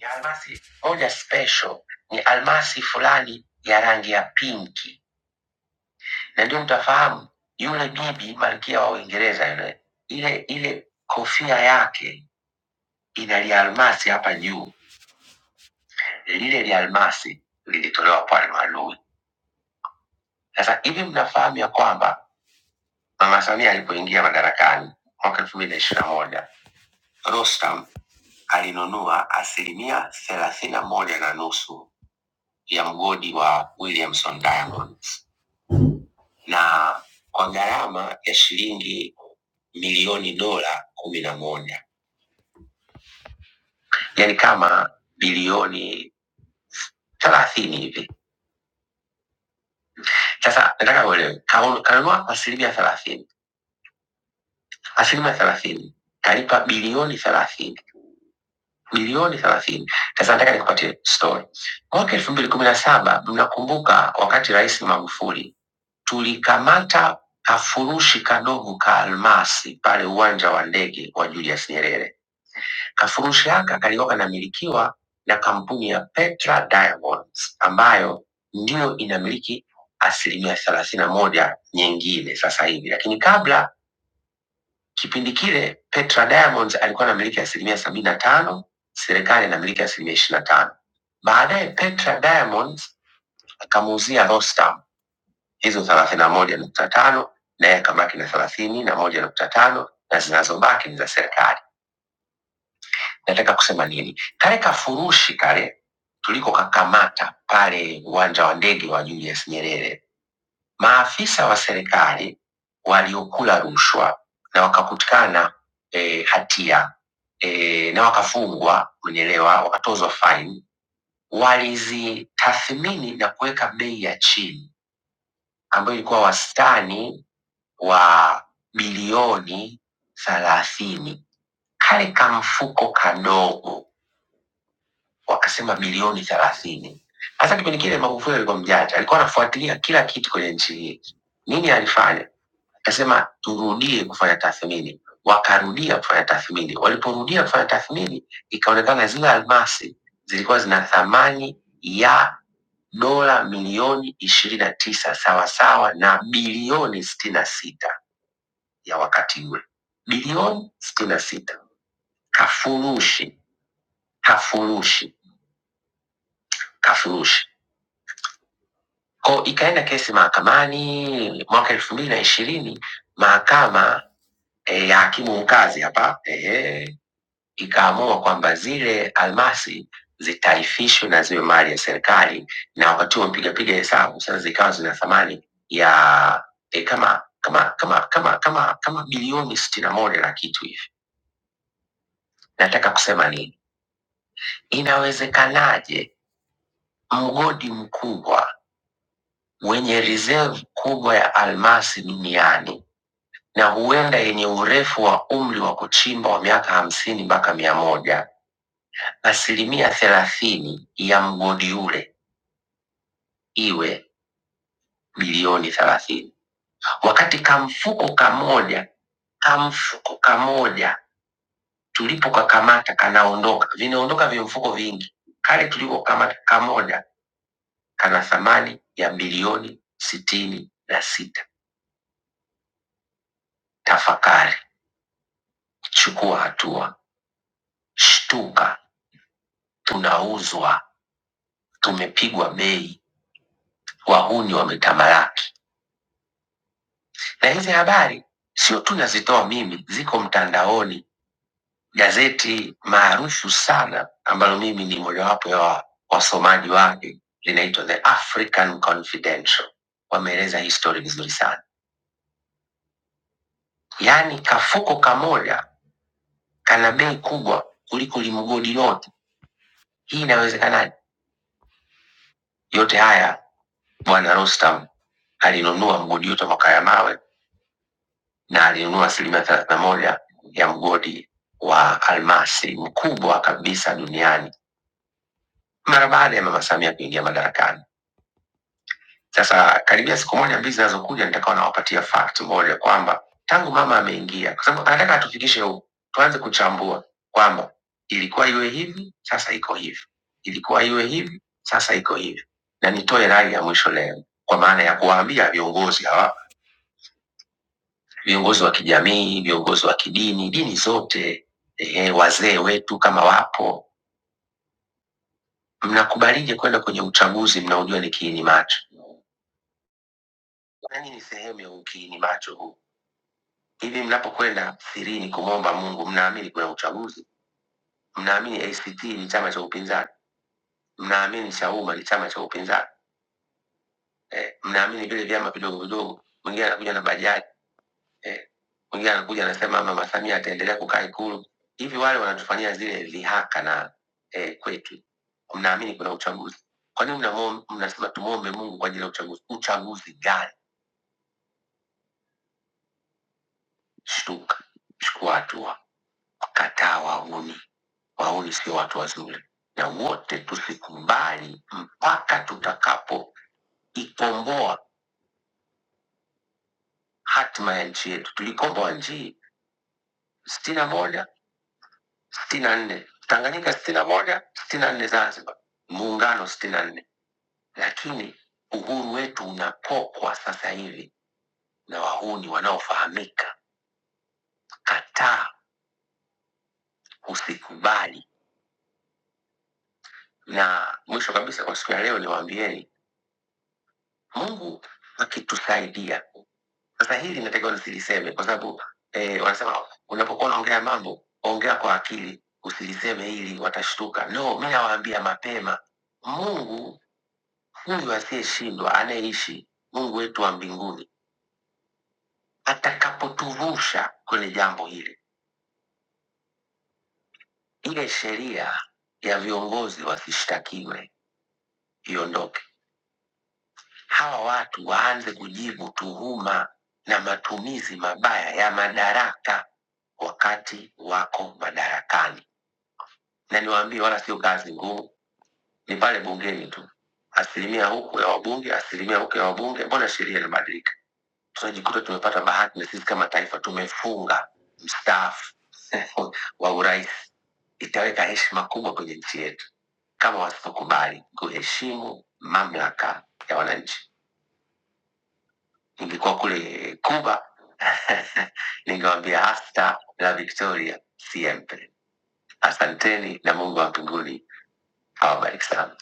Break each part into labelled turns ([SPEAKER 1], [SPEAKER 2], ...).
[SPEAKER 1] ya almasi moja special ni almasi fulani ya rangi ya pinki, na ndio mtafahamu yule bibi malkia wa Uingereza yule, ile ile kofia yake ina lialmasi hapa juu, lile lialmasi lilitolewa kwa almalui. Sasa hivi mnafahamu ya kwamba Mama Samia alipoingia madarakani mwaka elfu mbili na ishirini na moja Rostam alinunua asilimia thelathini na moja na nusu ya mgodi wa Williamson Diamonds na kwa gharama ya shilingi milioni dola kumi na moja yaani kama bilioni thelathini hivi. Sasa nataka uelewe, kaun- kanunua kwa asilimia thelathini, asilimia thelathini kalipa bilioni thelathini bilioni thelathini. Sasa nataka nikupatie story. Mwaka elfu mbili kumi na saba mnakumbuka wakati Rais Magufuli tulikamata kafurushi kadogo ka almasi pale uwanja wa ndege wa Julius Nyerere Kafurushi haka kalikuwa kanamilikiwa na kampuni ya Petra Diamonds ambayo ndiyo inamiliki asilimia thelathini na moja nyingine sasa hivi, lakini kabla kipindi kile Petra Diamonds alikuwa anamiliki asilimia sabini na tano, serikali inamiliki asilimia ishirini na tano. Baadaye Petra Diamonds akamuuzia Rostam hizo thelathini na moja nukta tano naye akabaki na thelathini na moja nukta tano na zinazobaki ni za serikali. nataka kusema nini kale kafurushi kale tuliko kakamata pale uwanja wa ndege wa julius nyerere maafisa wa serikali waliokula rushwa na wakakutikana e, hatia e, na wakafungwa mwenyelewa wakatozwa fine walizitathmini na kuweka bei ya chini ambayo ilikuwa wastani wa bilioni thelathini kale kamfuko kadogo wakasema bilioni thelathini. Hasa kipindi kile Magufuli alikuwa mjanja, alikuwa anafuatilia kila kitu kwenye nchi hii. Nini alifanya? Akasema turudie kufanya tathmini. Wakarudia kufanya tathmini. Waliporudia kufanya tathmini, ikaonekana zile almasi zilikuwa zina thamani ya dola milioni ishirini na tisa sawasawa na bilioni sitini na sita ya wakati ule, bilioni sitini na sita kafurushi kafurushi kafurushi ko ikaenda kesi mahakamani mwaka elfu mbili na ishirini mahakama e, ya hakimu mkazi hapa e, ikaamua kwamba zile almasi zitaifishwe na ziwe mali ya serikali, na wakati huo mpigapiga hesabu sasa zikawa zina thamani ya e, kama kama kama kama kama kama bilioni sitini na moja na kitu hivi. Nataka kusema nini? Inawezekanaje mgodi mkubwa wenye reserve kubwa ya almasi duniani na huenda yenye urefu wa umri wa kuchimba wa miaka hamsini mpaka mia moja asilimia thelathini ya mgodi ule iwe bilioni thelathini wakati kamfuko kamoja kamfuko kamoja tulipokakamata kanaondoka vinaondoka vimfuko vingi kale tulipokamata kamoja kana thamani ya bilioni sitini na sita tafakari chukua hatua shtuka tunauzwa tumepigwa bei wahuni wametamalaki. Na hizi habari sio tu nazitoa mimi, ziko mtandaoni. Gazeti maarufu sana ambalo mimi ni mojawapo ya wa- wasomaji wake linaitwa The African Confidential, wameeleza hii story vizuri sana. Yaani kafuko kamoja kana bei kubwa kuliko limgodi lote. Hii inawezekanaje? Yote haya bwana Rostam alinunua mgodi yote wa Makaya mawe na alinunua asilimia thelathini na moja ya mgodi wa almasi mkubwa kabisa duniani mara baada ya mama Samia kuingia madarakani. Sasa karibia siku moja mbili zinazokuja, nitakawa nawapatia fact moja kwamba tangu mama ameingia, kwa sababu anataka atufikishe huku, tuanze kuchambua kwamba ilikuwa iwe hivi, sasa iko hivi, ilikuwa iwe hivi, sasa iko hivi. Na nitoe rai ya mwisho leo, kwa maana ya kuwaambia viongozi hawa viongozi wa kijamii, viongozi wa kidini, dini zote, eh, wazee wetu kama wapo, mnakubalije kwenda kwenye uchaguzi mnaojua ni kiini macho? Nani ni sehemu ya ukiini macho huu? Hivi mnapokwenda sirini kumwomba Mungu, mnaamini kuna uchaguzi? Mnaamini ACT ni chama cha upinzani? Mnaamini Chauma ni chama cha upinzani? Eh, mnaamini vile vyama vidogo vidogo, mwingine anakuja na bajaji eh, mwingine eh, anakuja anasema mama Samia ataendelea kukaa Ikulu. Hivi wale wanatufanyia zile dhihaka na eh, kwetu, mnaamini kuna uchaguzi? Kwa nini mnamwo- mnasema tumwombe Mungu kwa ajili ya uchaguzi? Uchaguzi gani? Shtuka, chukua hatua, kataa wahuni. Wahuni sio watu wazuri, na wote tusikubali mpaka tutakapo ikomboa hatima ya nchi yetu. Tulikomboa nchi sitini na moja sitini na nne Tanganyika sitini na moja sitini na nne Zanzibar muungano sitini na nne lakini uhuru wetu unapokwa sasa hivi na wahuni wanaofahamika. Kataa, usikubali. Na mwisho kabisa, kwa siku ya leo niwaambieni, Mungu akitusaidia sasa, hili natakiwa nisiliseme kwa sababu eh, wanasema unapokuwa unaongea mambo ongea kwa akili, usiliseme ili watashtuka. No, mi nawaambia mapema, Mungu Huyu asiyeshindwa anayeishi Mungu wetu wa mbinguni atakapotuvusha kwenye jambo hili, ile sheria ya viongozi wasishtakiwe iondoke, hawa watu waanze kujibu tuhuma na matumizi mabaya ya madaraka wakati wako madarakani. Na niwaambie, wala sio kazi ngumu, ni pale bungeni tu, asilimia huku ya wabunge, asilimia huku ya wabunge. Mbona sheria inabadilika? tunajikuta tumepata bahati na sisi kama taifa tumefunga mstaafu wa urais itaweka heshima kubwa kwenye nchi yetu kama wasipokubali kuheshimu mamlaka ya wananchi ningekuwa kule kuba ningewambia hasta la victoria siempre asanteni na mungu wa mbinguni awabariki sana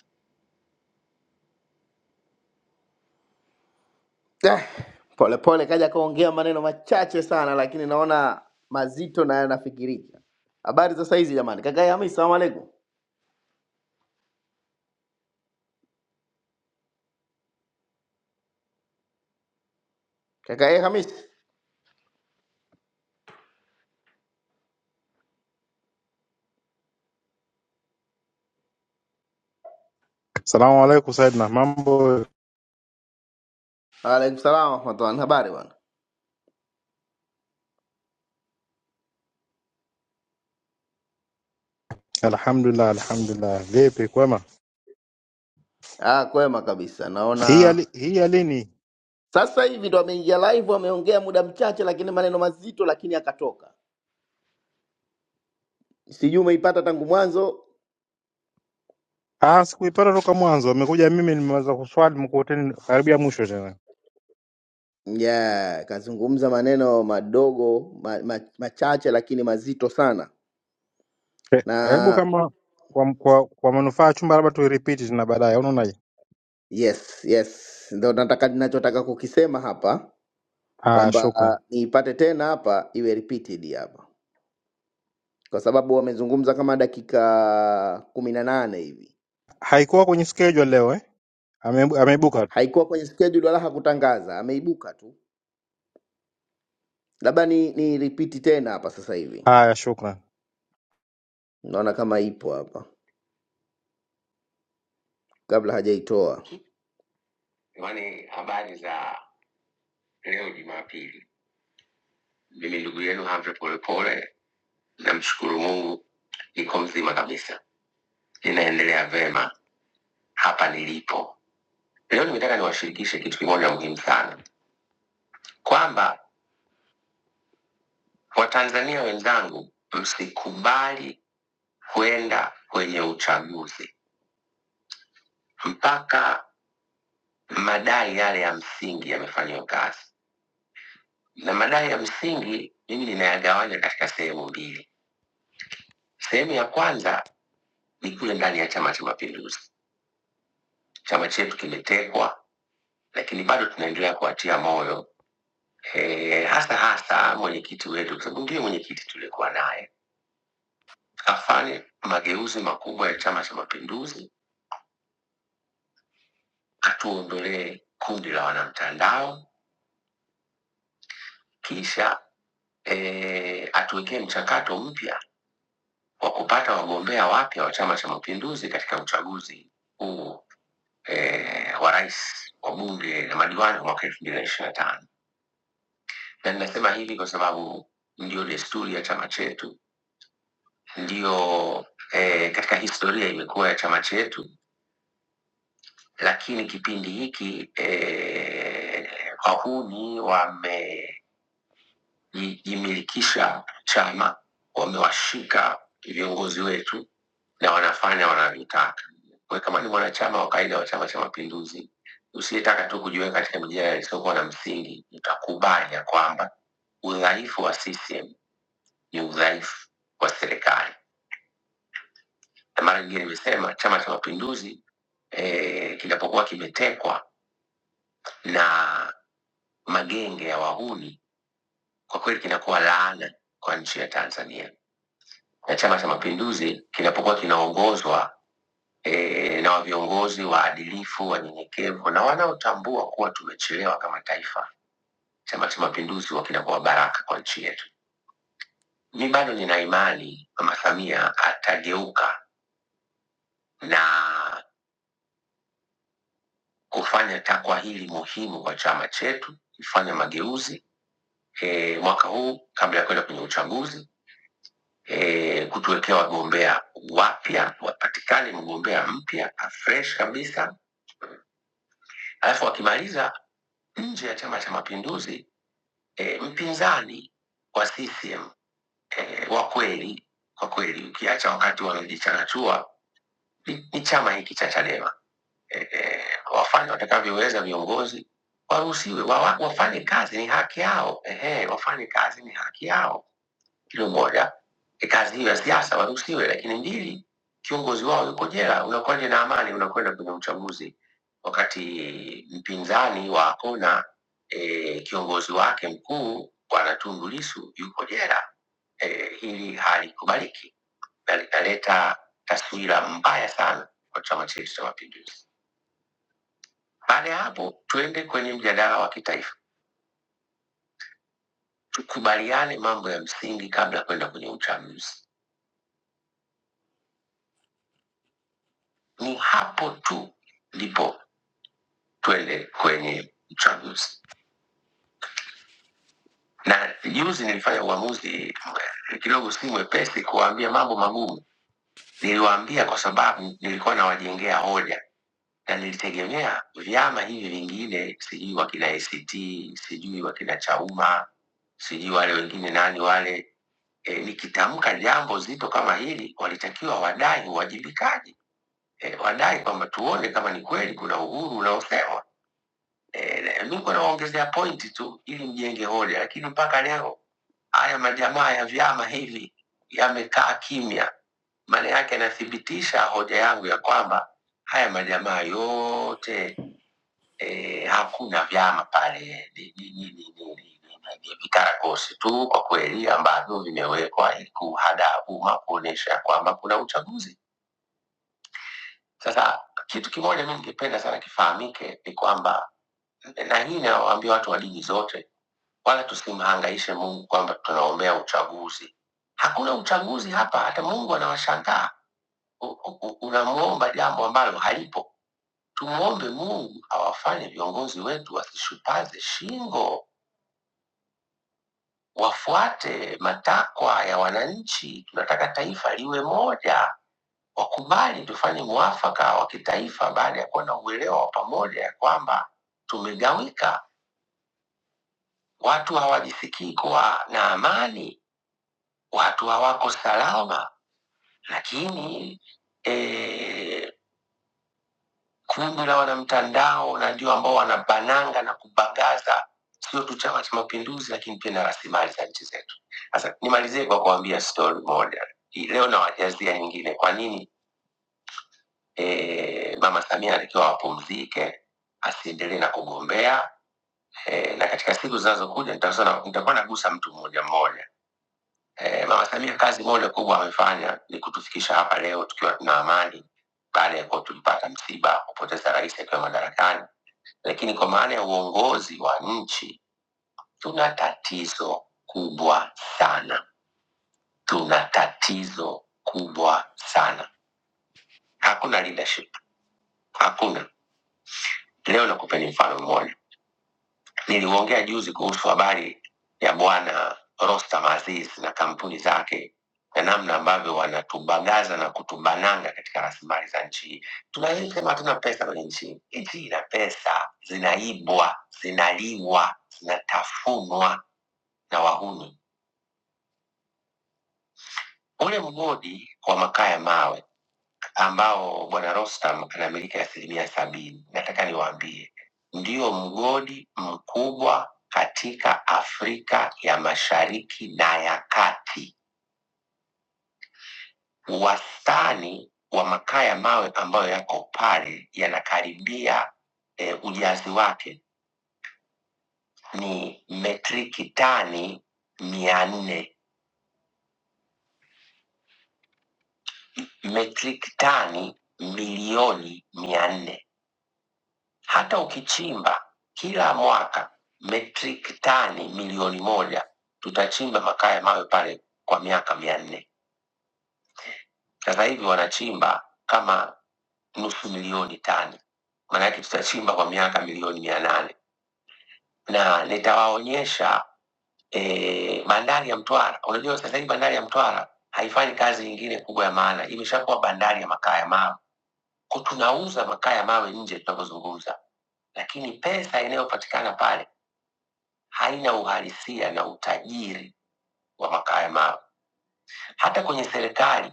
[SPEAKER 1] Eh, Polepole kaja kaongea maneno machache sana, lakini naona mazito na yanafikirika. Habari za saizi jamani, kakae Hamisi, salamu alaikum. Kakae Hamisi,
[SPEAKER 2] Salamu alaikum Saidna, mambo?
[SPEAKER 1] waalaikum salam warahmatullahi. Habari bwana?
[SPEAKER 2] Alhamdulillah, alhamdulillah. Vipi, kwema?
[SPEAKER 1] Ah, kwema kabisa.
[SPEAKER 2] Hii ya
[SPEAKER 1] Naona
[SPEAKER 2] li- hii ya lini?
[SPEAKER 1] sasa hivi ndo ameingia live, ameongea muda mchache, lakini maneno mazito, lakini akatoka. Sijui umeipata tangu mwanzo.
[SPEAKER 2] Ah, sikuipata toka mwanzo, amekuja mimi nimeweza kuswali mkuteni karibia mwisho tena.
[SPEAKER 1] Yeah, kazungumza maneno madogo ma, ma, machache lakini mazito sana
[SPEAKER 2] Hebu
[SPEAKER 1] na
[SPEAKER 2] kama kwa, kwa, kwa manufaa ya chumba, labda tuiripiti tena baadaye, unaonaje?
[SPEAKER 1] Yes, yes, ndo nataka ninachotaka kukisema hapa
[SPEAKER 2] Haya,
[SPEAKER 1] kwamba
[SPEAKER 2] shukran.
[SPEAKER 1] ah, niipate tena hapa iwe repeated hapa, kwa sababu wamezungumza kama dakika kumi na nane hivi,
[SPEAKER 2] Haikuwa kwenye schedule leo eh? Ameibu- Ameibuka. tu.
[SPEAKER 1] haikuwa kwenye schedule wala hakutangaza, ameibuka tu. Labda ni, ni repeat tena hapa sasa hivi,
[SPEAKER 2] Haya, shukran.
[SPEAKER 1] naona kama ipo hapa kabla hajaitoa. Jamani, habari za leo Jumapili. Mimi ndugu yenu Humphrey Polepole, namshukuru Mungu niko mzima kabisa, ninaendelea vema hapa nilipo Leo nimetaka niwashirikishe kitu kimoja muhimu sana, kwamba Watanzania wenzangu, msikubali kwenda kwenye uchaguzi mpaka madai yale ya msingi yamefanyiwa kazi, na madai ya msingi mimi ninayagawanya katika sehemu mbili. Sehemu ya kwanza ni kule ndani ya Chama cha Mapinduzi. Chama chetu kimetekwa, lakini bado tunaendelea kuwatia moyo eh, hasa hasa mwenyekiti wetu, kwa sababu ndiye mwenyekiti tuliokuwa naye tukafanye mageuzi makubwa ya Chama cha Mapinduzi, atuondolee kundi la wanamtandao, kisha eh, atuwekee mchakato mpya wa kupata wagombea wapya wa Chama cha Mapinduzi katika uchaguzi huu e, wa rais, wa bunge na madiwani wa mwaka elfu mbili na ishirini na tano. Na ninasema hivi kwa sababu ndiyo desturi ya chama chetu, ndiyo e, katika historia imekuwa ya chama chetu lakini kipindi hiki eh, wahuni wamejimilikisha chama, wamewashika viongozi wetu na wanafanya wanavyotaka. Wewe kama ni mwanachama wa kawaida wa Chama cha Mapinduzi, usiyetaka tu kujiweka katika mijadala isiyokuwa na msingi, utakubali ya kwamba udhaifu wa CCM ni udhaifu wa serikali. Na mara nyingine nimesema Chama cha Mapinduzi eh, kinapokuwa kimetekwa na magenge ya wahuni, kwa kweli kinakuwa laana kwa nchi ya Tanzania. Na Chama cha Mapinduzi kinapokuwa kinaongozwa e, na viongozi waadilifu, wanyenyekevu na wanaotambua kuwa tumechelewa kama taifa, Chama cha Mapinduzi huwa kinakuwa baraka kwa nchi yetu. Mi bado nina imani Mama Samia atageuka na kufanya takwa hili muhimu kwa chama chetu, kufanya mageuzi e, mwaka huu kabla ya kwenda kwenye uchaguzi e, kutuwekea wagombea wapya, wapatikane mgombea mpya afresh kabisa, alafu wakimaliza nje ya Chama cha Mapinduzi e, mpinzani wa CCM e, wa kweli kwa kweli, ukiacha wakati wamejichanachua ni, ni chama hiki cha Chadema e, e, wafanye watakavyoweza viongozi waruhusiwe wawa- wafanye kazi, ni haki yao. Ehe, wafanye kazi, ni haki yao kilo moja. kazi hiyo ya siasa waruhusiwe, lakini mbili, kiongozi wao yuko jela, unakuwaje na amani unakwenda kwenye uchaguzi wakati mpinzani wa Akona e, kiongozi wake mkuu Bwana Tundu Lissu yuko jela? E, hili halikubaliki na linaleta taswira mbaya sana kwa chama chetu cha Mapinduzi. Baada ya hapo, tuende kwenye mjadala wa kitaifa, tukubaliane mambo ya msingi kabla ya kwenda kwenye uchaguzi. Ni hapo tu ndipo twende kwenye uchaguzi. Na juzi nilifanya uamuzi mwe- kidogo si mwepesi kuwaambia mambo magumu. Niliwaambia kwa sababu nilikuwa nawajengea hoja na nilitegemea vyama hivi vingine, sijui wakina ACT, sijui wakina Chauma, sijui wale wengine nani wale e, nikitamka jambo zito kama hili walitakiwa wadai uwajibikaji e, wadai kwamba tuone kama ni kweli kuna uhuru unaosewa Eh, niko nawaongezea pointi tu ili mjenge hoja, lakini mpaka leo haya majamaa ya vyama hivi yamekaa kimya. Maana yake anathibitisha hoja yangu ya kwamba haya majamaa yote eh, hakuna vyama pale, ni ni- ni- ni- ni- ni- ni- ni vikaragosi tu kwa kweli, ambavyo vimewekwa ili kuhadaa umma kuonyesha kwamba kuna uchaguzi. Sasa kitu kimoja mi ningependa sana kifahamike ni kwamba na hii inawaambia watu wa dini zote, wala tusimhangaishe Mungu kwamba tunaombea uchaguzi. Hakuna uchaguzi hapa, hata Mungu anawashangaa. U- u- Unamwomba jambo ambalo halipo. Tumwombe Mungu awafanye viongozi wetu wasishupaze shingo, wafuate matakwa ya wananchi. Tunataka taifa liwe moja wakubali tufanye muafaka wa kitaifa baada ya kuwa na uelewa wa pamoja ya kwamba tumegawika. Watu hawajisikii kuwa na amani, watu hawako salama, lakini eh, kundi la wanamtandao na ndio ambao wanabananga na kubagaza sio tu Chama cha Mapinduzi, lakini pia na rasilimali za nchi zetu. Sasa nimalizie kwa kuambia story moja Hii leo, nawajazia nyingine. Kwa nini eh, Mama Samia alikiwa wapumzike, asiendelee na kugombea eh, na katika siku zinazokuja nitasema- nitakuwa nagusa mtu mmoja mmoja Eh, Mama Samia kazi moja kubwa amefanya ni kutufikisha hapa leo tukiwa tuna amani baada ya kuwa tulipata msiba wa kupoteza rais akiwa madarakani, lakini kwa maana ya uongozi wa nchi tuna tatizo kubwa sana, tuna tatizo kubwa sana. Hakuna leadership, hakuna. Leo nakupeni mfano mmoja. Niliongea juzi kuhusu habari ya bwana Rostam Aziz na kampuni zake na namna ambavyo wanatubagaza na kutubananga katika rasilimali za nchi hii. Tunasema hatuna pesa kwenye nchi hii. Nchi hii ina pesa, zinaibwa, zinaliwa, zinatafunwa na wahuni ule mgodi wa makaa ya mawe ambao bwana Rostam anamiliki asilimia sabini, nataka niwaambie ndio mgodi mkubwa katika Afrika ya Mashariki na ya Kati. Wastani wa makaa ya mawe ambayo yako pale yanakaribia eh, ujazi wake ni metriki tani mia nne metriki tani milioni mia nne Hata ukichimba kila mwaka metric tani milioni moja, tutachimba makaa ya mawe pale kwa miaka mia nne. Sasa hivi wanachimba kama nusu milioni tani, maanake tutachimba kwa miaka milioni mia nane na nitawaonyesha e, bandari ya Mtwara. Unajua sasa hivi bandari ya Mtwara haifanyi kazi nyingine kubwa ya maana, imeshakuwa bandari ya makaa ya mawe. Kwa tunauza makaa ya mawe nje tunavyozungumza, lakini pesa inayopatikana pale haina uhalisia na utajiri wa makaa ya mawe. Hata kwenye serikali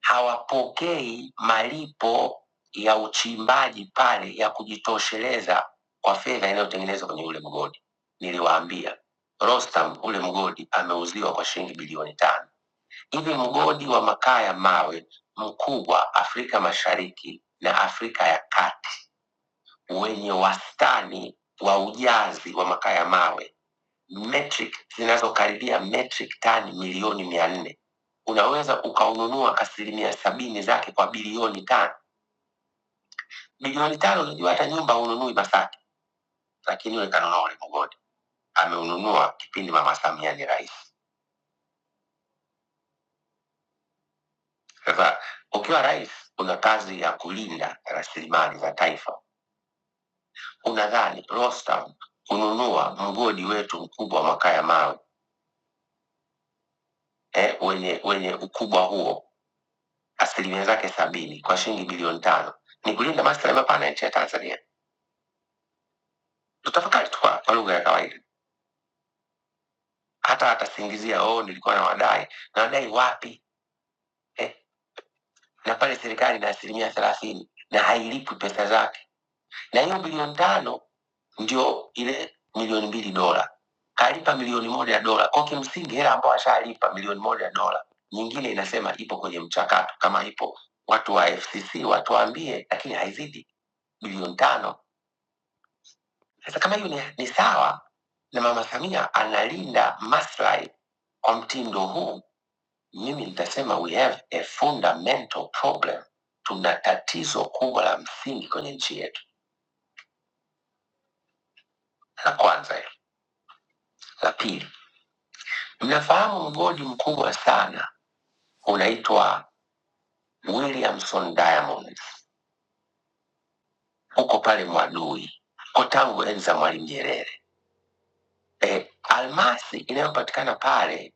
[SPEAKER 1] hawapokei malipo ya uchimbaji pale ya kujitosheleza kwa fedha inayotengenezwa kwenye ule mgodi. Niliwaambia Rostam, ule mgodi ameuziwa kwa shilingi bilioni tano. Hivi mgodi wa makaa ya mawe mkubwa Afrika Mashariki na Afrika ya Kati wenye wastani wa ujazi wa makaa ya mawe metric zinazokaribia metric tani milioni mia nne unaweza ukaununua asilimia sabini zake kwa bilioni tano bilioni tano unajua hata nyumba ununui masaki lakini yule kanunua ulimogodi ameununua kipindi mama samia ni rais sasa ukiwa rais una kazi ya kulinda rasilimali za taifa unadhani rostam kununua mgodi wetu mkubwa wa makaa ya mawe eh, wenye wenye ukubwa huo asilimia zake sabini kwa shilingi bilioni tano ni kulinda maslahi mapana ya nchi ya Tanzania. Tutafakari tu kwa kwa lugha ya kawaida, hata atasingizia oh, nilikuwa na wadai na wadai wapi eh? Na pale serikali na asilimia thelathini na hailipwi pesa zake, na hiyo bilioni tano ndio ile milioni mbili dola kalipa milioni moja ya dola kwa kimsingi, hela ambayo ashalipa milioni moja ya dola nyingine inasema ipo kwenye mchakato, kama ipo watu wa FCC watuambie, lakini haizidi bilioni tano Sasa kama hiyo ni, ni sawa na Mama Samia analinda maslahi kwa mtindo huu, mimi nitasema we have a fundamental problem. Tuna tatizo kubwa la msingi kwenye nchi yetu. La kwanza hilo. La pili, mnafahamu mgodi mkubwa sana unaitwa Williamson Diamonds, uko pale Mwadui, uko tangu enzi za Mwalimu Nyerere. eh, almasi inayopatikana pale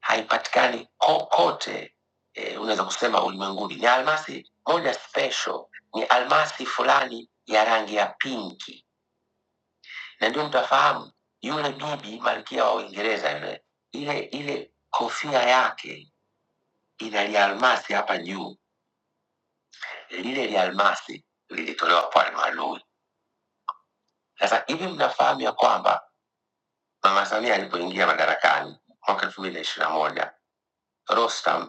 [SPEAKER 1] haipatikani kokote eh, unaweza kusema ulimwenguni. Ni almasi moja special, ni almasi fulani ya rangi ya pinki, na ndio mtafahamu yule bibi malkia wa Uingereza yule, ile ile kofia yake ina lialmasi hapa juu, lile lialmasi lilitolewa kwa Almalui. Sasa hivi mnafahamu ya kwamba Mama Samia alipoingia madarakani mwaka elfu mbili na ishirini na moja Rostam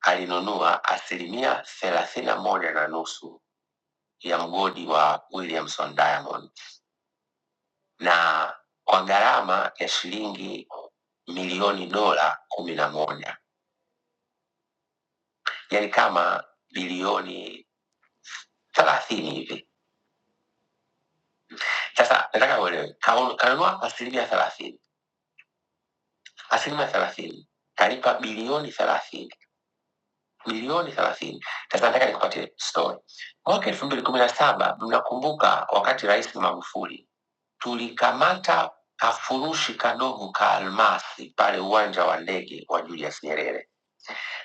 [SPEAKER 1] alinunua asilimia thelathini na moja na nusu ya mgodi wa Williamson Diamond na kwa gharama ya shilingi milioni dola kumi na moja yani kama bilioni thelathini hivi. Sasa nataka uelewe, kaun- kanunua asilimia thelathini, asilimia thelathini kalipa bilioni thelathini, bilioni thelathini. Sasa nataka nikupatie story. Mwaka elfu mbili kumi na saba mnakumbuka wakati Rais Magufuli tulikamata kafurushi kadogo ka almasi pale uwanja wa ndege wa Julius Nyerere.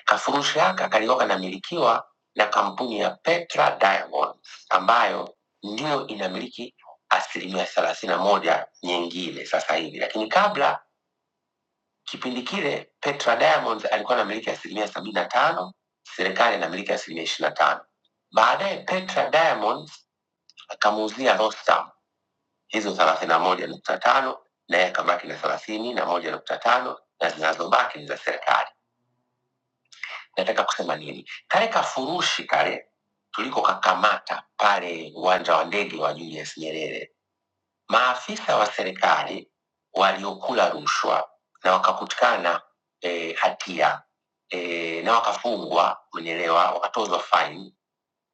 [SPEAKER 1] Kafurushi haka kalikuwa kanamilikiwa na kampuni ya Petra Diamonds ambayo ndiyo inamiliki asilimia thelathini na moja nyingine sasa hivi, lakini kabla kipindi kile Petra Diamonds alikuwa anamiliki asilimia sabini na tano serikali inamiliki asilimia ishirini na tano. Baadaye Petra Diamonds akamuuzia Rostam hizo thelathini na moja nukta tano na yeye akabaki na thelathini na moja nukta tano na zinazobaki ni za serikali. Nataka kusema nini? Kale kafurushi kale tuliko kakamata pale uwanja wa ndege wa Julius Nyerere, maafisa wa serikali waliokula rushwa na wakakutikana e, hatia e, na wakafungwa, mwenyelewa, wakatozwa faini,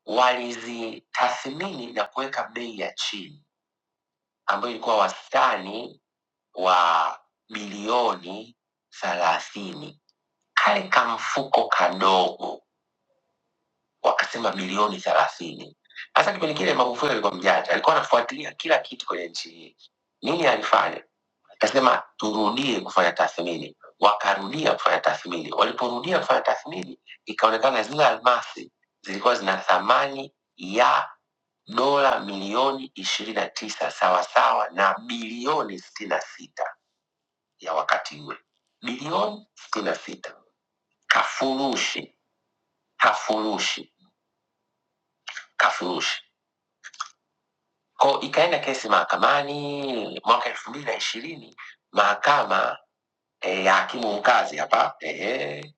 [SPEAKER 1] walizitathmini na kuweka bei ya chini ambayo ilikuwa wastani wa bilioni thelathini. Kale kamfuko kadogo wakasema milioni thelathini. Hasa kipindi kile Magufuli alikuwa mjanja, alikuwa anafuatilia kila kitu kwenye nchi hii. Nini alifanya? Akasema turudie kufanya tathmini. Wakarudia kufanya tathmini. Waliporudia kufanya tathmini, ikaonekana zile almasi zilikuwa zina thamani ya dola milioni ishirini na tisa sawasawa na bilioni sitini na sita ya wakati ule, bilioni sitini na sita kafurushi kafurushi kafurushi ko ikaenda kesi mahakamani mwaka elfu mbili na ishirini mahakama e, ya hakimu mkazi hapa ehe,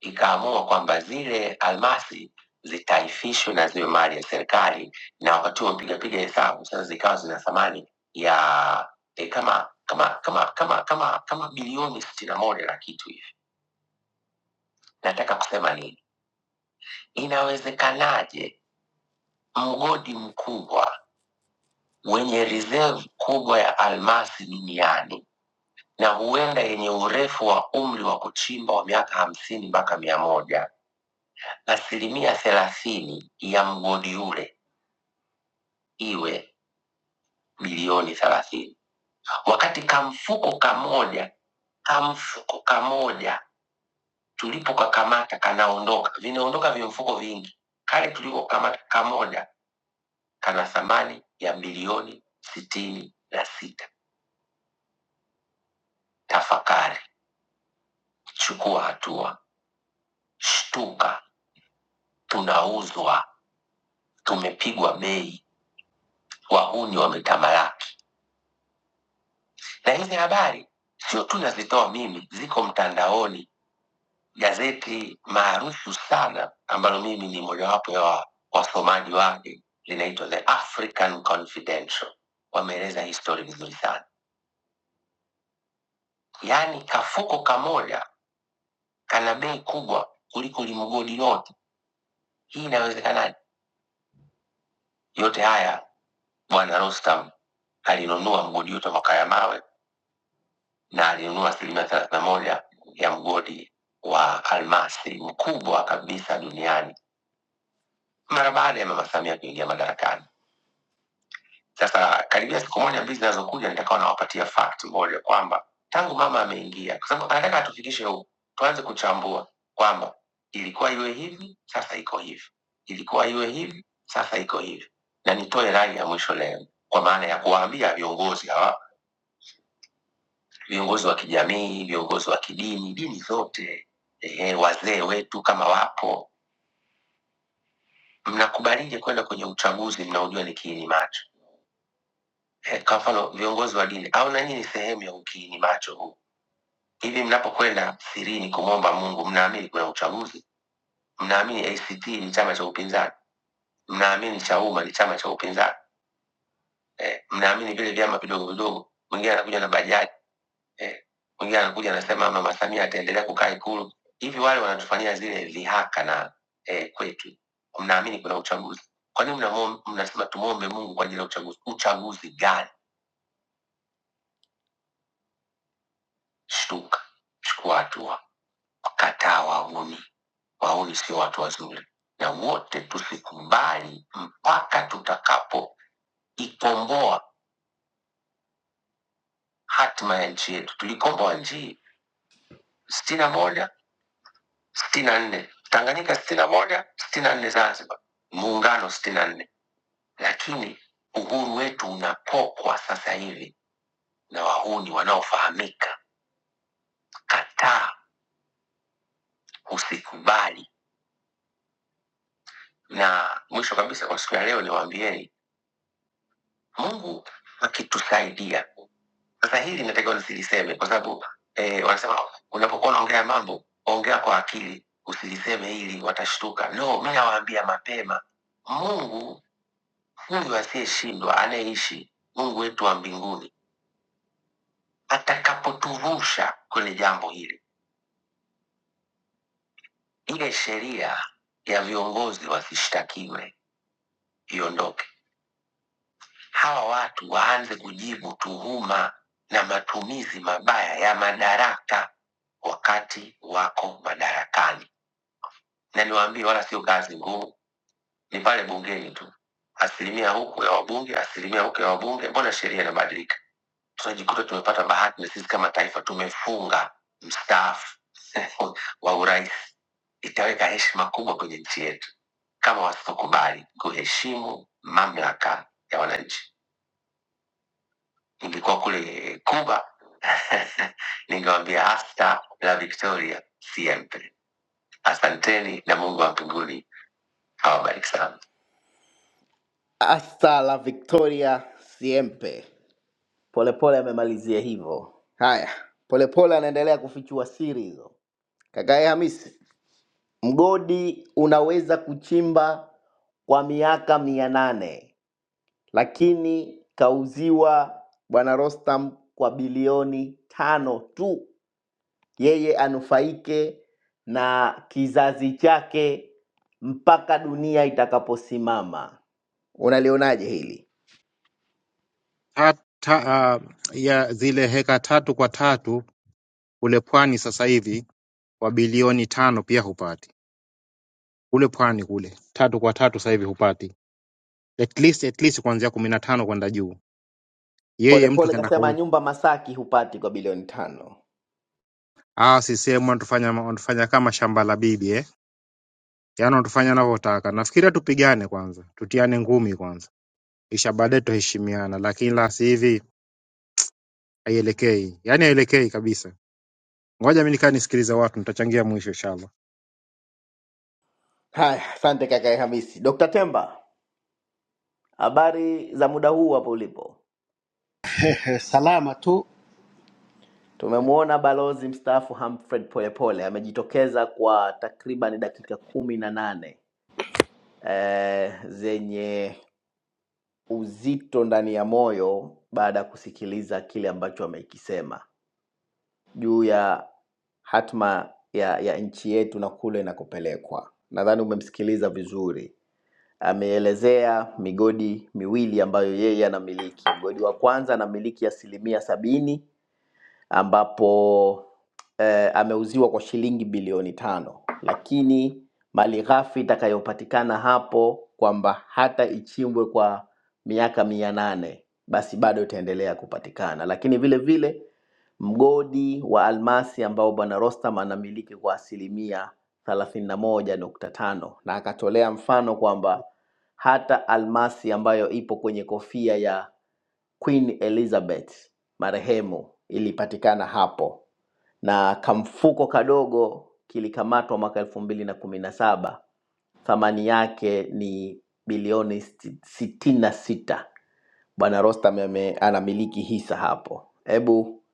[SPEAKER 1] ikaamua kwamba zile almasi zitaifishwe na ziwe mali ya serikali, na wakati huo mpigapiga hesabu sasa zikawa zina thamani ya e, kama kama kama kama kama kama bilioni sitini na moja na kitu hivi. Nataka kusema nini? Inawezekanaje mgodi mkubwa wenye reserve kubwa ya almasi duniani na huenda yenye urefu wa umri wa kuchimba wa miaka hamsini mpaka mia moja asilimia thelathini ya mgodi ule iwe bilioni thelathini wakati kamfuko kamoja kamfuko kamoja tulipokakamata kanaondoka vinaondoka vimfuko vingi kale tulikokamata kamoja kana thamani ya bilioni sitini na sita tafakari chukua hatua shtuka tunauzwa tumepigwa bei wahuni wametamalaki. Na hizi habari sio tu nazitoa mimi, ziko mtandaoni. Gazeti maarufu sana ambalo mimi ni mojawapo ya wa- wasomaji wake linaitwa The African Confidential, wameeleza hii story vizuri sana. Yaani kafuko kamoja kana bei kubwa kuliko limgodi lote. Hii inawezekanaje? Yote haya bwana Rostam alinunua mgodi yote wa Makaya mawe na alinunua asilimia thelathini na moja ya mgodi wa almasi mkubwa kabisa duniani mara baada ya mama Samia kuingia madarakani. Sasa karibia siku moja mbili zinazokuja, nitakawa nawapatia fact moja kwamba tangu mama ameingia, kwa sababu anataka atufikishe huku, tuanze kuchambua kwamba ilikuwa iwe hivi, sasa iko hivi, ilikuwa iwe hivi, sasa iko hivi. Na nitoe rai ya mwisho leo, kwa maana ya kuwaambia viongozi hawa viongozi wa kijamii, viongozi wa kidini, dini zote, eh, wazee wetu kama wapo, mnakubalije kwenda kwenye uchaguzi mnaojua ni kiini macho? Eh, kwa mfano viongozi wa dini au na nyinyi sehemu ya ukiini macho huu hivi, mnapokwenda sirini kumwomba Mungu, mnaamini kuna uchaguzi? Mnaamini ACT ni chama cha upinzani? Mnaamini Chauma ni chama cha upinzani? Eh, mnaamini vile vyama vidogo vidogo, mwingine anakuja na bajaji eh, mwingine anakuja anasema mama Samia ataendelea kukaa Ikulu. Hivi wale wanatufanyia zile dhihaka na eh, kwetu, mnaamini kuna uchaguzi? Kwa nini mnamwo- mnasema tumwombe Mungu kwa ajili ya uchaguzi? Uchaguzi gani? Shtuka, chukua hatua, kataa wauni. Wauni sio watu wazuri, na wote tusikubali mpaka tutakapo ikomboa hatima ya nchi yetu. Tulikomboa nchi sitini na moja sitini na nne Tanganyika sitini na moja sitini na nne Zanzibar muungano sitini na nne lakini uhuru wetu unapokwa sasa hivi na wahuni wanaofahamika. Kataa, usikubali. Na mwisho kabisa, kwa siku ya leo niwaambieni, Mungu akitusaidia sasa, hili natakiwa nisiliseme kwa sababu eh, wanasema unapokuwa unaongea mambo ongea kwa akili, usiliseme hili watashtuka. No, mi nawaambia mapema, Mungu Huyu asiyeshindwa anayeishi Mungu wetu wa mbinguni atakapotuvusha kwenye jambo hili, ile sheria ya viongozi wasishtakiwe iondoke, hawa watu waanze kujibu tuhuma na matumizi mabaya ya madaraka wakati wako madarakani. Na niwaambie, wala sio kazi ngumu, ni pale bungeni tu, asilimia huku ya wabunge, asilimia huku ya wabunge. Mbona sheria inabadilika? tunajikuta tumepata bahati na sisi kama taifa tumefunga mstaafu wa urais itaweka heshima kubwa kwenye nchi yetu kama wasipokubali kuheshimu mamlaka ya wananchi ningekuwa kule kuba ningewambia hasta la victoria siempre asanteni na mungu wa mbinguni awabariki sana hasta la victoria siempe polepole amemalizia hivyo haya polepole anaendelea kufichua siri hizo Kakae Hamisi, mgodi unaweza kuchimba kwa miaka mia nane lakini kauziwa bwana Rostam kwa bilioni tano tu, yeye anufaike na kizazi chake mpaka dunia itakaposimama. Unalionaje hili?
[SPEAKER 2] hata uh, ya zile heka tatu kwa tatu kule pwani sasa hivi wa bilioni tano pia hupati kule pwani kule tatu kwa tatu sasa hivi hupati at least at least kuanzia kumi na tano kwenda juu. Yeye mtu
[SPEAKER 1] Polepole
[SPEAKER 2] kaenda
[SPEAKER 1] kasema
[SPEAKER 2] kauli,
[SPEAKER 1] nyumba Masaki hupati kwa bilioni tano.
[SPEAKER 2] ah, CCM wanatufanya wanatufanya kama shamba la bibi eh, yaani wanatufanya wanavyotaka. Nafikiria tupigane kwanza, tutiane ngumi kwanza, kisha baadaye tuheshimiana, lakini la si hivi haielekei, yaani haielekei kabisa. Ngoja mimi nikaa nisikilize watu, nitachangia mwisho inshallah.
[SPEAKER 1] Haya, asante kakae Hamisi. Dr. Temba, habari za muda huu hapo ulipo?
[SPEAKER 3] salama tu.
[SPEAKER 1] Tumemwona balozi mstaafu Humphrey Polepole amejitokeza kwa takriban dakika kumi na nane eh, zenye uzito ndani ya moyo baada ya kusikiliza kile ambacho amekisema juu ya hatma ya, ya nchi yetu na kule inakopelekwa. Nadhani umemsikiliza vizuri. Ameelezea migodi miwili ambayo yeye anamiliki. Mgodi wa kwanza anamiliki asilimia sabini ambapo eh, ameuziwa kwa shilingi bilioni tano, lakini mali ghafi itakayopatikana hapo kwamba hata ichimbwe kwa miaka mia nane basi bado itaendelea kupatikana, lakini vile vile mgodi wa almasi ambao bwana Rostam anamiliki kwa asilimia thelathini na moja nukta tano na akatolea mfano kwamba hata almasi ambayo ipo kwenye kofia ya Queen Elizabeth marehemu ilipatikana hapo na kamfuko kadogo kilikamatwa mwaka elfu mbili na kumi na saba thamani yake ni bilioni sti- sitini na sita bwana rostam ame- anamiliki hisa hapo hebu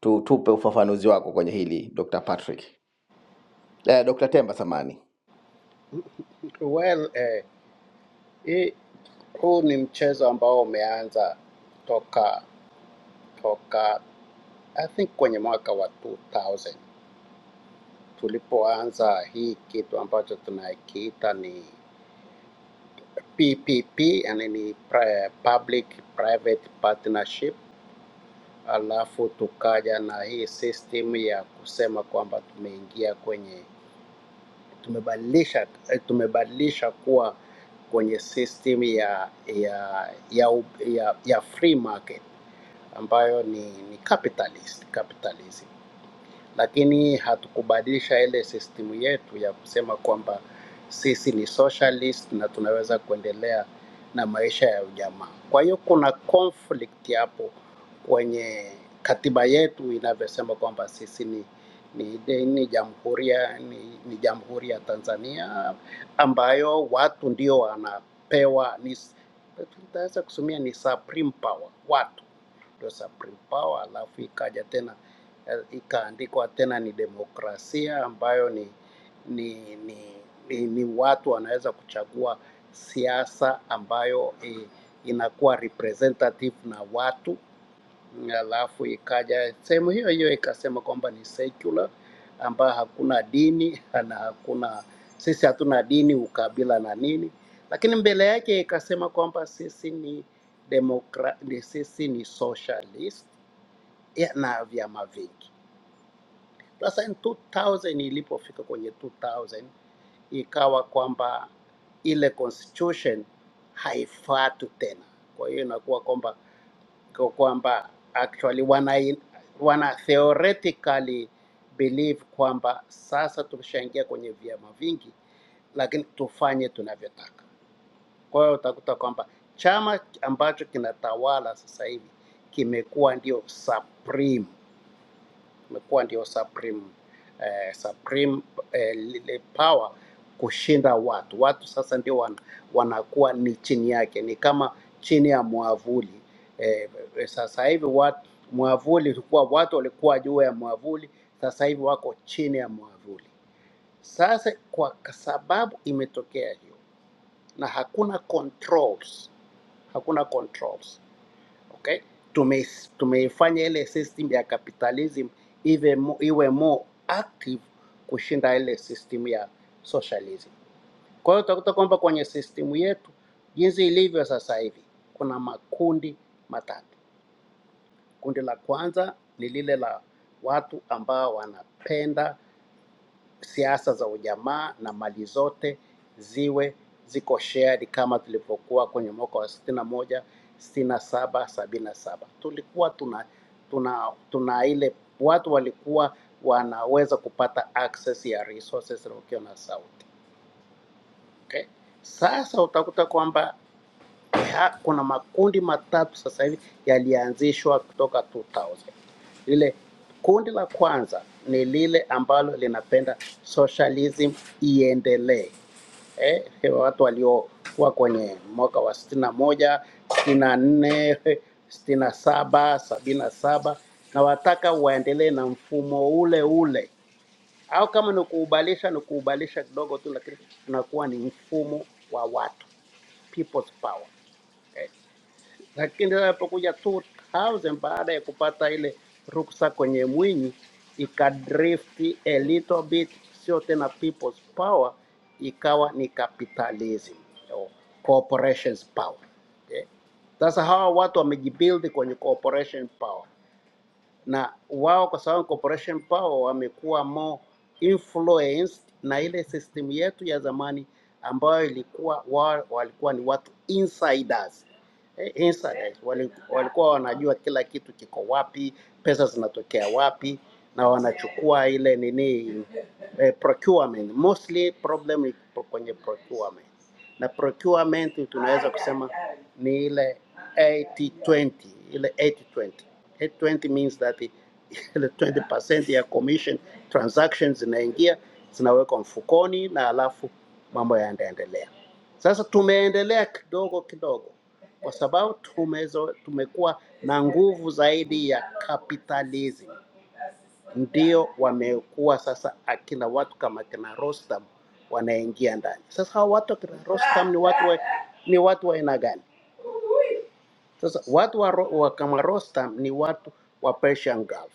[SPEAKER 1] tu, tupe ufafanuzi wako kwenye hili dr patrick eh, dr temba samani
[SPEAKER 3] Well, eh, hii huu ni mchezo ambao umeanza toka toka I think kwenye mwaka wa 2000 tulipoanza hii kitu ambacho tunakiita ni PPP, yani ni pri- public private partnership, alafu tukaja na hii system ya kusema kwamba tumeingia kwenye tumebadilisha eh, tumebadilisha kuwa kwenye system ya ya ya, ya, ya free market ambayo ni, ni capitalist capitalism lakini hatukubadilisha ile system yetu ya kusema kwamba sisi ni socialist na tunaweza kuendelea na maisha ya ujamaa. Kwa hiyo kuna conflict hapo kwenye katiba yetu inavyosema kwamba sisi ni ni, ni jamhuri ya ni, ni jamhuri ya Tanzania ambayo watu ndio wanapewa ni, tutaweza kusumia ni supreme power watu ndio supreme power, alafu ikaja tena eh, ikaandikwa tena ni demokrasia ambayo ni ni, ni, ni, ni watu wanaweza kuchagua siasa ambayo eh, inakuwa representative na watu alafu ikaja sehemu hiyo hiyo ikasema kwamba ni secular ambayo hakuna dini na hakuna sisi hatuna dini ukabila na nini, lakini mbele yake ikasema kwamba sisi ni demokra, ni sisi ni socialist ya- na vyama vingi. Sasa in 2000 ilipofika kwenye 2000 ikawa kwamba ile constitution haifuatwi tena, kwa hiyo inakuwa kwamba kwa- kwamba actually wana, wana theoretically believe kwamba sasa tumeshaingia kwenye vyama vingi, lakini tufanye tunavyotaka. Kwa hiyo utakuta kwamba chama ambacho kinatawala sasa hivi kimekuwa ndio supreme imekuwa ndio supreme, eh, supreme eh, lile power kushinda watu. Watu sasa ndio wan, wanakuwa ni chini yake, ni kama chini ya mwavuli eh, eh, sasa hivi watu mwavuli ulikuwa watu walikuwa juu ya mwavuli, sasa hivi wako chini ya mwavuli. Sasa kwa sababu imetokea hiyo na hakuna controls, hakuna controls okay? Tume, tumeifanya ile system ya capitalism iwe, mo- iwe more active kushinda ile system ya socialism. Kwa hiyo utakuta kwamba kwenye system yetu jinsi ilivyo sasa hivi kuna makundi matatu. Kundi la kwanza ni lile la watu ambao wanapenda siasa za ujamaa na mali zote ziwe ziko shared kama tulivyokuwa kwenye mwaka wa sitini na moja sitini na saba sabini na saba tulikuwa tuna, tuna, tuna ile watu walikuwa wanaweza kupata access ya resources wakiwa na sauti okay? Sasa utakuta kwamba ha- kuna makundi matatu sasa hivi yalianzishwa kutoka 2000. Lile kundi la kwanza ni lile ambalo linapenda socialism iendelee. Eh, watu waliokuwa kwenye mwaka wa sitini na moja, sitini na nne, sitini na saba, sabini na saba na wataka waendelee na mfumo ule ule, au kama ni kuubalisha ni kuubalisha kidogo tu, lakini unakuwa ni mfumo wa watu, people's power. Eh, lakini alipokuja 2000 baada ya kupata ile ruksa kwenye Mwinyi ikadrift a little bit, sio tena people's power, ikawa ni capitalism or corporations power. Eh, Sasa hawa watu wamejibuild kwenye corporation power na wao kwa sababu corporation power wamekuwa more influenced na ile system yetu ya zamani ambayo ilikuwa wao walikuwa ni watu insiders. Eh, insiders wali- walikuwa wanajua kila kitu kiko wapi, pesa zinatokea wapi, na wanachukua ile nini eh, procurement. Mostly problem iko kwenye procurement, na procurement tunaweza kusema ni ile 80-20, ile 80-20 Head 20 means that the ile 20% ya commission transactions zinaingia zinawekwa mfukoni na alafu mambo yanaendelea. Sasa tumeendelea kidogo kidogo kwa sababu tumezo, tumekuwa na nguvu zaidi ya capitalism. Ndio wamekuwa sasa akina watu kama kina Rostam wanaingia ndani. Sasa hawa watu akina Rostam ni watu wa, ni watu wa aina gani? Sasa watu wa, Ro- wa kama Rostam ni watu wa Persian Gulf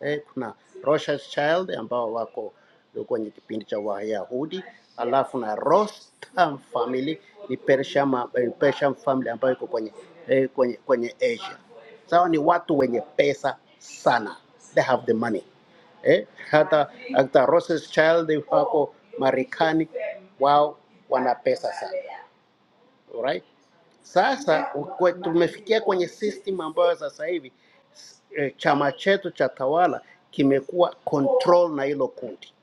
[SPEAKER 3] eh, kuna Rothschild ambao wako kwenye kipindi cha Wayahudi, alafu na Rostam family ni Persian, eh, Persian family ambayo iko kwenye, eh, kwenye, kwenye Asia. Sawa, ni watu wenye pesa sana, they have the money eh, hata hata Rothschild wako Marekani, wao wana pesa sana alright. Sasa ukwe- tumefikia kwenye system ambayo sasa hivi eh, chama chetu cha tawala kimekuwa control na hilo kundi.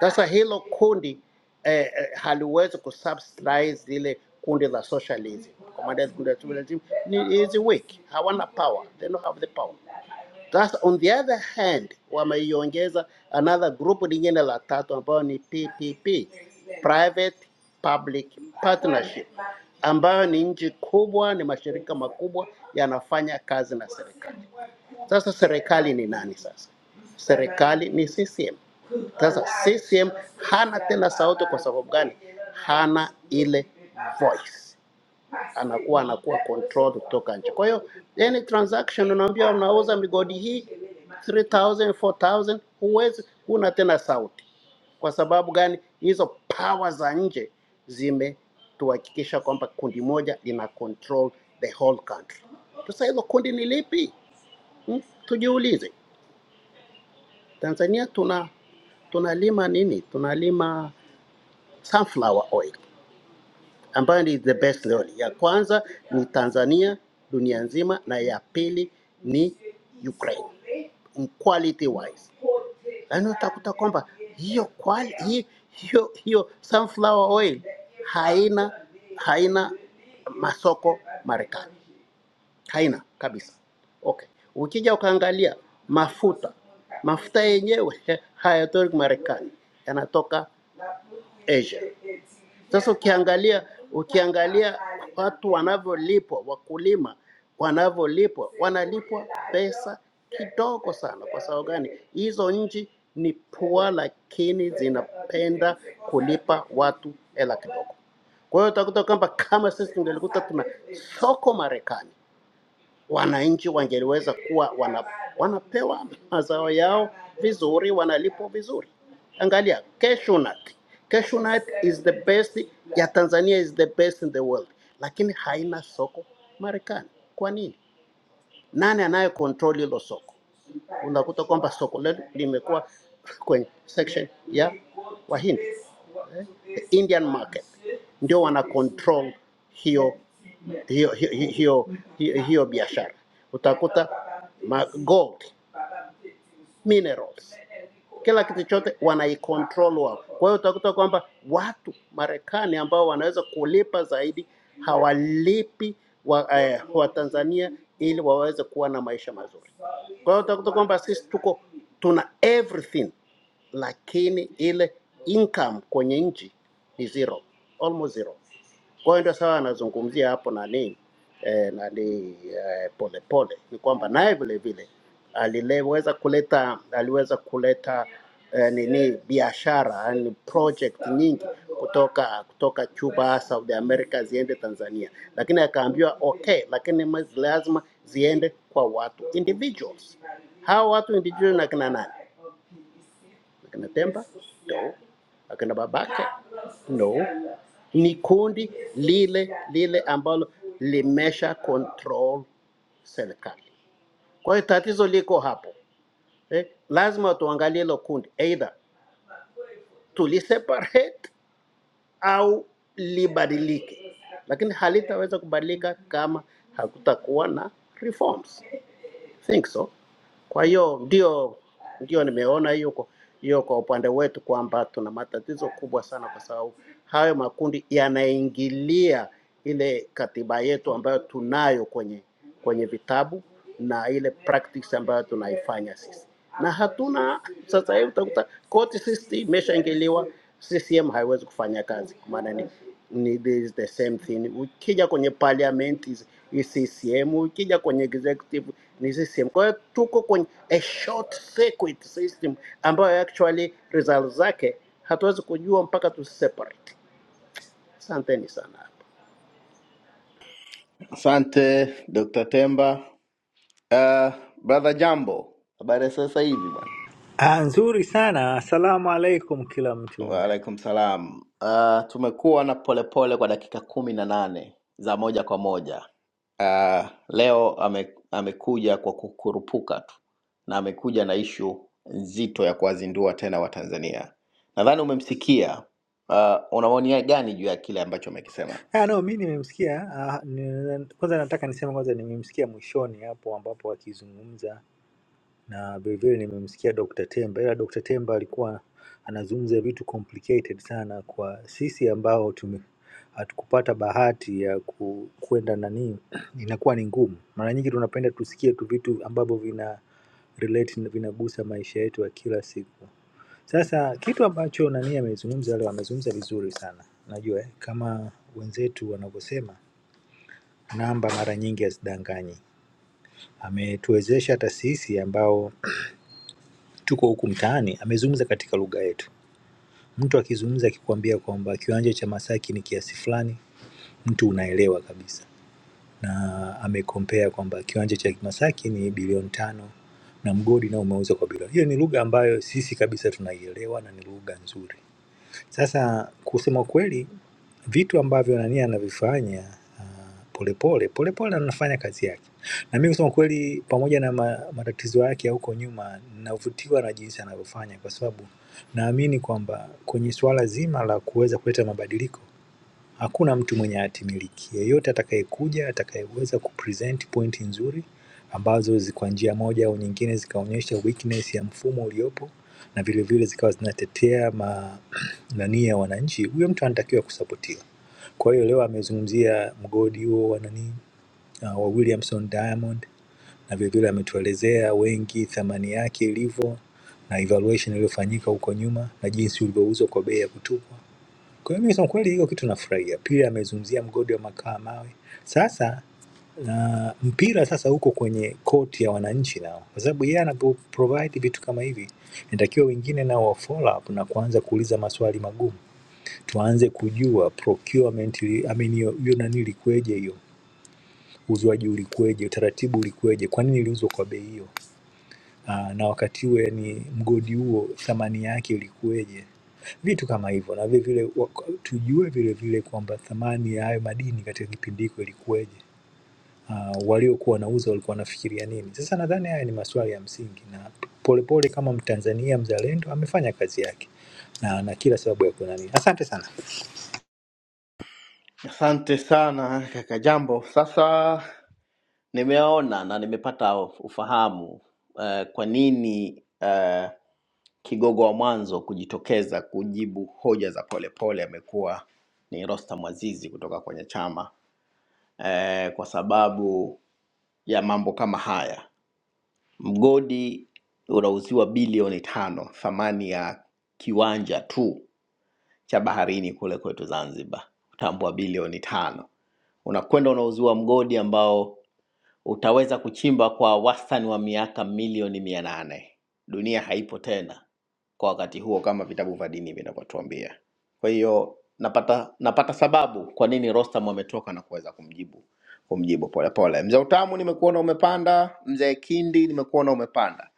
[SPEAKER 3] Sasa hilo kundi eh, eh, haliwezi kusubsidize lile kundi la socialism. Commandos kundi la socialism ni is weak, hawana power, they don't have the power. Sasa on the other hand, wameiongeza another group lingine la tatu ambayo ni PPP, private public partnership, ambayo ni nchi kubwa, ni mashirika makubwa yanafanya kazi na serikali. Sasa serikali ni nani? Sasa serikali ni CCM. Sasa CCM hana tena sauti. Kwa sababu gani? Hana ile voice, anakuwa anakuwa controlled kutoka nje. Kwa hiyo any transaction unaambia unauza migodi hii 3000 4000, huwezi, huna tena sauti. Kwa sababu gani? Hizo power za nje zimetuhakikisha kwamba kundi moja lina control the whole country. Sasa hilo kundi ni lipi? Hmm? Tujiulize. Tanzania tuna tunalima nini? Tunalima sunflower oil ambayo ni the best oil. Ya kwanza ni Tanzania dunia nzima, na ya pili ni Ukraine in quality wise. Yaani utakuta kwamba hiyo quali, hi- hiyo hiyo sunflower oil haina haina masoko Marekani, haina kabisa. Okay, ukija ukaangalia mafuta mafuta yenyewe hayatoki Marekani, yanatoka Asia. Sasa ukiangalia ukiangalia watu wanavyolipwa, wakulima wanavyolipwa, wanalipwa pesa kidogo sana. Kwa sababu gani? Hizo nchi ni pua, lakini zinapenda kulipa watu hela kidogo. Kwa hiyo utakuta kwamba kama sisi tungelikuta tuna soko Marekani wananchi wangeliweza kuwa wana, wanapewa mazao yao vizuri, wanalipwa vizuri. Angalia cashew nut. Cashew nut is the best ya Tanzania is the best in the world, lakini haina soko Marekani. Kwa nini? Nani anaye control hilo soko? Unakuta kwamba soko letu limekuwa kwenye section ya Wahindi the Indian market ndio wana control hiyo hiyo hiyo hiyo, hiyo, hiyo biashara. Utakuta ma gold minerals kila kitu chote wanaikontrol wao. Kwa hiyo utakuta kwamba watu Marekani ambao wanaweza kulipa zaidi hawalipi wa, eh, wa Tanzania ili waweze kuwa na maisha mazuri. Kwa hiyo utakuta kwamba sisi tuko tuna everything lakini ile income kwenye nchi ni zero, almost zero. Kwa hiyo ndio sawa anazungumzia hapo nani eh, nani eh, pole pole ni kwamba naye vile vile aliweza kuleta aliweza kuleta eh, nini biashara yani project nyingi kutoka kutoka Cuba South America ziende Tanzania, lakini akaambiwa okay, lakini ma- lazima ziende kwa watu individuals. Hao watu individual na kina nani? Akina Temba? No. Akina Babake? No. Ni kundi lile lile ambalo limesha control serikali. Kwa hiyo tatizo liko hapo eh, lazima tuangalie hilo kundi, either tuliseparate au libadilike, lakini halitaweza kubadilika kama hakutakuwa na reforms. think so. Kwa hiyo ndio ndio nimeona hiyo kwa hiyo kwa upande wetu kwamba tuna matatizo kubwa sana, kwa sababu hayo makundi yanaingilia ile katiba yetu ambayo tunayo kwenye kwenye vitabu na ile practice ambayo tunaifanya sisi na hatuna sasa hivi utakuta court system imeshaingiliwa, CCM haiwezi kufanya kazi, kwa maana ni, ni this is the same thing. Ukija kwenye parliament is, is CCM, ukija kwenye executive ni CCM. Kwa hiyo tuko kwenye a short circuit system ambayo actually results zake hatuwezi kujua mpaka tu separate. Asanteni sana hapo.
[SPEAKER 1] asante dr temba uh, brother jambo habari ya sasa hivi bwana
[SPEAKER 4] Ah, nzuri sana. Asalamu alaikum kila mtu unda.
[SPEAKER 1] Waalaikum salam. Uh, tumekuwa na polepole kwa dakika kumi na nane za moja kwa moja. Uh, leo ame, amekuja kwa kukurupuka tu na amekuja na ishu nzito ya kuwazindua tena Watanzania. Nadhani umemsikia. Uh, una maoni gani juu ya kile ambacho amekisema?
[SPEAKER 4] Ah, no, mi nimemsikia ah, ni, kwanza nataka niseme kwanza nimemsikia mwishoni hapo ambapo akizungumza na vilevile nimemsikia Dr. Temba, ila Dr. Temba alikuwa anazungumza vitu complicated sana kwa sisi ambao tume hatukupata bahati ya ku, kwenda nani, inakuwa ni ngumu. Mara nyingi tunapenda tusikie tu vitu ambavyo vina relate, vinagusa maisha yetu ya kila siku. Sasa kitu ambacho nani amezungumza leo, amezungumza vizuri sana. Najua eh, kama wenzetu wanavyosema, namba mara nyingi hazidanganyi. Ametuwezesha hata sisi ambao tuko huku mtaani, amezungumza katika lugha yetu. Mtu akizungumza akikwambia kwamba kiwanja cha Masaki ni kiasi fulani, mtu unaelewa kabisa, na amekompea kwamba kiwanja cha Masaki ni bilioni tano na mgodi nao umeuza kwa bilioni. Hiyo ni lugha ambayo sisi kabisa tunaielewa na ni lugha nzuri. Sasa kusema ukweli vitu ambavyo nani anavifanya ah, Polepole Polepole anafanya kazi yake, na mimi kusema kweli, pamoja na ma- matatizo yake ya huko nyuma, navutiwa na jinsi anavyofanya, kwa sababu naamini kwamba kwenye suala zima la kuweza kuleta mabadiliko hakuna mtu mwenye hati miliki yeyote atakayekuja atakayeweza kupresent pointi nzuri ambazo zi- kwa njia moja au nyingine zikaonyesha weakness ya mfumo uliopo na vile vile zikawa zinatetea ma nani ya wananchi, huyo mtu anatakiwa kusapotiwa. Kwa hiyo leo amezungumzia mgodi huo wa nani uh, wa Williamson Diamond na vile vile ametuelezea wengi thamani yake ilivyo na evaluation iliyofanyika huko nyuma na jinsi ulivyouzwa kwa bei ya kutupwa kwa hiyo mimi kusema kweli hiyo kitu nafurahia. Pia amezungumzia mgodi wa makaa mawe. Sasa na mpira sasa uko kwenye koti ya wananchi nao, kwa sababu yeye anapo provide vitu kama hivi, inatakiwa wengine nao wa follow up na kuanza kuuliza maswali magumu. Tuanze kujua procurement, ili- I mean hiyo hiyo nani ilikweje, hiyo uzwaji ulikweje, utaratibu ulikweje, kwa nini iliuzwa kwa bei hiyo? Ah, na wakati huo yani mgodi huo thamani yake ilikuweje, vitu kama hivyo, na vile vile wa- tujue vile vile kwamba thamani ya hayo madini katika kipindi hiko ilikuweje. Uh, waliokuwa wanauza walikuwa wanafikiria nini? Sasa nadhani haya ni maswali ya msingi, na polepole kama Mtanzania mzalendo amefanya kazi yake na na kila sababu ya kunani. Asante sana.
[SPEAKER 1] Asante sana kaka Jambo. Sasa Nimeona na nimepata ufahamu eh, kwa nini eh, kigogo wa mwanzo kujitokeza kujibu hoja za polepole amekuwa ni Rostam Aziz kutoka kwenye chama eh, kwa sababu ya mambo kama haya. Mgodi unauziwa bilioni tano, thamani ya kiwanja tu cha baharini kule kwetu Zanzibar, utaambua bilioni tano. Unakwenda unauziwa mgodi ambao utaweza kuchimba kwa wastani wa miaka milioni mia nane. Dunia haipo tena kwa wakati huo, kama vitabu vya dini vinavyotuambia. Kwa hiyo napata napata sababu kwa nini Rostam ametoka na kuweza kumjibu kumjibu polepole. Mzee Utamu, nimekuona umepanda. Mzee Kindi, nimekuona umepanda.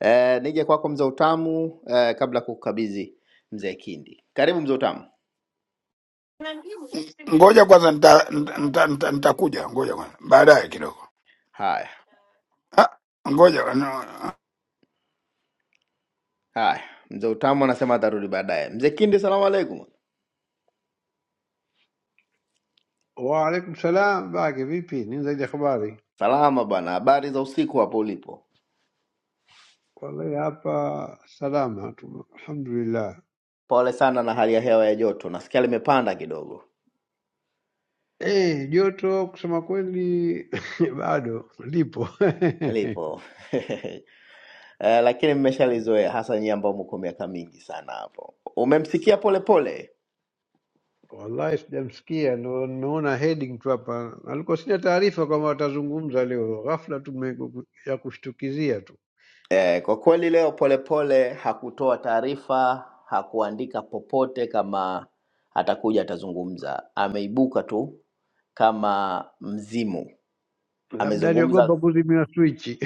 [SPEAKER 1] Eh, nije kwako mzee Utamu, eh, kabla ya kukukabidhi Mzee Kindi. Karibu mzee Utamu.
[SPEAKER 5] Ngoja kwanza nita- nita- nita- nita- nitakuja, ngoja kwanza baadaye kidogo.
[SPEAKER 1] Haya
[SPEAKER 5] Ah, Ngoja no,
[SPEAKER 1] haya, mzee Utamu anasema atarudi baadaye. Mzee Kindi, salamu alaikum.
[SPEAKER 6] Waalaikum salam. Bage vipi, nini zaidi ya habari?
[SPEAKER 1] Salama bwana, habari za usiku hapo ulipo?
[SPEAKER 6] Wallahi hapa salama tu, alhamdulillah.
[SPEAKER 1] Pole sana na hali ya hewa ya joto, nasikia limepanda kidogo
[SPEAKER 6] Eh, joto kusema kweli bado lipo
[SPEAKER 1] lipo Eh, lakini mmeshalizoea, hasa nyie ambao mko miaka mingi sana hapo. Umemsikia Polepole
[SPEAKER 6] wallahi, sijamsikia ndo nimeona heading tu hapa, alikuwa sina taarifa kwamba watazungumza leo, ghafla tu me- ya kushtukizia tu,
[SPEAKER 1] eh, kwa kweli leo Polepole hakutoa taarifa, hakuandika popote kama atakuja atazungumza, ameibuka tu kama mzimu
[SPEAKER 6] labda
[SPEAKER 1] amezungumza
[SPEAKER 6] aliogopa kuzimiwa swichi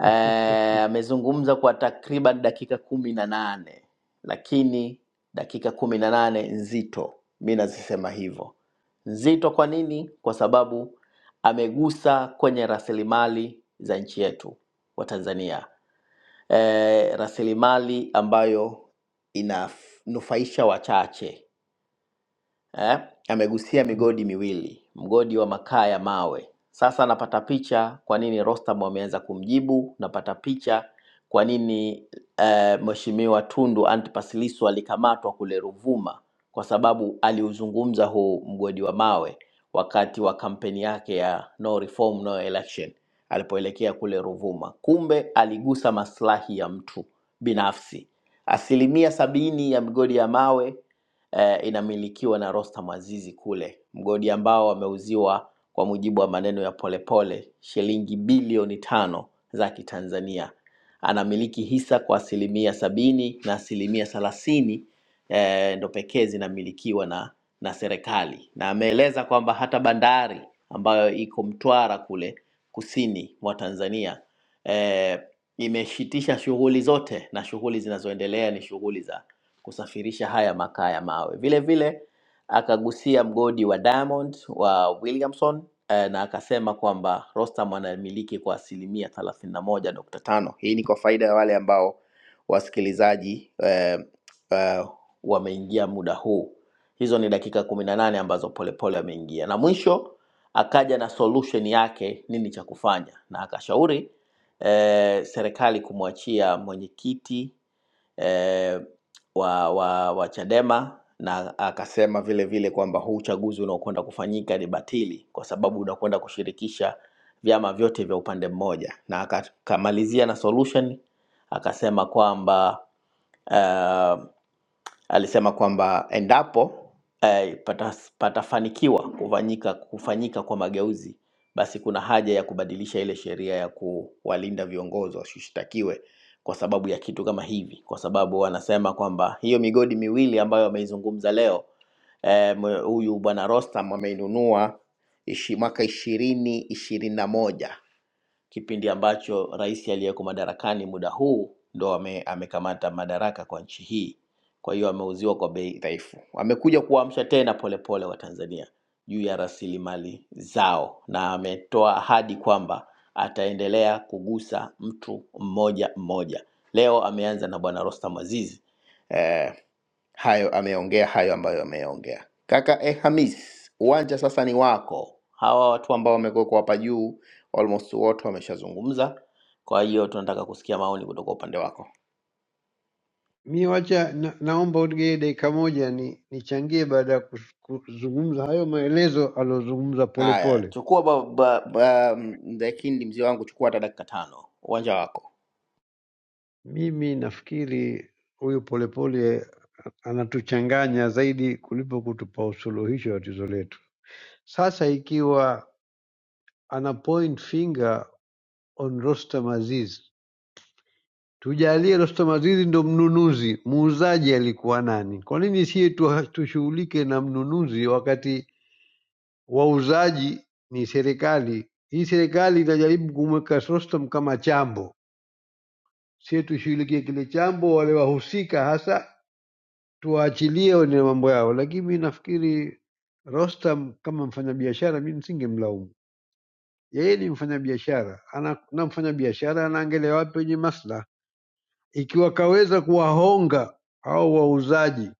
[SPEAKER 1] eh, amezungumza kwa takriban dakika kumi na nane lakini dakika kumi na nane nzito mi nazisema hivyo nzito kwa nini kwa sababu amegusa kwenye rasilimali za nchi yetu wa tanzania eh, rasilimali ambayo inanufaisha wachache eh, amegusia migodi miwili, mgodi wa makaa ya mawe. Sasa napata picha kwa nini Rostam ameanza kumjibu, napata picha kwa nini eh, Mheshimiwa Tundu Antipas Lissu alikamatwa kule Ruvuma kwa sababu aliuzungumza huu mgodi wa mawe wakati wa kampeni yake ya no reform no election alipoelekea kule Ruvuma. Kumbe aligusa maslahi ya mtu binafsi. Asilimia sabini ya migodi ya mawe eh, inamilikiwa na Rostam Azizi kule, mgodi ambao wameuziwa kwa mujibu wa maneno ya Polepole shilingi bilioni tano za Kitanzania. Anamiliki hisa kwa asilimia sabini na asilimia thelathini eh, ndo pekee zinamilikiwa na na serikali, na ameeleza kwamba hata bandari ambayo iko Mtwara kule kusini mwa Tanzania eh, imeshitisha shughuli zote na shughuli zinazoendelea ni shughuli za kusafirisha haya makaa ya mawe. Vile vile akagusia mgodi wa Diamond wa Williamson eh, na akasema kwamba Rostam anamiliki kwa asilimia thelathini na moja nukta tano. Hii ni kwa faida ya wale ambao wasikilizaji eh, eh, wameingia muda huu. Hizo ni dakika kumi na nane ambazo Polepole ameingia, na mwisho akaja na solution yake nini cha kufanya, na akashauri eh, serikali kumwachia mwenyekiti eh, wa wa wa Chadema na akasema vile vile kwamba huu uchaguzi unaokwenda kufanyika ni batili kwa sababu unakwenda kushirikisha vyama vyote vya upande mmoja, na akamalizia na solution akasema kwamba uh, Alisema kwamba endapo eh, pata, patafanikiwa pata kufanyika, kufanyika kwa mageuzi, basi kuna haja ya kubadilisha ile sheria ya kuwalinda viongozi wasishtakiwe kwa sababu ya kitu kama hivi, kwa sababu wanasema kwamba hiyo migodi miwili ambayo ameizungumza leo eh, mwe- huyu eh, bwana Rostam ameinunua ishi, mwaka ishirini ishirini na moja kipindi ambacho rais aliyeko madarakani muda huu ndo ame, amekamata madaraka kwa nchi hii. Kwa hiyo ameuziwa kwa bei dhaifu, amekuja kuamsha tena polepole Watanzania juu ya rasilimali zao, na ametoa ahadi kwamba ataendelea kugusa mtu mmoja mmoja. Leo ameanza na bwana Rostam Aziz eh, Hayo ameongea hayo ambayo ameongea kaka. Eh, Hamis, uwanja sasa ni wako. Hawa watu ambao wamekuwekwa hapa juu almost wote wameshazungumza, kwa hiyo tunataka kusikia maoni kutoka upande wako.
[SPEAKER 6] Mi wacha na, naomba unigee dakika moja ni nichangie baada ya kus- kuzungumza hayo maelezo aliyozungumza
[SPEAKER 1] Haya,
[SPEAKER 6] Polepole.
[SPEAKER 1] chukua ba, ba, ba, mzee Kindi, mzee wangu, chukua hata dakika tano, uwanja wako.
[SPEAKER 6] Mimi nafikiri huyu Polepole anatuchanganya zaidi kuliko kutupa usuluhisho wa tatizo letu. Sasa ikiwa ana point finger on Rostam Aziz, tujalie Rostam Aziz ndo mnunuzi, muuzaji alikuwa nani? Kwa nini sie tu- tushughulike na mnunuzi wakati wauzaji ni serikali. Hii serikali inajaribu kumweka Sostam kama chambo, sie tushughulikie kile chambo, wale wahusika hasa tuwaachilie wane mambo yao. Lakini mi nafikiri Rostam kama mfanyabiashara, mi msingemlaumu yeye. Ni mfanyabiashara ana, na mfanyabiashara anaangalia wapi wenye maslaha. Ikiwa kaweza kuwahonga hao wauzaji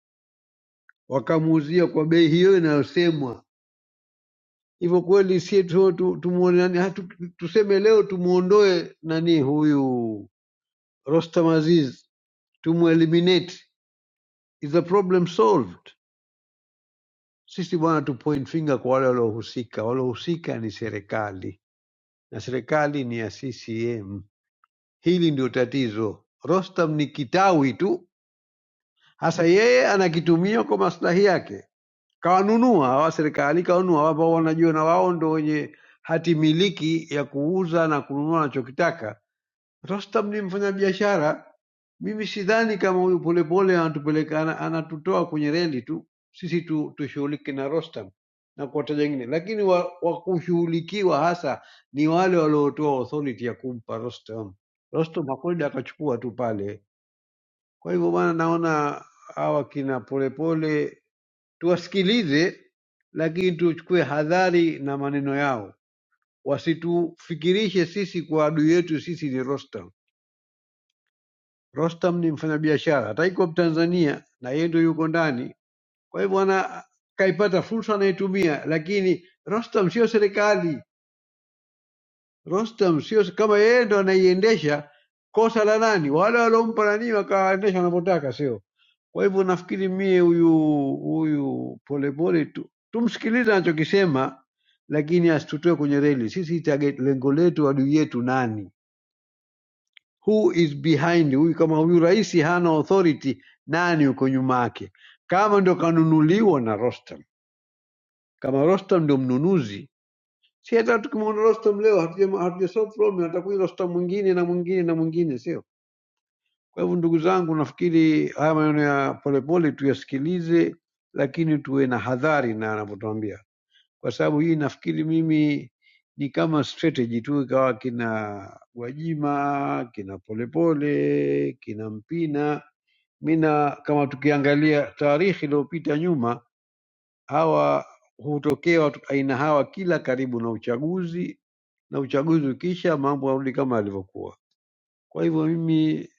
[SPEAKER 6] wakamuuzia kwa bei hiyo inayosemwa hivyo kweli sie tu, tu, tumuone nani ha, tu, tuseme leo tumuondoe nani huyu Rostam Aziz tumueliminate is the problem solved sisi bwana tu point finger kwa wale waliohusika waliohusika ni serikali na serikali ni ya CCM hili ndio tatizo Rostam ni kitawi tu hasa yeye anakitumia kwa maslahi yake kawanunua hawa serikali kawanunua ambao wanajua na wao ndo wenye hati miliki ya kuuza na kununua anachokitaka Rostam ni mfanyabiashara mimi sidhani kama huyu Polepole anatupeleka ana- anatutoa kwenye reli tu, sisi tu tushughulike na Rostam na kuwataja wengine, lakini wa, wa kushughulikiwa hasa ni wale waliotoa authority ya kumpa Rostam. Rostam hakwenda akachukua tu pale. Kwa hivyo bwana, naona hawa kina Polepole tuwasikilize, lakini tuchukue hadhari na maneno yao, wasitufikirishe sisi kwa adui yetu sisi ni Rostam. Rostam ni mfanyabiashara, hata iko Tanzania na yeye ndio yuko ndani, kwa hivyo ana kaipata fursa anaitumia, lakini Rostam sio serikali. Rostam sio kama yeye ndo anaiendesha, kosa la nani? Wale waliompa nani wakaendesha wanavyotaka, sio? Kwa hivyo nafikiri mie huyu huyu polepole tu tumsikilize anachokisema, lakini asitutoe kwenye reli. Sisi target lengo letu, adui yetu nani? who is behind huyu kama huyu rais hana authority nani uko nyuma yake kama ndo kanunuliwa na Rostam kama Rostam ndio mnunuzi si hata tukimwona Rostam leo hatuja hatuja solve problem atakuja Rostam mwingine na mwingine na mwingine sio kwa hivyo ndugu zangu nafikiri haya maneno ya polepole tuyasikilize lakini tuwe na hadhari na anavyotuambia kwa sababu hii nafikiri mimi ni kama strategy tu ikawa kina Gwajima kina Polepole kina Mpina Mina kama tukiangalia taarikhi iliyopita nyuma, hawa hutokea watu aina hawa kila karibu na uchaguzi, na uchaguzi ukisha mambo yarudi kama yalivyokuwa. Kwa hivyo mimi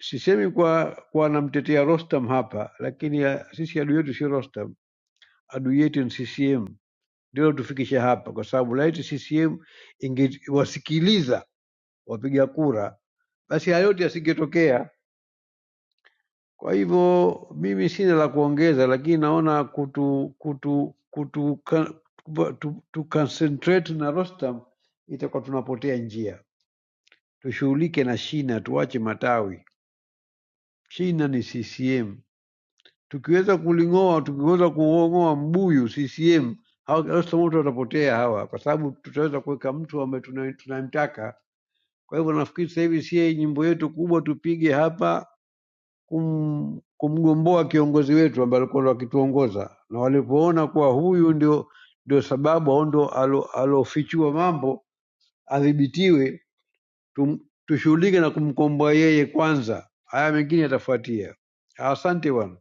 [SPEAKER 6] sisemi kwa kwa namtetea Rostam hapa, lakini ya, sisi adui yetu si Rostam, adui yetu ni CCM, ndio tufikishe hapa, kwa sababu laiti CCM ingewasikiliza wapiga kura, basi hayo yote yasingetokea. Kwa hivyo mimi sina la kuongeza, lakini naona kutu kutu kutu ka- tu, tu concentrate na Rostam itakuwa tunapotea njia. Tushughulike na shina, tuache matawi. Shina ni CCM, tukiweza kuling'oa, tukiweza kuong'oa mbuyu CCM hawa Rostam wote watapotea hawa, kwa sababu tutaweza kuweka mtu ambaye tuna- tunamtaka. Kwa hivyo nafikiri sasa hivi sie nyimbo yetu kubwa tupige hapa kum, kumgomboa kiongozi wetu ambaye alikuwa akituongoza, na walipoona kuwa huyu ndio ndio sababu au ndio alo- alofichua mambo adhibitiwe, tum, tushughulike na kumkomboa yeye kwanza, haya mengine yatafuatia. Asante bwana.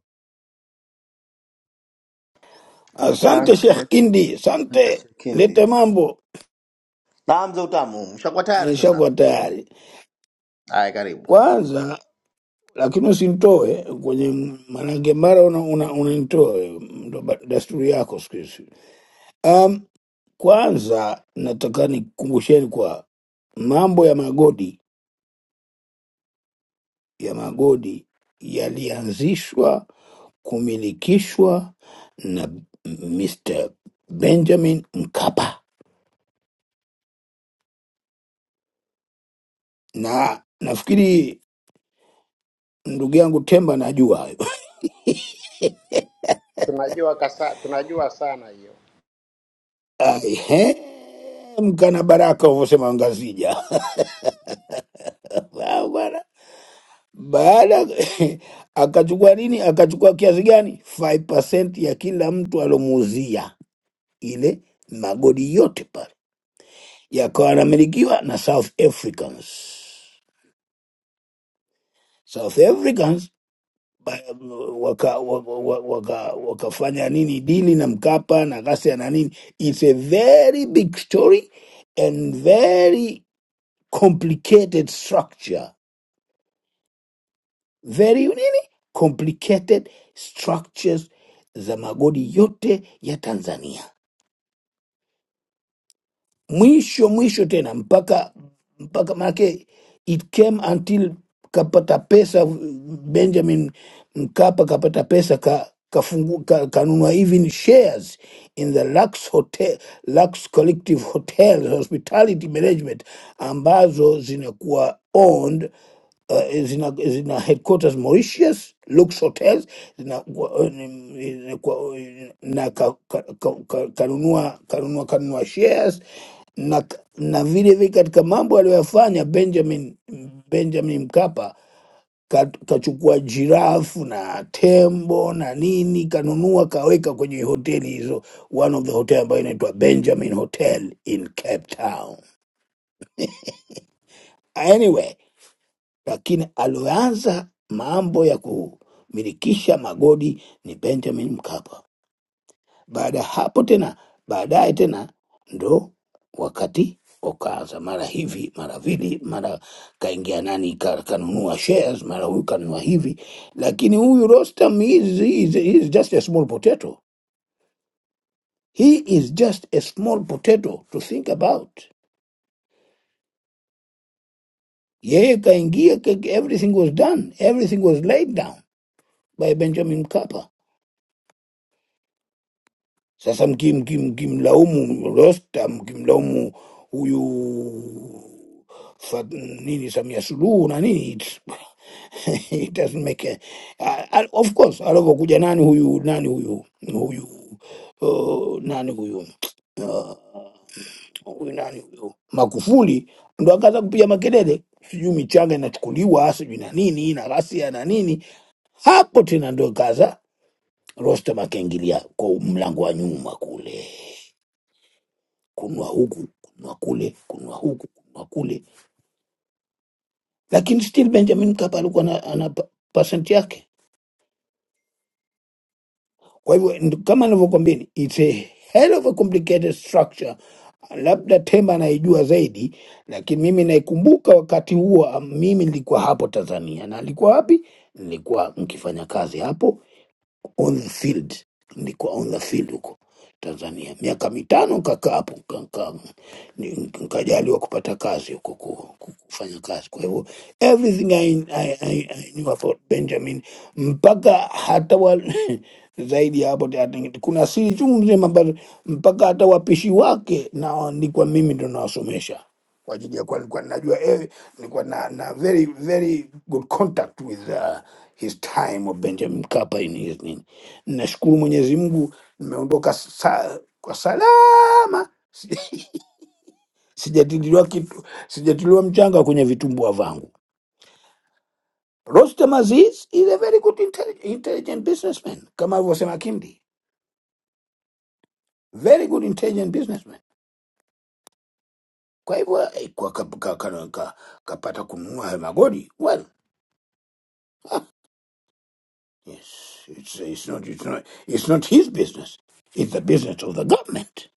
[SPEAKER 5] Asante
[SPEAKER 1] Asante
[SPEAKER 5] Sheikh Kindi, asante.
[SPEAKER 1] mzee Shikindi.
[SPEAKER 5] Lete mambo
[SPEAKER 1] Naam, mzee Utamu, mshakuwa tayari
[SPEAKER 5] nishakuwa
[SPEAKER 1] sasa?
[SPEAKER 5] tayari
[SPEAKER 1] Haya, karibu
[SPEAKER 5] kwanza, lakini usinitoe kwenye, maanake mara unanitoa una, una unanitoa wewe, ndo ba- desturi yako siku hizi. Um, kwanza nataka nikumbusheni kwa mambo ya magodi ya magodi yalianzishwa kumilikishwa na Mr. Benjamin Mkapa, na nafikiri ndugu yangu Temba najua hayo.
[SPEAKER 3] Tunajua kasa, tunajua sana hiyo.
[SPEAKER 5] Ehe, mkana baraka ulivyosema Ngazija Sawa bwana. baada akachukua nini? Akachukua kiasi gani? 5% ya kila mtu alomuuzia ile magodi yote pale yakawa yanamilikiwa na South Africans. South Africans ba- waka, waka, waka, wakafanya nini dili na Mkapa na ghasia na nini. It's a very big story and very complicated structure, very nini complicated structures za magodi yote ya Tanzania. mwisho mwisho tena mpaka mpaka manake it came until kapata pesa benjamin mkapa kapata pesa ka, kafungu, ka, kanunua even shares in the lux hotel lux collective hotels hospitality management ambazo zinakuwa owned uh, zina, zina headquarters Mauritius, Lux Hotels zina, na, na ka, ka, ka, ka- kanunua kanunua kanunua shares na, na vile vile katika mambo aliyoyafanya Benjamin Benjamin Mkapa ka- kachukua jirafu na tembo na nini kanunua kaweka kwenye hoteli hizo, one of the hotel ambayo inaitwa Benjamin Hotel in Cape Town. Anyway, lakini alioanza mambo ya kumilikisha magodi ni Benjamin Mkapa. Baada ya hapo tena, baadaye tena ndo wakati ukaanza mara hivi mara vili, mara kaingia nani ka, kanunua shares, mara huyu kanunua hivi, lakini huyu Rostam is, is, is just a small potato. He is just a small potato to think about. Yeye kaingia, ka- everything was done, everything was laid down by Benjamin Mkapa Sasa mki- mki- mkimlaumu Rosta, mkimlaumu huyu Fat- nini Samia Suluhu na nini it, it doesn't make a, a, a- of course alivyokuja nani huyu nani huyu huyu uh, nani huyu uh, huyu nani huyu Magufuli ndo akaanza kupiga makelele, sijui michanga inachukuliwa sijui na nini na ghasia na nini. Hapo tena ndo kaza Rosta makengilia kwa mlango wa nyuma kule kununua huku kununua kule kununua huku kununua kule, lakini still Benjamin Mkapa alikuwa na, ana pa- percent yake. Kwa hivyo nd- kama nilivyokwambia, ni- it's a hell of a complicated structure. Labda Temba anaijua zaidi, lakini mimi naikumbuka wakati huo, ah, mimi nilikuwa hapo Tanzania na alikuwa wapi? Nilikuwa nkifanya kazi hapo on the field, nilikuwa on the field huko Tanzania miaka mitano, nikakaa hapo nika- nika- ni- nikajaliwa kupata kazi huko ku- ku- kufanya kazi. Kwa hivyo everything I, I, I, I knew about Benjamin mpaka hata wa, zaidi ya hapo hata ngi- kuna siri chungu mzima ambazo mpaka hata wapishi wake na nilikuwa mimi ndo nawasomesha kwa ajili ya kuwa nilikuwa najua eh, nilikuwa na, na very very good contact with uh, his time of Benjamin Mkapa in his nini. Nashukuru Mwenyezi Mungu nimeondoka sa, kwa salama, sijatiliwa kitu, sijatiliwa mchanga kwenye vitumbua vangu. Rostam Aziz is a very good intelli- intelligent businessman kama alivyosema Kindi, very good intelligent businessman. Kwa hivyo eh, kwa kap- ka- ka- ka- kapata kununua hayo magodi well, ah, yes, it's, it's not, it's not, it's not his business. It's the business of the government.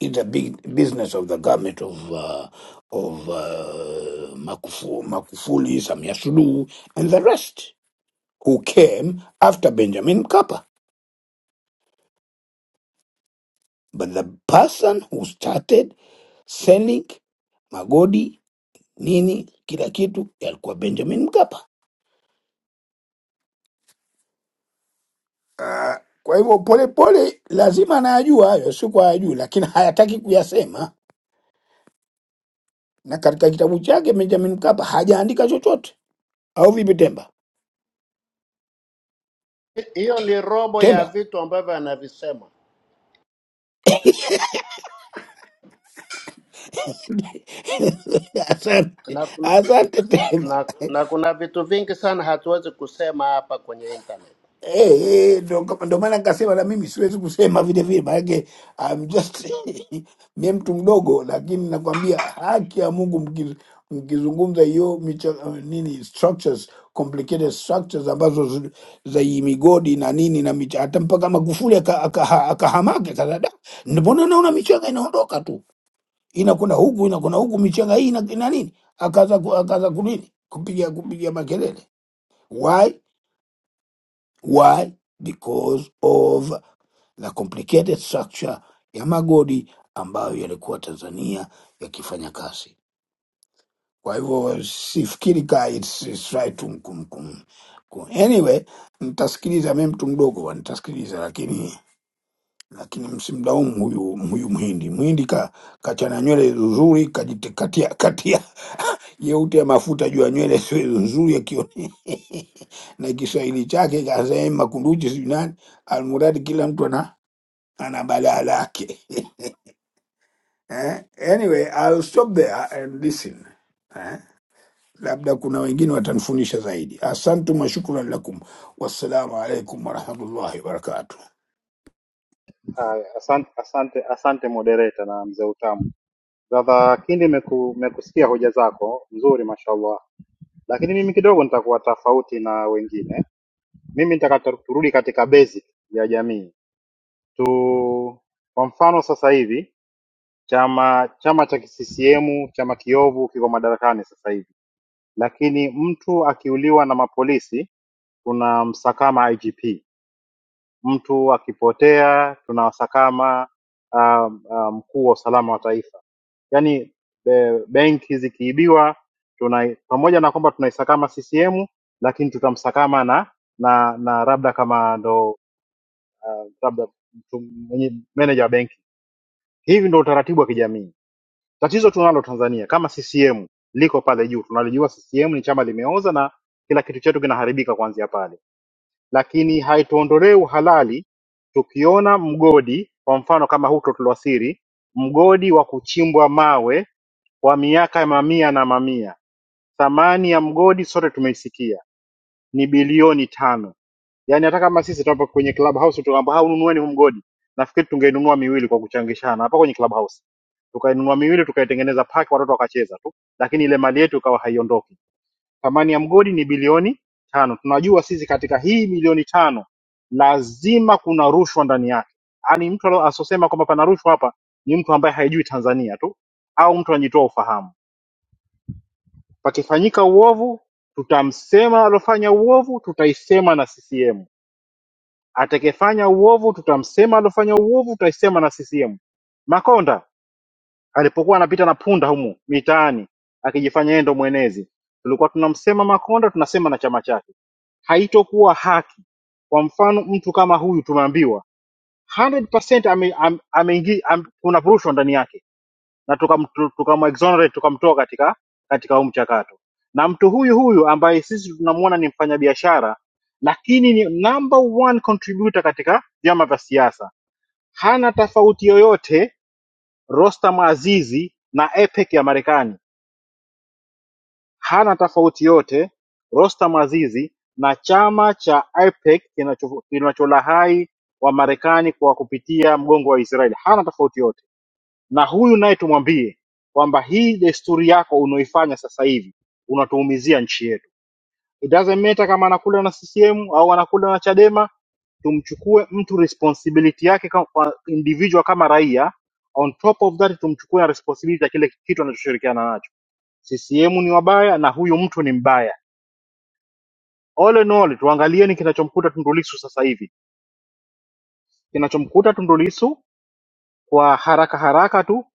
[SPEAKER 5] It's the big business of the government of uh, of uh, Makufu, Makufuli, Samia Suluhu, and the rest who came after Benjamin Mkapa. But the person who started selling magodi nini kila kitu yalikuwa Benjamin Mkapa. Ah, Kwa hivyo polepole lazima anayajua hayo, si kwa hajui, lakini hayataki kuyasema, na katika kitabu chake Benjamin Mkapa hajaandika chochote, au vipi Temba?
[SPEAKER 3] Hiyo ni robo ya
[SPEAKER 5] Temba,
[SPEAKER 3] vitu ambavyo anavisema
[SPEAKER 5] asante,
[SPEAKER 3] na tuna,
[SPEAKER 5] asante Temba.
[SPEAKER 3] na, na kuna vitu vingi sana hatuwezi kusema hapa kwenye internet.
[SPEAKER 5] Eh, eh, ndo kama- ndo maana nikasema na mimi siwezi kusema vile vile, maanake I'm just mie mtu mdogo, lakini nakwambia haki ya Mungu, mki- mkizungumza hiyo micha- uh, nini structures complicated structures ambazo zi- za hii migodi na nini na micha, hata mpaka Magufuli aka- aka- akahamake sasa, da, ndio mbona naona michanga inaondoka tu inakwenda huku inakwenda huku, michanga hii ina ina nini, akaza ku- akaza kunini kupiga kupiga makelele why Why? Because of the complicated structure ya magodi ambayo yalikuwa Tanzania yakifanya kazi. Kwa hivyo sifikiri ka it's, it's right to mkum, kum, kum. Anyway, nitasikiliza mimi mtu mdogo wa nitasikiliza, lakini lakini msimlaumu huyu huyu mhindi. Mhindi ka kachana nywele vizuri, kajitikatia katia Jeupe ya mafuta juu ya nywele sio nzuri ya kione na Kiswahili chake kasema kunduchi sijui nani, almuradi kila mtu ana ana balaa lake eh? Anyway, I'll stop there and listen eh? Labda kuna wengine watanifundisha zaidi. Asantum wa shukran lakum, wassalamu alaikum warahmatullahi wabarakatuh.
[SPEAKER 2] Asante mwa- mzee Utamu, sababu nimekusikia hoja zako nzuri, mashallah, lakini mimi kidogo nitakuwa tofauti na wengine. Mimi nitataka turudi katika basic ya jamii. Kwa mfano sasa hivi chama chama cha CCM chama kiovu kiko madarakani sasa hivi, lakini mtu akiuliwa na mapolisi tunamsakama IGP, mtu akipotea tunawasakama um, um, mkuu wa usalama wa taifa. Yaani be- benki zikiibiwa tuna pamoja na kwamba tunaisakama CCM, lakini tutamsakama na na na labda kama ndo labda mtu mwenye- meneja wa benki. Hivi ndo utaratibu wa kijamii. Tatizo tunalo Tanzania kama CCM liko pale juu, tunalijua CCM ni chama limeoza na kila kitu chetu kinaharibika kuanzia pale, lakini haituondolee uhalali tukiona mgodi kwa mfano kama huto tuliwasiri, mgodi wa kuchimbwa mawe kwa miaka mamia na mamia, thamani ya mgodi sote tumekia ni bilioni tano. Yani hata kama sisi tunapo kwenye club house tukaamba hau nunueni huu mgodi, nafikiri tungenunua miwili kwa kuchangishana hapa kwenye club tukainunua miwili tukaitengeneza paki watoto wakacheza tu, lakini ile mali yetu ikawa haiondoki. Thamani ya mgodi ni bilioni tano. Tunajua sisi katika hii milioni tano lazima kuna rushwa ndani yake. Yaani mtu alo- asosema kwamba pana rushwa hapa ni mtu ambaye haijui Tanzania tu au mtu anajitoa ufahamu. Pakifanyika uovu, tutamsema alofanya uovu, tutaisema na CCM. Atakefanya uovu, tutamsema alofanya uovu, tutaisema na CCM. Makonda Alipokuwa anapita na punda humu mitaani akijifanya yeye ndo mwenezi, tulikuwa tunamsema Makonda, tunasema na chama chake. Haitokuwa haki. Kwa mfano mtu kama huyu tumeambiwa 100% ame, ame, ameingi- am, kuna rushwa ndani yake na tukam- tu- tukamexonerate tukamtoa katika katika huu mchakato, na mtu huyu huyu ambaye sisi tunamuona ni mfanyabiashara lakini ni number one contributor katika vyama vya siasa, hana tofauti yoyote Rostam Azizi na APEC ya Marekani hana tofauti yoyote Rostam Aziz na chama cha Ipec kinacholahai Wamarekani kwa kupitia mgongo wa Israel hana tofauti yoyote na huyu naye tumwambie kwamba hii desturi yako unaoifanya sasa hivi unatuumizia nchi yetu it doesn't matter kama anakula na CCM au anakula na Chadema tumchukue mtu responsibility yake kama kwa individual kama raia on top of that tumchukue na responsibility ya kile kitu anachoshirikiana nacho CCM ni wabaya na huyu mtu ni mbaya All in all tuangalieni kinachomkuta Tundu Lissu sasa hivi. Kinachomkuta Tundu Lissu kwa haraka haraka tu,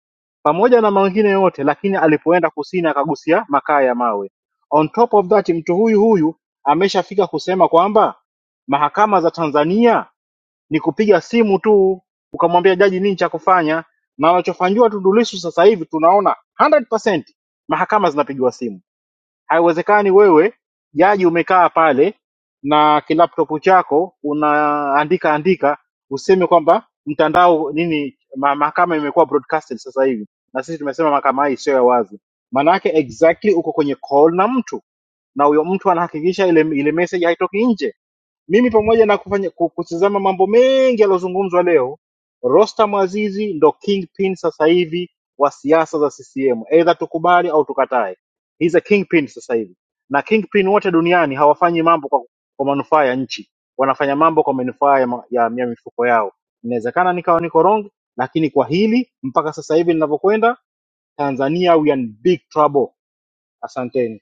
[SPEAKER 2] pamoja na mengine yote, lakini alipoenda kusini akagusia makaa ya mawe. On top of that, mtu huyu huyu ameshafika kusema kwamba mahakama za Tanzania ni kupiga simu tu, ukamwambia jaji nini cha kufanya, na wanachofanyiwa Tundu Lissu sasa hivi tunaona 100% mahakama zinapigiwa simu haiwezekani wewe jaji umekaa pale na kilaptop chako unaandika andika useme kwamba mtandao nini ma- mahakama imekuwa broadcasted sasa hivi na sisi tumesema mahakama hii sio ya wazi maanaake exactly uko kwenye call na mtu na huyo mtu anahakikisha ile, ile message haitoki nje mimi pamoja na kufanya ku- kutizama mambo mengi yaliyozungumzwa leo, Rostam Azizi ndo kingpin sasa hivi wa siasa za CCM, aidha tukubali au tukatae, he's a kingpin sasa hivi. Na kingpin wote duniani hawafanyi mambo kwa, kwa manufaa ya nchi, wanafanya mambo kwa manufaa ya, ma- ya, ya mifuko yao. Inawezekana nikawa niko wrong, lakini kwa hili mpaka sasa hivi ninavyokwenda, Tanzania we are in big trouble. Asanteni.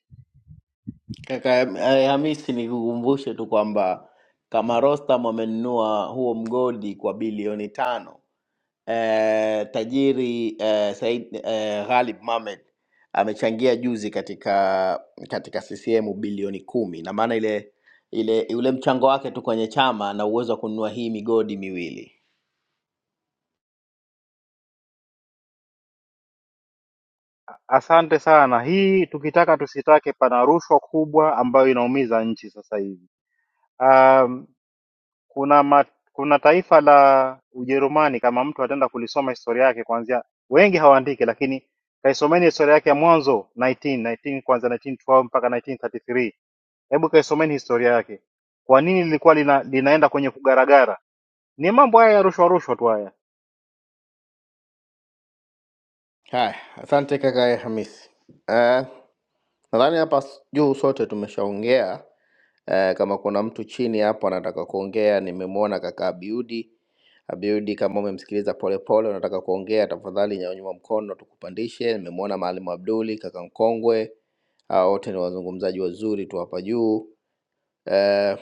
[SPEAKER 1] kaka. Eh, Hamisi, nikukumbushe tu kwamba kama Rostam amenunua huo mgodi kwa bilioni tano eh, tajiri eh, Said eh, Ghalib Mohamed amechangia juzi katika katika CCM bilioni kumi na maana ile ile ule mchango wake tu kwenye chama na uwezo wa kununua hii migodi miwili.
[SPEAKER 2] Asante sana. Hii tukitaka tusitake, pana rushwa kubwa ambayo inaumiza nchi sasa hivi. Um, kuna ma, kuna taifa la Ujerumani, kama mtu ataenda kulisoma historia yake kuanzia, wengi hawaandiki, lakini kaisomeni historia yake ya mwanzo 19, 19 kwanza 1912 mpaka 1933. Hebu kaisomeni historia yake, kwa nini lilikuwa lina, linaenda kwenye kugaragara? Ni mambo haya ya rushwa rushwa tu haya.
[SPEAKER 1] Haya, asante kaka Hamisi. Eh, nadhani hapa s- juu sote tumeshaongea Eh, kama kuna mtu chini hapo anataka kuongea, nimemwona kaka Abiudi. Abiudi, kama umemsikiliza Polepole unataka kuongea, tafadhali nyanyua mkono tukupandishe. Nimemwona Maalimu Abduli, kaka mkongwe, hao wote ni wazungumzaji wazuri tu hapa juu. Eh,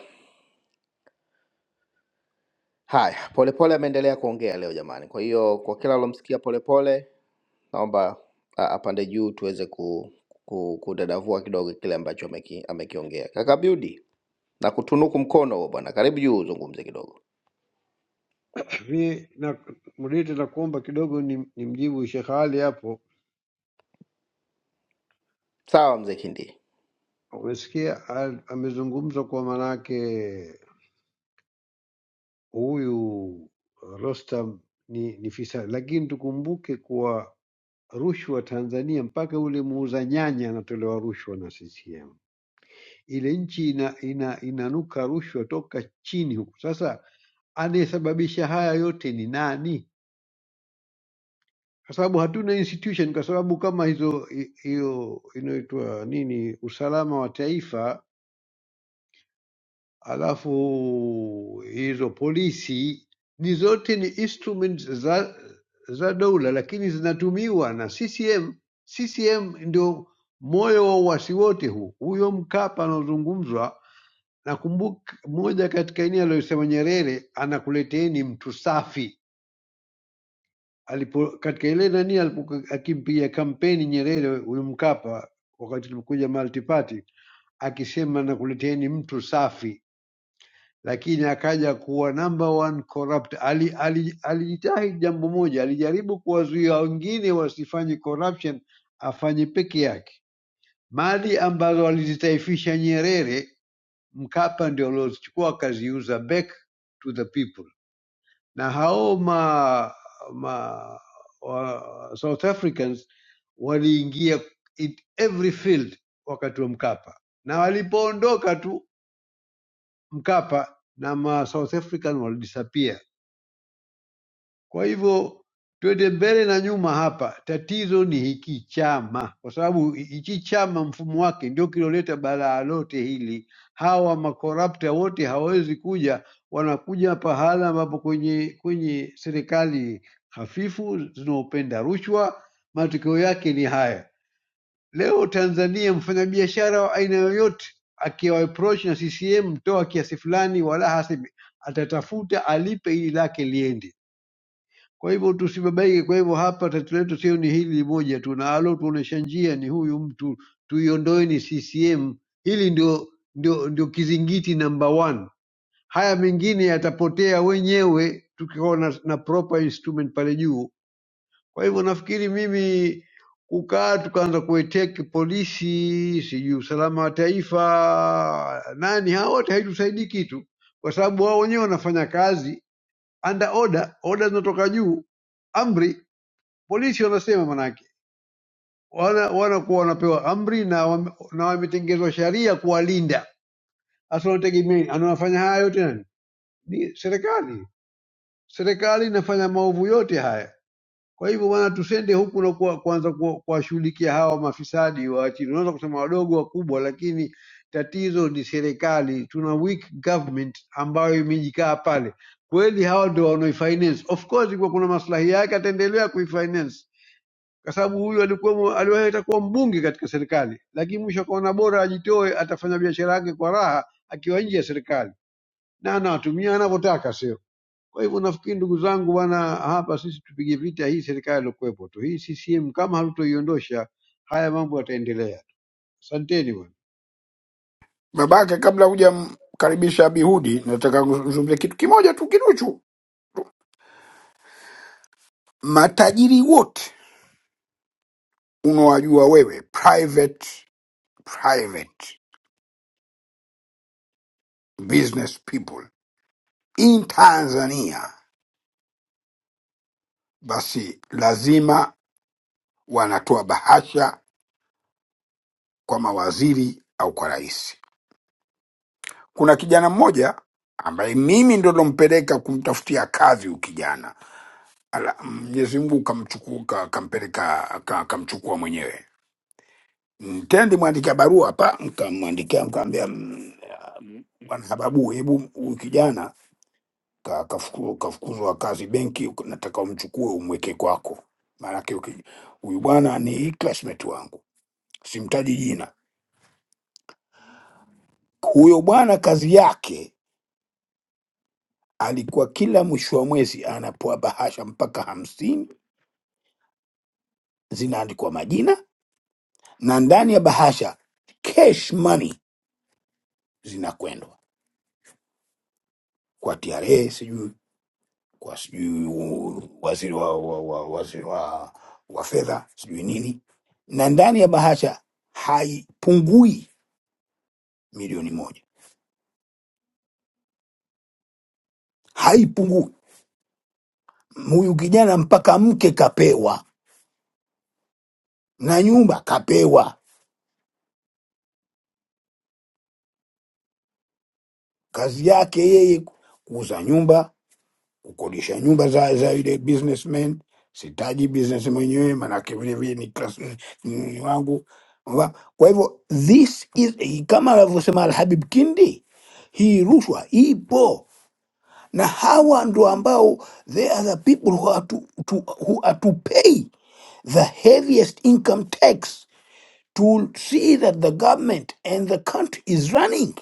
[SPEAKER 1] haya, Polepole ameendelea kuongea leo jamani. Kwa hiyo kwa kila alomsikia Polepole, naomba a- apande juu tuweze ku, ku, kudadavua kidogo kile ambacho ameki, amekiongea. Kaka Abiudi, na kutunuku mkono huo bwana, karibu juu uzungumze kidogo.
[SPEAKER 6] Mi na mlete na kuomba kidogo ni, ni mjibu Sheikh Ali hapo.
[SPEAKER 1] Sawa mzee Kindi.
[SPEAKER 6] Umesikia al- amezungumza kwa manake huyu Rostam ni, ni fisa, lakini tukumbuke kuwa rushwa Tanzania mpaka ule muuza nyanya anatolewa rushwa na CCM. Ile nchi ina, ina, inanuka rushwa toka chini huku. Sasa anayesababisha haya yote ni nani? Kwa sababu hatuna institution, kwa sababu kama hizo hi- hiyo inaitwa nini, usalama wa taifa Alafu hizo polisi ni zote ni instruments za za dola, lakini zinatumiwa na CCM. CCM ndio moyo wa uasi wote huu. Huyo Mkapa anaozungumzwa, nakumbuka moja katika ini aliyosema Nyerere, anakuleteeni mtu safi alipo katika ile nani alipo akimpiga kampeni Nyerere huyu Mkapa wakati tulipokuja multi party akisema nakuleteeni mtu safi lakini akaja kuwa number one corrupt. Ali- ali- Alijitahidi jambo moja, alijaribu kuwazuia wengine wasifanye corruption, afanye peke yake. Mali ambazo alizitaifisha Nyerere, Mkapa ndio aliozichukua akaziuza back to the people, na hao ma, ma wa, South Africans waliingia in every field wakati wa Mkapa, na walipoondoka tu Mkapa na ma South African walidisappear Kwa hivyo twende mbele na nyuma hapa, tatizo ni hiki chama, kwa sababu hichi chama mfumo wake ndio kiloleta balaa lote hili. Hawa makorapta wote hawawezi kuja, wanakuja pahala ambapo kwenye kwenye serikali hafifu zinaopenda rushwa, matokeo yake ni haya. Leo Tanzania, mfanyabiashara wa aina yoyote akiwa approach na CCM, toa kiasi fulani, wala hasemi atatafuta alipe ili lake liende kwa hivyo tusibabaike. Kwa hivyo hapa tatizo letu sio ni hili moja tu, na alotuonesha njia ni huyu mtu, tuiondoeni CCM. Hili ndio, ndio, ndio kizingiti number one. Haya mengine yatapotea wenyewe tukiwa na, na proper instrument pale juu. Kwa hivyo nafikiri mimi kukaa tukaanza kueteki polisi, sijui usalama wa taifa, nani hawa wote, haitusaidii kitu, kwa sababu wao wenyewe wanafanya kazi under order, order zinatoka juu, amri Polisi wanasema manake wana wanakuwa wanapewa amri na wame- na wametengezwa sheria kuwalinda. Sasa wanategemea anawafanya haya yote nani? Ni serikali. Serikali inafanya maovu yote haya. Kwa hivyo bwana, tusende huku na kuwa, kuanza kuwa- kuwashughulikia hawa mafisadi wa chini. Unaweza kusema wadogo wakubwa, lakini tatizo ni serikali. Tuna weak government ambayo imejikaa pale. Kweli hawa ndio wanaoifinance. Of course, kwa kuna maslahi yake, ataendelea kuifinance kwa sababu huyu alikuwa aliwahi atakuwa mbunge katika serikali, lakini mwisho akaona bora ajitoe, atafanya biashara yake kwa raha akiwa nje ya serikali na anawatumia anavyotaka, sio? Kwa hivyo nafikiri ndugu zangu, bwana, hapa sisi tupige vita hii serikali iliyokuwepo tu, hii CCM kama hatutoiondosha, haya mambo yataendelea. Asanteni bwana.
[SPEAKER 5] Babake, kabla hujamkaribisha Abihudi, nataka kuzungumzia kitu kimoja tu kiduchu. Matajiri wote unawajua wewe, private private business people in Tanzania, basi lazima wanatoa bahasha kwa mawaziri au kwa rais. Kuna kijana mmoja ambaye mimi ndo nilompeleka kumtafutia kazi huyu kijana, Ala, Mwenyezi Mungu kamchukua ka- kampeleka ka- kamchukua mwenyewe. Nitendi mwandikia barua hapa, nkamwandikia nkaambia, mm, mm, bwana Hababu, hebu huyu kijana ka- kafuku- kafukuzwa kazi benki, uko- nataka umchukue umweke kwako. Maanake uki- huyu bwana ni classmate wangu, simtaji jina. Huyo bwana kazi yake alikuwa kila mwisho wa mwezi anapewa bahasha mpaka hamsini, zinaandikwa majina na ndani ya bahasha cash money zinakwendwa kwa TRA, sijui kwa sijui u- waziri wa, wa, wa, waziri wa, wa fedha sijui nini, na ndani ya bahasha haipungui milioni moja haipungui. Huyu kijana mpaka mke kapewa na nyumba kapewa. Kazi yake yeye kuuza nyumba, kukodisha nyumba za za yule businessman. Sitaji business mwenyewe, manake vile vile ni class ni ni wangu. Wa- Kwa hivyo this is kama alivyosema Alhabib Kindi, hii rushwa ipo na hawa ndo ambao they are the people who are to, to, who are to pay the heaviest income tax to see that the government and the country is running,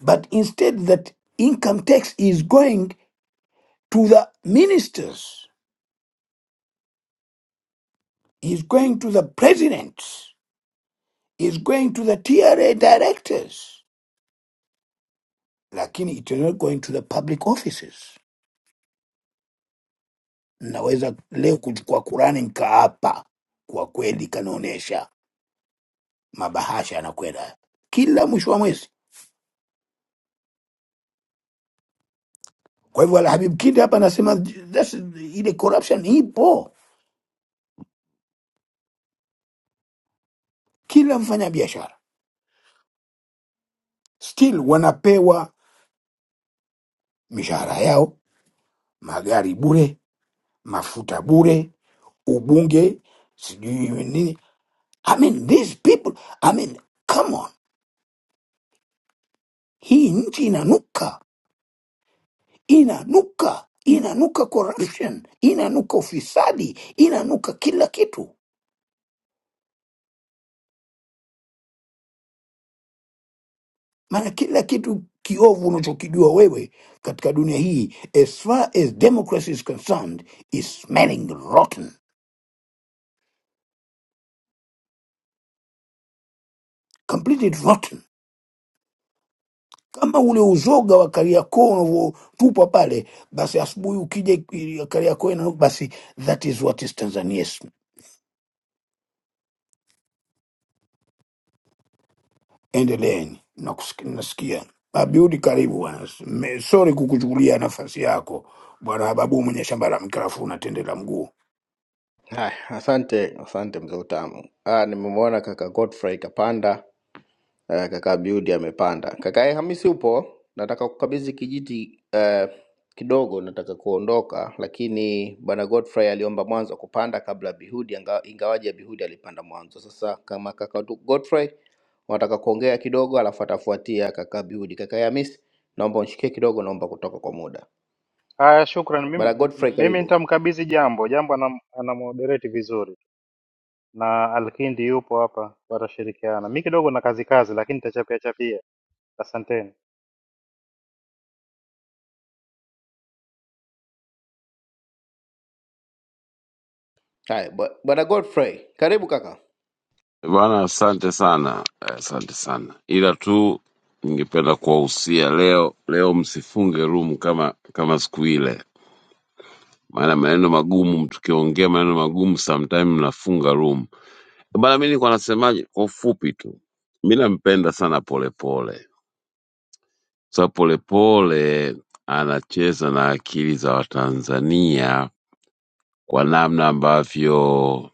[SPEAKER 5] but instead that income tax is going to the ministers, is going to the presidents, is going to the TRA directors, lakini it is not going to the public offices. Naweza leo kuchukua Kurani nkaapa, kwa kweli kanaonyesha mabahasha yanakwenda kila mwisho wa mwezi. Kwa hivyo Alhabib Kinde hapa anasema that's- ile corruption ipo kila mfanya biashara still wanapewa mishahara yao magari bure mafuta bure ubunge sijui nini i mean these people i mean come on hii nchi inanuka inanuka inanuka corruption inanuka ufisadi inanuka kila kitu maana kila kitu kiovu unachokijua wewe katika dunia hii as far as democracy is concerned is smelling rotten completely rotten kama ule uzoga wa Kariakoo unavyotupa pale, basi asubuhi ukija i- Kariakoo ina basi, that is what is Tanzaniaism. Endeleeni, nakusik- nasikia Abiudi, karibu bwana. Me- Sorry kukuchukulia nafasi yako bwana Hababu, mwenye shamba la mkarafu na tende la mguu.
[SPEAKER 1] Haya, asante asante mzee Utamu. Ah, nimemwona kaka Godfrey kapanda, eh, kaka Abiudi amepanda. Kaka eh, Hamisi upo? Nataka kukabidhi kijiti eh, kidogo, nataka kuondoka, lakini bwana Godfrey aliomba mwanzo kupanda kabla Bihudi, anga- ingawaje Bihudi alipanda mwanzo. Sasa kama kaka tu- Godfrey wanataka kuongea kidogo, alafu atafuatia kaka Bihudi. Kaka eh, Hamisi, naomba unishikie kidogo, naomba kutoka kwa muda.
[SPEAKER 2] Haya, shukran.
[SPEAKER 1] Bwana
[SPEAKER 2] Mimi,
[SPEAKER 1] Godfrey,
[SPEAKER 2] mimi
[SPEAKER 1] karibu.
[SPEAKER 2] nitamkabidhi jambo jambo, anam, anamoderate vizuri. na Alkindi yupo hapa, watashirikiana. Mi kidogo na kazi kazi, lakini nitachapia chapia. Asanteni
[SPEAKER 1] Haya, bwa- bwana Godfrey, karibu kaka.
[SPEAKER 7] Bwana, asante sana, eh, asante sana, ila tu ningependa kuwahusia leo, leo msifunge room kama kama siku ile, maana maneno magumu, tukiongea maneno magumu sometime mnafunga room bana. Mi nilikuwa nasemaje kwa ufupi tu, mi nampenda sana Polepole sa Polepole anacheza na akili za Watanzania kwa namna ambavyo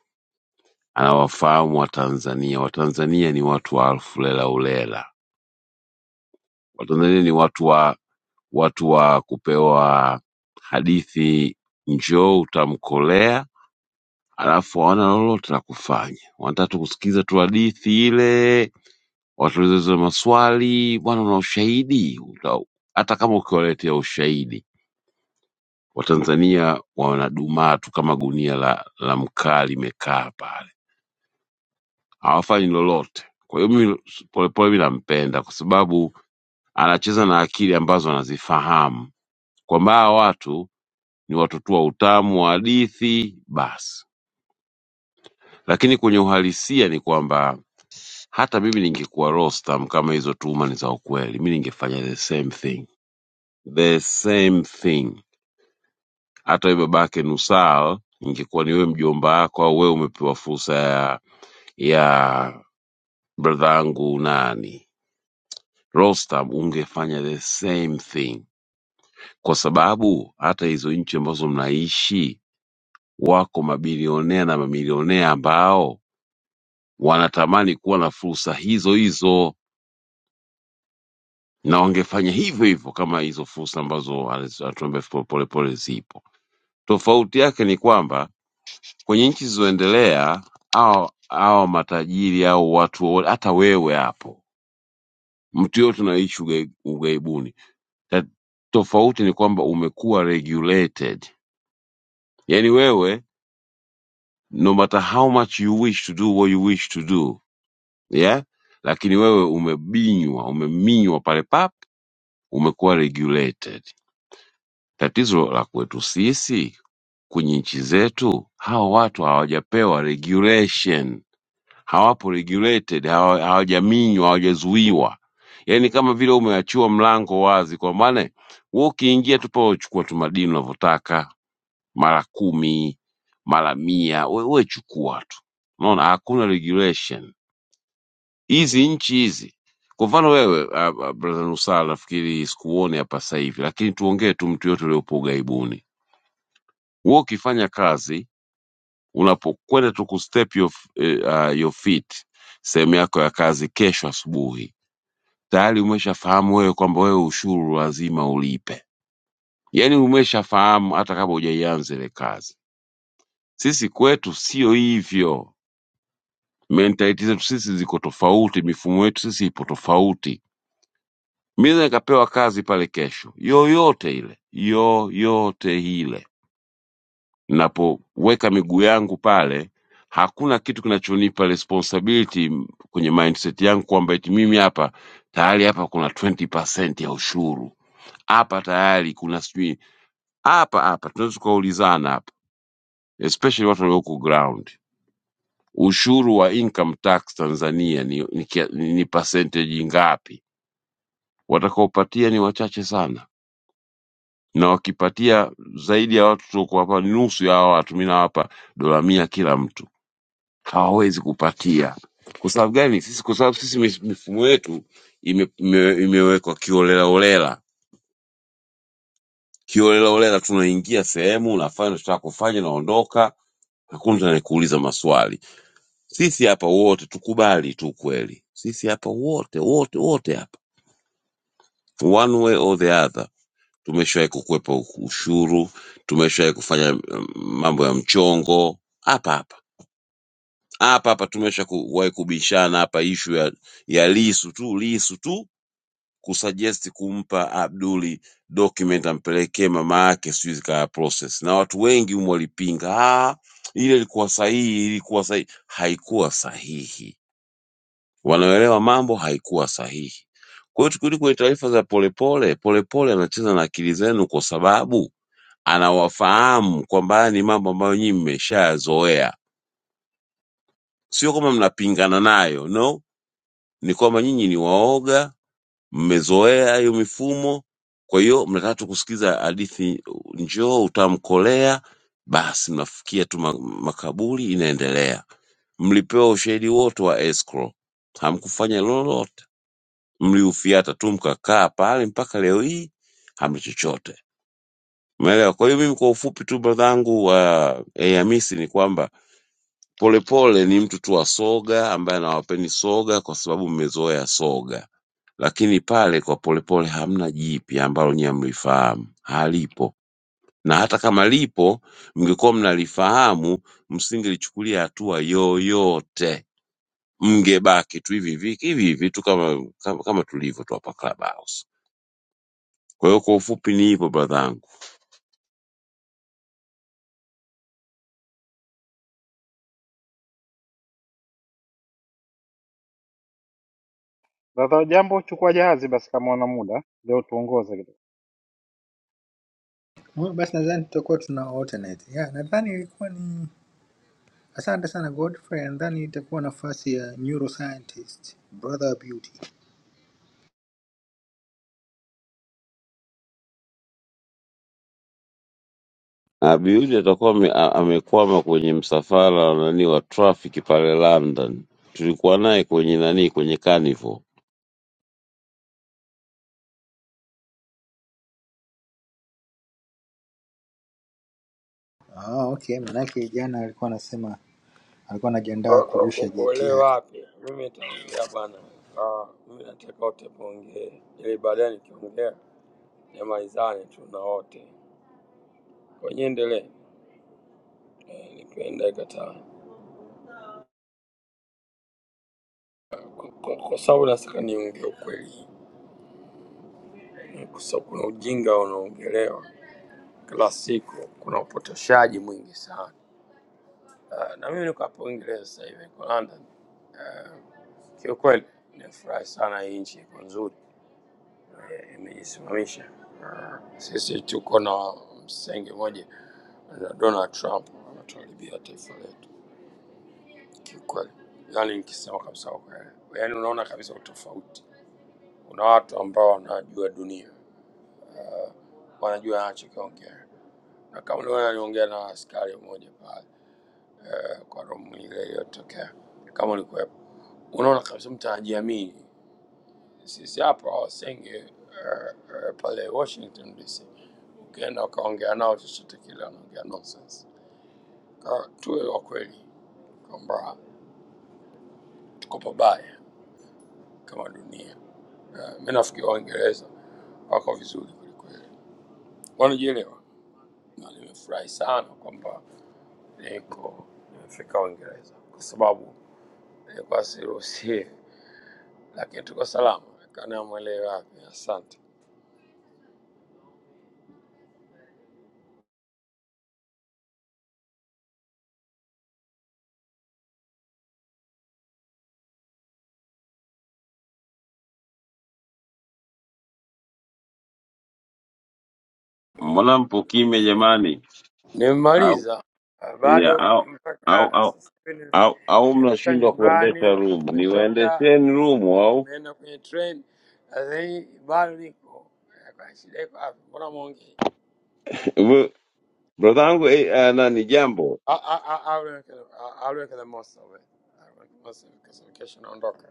[SPEAKER 7] anawafahamu Watanzania. Watanzania ni watu wa alfu lela ulela Watanzania ni watu wa watu wa kupewa hadithi, njoo utamkolea, alafu hawana lolote la kufanya, wanataka tu kusikiza tu hadithi ile, watulize maswali. Bwana, una ushahidi? Uta- Hata kama ukiwaletea ushahidi, Watanzania wanadumaa tu kama gunia la, la mkaa limekaa pale, hawafanyi lolote. Kwa hiyo mimi Polepole mi nampenda kwa sababu anacheza na akili ambazo anazifahamu kwamba hawa watu ni watoto wa utamu wa hadithi basi. Lakini kwenye uhalisia ni kwamba hata mimi ningekuwa Rostam, kama hizo tuhuma ni za ukweli, mi ningefanya the same thing, the same thing. Hata wewe babake Nusal, ingekuwa ni wewe mjomba wako au wewe umepewa fursa ya ya brother yangu nani Rostam, ungefanya the same thing, kwa sababu hata hizo nchi ambazo mnaishi wako mabilionea na mamilionea ambao wanatamani kuwa na fursa hizo hizo na wangefanya hivyo hivyo kama hizo fursa ambazo aliz- anatuambia Fo- Polepole zipo. Tofauti yake ni kwamba kwenye nchi zilizoendelea au au matajiri au watu wote, hata wewe hapo, mtu yote unaishi ugai- ughaibuni. Ta- Tofauti ni kwamba umekuwa regulated, yaani wewe no matter how much you wish to do what you wish to do yeah, lakini wewe umebinywa umeminywa pale pap umekuwa regulated tatizo la kwetu sisi kwenye nchi zetu hawa watu hawajapewa regulation hawapo regulated hawa- hawajaminywa hawajazuiwa yaani kama vile umeachiwa mlango wazi kwa maana we ukiingia tu pale uchukua tu madini unavyotaka mara kumi mara mia we, we chukua tu unaona hakuna regulation hizi nchi hizi kwa mfano wewe ah, ah, brother Nusala nafikiri sikuone hapa sasa hivi, lakini tuongee tu mtu yote uliopo ughaibuni. Wewe ukifanya kazi unapokwenda tu kustep your, f- eh, ah, your feet sehemu yako ya kazi kesho asubuhi, tayari umeshafahamu wewe kwamba wewe ushuru lazima ulipe, yaani umeshafahamu hata kabla hujaianza ile kazi. Sisi kwetu sio hivyo, mentality zetu sisi ziko tofauti, mifumo yetu sisi ipo tofauti Mila ikapewa kazi pale kesho, yoyote ile, yoyote ile. Ninapoweka miguu yangu pale, hakuna kitu kinachonipa responsibility kwenye mindset yangu kwamba eti mimi hapa tayari hapa kuna 20% ya ushuru hapa tayari kuna sijui hapa hapa, tunaweza tukaulizana hapa, especially watu walioko ground, ushuru wa income tax Tanzania ni, ni, kia- ni, ni percentage ngapi? Watakaopatia ni wachache sana na wakipatia zaidi ya watu tuliokuwapa nusu ya hawa watu, mi nawapa dola mia kila mtu, hawawezi kupatia. Kwa sababu gani? Sisi kwa sababu sisi mif- mifumo yetu ime, ime, imewekwa kiolelaolela, kiolelaolela. Tunaingia sehemu, unafanya unachotaka kufanya, naondoka, hakuna mtu anayekuuliza maswali. Sisi hapa wote tukubali tu kweli, sisi hapa wote wote wote hapa, one way or the other tumeshawahi kukwepa ushuru, tumeshawahi kufanya mm, mambo ya mchongo hapa hapa hapa hapa, tumeshawahi kubishana hapa ishu ya, ya Lisu tu Lisu tu kusuggest kumpa Abduli document ampelekee mama yake, sijui zikawa process, na watu wengi humo walipinga, ah, ile ilikuwa sahihi, ilikuwa sahihi. Haikuwa sahihi, wanaoelewa mambo, haikuwa sahihi. Kwa hiyo tukirudi kwenye taarifa za Polepole, Polepole anacheza na akili zenu kwa sababu anawafahamu kwamba haya ni mambo ambayo nyinyi mmeshayazoea, sio kwamba mnapingana nayo, no, ni kwamba nyinyi ni waoga, mmezoea hiyo mifumo. Kwa hiyo mnataka tu kusikiza hadithi, njoo utamkolea, basi mnafikia tu ma- makaburi, inaendelea. Mlipewa ushahidi wote wa escrow, hamkufanya lolote, mliufiata tu mkakaa pale mpaka leo hii hamna chochote. Umeelewa? Kwa hiyo mimi kwa ufupi tu brothangu wa eh, Hamisi ni kwamba Polepole ni mtu tu wa soga ambaye anawapeni soga kwa sababu mmezoea soga, lakini pale kwa Polepole hamna jipya ambalo nyie mlifahamu, halipo. Na hata kama lipo, mngekuwa mnalifahamu, msingelichukulia hatua yoyote, mngebaki tu hivi hivi hivi hivi tu kama, kama, kama tulivyo tu hapa Clubhouse. Kwa hiyo kwa ufupi ni hivyo brother
[SPEAKER 2] dada Jambo, chukua jahazi basi, kama una muda leo tuongoze kidogo.
[SPEAKER 4] Mm, Basi nadhani tutakuwa tuna alternate. Yeah, nadhani ilikuwa ni asante sana Godfrey. Nadhani itakuwa nafasi ya neuroscientist brother beauty.
[SPEAKER 7] Abiudi atakuwa ame- a- amekwama kwenye msafara wa nani wa traffic pale London. Tulikuwa naye kwenye nani kwenye carnival.
[SPEAKER 4] alikuwa anasema alikuwa anajiandaa
[SPEAKER 8] O- o-
[SPEAKER 4] kurusha
[SPEAKER 8] u-
[SPEAKER 4] jeti
[SPEAKER 8] Ule
[SPEAKER 4] yake.
[SPEAKER 8] wapi? Mimi nitaongea bwana. Ah, mimi nataka wote muongee, ili baadaye nikiongea nimalizane tu na wote. Kwenye endelee eh, nipenda ikataa kwa kwa- kwa sababu nataka niongee ukweli, Eh, kwa sababu kuna ujinga unaongelewa kila siku, kuna upotoshaji mwingi sana. Ah, na mimi niko hapa Uingereza sasa hivi, niko London. Ah, Kiukweli nimefurahi sana, hii nchi iko nzuri. eh, imejisimamisha. Ah, Sisi tuko na msenge moja na Donald Trump anatuharibia taifa letu kiukweli, yani nikisema kabisa kwa kweli, yani unaona kabisa utofauti. Kuna watu ambao wanajua dunia, wanajua anachokiongea, na kama uliona aliongea na askari mmoja pale eh, kwa romu ile iliyotokea, kama ulikuwepo, unaona kabisa mtu anajiamini. Sisi hapa wasenge eh, eh, pale Washington DC ukienda ukaongea nao chochote kile, wanaongea nonsense. Ka tuwe wa kweli kwamba tuko pabaya kama dunia. Uh, mi nafikiri Waingereza wako vizuri kwelikweli, wanajielewa, na nimefurahi sana kwamba niko nimefika Uingereza kwa sababu nilikuwa siruhusie, lakini tuko salama. Kana mwelewe wapi. Asante.
[SPEAKER 7] Mbona mpo kimya jamani? Au
[SPEAKER 8] Nimemaliza Ah,
[SPEAKER 7] ya
[SPEAKER 8] bado
[SPEAKER 7] au au
[SPEAKER 8] mpaka
[SPEAKER 7] au
[SPEAKER 8] sasa hivi nif-
[SPEAKER 7] au, au
[SPEAKER 8] nimefika
[SPEAKER 7] mnashindwa kuendesha
[SPEAKER 8] nyumbani,
[SPEAKER 7] room?
[SPEAKER 8] nimetoka,
[SPEAKER 7] Niwaendesheni
[SPEAKER 8] niko
[SPEAKER 7] room
[SPEAKER 8] kwenye-
[SPEAKER 7] au
[SPEAKER 8] nimeenda kwenye train, sasa hii bado niko Eh, kwa shida. Iko wapi? Mbona mwongei?
[SPEAKER 7] We- brother yangu eh, ah, nani jambo?
[SPEAKER 8] Ah, ah, ah, I'll work it- ah, I'll work the most of it. I'll work the most of it, kwa sababu kesho naondoka.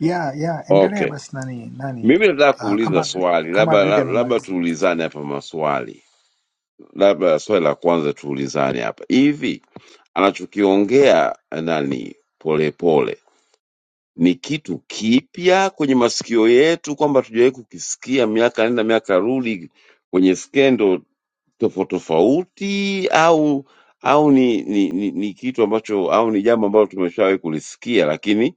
[SPEAKER 4] ya ya endelea
[SPEAKER 7] Okay.
[SPEAKER 4] basi nani nani
[SPEAKER 7] Mimi nataka
[SPEAKER 4] ah,
[SPEAKER 7] kuuliza
[SPEAKER 4] kama
[SPEAKER 7] swali,
[SPEAKER 4] kama abudi
[SPEAKER 7] labda labda
[SPEAKER 4] amemaliza
[SPEAKER 7] tuulizane hapa maswali, labda swali la kwanza tuulizane hapa hivi anachokiongea nani Polepole ni kitu kipya kwenye masikio yetu, kwamba hatujawahi kukisikia miaka nenda miaka rudi kwenye skendo tofauti tofauti, au au ni, ni, ni, ni kitu ambacho au ni jambo ambalo tumeshawahi kulisikia, lakini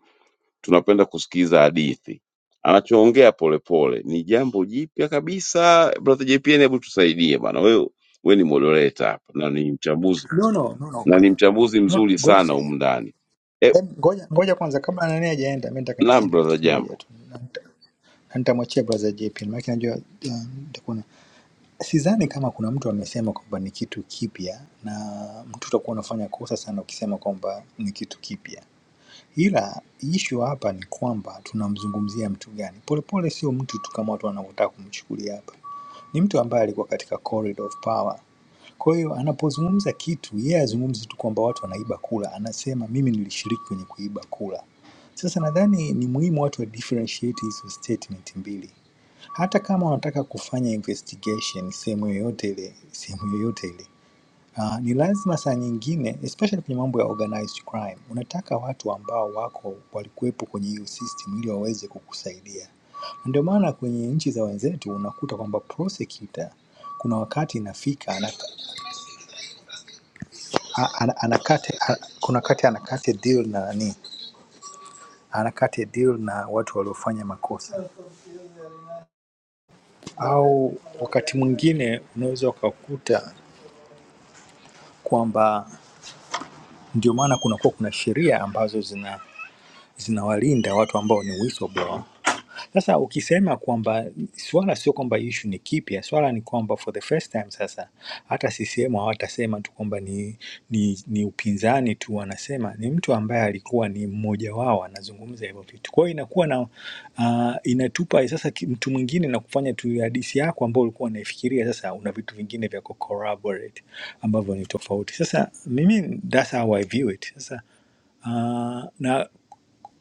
[SPEAKER 7] tunapenda kusikiza hadithi. Anachoongea Polepole ni jambo jipya kabisa. Brother JPN, hebu tusaidie bana, wewe wewe ni moderator hapa na ni mchambuzi
[SPEAKER 4] No, no, no, no.
[SPEAKER 7] na ni mchambuzi
[SPEAKER 4] no
[SPEAKER 7] mzuri sana
[SPEAKER 4] Godfrey.
[SPEAKER 7] humu ndani. Eh,
[SPEAKER 4] Em, Ngoja, ngoja kwanza kabla nani hajaenda, mi nataka
[SPEAKER 7] naam
[SPEAKER 4] niseme kitu
[SPEAKER 7] brother
[SPEAKER 4] kimoja
[SPEAKER 7] Jambo.
[SPEAKER 4] tu na nita- na nitamwachia brother JP maanake najua uh, nitakuwa na sidhani kama kuna mtu amesema kwamba ni kitu kipya, na mtu utakuwa unafanya kosa sana ukisema kwamba ni kitu kipya. Ila issue hapa ni kwamba tunamzungumzia mtu gani. Polepole sio mtu tu kama watu wanavyotaka kumchukulia hapa, ni mtu ambaye alikuwa katika corridor of power. Kwa hiyo anapozungumza kitu, yeye azungumzi tu kwamba watu wanaiba kula, anasema mimi nilishiriki kwenye kuiba kula. Sasa nadhani ni muhimu watu wa differentiate hizo statement mbili. Hata kama wanataka kufanya investigation sehemu yoyote ile, sehemu yoyote ile, Uh, ni lazima saa nyingine especially kwenye mambo ya organized crime, unataka watu ambao wako walikuwepo kwenye hiyo system ili waweze kukusaidia. Ndio maana kwenye nchi za wenzetu unakuta kwamba prosecutor kuna wakati inafika anaka- a- ana- anakate, a- kuna wakati anakate deal na nani, anakate deal na watu waliofanya makosa, au wakati mwingine unaweza ukakuta kwamba ndio maana kunakuwa kuna sheria ambazo zina zinawalinda watu ambao ni whistleblower Sasa ukisema kwamba swala sio kwamba issue ni kipya, swala ni kwamba for the first time sasa hata CCM hawatasema tu kwamba ni, ni, ni upinzani tu, wanasema ni mtu ambaye alikuwa ni mmoja wao anazungumza hivyo vitu. Kwa hiyo inakuwa na uh, inatupa sasa ki- mtu mwingine na kufanya tu hadisi yako ambao ulikuwa unaifikiria, sasa una vitu vingine vya kucorroborate ambavyo ni tofauti. Sasa mimi that's how I view it. Sasa uh, na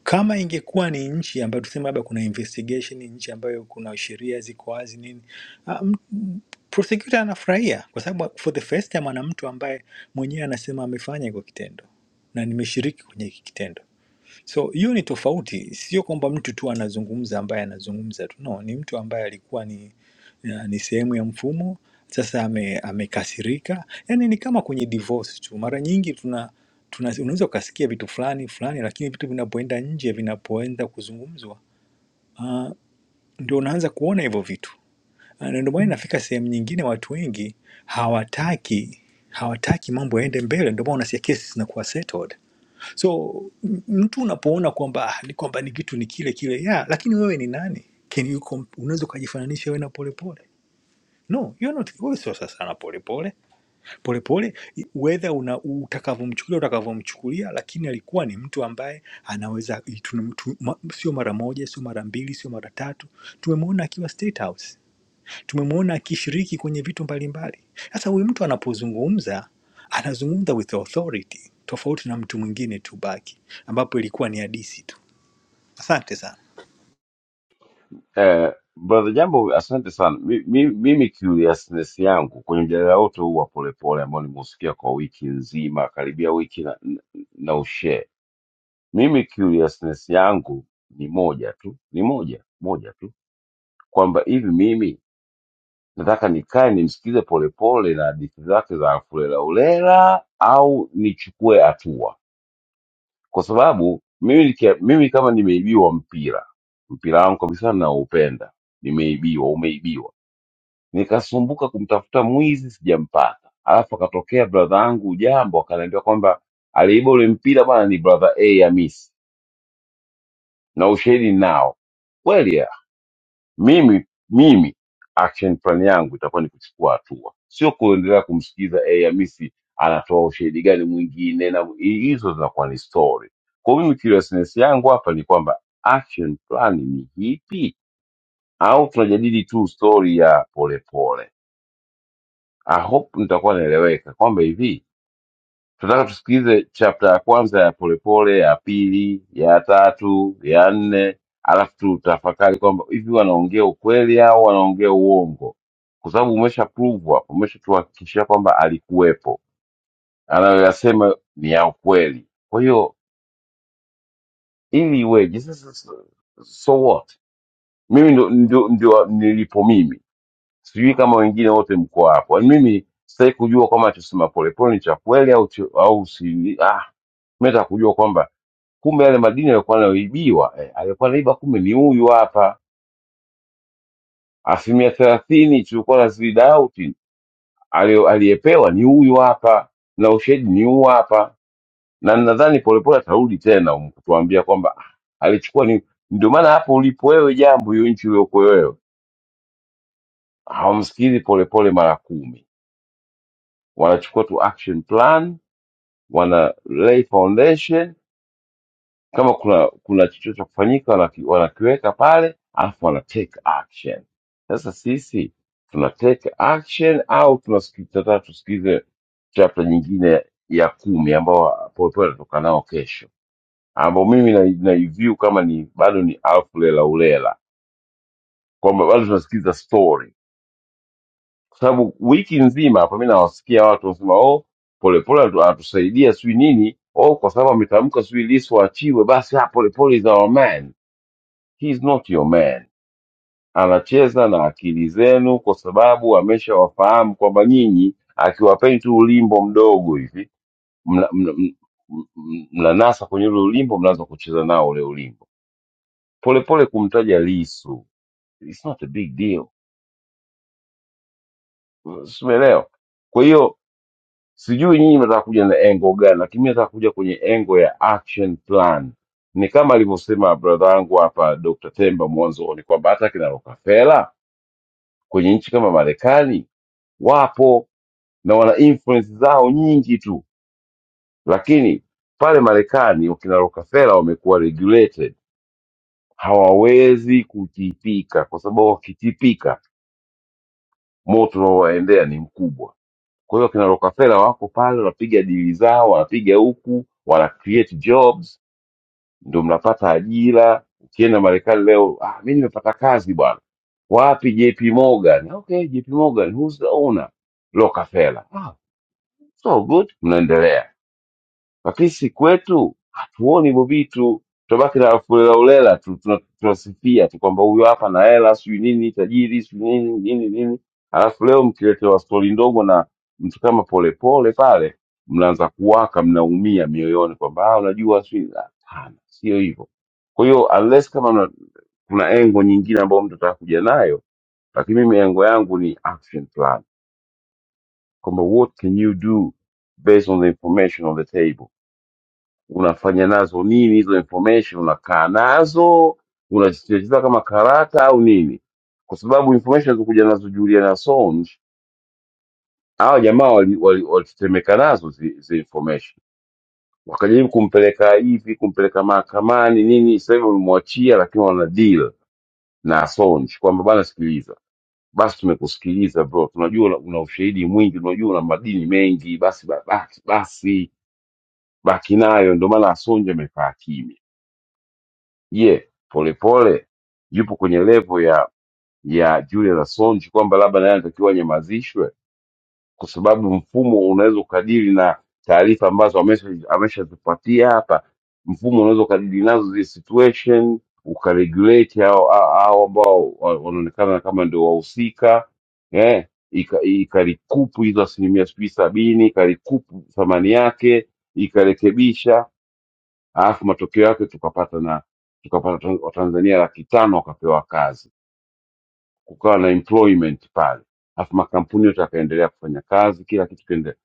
[SPEAKER 4] kama ingekuwa ni nchi ambayo tuseme labda kuna investigation, ni nchi ambayo kuna sheria ziko wazi nini, ah, m- m- prosecutor anafurahia kwa sababu for the first time ana mtu ambaye mwenyewe anasema amefanya hiko kitendo na nimeshiriki kwenye hiki kitendo. So hiyo ni tofauti, sio kwamba mtu tu anazungumza ambaye anazungumza tu, no, ni mtu ambaye alikuwa ni, na- ni sehemu ya mfumo, sasa ame, amekasirika. Yani ni kama kwenye divorce tu, mara nyingi tuna, tuna unaweza ukasikia vitu fulani fulani, lakini vitu vinapoenda nje, vinapoenda kuzungumzwa, uh, ndio unaanza kuona hivyo vitu Ah, na ndio maana inafika sehemu nyingine, watu wengi hawataki hawataki mambo yaende mbele, ndio maana unasikia kesi zinakuwa settled So m- mtu unapoona kwamba "Ah, ni kwamba ni kitu ni kile kile yeah, lakini wewe ni nani? Can you comp- unaweza ukajifananisha wewe na polepole? No, you're not, wewe sio sasa na polepole. Polepole i- whether una utakavyomchukulia utakavyomchukulia, lakini alikuwa ni mtu ambaye anaweza tuna- tu- ma- sio mara moja, sio mara mbili, sio mara tatu. Tumemwona akiwa State House tumemwona akishiriki kwenye vitu mbalimbali. Sasa huyu mtu anapozungumza anazungumza with authority, tofauti na mtu mwingine tu baki, ambapo ilikuwa ni hadisi tu. Asante sana.
[SPEAKER 7] Eh, brother Jambo, asante sana. Mi- mi- Mimi curiousness yangu kwenye mjadala wote huu wa polepole ambao nimeusikia kwa wiki nzima, karibia wiki na, na na ushare, mimi curiousness yangu ni moja tu, ni moja moja tu, kwamba hivi mimi nataka nikae nimsikize polepole na hadithi zake za fulelaulela au nichukue hatua? kwa sababu mimi, nikia- mimi kama nimeibiwa mpira mpira wangu kabisa naupenda, nimeibiwa, umeibiwa, nikasumbuka kumtafuta mwizi sijampata, alafu akatokea bradha yangu jambo, akaniambia kwamba aliiba ule mpira bwana, ni bradha A Hamisi na ushahidi nao kweli mimi mimi action plan yangu itakuwa ni kuchukua hatua sio kuendelea kumsikiza eh, hamisi anatoa ushahidi gani mwingine na hi- hizo zinakuwa ni story kwa mimi seriousness yangu hapa ni kwamba action plan ni ipi au tunajadili tu story ya polepole pole. i hope nitakuwa naeleweka kwamba hivi Tunataka tusikilize chapta ya kwanza ya Polepole, ya pili, ya tatu, ya nne, alafu tutafakari kwamba hivi wanaongea ukweli au wanaongea uongo, kwa sababu umesha prove hapo, umeshatuhakikishia kwamba alikuwepo, anayoyasema ni ya ukweli. Kwa hiyo ili iweje sasa? So what? Mimi ndo, ndio, ndio nilipo mimi, sijui kama wengine wote mko hapo. Yaani Mimi sitaki kujua kwamba anachosema Polepole ni cha kweli au, cho- au si ah, mimi nataka kujua kwamba kumbe yale madini yalikuwa yanayoibiwa eh, alikuwa anaiba kumbe ni huyu hapa. Asilimia thelathini tulikuwa na zidauti aliyepewa ni huyu hapa, na ushahidi ni huu hapa, na nadhani polepole atarudi tena um, kutuambia kwamba ah, alichukua ni ndio maana hapo ulipo wewe, jambo hiyo nchi uliokuwa wewe, hawamsikilizi polepole mara kumi, wanachukua tu action plan, wana lay foundation kama kuna kuna chochote cha kufanyika wanaki- wanakiweka pale alafu wana take action sasa sisi tuna take action au tunasiki- tunataka tusikize chapter nyingine ya kumi ambao polepole atatoka nao kesho ambao mimi na, naiview kama ni bado ni alfu lela ulela kwamba bado tunasikiza story kwa sababu wiki nzima hapa mi nawasikia watu wanasema oh polepole atu- atusaidia sijui nini oh kwa sababu ametamka sijui lisu achiwe basi ah, polepole is our man He's not your man. Anacheza na akili zenu kwa sababu ameshawafahamu kwamba nyinyi, akiwapeni tu ulimbo mdogo hivi mna- mna- m- m- mnanasa kwenye ule ulimbo, mnaanza kucheza nao ule ulimbo polepole, kumtaja Lisu it's not a big deal, simeelewa. Kwa hiyo sijui nyinyi mnataka kuja na engo gani, lakini mi nataka kuja kwenye engo ya action plan. Ni kama alivyosema brother yangu hapa Dr. Temba mwanzoni kwamba hata kina Rockefeller kwenye nchi kama Marekani wapo na wana influence zao nyingi tu, lakini pale Marekani wakina Rockefeller wamekuwa regulated, hawawezi kutipika, kwa sababu wakitipika moto unaowaendea ni mkubwa. Kwa hiyo wakina Rockefeller wako pale, wanapiga dili zao, wanapiga huku, wana create jobs, ndio mnapata ajira. Ukienda Marekani leo, ah, mi nimepata kazi bwana. Wapi? JP Morgan. Okay, JP Morgan, who's the owner? Rockefeller. Ah, so good. Mnaendelea Lakini si kwetu hatuoni hivyo vitu, tunabaki na fulelaulela tu, tuna- tunasifia tu kwamba huyu hapa na hela sijui nini, tajiri sijui nini nini nini, alafu leo mkiletewa stori ndogo na mtu kama Polepole pale, mnaanza kuwaka, mnaumia mioyoni kwamba "Ah, unajua sijui la." Hapana, sio hivyo. Kwa hiyo unless kama mna- kuna engo nyingine ambayo mtu ataka kuja nayo, lakini mimi engo yangu ni action plan kwamba what can you do based on the information on the table unafanya nazo nini hizo information unakaa nazo unazicheza kama karata au nini kwa sababu information zilizokuja nazo Julian Assange hawa jamaa walitetemeka wali, wali walitetemeka nazo zi, zi information wakajaribu kumpeleka hivi kumpeleka mahakamani nini sasa hivi wamemwachia lakini wana deal na Assange kwamba bana sikiliza basi tumekusikiliza bro tunajua una, una ushahidi mwingi tunajua una madini mengi basi ba- basi basi baki nayo ndio maana Assange amekaa kimya Je Polepole yupo kwenye levo ya ya Julius Assange kwamba labda naye anatakiwa anyamazishwe kwa sababu mfumo unaweza ukadili na taarifa ambazo amesha- ameshazipatia hapa mfumo unaweza ukadili nazo zile situation ukaregulate hao hao hao ambao wa- wanaonekana kama ndio wahusika eh, ika- ikarikupu hizo asilimia sijui sabini ikarikupu thamani yake ikarekebisha alafu matokeo yake tukapata na tukapata Tan- watanzania laki tano wakapewa kazi kukawa na employment pale alafu makampuni yote yakaendelea kufanya kazi kila kitu kiendelea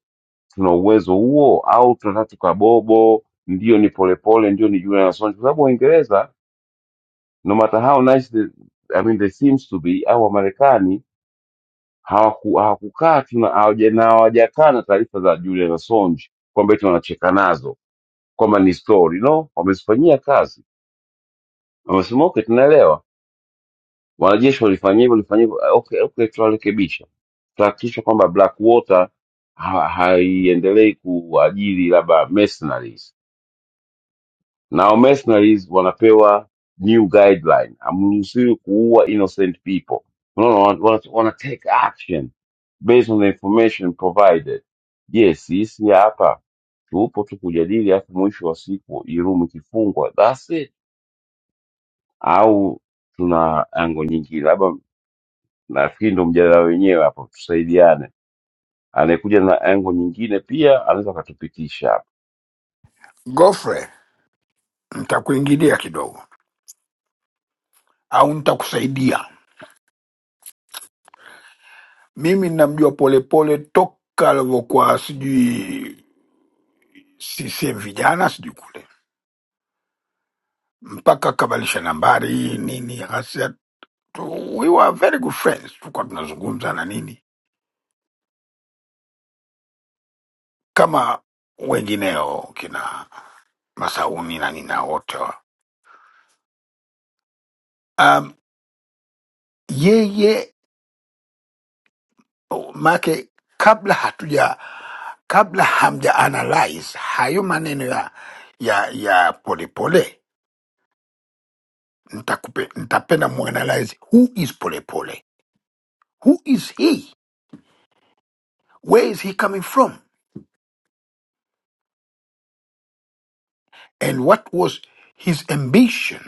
[SPEAKER 7] tuna uwezo huo au tunataka tukabobo ndio ni polepole ndio ni Julian Assange kwa sababu Waingereza no matter how nice the, I mean they seems to be au Wamarekani hawaku- hawakukaa tu na hawaja- na hawajakaa na taarifa za Julian Assange kwamba eti wanacheka nazo kwamba ni story no wamezifanyia kazi wamesema okay tunaelewa Wanajeshi walifanya hivyo, walifanya hivyo, okay, okay, tutarekebisha, tutahakikisha kwamba Blackwater ha haiendelei kuajiri labda mercenaries. Nao mercenaries wanapewa new guideline, hamruhusiwi kuua innocent people. Unaona, wana, wana, wana take action based on the information provided. Yes, sisi hapa tupo tu kujadili, alafu mwisho wa siku irumu ikifungwa, that's it, au tuna ango nyingi labda Nafikiri ndo mjadala wenyewe hapo, tusaidiane. Anayekuja na engo nyingine pia anaweza akatupitisha hapo.
[SPEAKER 5] Gofre, ntakuingilia kidogo au ntakusaidia. Mimi namjua Polepole toka alivyokuwa sijui sisem vijana sijui kule mpaka akabadilisha nambari nini tu- we were very good friends, tulikuwa tunazungumza na nini kama wengineo kina Masauni na nina wote wa. um, yeye make kabla hatuja kabla hamja analyze hayo maneno ya ya ya polepole nitakupe nitapenda muanalyze who is polepole who is he where is he coming from and what was his ambition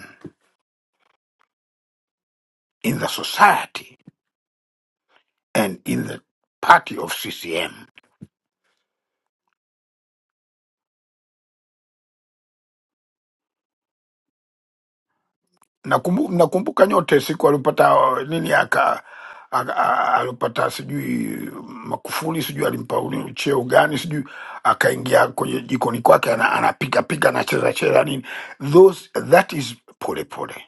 [SPEAKER 5] in the society and in the party of CCM. Nakumbu, nakumbuka nyote siku alipata uh, nini aka aka- a- alipata sijui Makufuli sijui alimpa uni- cheo gani sijui, akaingia kwenye jikoni kwake ana- anapiga piga anacheza cheza nini, those that is polepole pole.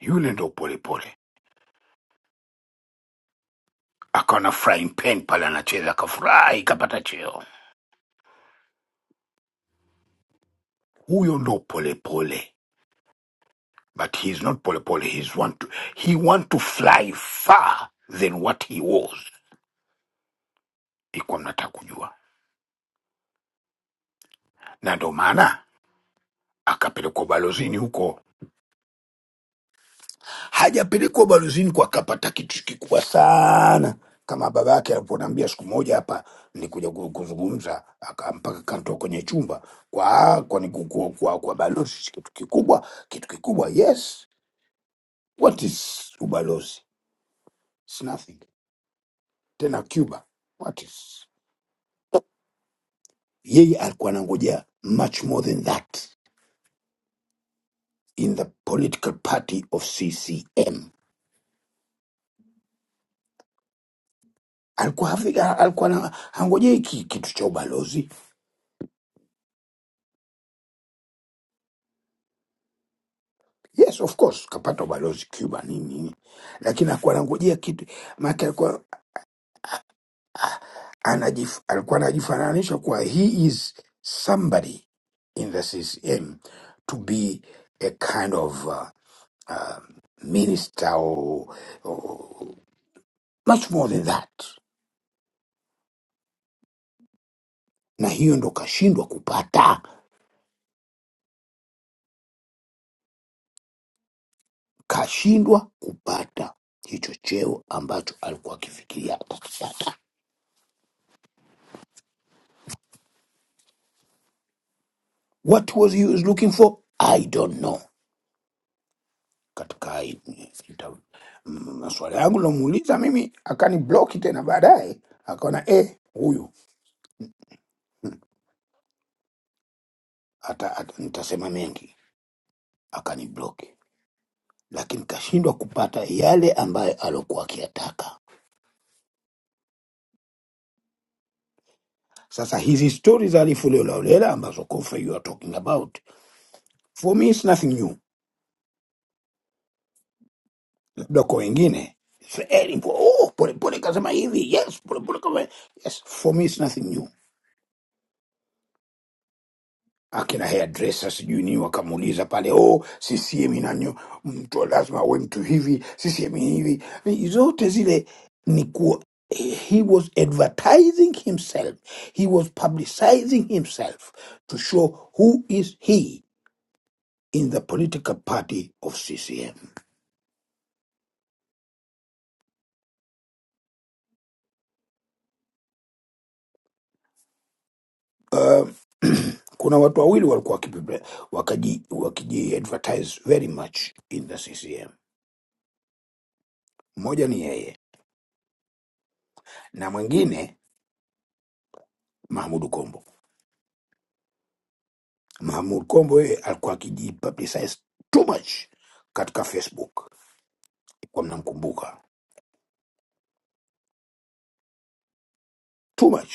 [SPEAKER 5] Yule ndo polepole, akawa na frying pan pale anacheza akafurahi, kapata cheo. Huyo ndo polepole but he's not polepole. He's want to, he want to fly far than what he was ilikuwa mnataka kujua, na ndo maana akapelekwa ubalozini huko. Hajapelekwa ubalozini kwa akapata kitu kikubwa sana, kama baba yake alivyoniambia siku moja hapa, nilikuja ku- kuzungumza, aka- mpaka kantoa kwenye chumba kwa kwa, ni- kwa, kwa, kwa balozi, si kitu kikubwa, kitu kikubwa. Yes, what is ubalozi? It's nothing. Tena Cuba, what is yeye alikuwa anangojea much more than that in the political party of CCM alikuwa Afrika, alikuwa na hangojei ki- kitu cha ubalozi. Yes, of course kapata ubalozi Cuba nini nini, lakini alikuwa anangojea kitu maana, alikuwa anajif, alikuwa anajifananisha kuwa he is somebody in the CCM to be a kind of uh, uh, minister or, or much more than that, na hiyo ndo kashindwa kupata, kashindwa kupata hicho cheo ambacho alikuwa akifikiria atakipata What was he was looking for? I don't know. Katika hii- ita- mm, maswali yangu nilomuuliza mimi akani bloki tena baadaye, akaona eh, huyu ata, ata, nitasema mengi, akani bloki, lakini kashindwa kupata yale ambayo alokuwa akiyataka. Sasa hizi stori za Alifu Leolaolela ambazo Kofa you are talking about for me is nothing new, labda kwa wengine it's very important. Oh, polepole kasema hivi yes, polepole kama yes, for me it's nothing new akina hairdresser sijui nini, wakamuuliza pale, oh, CCM inanyo mtu lazima awe mtu hivi, CCM hivi, Ni zote zile ni kuwa he was advertising himself, he was publicizing himself to show who is he in the political party of CCM. Um, kuna watu wawili walikuwa wakipibe- wakaji wakijiadvertise very much in the CCM. Mmoja ni yeye na mwingine Mahmudu Kombo Mahmud Kombo yeye alikuwa akiji publicize too much katika Facebook, kwa mnamkumbuka too much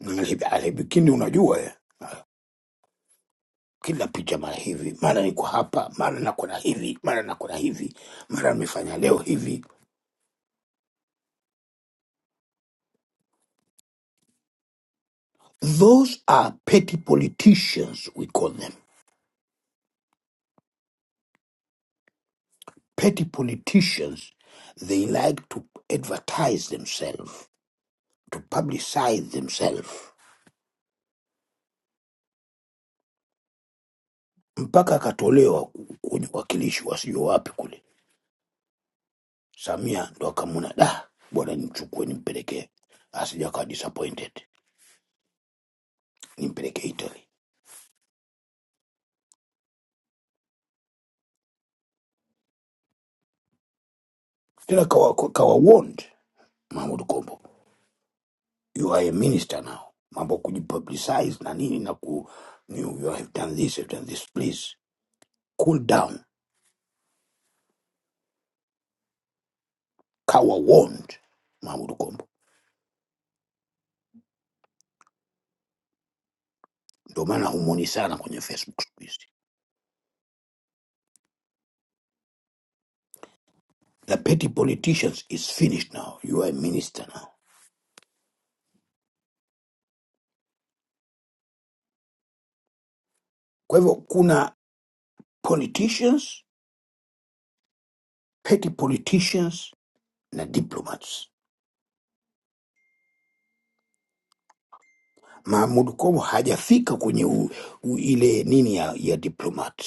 [SPEAKER 5] Na hivi- alibikini, unajua eh, kila picha mara hivi mara niko hapa mara nako na hivi mara nako na hivi mara nimefanya leo hivi. Those are petty politicians we call them. Petty politicians they like to advertise themselves, to publicize themselves. Mpaka akatolewa kwenye uwakilishi wasio wapi kule Samia ndo akamuna da bwana, nimchukue nimpelekee, asija akawa disappointed, nimpelekee Italy. Tena kawa, kawa warned Mahmud Kombo, you are a minister now, mambo kujipublicize na nini na ku you, you have done this, you have done this, please cool down. Kawa warned Mahmud Kombo, ndo maana humwoni sana kwenye Facebook siku hizi. The petty politicians is finished now, you are a minister now. Kwa hivyo kuna politicians, petty politicians na diplomats Mahmud Komo hajafika kwenye u, u, ile nini ya, ya diplomat.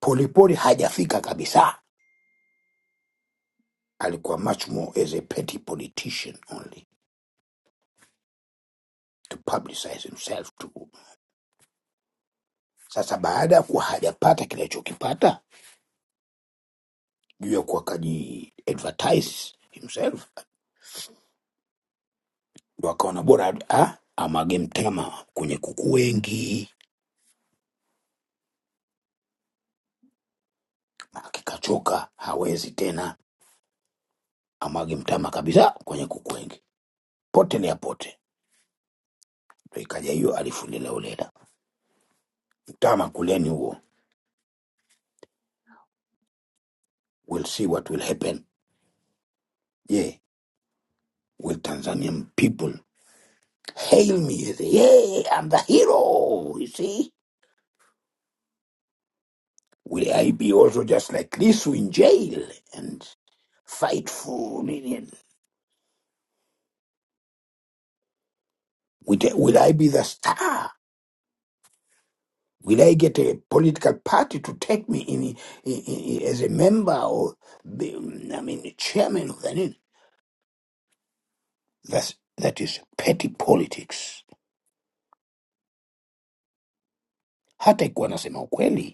[SPEAKER 5] Polepole hajafika kabisa, alikuwa much more as a petty politician only to publicize himself to. Sasa baada ya kuwa hajapata kinachokipata juu ya kuwa kaji advertise himself, ndo akaona bora ah, amwage mtama kwenye kuku wengi, akikachoka hawezi tena, amwage mtama kabisa kwenye kuku wengi, pote ni apote. Ndo ikaja hiyo alifu lilauleda Tama Kuleniwo. We'll see what will happen. Yeah. Will Tanzanian people hail me as, a, yeah, I'm the hero, you see? Will I be also just like Lisu in jail and fight for Ninian? Will will I be the star? Will I get a political party to take me in, in, in- as a member or, be, I mean, chairman of the Nini? That's, that is petty politics. Hata ikuwa nasema ukweli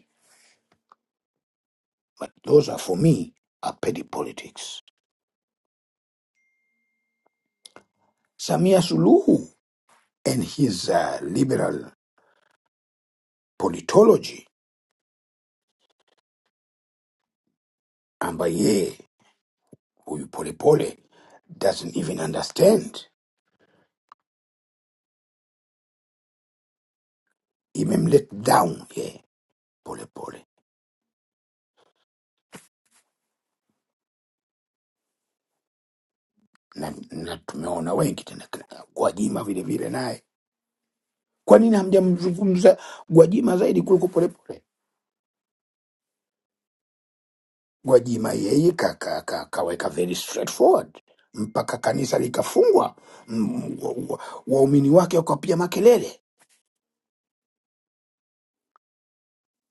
[SPEAKER 5] But those are, for me, are petty politics. Samia Suluhu and his uh, liberal politology, ambaye huyu polepole doesn't even understand, imemlet down ye polepole na, na tumeona wengi tena kina Gwajima vile vile naye. Kwa nini hamjamzungumza Gwajima zaidi kuliko polepole? Gwajima yeye ka, ka, ka, kaweka very straightforward mpaka kanisa likafungwa, mm, wa- wa- waumini wake wakapiga makelele,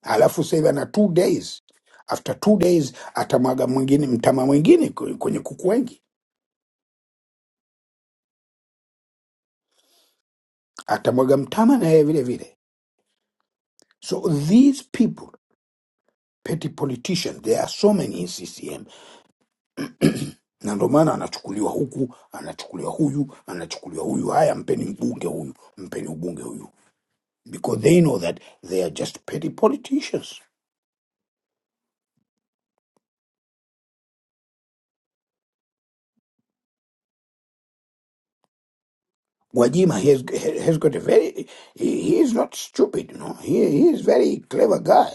[SPEAKER 5] alafu sasa hivi ana two days, after two days atamwaga mwingine mtama mwingine kwe- kwenye kuku wengi, atamwaga mtama na yeye vile vile. So these people petty politicians there are so many in CCM, na ndo maana anachukuliwa huku anachukuliwa huyu anachukuliwa huyu, haya mpeni mbunge huyu, mpeni ubunge huyu because they know that they are just petty politicians. Wajima he has, he has got a very, he, he is not stupid, you know. He, he is very clever guy.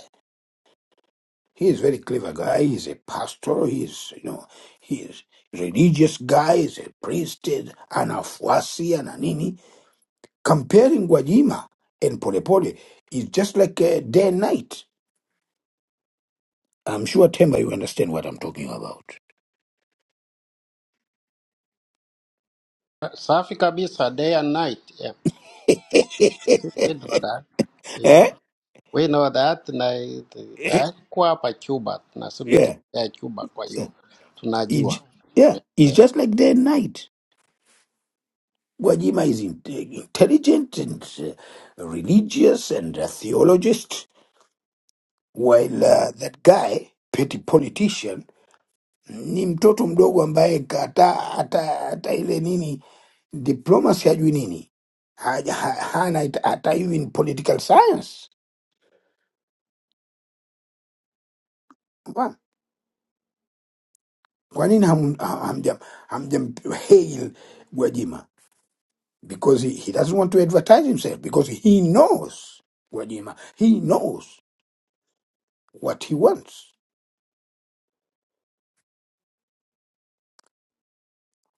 [SPEAKER 5] He is very clever guy. He's a pastor. He is, you know, he is religious guy. He's a priest, an afuasi, and a nini. Comparing Wajima and Polepole is just like uh, day and night. I'm sure, Temba, you understand what I'm talking about.
[SPEAKER 3] Safi kabisa, day and night. Yeah, we know that. Yeah.
[SPEAKER 5] eh?
[SPEAKER 3] We know that na
[SPEAKER 5] Eh?
[SPEAKER 3] that kwa hapa Cuba tunasema
[SPEAKER 5] Yeah.
[SPEAKER 3] tumetembea Cuba, kwa hiyo
[SPEAKER 5] It's,
[SPEAKER 3] tunajua.
[SPEAKER 5] yeah, it's
[SPEAKER 3] Yeah,
[SPEAKER 5] just like day and night. Gwajima is in, intelligent and uh, religious and a theologist, while uh, that guy, petty politician, ni mtoto mdogo ambaye hata hata hata ile nini diplomacy hajui nini Haja- ha- hana it- hata hiyo in political science. Wa- Kwa nini ham- ha- hamjam hamjam hail Gwajima? because he, he doesn't want to advertise himself because he knows Gwajima, he knows what he wants.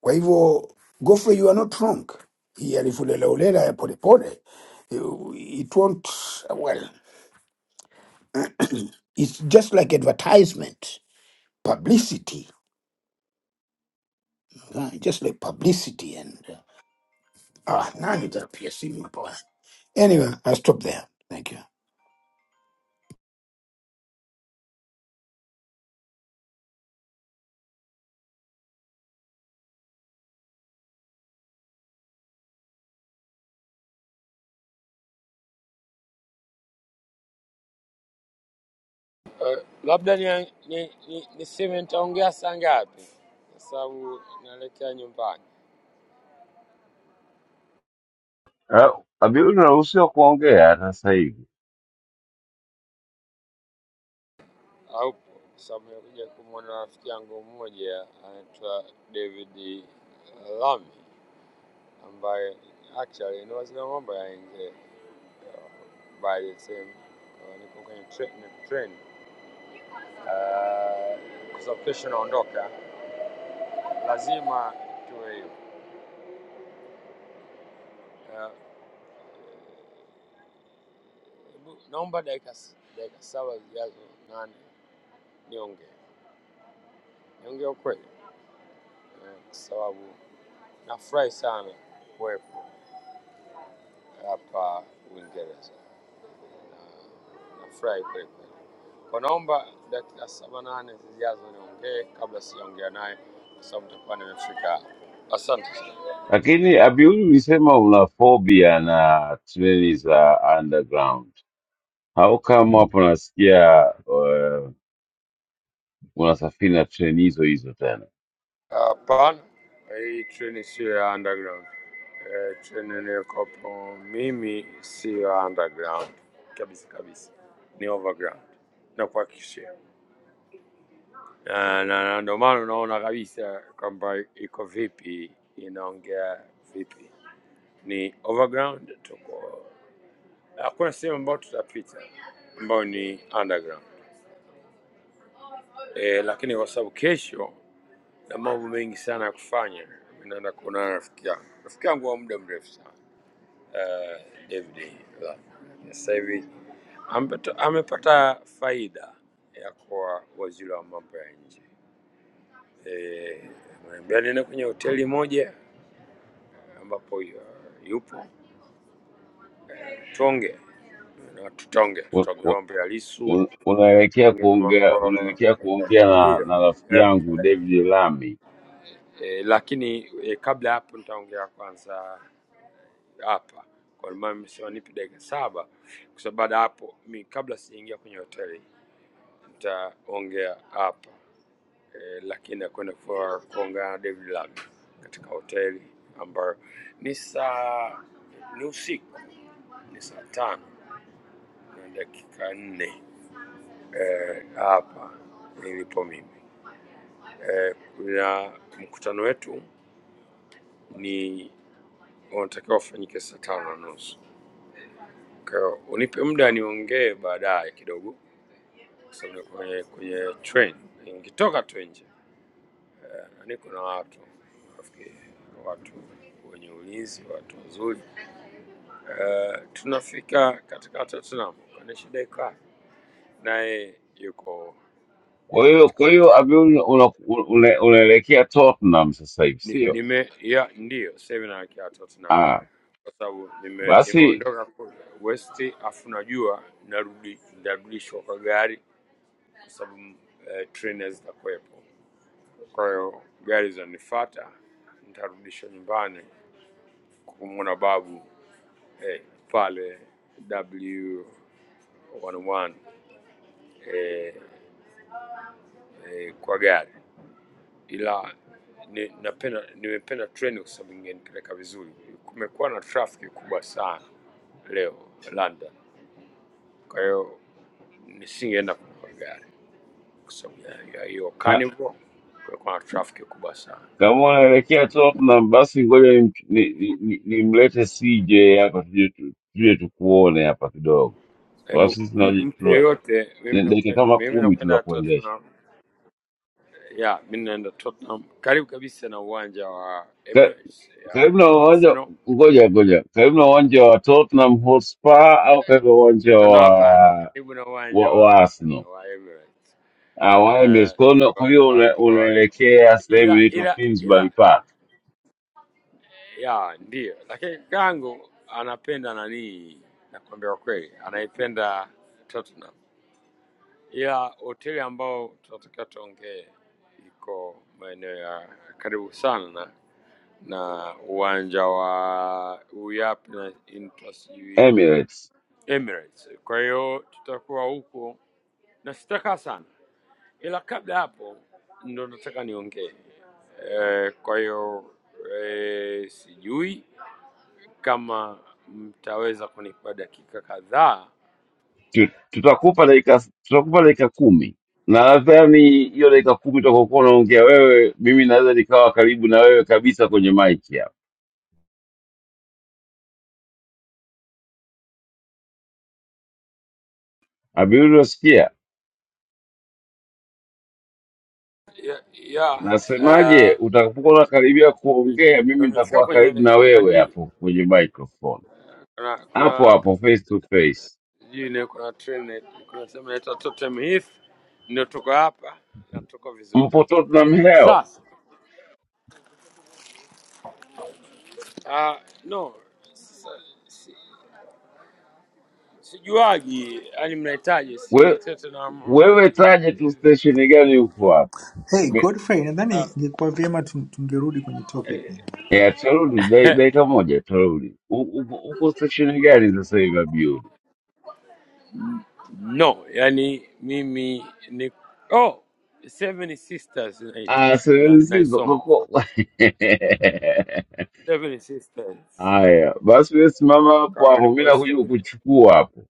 [SPEAKER 5] Kwa hivyo Godfrey, you are not wrong. Hii alivulelaulela ya polepole, you- it won't, well, it's just like advertisement, publicity, uh, just like publicity and uh, ah, nani tapia simu hapa. Anyway, I'll stop there. Thank you.
[SPEAKER 8] Eh, Labda ni, ni, ni, niseme nitaongea saa ngapi, kwa sababu naelekea nyumbani.
[SPEAKER 7] Ah, Abiuli unaruhusiwa kuongea hata sasa hivi,
[SPEAKER 8] Haupo kwa sababu nimekuja kumwona rafiki yangu mmoja anaitwa David Lami ambaye actually ni waziri wa mambo ya nje uh, by the same uh, niko kwenye tre- ni train Ah, kwa sababu kesho naondoka, lazima tuwe hiyo. Ah, hebu naomba dakika s- dakika saba zijazo nane niongee niongee ukweli, Eh, kwa sababu nafurahi sana kuwepo hapa Uingereza. Nafurahi na kweli kweli. Kwa naomba dakika saba nane zijazo niongee kabla sijaongea naye, kwa sababu nitakuwa nimefika hapa. Asante sana.
[SPEAKER 7] lakini Abiuli ulisema una phobia na treni za underground. How come hapo nasikia uh, unasafiri na treni hizo hizo tena?
[SPEAKER 8] Hapana, hii treni sio ya underground. Eh, treni niliyokopo mimi siyo ya underground kabisa kabisa, ni overground nakuhakikishia, na kuhakikishia. na- na ndio maana unaona kabisa kwamba iko vipi, inaongea vipi, ni overground tuko Hakuna sehemu ambayo tutapita ambayo ni underground e, lakini kwa sababu kesho na mambo mengi sana ya kufanya, mimi naenda kuonana na rafiki yangu, rafiki yangu wa muda mrefu sana uh, David. Lamu. Sasa hivi amepata, amepata faida ya kuwa waziri wa mambo ya nje e, niambia niende kwenye hoteli moja ambapo yu- yupo tuonge na tutonge
[SPEAKER 7] Un-
[SPEAKER 8] tutonge
[SPEAKER 7] un-
[SPEAKER 8] mambo ya Lissu
[SPEAKER 7] un- Unaelekea
[SPEAKER 8] kuongea
[SPEAKER 7] kuongea
[SPEAKER 8] mambo
[SPEAKER 7] unaelekea kuongea na,
[SPEAKER 8] ndiyo
[SPEAKER 7] na rafiki
[SPEAKER 8] eh,
[SPEAKER 7] yangu David Lami
[SPEAKER 8] eh, lakini eh, kabla ya hapo nitaongea kwanza hapa kwa maana mmesema nipe dakika saba kwa sababu baada ya hapo mi kabla sijaingia kwenye hoteli nitaongea hapa eh, lakini nakwenda kwa- kuongea na David Lab katika hoteli ambayo ni saa ni usiku ni saa tano na dakika nne eh, hapa nilipo mimi eh, na mkutano wetu ni wanatakiwa wafanyike saa tano na nusu. Kwa hiyo unipe muda niongee baadaye kidogo, kwa sababu niko kwenye kwenye train. Nikitoka tu nje na niko na watu nafikiri watu wenye ulinzi, watu wazuri. Uh, tunafika katika Tottenham, kuna shida ikaa naye yuko
[SPEAKER 7] Kwa
[SPEAKER 8] yuko
[SPEAKER 7] hiyo
[SPEAKER 8] katika
[SPEAKER 7] kwa hiyo
[SPEAKER 8] hoteli
[SPEAKER 7] Abiuni unaelekea una, una- unaelekea Tottenham sasa hivi
[SPEAKER 8] ni,
[SPEAKER 7] sio?
[SPEAKER 8] nime ya ndiyo sasa hivi naelekea Tottenham
[SPEAKER 7] Ah,
[SPEAKER 8] kwa sababu nime,
[SPEAKER 7] basi
[SPEAKER 8] nimeondoka ku- West afu najua narudi nitarudishwa kwa gari kwa sababu eh, treni hazitakuwepo. Kwa hiyo gari zanifuata, nitarudishwa nyumbani kumwona babu eh, pale W11 eh, eh, kwa gari, ila ni, napenda nimependa treni kwa sababu ingenipeleka vizuri. Kumekuwa na trafiki kubwa sana leo London, kwa hiyo nisingeenda kwa gari. kwa sababu ya ya hiyo
[SPEAKER 7] ka,
[SPEAKER 8] carnival, kulikuwa na traffic kubwa sana.
[SPEAKER 7] kama unaelekea Tottenham basi ngoja nimlete ni, ni, ni nimlete CJ hapa tuje tu- tuje tukuone hapa kidogo, kwa
[SPEAKER 8] Hebu
[SPEAKER 7] sababu sisi
[SPEAKER 8] m-
[SPEAKER 7] tunaji-
[SPEAKER 8] mtu
[SPEAKER 7] tuna-
[SPEAKER 8] yeyote, mimi
[SPEAKER 7] ni dakika
[SPEAKER 8] nakwenda
[SPEAKER 7] kama
[SPEAKER 8] mimi
[SPEAKER 7] kumi tu za
[SPEAKER 8] nakwenda
[SPEAKER 7] kuendesha
[SPEAKER 8] Tottenham, ya mimi naenda Tottenham, karibu kabisa na uwanja wa
[SPEAKER 7] Ka-
[SPEAKER 8] Emirates ya
[SPEAKER 7] karibu na
[SPEAKER 8] wa
[SPEAKER 7] uwanja.
[SPEAKER 8] Arsenal
[SPEAKER 7] Ngoja ngoja, karibu na uwanja wa Tottenham Hotspur au karibu na uwanja
[SPEAKER 8] na no,
[SPEAKER 7] wa
[SPEAKER 8] hapana, karibu na uwanja
[SPEAKER 7] wa,
[SPEAKER 8] wa
[SPEAKER 7] wa Arsenal?
[SPEAKER 8] Arsenal wa Emirates
[SPEAKER 7] Ah, wa Emirates.
[SPEAKER 8] Eh,
[SPEAKER 7] Kwa hiyo una-
[SPEAKER 8] ndo
[SPEAKER 7] kwa hiyo una-
[SPEAKER 8] hapo alipo,
[SPEAKER 7] unaelekea sehemu
[SPEAKER 8] ila
[SPEAKER 7] inaitwa
[SPEAKER 8] ila ila
[SPEAKER 7] Finsbury Park,
[SPEAKER 8] ya ndio, lakini kangu anapenda nani, nakwambia kweli, anaipenda Tottenham Ila hoteli ambao tunatakiwa tuongee iko maeneo ya karibu sana na uwanja wa Uyapi na Inter sijui
[SPEAKER 7] Emirates.
[SPEAKER 8] Emirates. Kwa hiyo tutakuwa huko na sitakaa sana, ila kabla ya hapo ndo nataka niongee Eh, kwa hiyo eh, sijui kama mtaweza kunipa dakika kadhaa
[SPEAKER 7] Tu- Tutakupa dakika tutakupa dakika kumi na nadhani hiyo dakika kumi utakokuwa unaongea wewe, mimi naweza nikawa karibu na wewe kabisa kwenye mic hapa. Abiru, unasikia
[SPEAKER 8] ya, ya
[SPEAKER 7] nasemaje? Utakapokuwa unakaribia
[SPEAKER 8] uh,
[SPEAKER 7] kuongea, mimi
[SPEAKER 8] nimefika
[SPEAKER 7] nitakuwa karibu
[SPEAKER 8] kwenye
[SPEAKER 7] na wewe
[SPEAKER 8] nani
[SPEAKER 7] hapo kwenye microphone,
[SPEAKER 8] kuna
[SPEAKER 7] hapo
[SPEAKER 8] kuna
[SPEAKER 7] hapo face to face.
[SPEAKER 8] sijui ni- kuna train kuna sehemu inaitwa Totem Heath, ndio tuko hapa na tuko vizuri.
[SPEAKER 7] Mpo Tottenham Hell,
[SPEAKER 8] Sasa uh, no sasa, si, sijuagi yani mnahitaji si
[SPEAKER 7] we,
[SPEAKER 8] Tottenham uh,
[SPEAKER 7] wewe taje tu stesheni gani huko hapo
[SPEAKER 4] Hey Godfrey, nadhani ingekuwa vyema tu- tungerudi kwenye topic.
[SPEAKER 7] Yeah, absolutely. They they kamoja totally. U- Uko uko stationi gani sasa hivi Abiudi?
[SPEAKER 8] no, yani mimi ni oh, Seven Sisters inaitwa
[SPEAKER 7] Ah,
[SPEAKER 8] na
[SPEAKER 7] sehemu sizo
[SPEAKER 8] naisoma
[SPEAKER 7] koko.
[SPEAKER 8] sasa Seven Sisters
[SPEAKER 7] Haya, basi wewe simama hapo
[SPEAKER 8] kama
[SPEAKER 7] hapo, mimi
[SPEAKER 8] niko
[SPEAKER 7] nakuja
[SPEAKER 8] Seven,
[SPEAKER 7] kukuchukua hapo.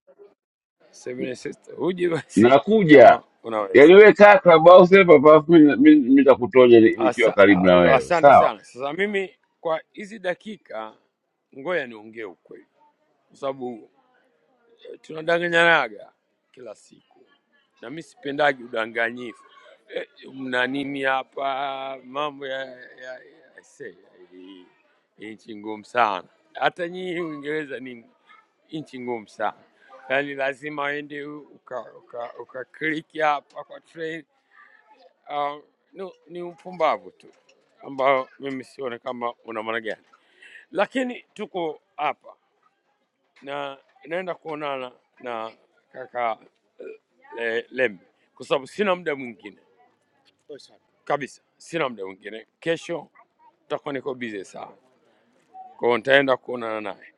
[SPEAKER 8] Seven Sisters, uje basi
[SPEAKER 7] Nakuja.
[SPEAKER 8] kama unaweza.
[SPEAKER 7] Yaani wewe kaa Clubhouse hapa hapa, alafu mimi mimi nitakutoja ni- nikiwa
[SPEAKER 8] Asa,
[SPEAKER 7] karibu na
[SPEAKER 8] a-
[SPEAKER 7] wewe.
[SPEAKER 8] asante
[SPEAKER 7] Sawa?
[SPEAKER 8] sana. Sasa mimi kwa hizi dakika, ngoja niongee ukweli, kwa sababu eh, tunadanganyanaga kila siku na mi sipendaji udanganyifu. Eh, mna nini hapa? Mambo ya, ya, ya, aisee, hii- hii nchi ngumu sana. Hata nyinyi Uingereza ni nchi ngumu sana, yaani lazima uende ukakliki uka, uka ukakliki hapa kwa train Uh, ni, ni upumbavu tu ambao mimi sione kama una maana gani, lakini tuko hapa na naenda kuonana na kaka le, Lembe kwa sababu sina muda mwingine kabisa, sina muda mwingine. Kesho tutakuwa niko busy sana, kwa hiyo nitaenda kuonana naye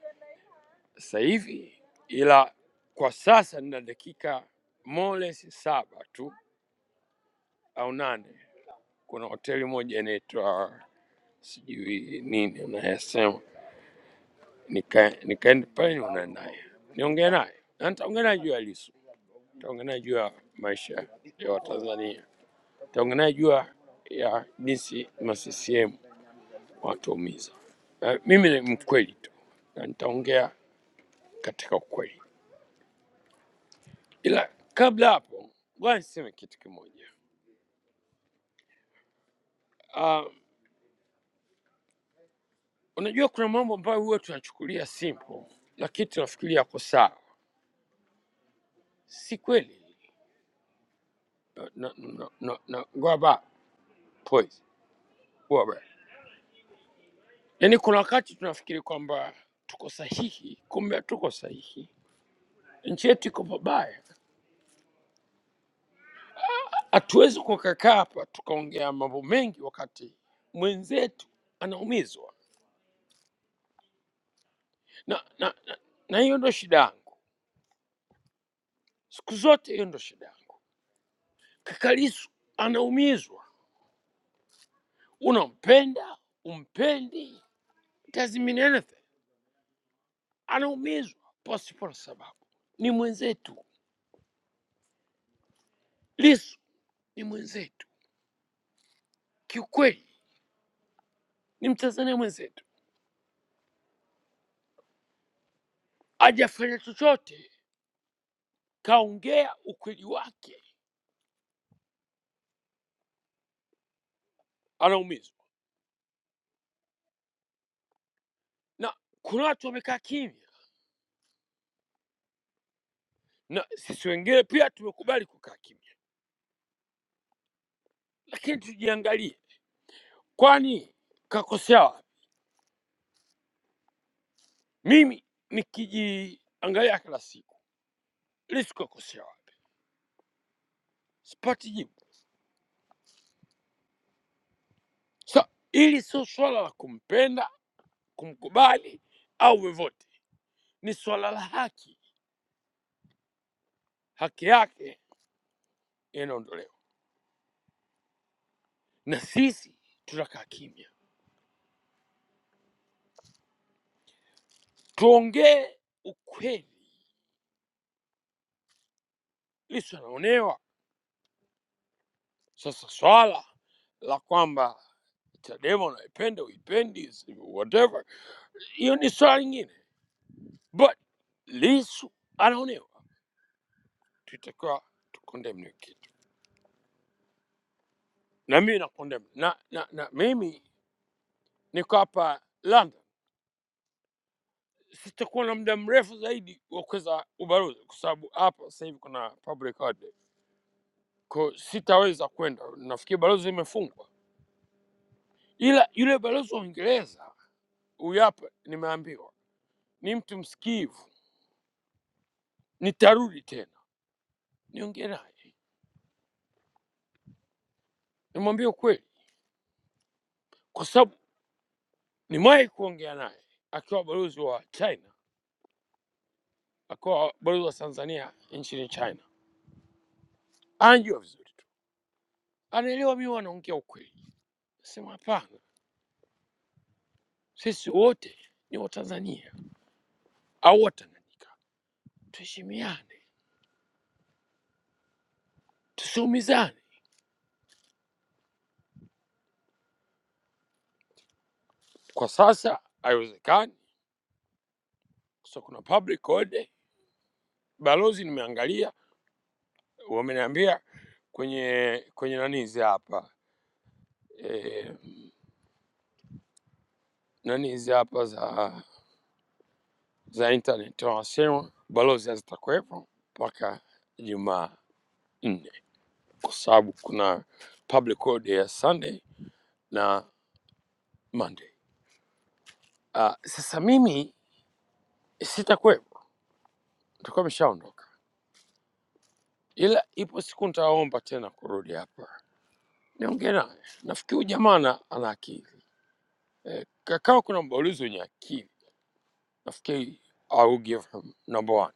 [SPEAKER 8] sasa hivi, ila kwa sasa nina dakika moles saba tu au nane. Kuna hoteli moja inaitwa sijui nini unayasema, nika- nikaenda pale niona naye niongee naye na nitaongea naye juu ya Lissu, nitaongea naye juu ya maisha ya Watanzania, nitaongea naye juu ya ya jinsi ma CCM watuumiza. Na Mimi ni mkweli tu na nitaongea katika ukweli, ila kabla hapo, ngoja niseme kitu kimoja. Uh, unajua kuna mambo ambayo huwa tunachukulia simple, lakini tunafikiria yako sawa, si kweli. Na, na, na, na, na, ngoja ba- Poise, huwa baya. Yaani kuna wakati tunafikiri kwamba tuko sahihi, kumbe hatuko sahihi. Nchi yetu iko pabaya. Hatuwezi kukakaa hapa tukaongea mambo mengi wakati mwenzetu anaumizwa, na na na, na hiyo ndo shida yangu siku zote, hiyo ndo shida yangu. Kaka Lissu anaumizwa, unampenda umpendi, it doesn't mean anything. Anaumizwa pasipo na sababu, ni mwenzetu. Lissu ni mwenzetu kiukweli, ni Mtanzania mwenzetu hajafanya chochote, kaongea ukweli wake, anaumizwa. Na kuna watu wamekaa kimya, na sisi wengine pia tumekubali kukaa kimya, lakini tujiangalie, kwani kakosea wapi? Mimi nikijiangalia kila siku, Lissu kakosea wapi? Sipati jibu. Sa hili sio swala la kumpenda, kumkubali au vyovyote, ni swala la haki. Haki yake inaondolewa, na sisi tutakaa kimya, tuongee ukweli Lissu anaonewa. Sasa swala la kwamba Chadema unaipenda uipendi, whatever, hiyo ni swala lingine, but Lissu anaonewa, tutakiwa tukondemne hiyo kitu, na mimi nakondemna na, na, na mimi niko hapa London, sitakuwa na muda mrefu zaidi wa kuweza ubalozi, kwa sababu hapa sasa hivi kuna public holiday, kwa hiyo sitaweza kwenda, nafikiri balozi imefungwa, ila yule balozi wa Uingereza huyu hapa nimeambiwa ni mtu msikivu, nitarudi tena niongee naye, nimwambie ukweli, kwa sababu nimewahi kuongea naye akiwa balozi wa China, akiwa balozi wa Tanzania nchini China. Anajua vizuri tu, anaelewa mimi wanaongea ukweli. Sema hapana, sisi wote ni Watanzania au Watanganyika, tuheshimiane, tusiumizane. Kwa sasa haiwezekani, kwa sababu kuna public holiday. Balozi nimeangalia, wameniambia kwenye kwenye nani hizi hapa e, nani hizi hapa za za internet wanasema balozi hazitakuwepo mpaka Jumaa nne kwa sababu kuna public holiday ya Sunday na Monday. Uh, sasa mimi sitakuwepo, nitakuwa ameshaondoka, ila ipo siku nitaomba tena kurudi hapa niongee naye. Nafikiri huyu jamaa ana ana akili eh, kama kuna mbaulizi wenye akili nafikiri I will give him number one.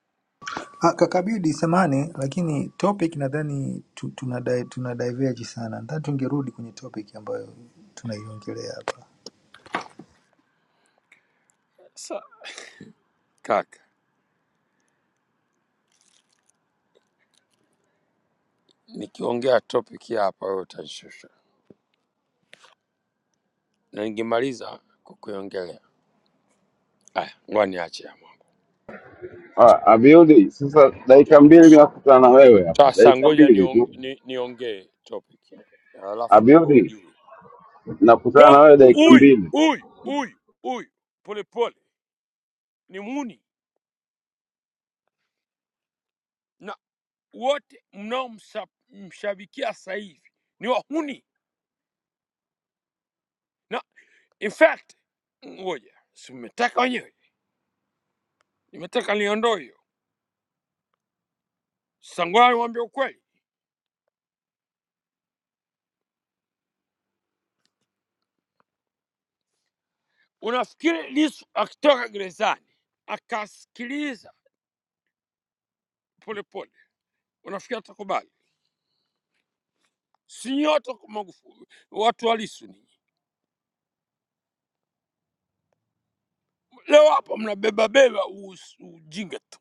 [SPEAKER 4] Ah, Kakabudi samani, lakini topic nadhani tu- tuna di- tuna diverge sana. Nadhani tungerudi kwenye topic ambayo tunaiongelea hapa.
[SPEAKER 8] Sasa kaka, nikiongea topic hii hapa wewe utanishusha. na ningemaliza kukuongelea. Aya, ngoja niache hapo.
[SPEAKER 7] Ah, Abiudi, sasa dakika mbili mimi nakutana na wewe hapo.
[SPEAKER 8] Sasa
[SPEAKER 7] Dakika
[SPEAKER 8] ngoja
[SPEAKER 7] mbili
[SPEAKER 8] niongee
[SPEAKER 7] tu.
[SPEAKER 8] ni, niongee topic alafu ndo
[SPEAKER 7] Abiudi,
[SPEAKER 8] ujue.
[SPEAKER 7] nakutana
[SPEAKER 8] Yo,
[SPEAKER 7] na wewe dakika
[SPEAKER 8] Huyu
[SPEAKER 7] mbili.
[SPEAKER 8] huyu huyu huyu polepole ni mhuni na wote mnaomshabikia sasa hivi ni wahuni, na in fact, ngoja si mmetaka wenyewe, nimetaka niondoe hiyo. Sasa ngoja niwaambie ukweli, unafikiri Lissu akitoka gerezani akasikiliza polepole, unafikiri atakubali? si nyote kwa Magufuli, watu halisi ninyi. Leo hapa mnabeba beba us- ujinga tu.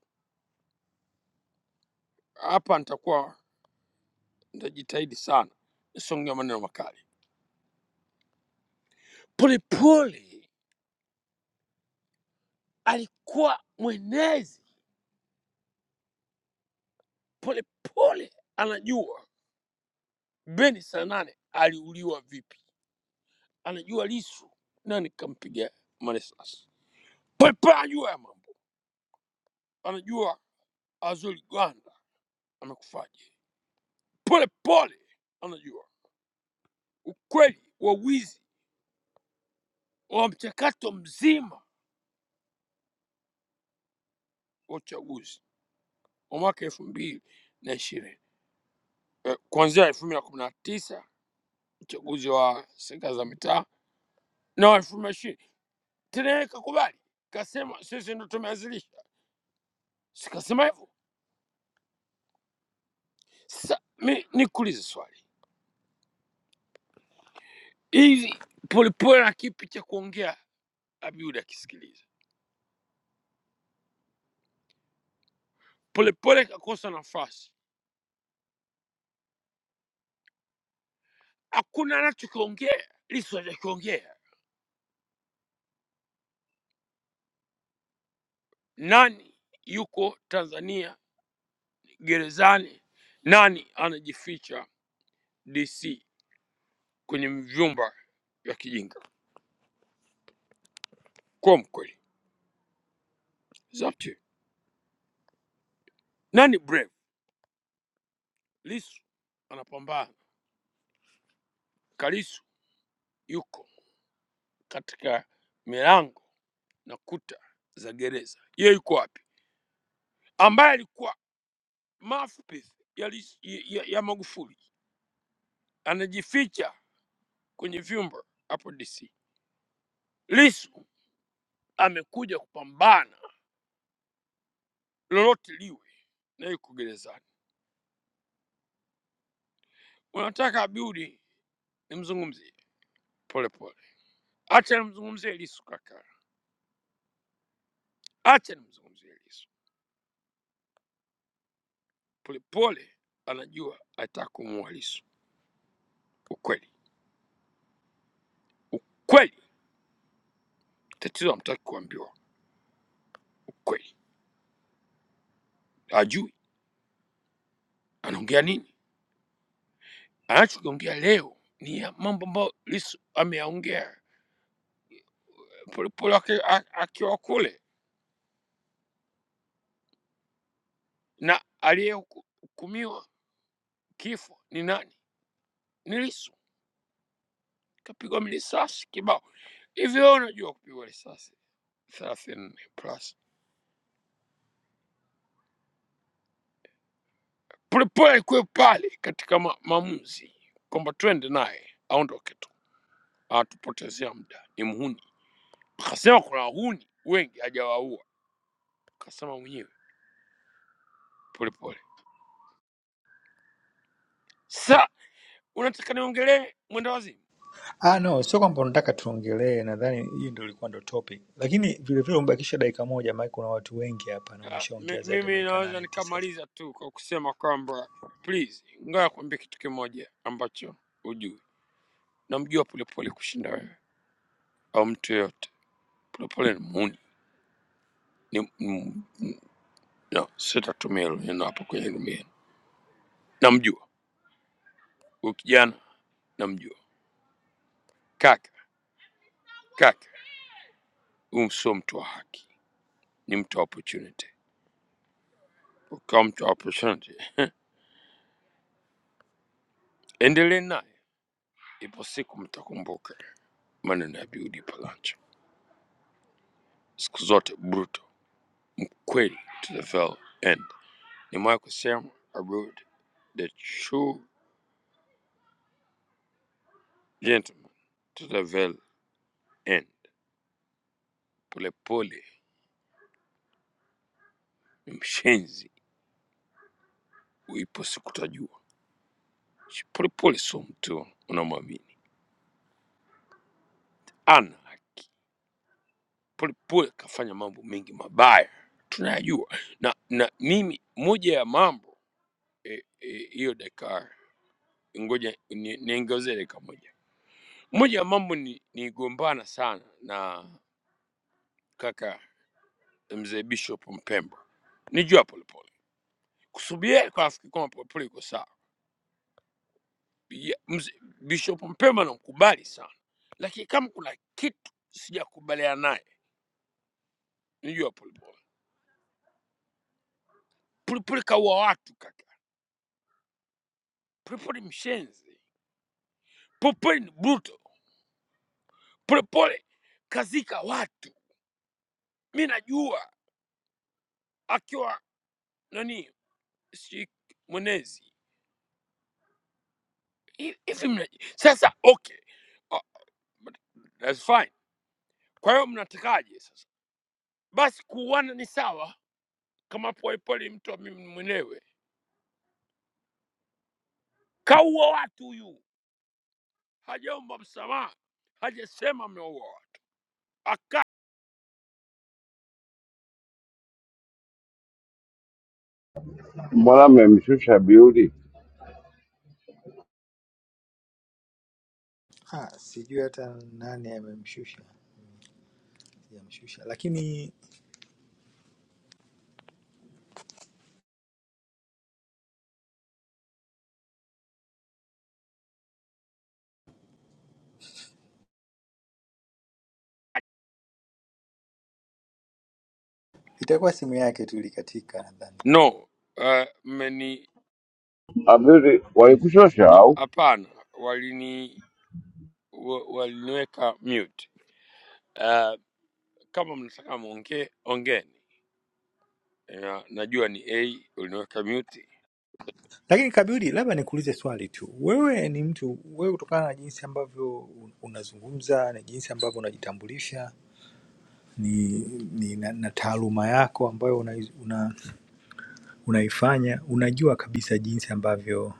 [SPEAKER 8] Hapa nitakuwa nitajitahidi sana nisongea maneno makali. Polepole alikuwa mwenezi, polepole anajua Beni saa nane aliuliwa vipi, anajua Lisu nani kampiga marisasi. Polepole anajua ya mambo, anajua Azori Gwanda amekufaje. Polepole anajua kweli wawizi wa mchakato mzima wa uchaguzi wa mwaka elfu mbili na ishirini eh, kuanzia elfu mbili na kumi na tisa uchaguzi wa serikali za mitaa na wa elfu mbili na ishirini tena yeye kakubali, kasema sisi ndo tumeanzilisha, sikasema hivyo. Sasa mi nikuulize swali hivi, Polepole na kipi cha kuongea? Abiudi akisikiliza Polepole kakosa nafasi, hakuna anachokiongea, Lissu hajakiongea. Nani yuko Tanzania Gerezani nani anajificha DC kwenye vyumba vya kijinga? Kwa mkweli, it's up to you. Nani brave? Lisu anapambana, Kalisu yuko katika milango na kuta za gereza. Yeye yuko wapi? Ambaye alikuwa mouthpiece ya, Lissu- ya, ya Magufuli anajificha kwenye vyumba hapo DC. Lisu amekuja kupambana lolote liwe na yuko gerezani. Unataka Abiudi nimzungumzie? Polepole acha nimzungumzie Lisu kaka, acha nimzungumzie Lisu. Polepole anajua ataka kumuua Lisu. Ukweli, ukweli, tatizo amtaki kuambiwa ukweli, ajui anaongea nini. Anachokiongea leo ni ya mambo ambayo Lisu ameyaongea Polepole aki- a- akiwa kule, na aliyehukumiwa kifo ni nani? Ni Lisu, kapigwa risasi kibao. Hivi wewe unajua kupigwa risasi thelathini plus Polepole kuwe pale katika ma maamuzi kwamba twende naye aondoke tu, atupotezea muda, ni mhuni. Akasema kuna wahuni wengi hajawaua, akasema mwenyewe Polepole. Sa unataka niongelee mwenda wazimu?
[SPEAKER 4] Ah, no, sio kwamba unataka tuongelee, nadhani hii ndio ilikuwa ndo topic, lakini vilevile umebakisha dakika moja, maana kuna watu wengi hapa na
[SPEAKER 8] Ah, mi-
[SPEAKER 4] umeshaongea zaidi ya
[SPEAKER 8] Mimi
[SPEAKER 4] dakika
[SPEAKER 8] naweza
[SPEAKER 4] nane tisa.
[SPEAKER 8] nikamaliza tu kwa kusema kwamba please, ngoja kuambia kitu kimoja ambacho hujui. Namjua Polepole kushinda wewe au mtu yeyote. Polepole ni mhuni, ni, ni, no, sitatumia hilo neno hapo kwenye rumia, namjua Huyu kijana namjua. Kaka, kaka, huyu sio mtu wa haki, ni mtu wa opportunity. Ukiwa mtu wa opportunity, endelee naye, ipo siku mtakumbuka maneno ya Bill Palancho. Siku zote brutal, kweli to the very end. Nimewahi kusema a rude, the true gentleman to the very end. Polepole ni mshenzi, ipo siku utajua. Polepole sio mtu unamwamini, ana haki. Polepole kafanya mambo mengi mabaya tunayajua, na na mimi moja ya mambo hiyo e, hiyo dakika ngoja ni- niongezee dakika moja. Moja ya mambo ni nigombana sana na kaka mzee Bishop Mpemba, nijua Polepole kusubiri kwa nafikiri kwamba Polepole iko sawa. Ya- mzee Bishop Mpemba namkubali sana, lakini kama kuna kitu sijakubaliana naye nijua Polepole. Polepole kaua watu kaka, Polepole mshenzi, Polepole ni brutal Polepole kazika watu, mi najua akiwa nani si mwenezi Hi- hivi. mna- Sasa okay, Ah, but that's fine. Kwa hiyo mnatakaje sasa? Basi kuuana ni sawa, kama Polepole mtu wa mimi mwenyewe kaua watu, huyu hajaomba msamaha, hajasema ameua watu aka
[SPEAKER 7] Mbona mmemshusha Abiudi?
[SPEAKER 4] Ah, sijui hata nani amemshusha, sijamshusha, lakini itakuwa simu yake tu ilikatika nadhani.
[SPEAKER 8] no uh, mmeni
[SPEAKER 7] Abiudi, walikushosha
[SPEAKER 8] no,
[SPEAKER 7] au?
[SPEAKER 8] hapana, walini wa- waliniweka mute Eh, Kama mnataka muongee, ongeeni. Ya, Najua ni a uliniweka mute.
[SPEAKER 4] Lakini Kabudi, labda nikuulize swali tu, wewe ni mtu, wewe kutokana na jinsi ambavyo un- unazungumza na jinsi ambavyo unajitambulisha ni, ni na, na taaluma yako ambayo una, una, unaifanya unajua kabisa jinsi ambavyo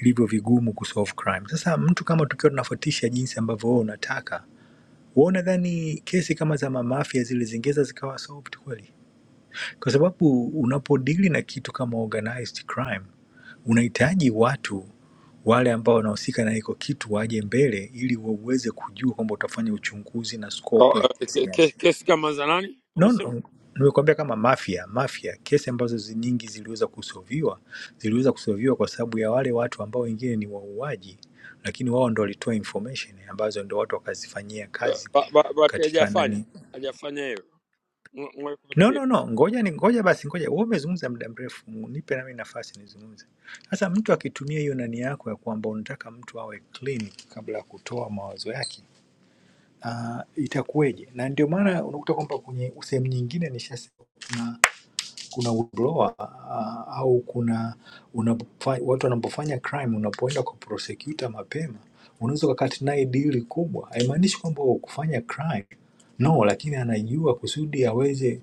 [SPEAKER 4] ilivyo vigumu kusolve crime. Sasa mtu kama tukiwa tunafuatisha jinsi ambavyo wewe unataka wewe, nadhani kesi kama za mamafia zile zingeza zikawa solved kweli? Kwa sababu unapodili na kitu kama organized crime unahitaji watu wale ambao wanahusika na hiko kitu waje mbele ili wauweze kujua kwamba utafanya uchunguzi na scope ya
[SPEAKER 8] Oh, eh,
[SPEAKER 4] kesi
[SPEAKER 8] ke-
[SPEAKER 4] gani.
[SPEAKER 8] ke- Kesi kama za nani
[SPEAKER 4] No,
[SPEAKER 8] umesema?
[SPEAKER 4] no, nimekuambia kama Mafia. Mafia kesi ambazo zi- nyingi ziliweza kusolviwa, ziliweza kusolviwa kwa sababu ya wale watu ambao wengine ni wauaji, lakini wao ndo walitoa information ambazo ndo watu wakazifanyia
[SPEAKER 8] Eh,
[SPEAKER 4] kazi
[SPEAKER 8] ba- ba- Bahati
[SPEAKER 4] katika
[SPEAKER 8] hajafanya
[SPEAKER 4] nani.
[SPEAKER 8] hajafanya hiyo Mwe- mwe
[SPEAKER 4] No,
[SPEAKER 8] kuambia.
[SPEAKER 4] no, no, ngoja ni ngoja basi, ngoja wewe umezungumza muda mrefu, mu- nipe nami nafasi nizungumze. Sasa mtu akitumia hiyo nani yako ya kwamba unataka mtu awe clean kabla ya kutoa mawazo yake, uh, itakuweje? Na ndio maana unakuta kwamba kwenye sehemu nyingine nishasema kuna whistleblower ah, au kuna unapofa, watu wanapofanya crime, unapoenda kwa prosecutor mapema, unaweza ukakata naye dili kubwa. Haimaanishi kwamba kufanya crime no, lakini anajua kusudi aweze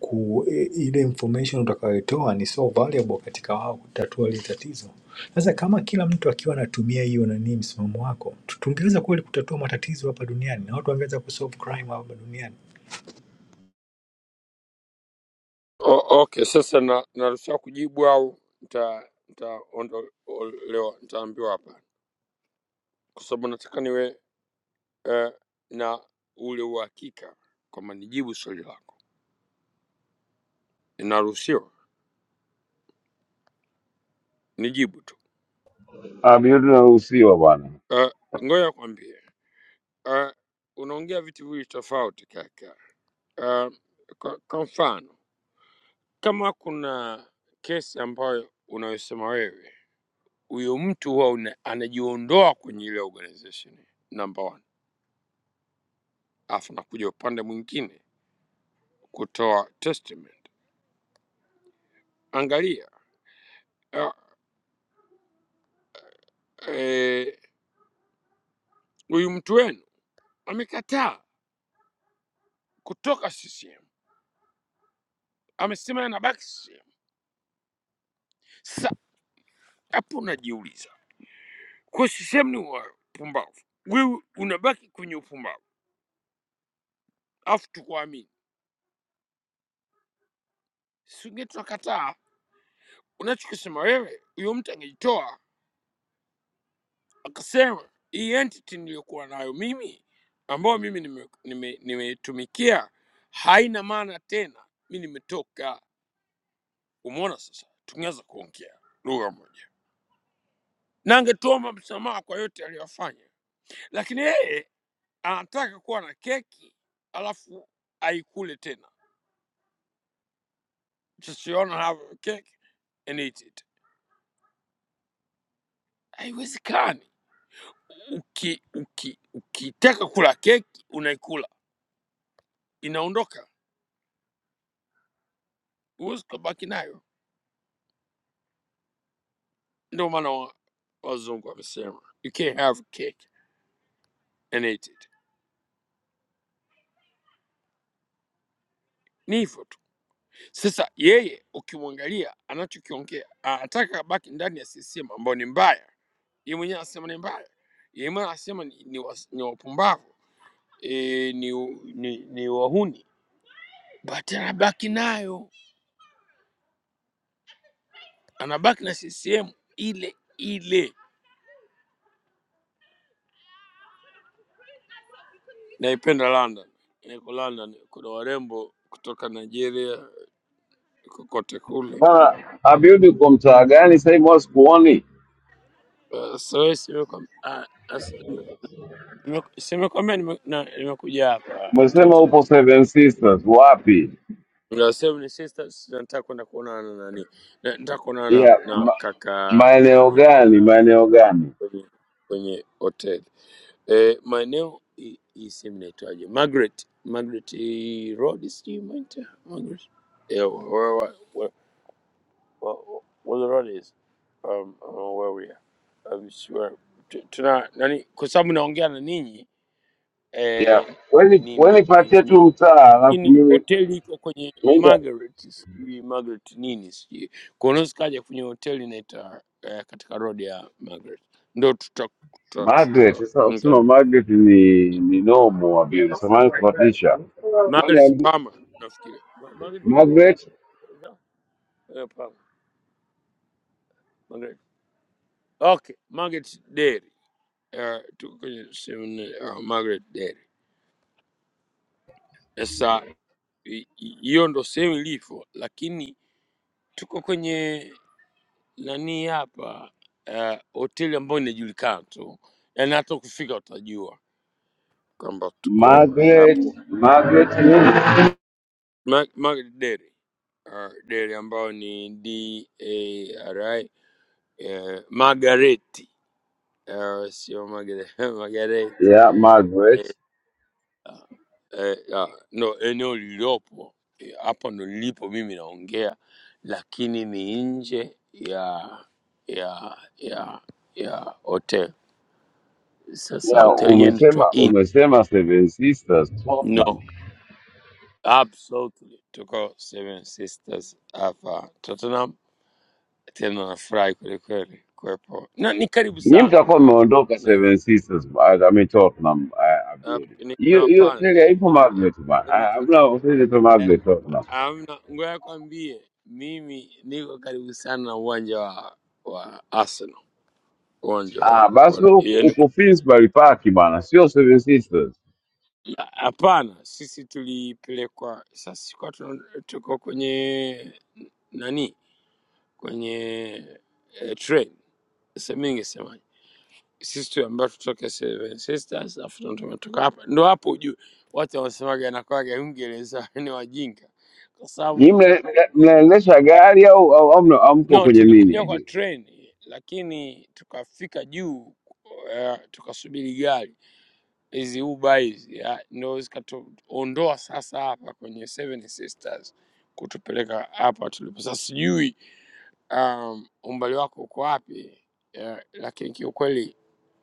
[SPEAKER 4] ku i- ile information utakayotoa ni so valuable katika wao kutatua ile tatizo. Sasa kama kila mtu akiwa anatumia hiyo nani msimamo wako, tu- tungeweza kweli kutatua matatizo hapa duniani na watu wangeweza kusolve crime hapa duniani.
[SPEAKER 8] O- Okay, sasa na- naruhusiwa kujibu au nita- nitaondolewa, nitaambiwa hapa, kwa sababu nataka niwe eh, na ule uhakika kwamba nijibu swali lako. Naruhusiwa nijibu tu.
[SPEAKER 7] Abiudi unaruhusiwa bwana.
[SPEAKER 8] Eh, Ngoja kwambie, eh, unaongea vitu viwili tofauti kaka. Uh, kwa, kwa mfano kama kuna kesi ambayo unayosema wewe, huyo mtu huwa una- anajiondoa kwenye ile organization number one, alafu nakuja upande mwingine kutoa testament. Angalia ah, eh, huyu uh, e, mtu wenu amekataa kutoka CCM, amesema yeye anabaki CCM. Sasa hapo unajiuliza, kwa CCM ni wapumbavu, wewe unabaki kwenye upumbavu alafu tukuamini, singe tunakataa Unachokisema wewe, huyo mtu angejitoa akasema hii entity niliyokuwa nayo mimi ambayo mimi nimetumikia nime, nime nimeitumikia, haina maana tena, mi nimetoka. Umeona, sasa tungeweza kuongea lugha moja na angetuomba msamaha kwa yote aliyofanya, lakini yeye anataka kuwa na keki alafu aikule tena, just you wanna have a cake and eat it. Haiwezekani. Uki, uki, ukitaka kula keki unaikula inaondoka Huwezi kubaki nayo. Ndio maana wa- wazungu wamesema you can't have cake and eat it. Ni hivyo tu. Sasa yeye ukimwangalia anachokiongea, anataka abaki ndani ya CCM ambayo ni mbaya. Yeye mwenyewe anasema ni mbaya, yeye mwenyewe anasema ni, ni, was- ni wapumbavu e, ni, ni, ni wahuni, but anabaki nayo, anabaki na CCM ile ile. Naipenda London, niko London, kuna warembo kutoka Nigeria kokote kule
[SPEAKER 7] Bwana Abiudi, uko mtaa gani sasa hivi? wala Sikuoni,
[SPEAKER 8] Uh, so si simekwambia nime- na- nimekuja hapa
[SPEAKER 7] umesema
[SPEAKER 8] Tottenham.
[SPEAKER 7] upo Seven Sisters, wapi?
[SPEAKER 8] Ndio sehemu ni sisters, na nataka kwenda kuonana na nani, Na- nataka kuonana
[SPEAKER 7] ya
[SPEAKER 8] na na
[SPEAKER 7] ma,
[SPEAKER 8] kaka
[SPEAKER 7] maeneo
[SPEAKER 8] nani
[SPEAKER 7] gani? maeneo gani?
[SPEAKER 8] kwenye kwenye hotel eh, maeneo hii hii sehemu inaitwaje? Margaret Margaret eh, Road, sijui inaitwa Margaret yeah, where, where, where, where, where the road is um, uh, where we are I'm sure Tu- tuna nani, kwa sababu naongea na ninyi
[SPEAKER 7] ya
[SPEAKER 8] eh,
[SPEAKER 7] weni
[SPEAKER 8] nime
[SPEAKER 7] weni, patie
[SPEAKER 8] yani,
[SPEAKER 7] tu mtaa, alafu
[SPEAKER 8] lakini
[SPEAKER 7] mimi
[SPEAKER 8] hoteli iko kwenye
[SPEAKER 7] nenda
[SPEAKER 8] Margaret, sijui Margaret nini, sijui kwa hiyo unaweza kaja kwenye hoteli inaita eh, katika road ya Margaret, ndo tuta- tuta-
[SPEAKER 7] Margaret. Sasa
[SPEAKER 8] tutaongea
[SPEAKER 7] usema
[SPEAKER 8] naye.
[SPEAKER 7] Margaret ni ni nomo Abiudi, samahani kupatisha Wewe
[SPEAKER 8] Margaret
[SPEAKER 7] ambi-
[SPEAKER 8] Palmer nafikiri Ma- Margaret Palmer
[SPEAKER 7] Margaret,
[SPEAKER 8] Yeah, eh, Palmer Margaret okay, Margaret Dairy eh, tuko kwenye sehemu ina- ah, Margaret Dairy. Sasa hi- hi- hiyo ndo sehemu ilivyo, lakini tuko kwenye nani hapa eh, hoteli ambayo inajulikana tu, yaani hata ukifika utajua kwamba tuko
[SPEAKER 7] Margaret,
[SPEAKER 8] hapo
[SPEAKER 7] Margaret nini?
[SPEAKER 8] Ma- Margaret Dairy uh, Dairy ambayo ni D A R I eh, Margareti eh, sio Margaret Margareti
[SPEAKER 7] ya Margaret
[SPEAKER 8] eh, eh, ah, no, eneo lililopo eh, hapa ndo lilipo mimi naongea, lakini ni nje ya ya ya ya hotel. Sasa
[SPEAKER 7] ya
[SPEAKER 8] hotel yenyewe inaitwa
[SPEAKER 7] umesema
[SPEAKER 8] Inn
[SPEAKER 7] umesema Seven Sisters Tottenham,
[SPEAKER 8] No, absolutely tuko Seven Sisters hapa Tottenham. Tena nafurahi kweli kweli kuwepo na ni karibu
[SPEAKER 7] nyinyi
[SPEAKER 8] sana
[SPEAKER 7] mtakuwa mmeondoka
[SPEAKER 8] na
[SPEAKER 7] Seven Sisters I mean Tottenham eh, Abieri.
[SPEAKER 8] hap- ni- na
[SPEAKER 7] hiyo hiyo
[SPEAKER 8] hapana, ni
[SPEAKER 7] tega ipo
[SPEAKER 8] karibu-
[SPEAKER 7] magnet bana, Ah, hamna ofisi ipo
[SPEAKER 8] eh,
[SPEAKER 7] magnet Tottenham.
[SPEAKER 8] hamna. Ngoja kwambie, mimi niko karibu sana na uwanja wa wa Arsenal, uwanja
[SPEAKER 7] Ah,
[SPEAKER 8] wa
[SPEAKER 7] basi
[SPEAKER 8] wa-
[SPEAKER 7] huko
[SPEAKER 8] yaani-
[SPEAKER 7] huko Finsbury Park bana, sio Seven Sisters.
[SPEAKER 8] hapana, sisi tulipelekwa sasa, tuko tuko kwenye nani, kwenye eh, train se- mi ningesemaje, sisi tu ambao tutoke Seven Sisters afu ndo tumetoka hapa, ndo hapo ujue watu wanasemaga nakwaga Uingereza ni wajinga, kwa
[SPEAKER 7] Nyinyi
[SPEAKER 8] sababu
[SPEAKER 7] mna- mna- mnaendesha gari au au au mna- au mko
[SPEAKER 8] no,
[SPEAKER 7] kwenye nini?
[SPEAKER 8] tulikuja kwa
[SPEAKER 7] Abieri?
[SPEAKER 8] treni lakini tukafika juu uh, tukasubiri gari hizi Uber hizi ya, ndo zikatuondoa sasa hapa kwenye Seven Sisters kutupeleka hapa tulipo sasa. Sijui um, umbali wako uko wapi uh, lakini kiukweli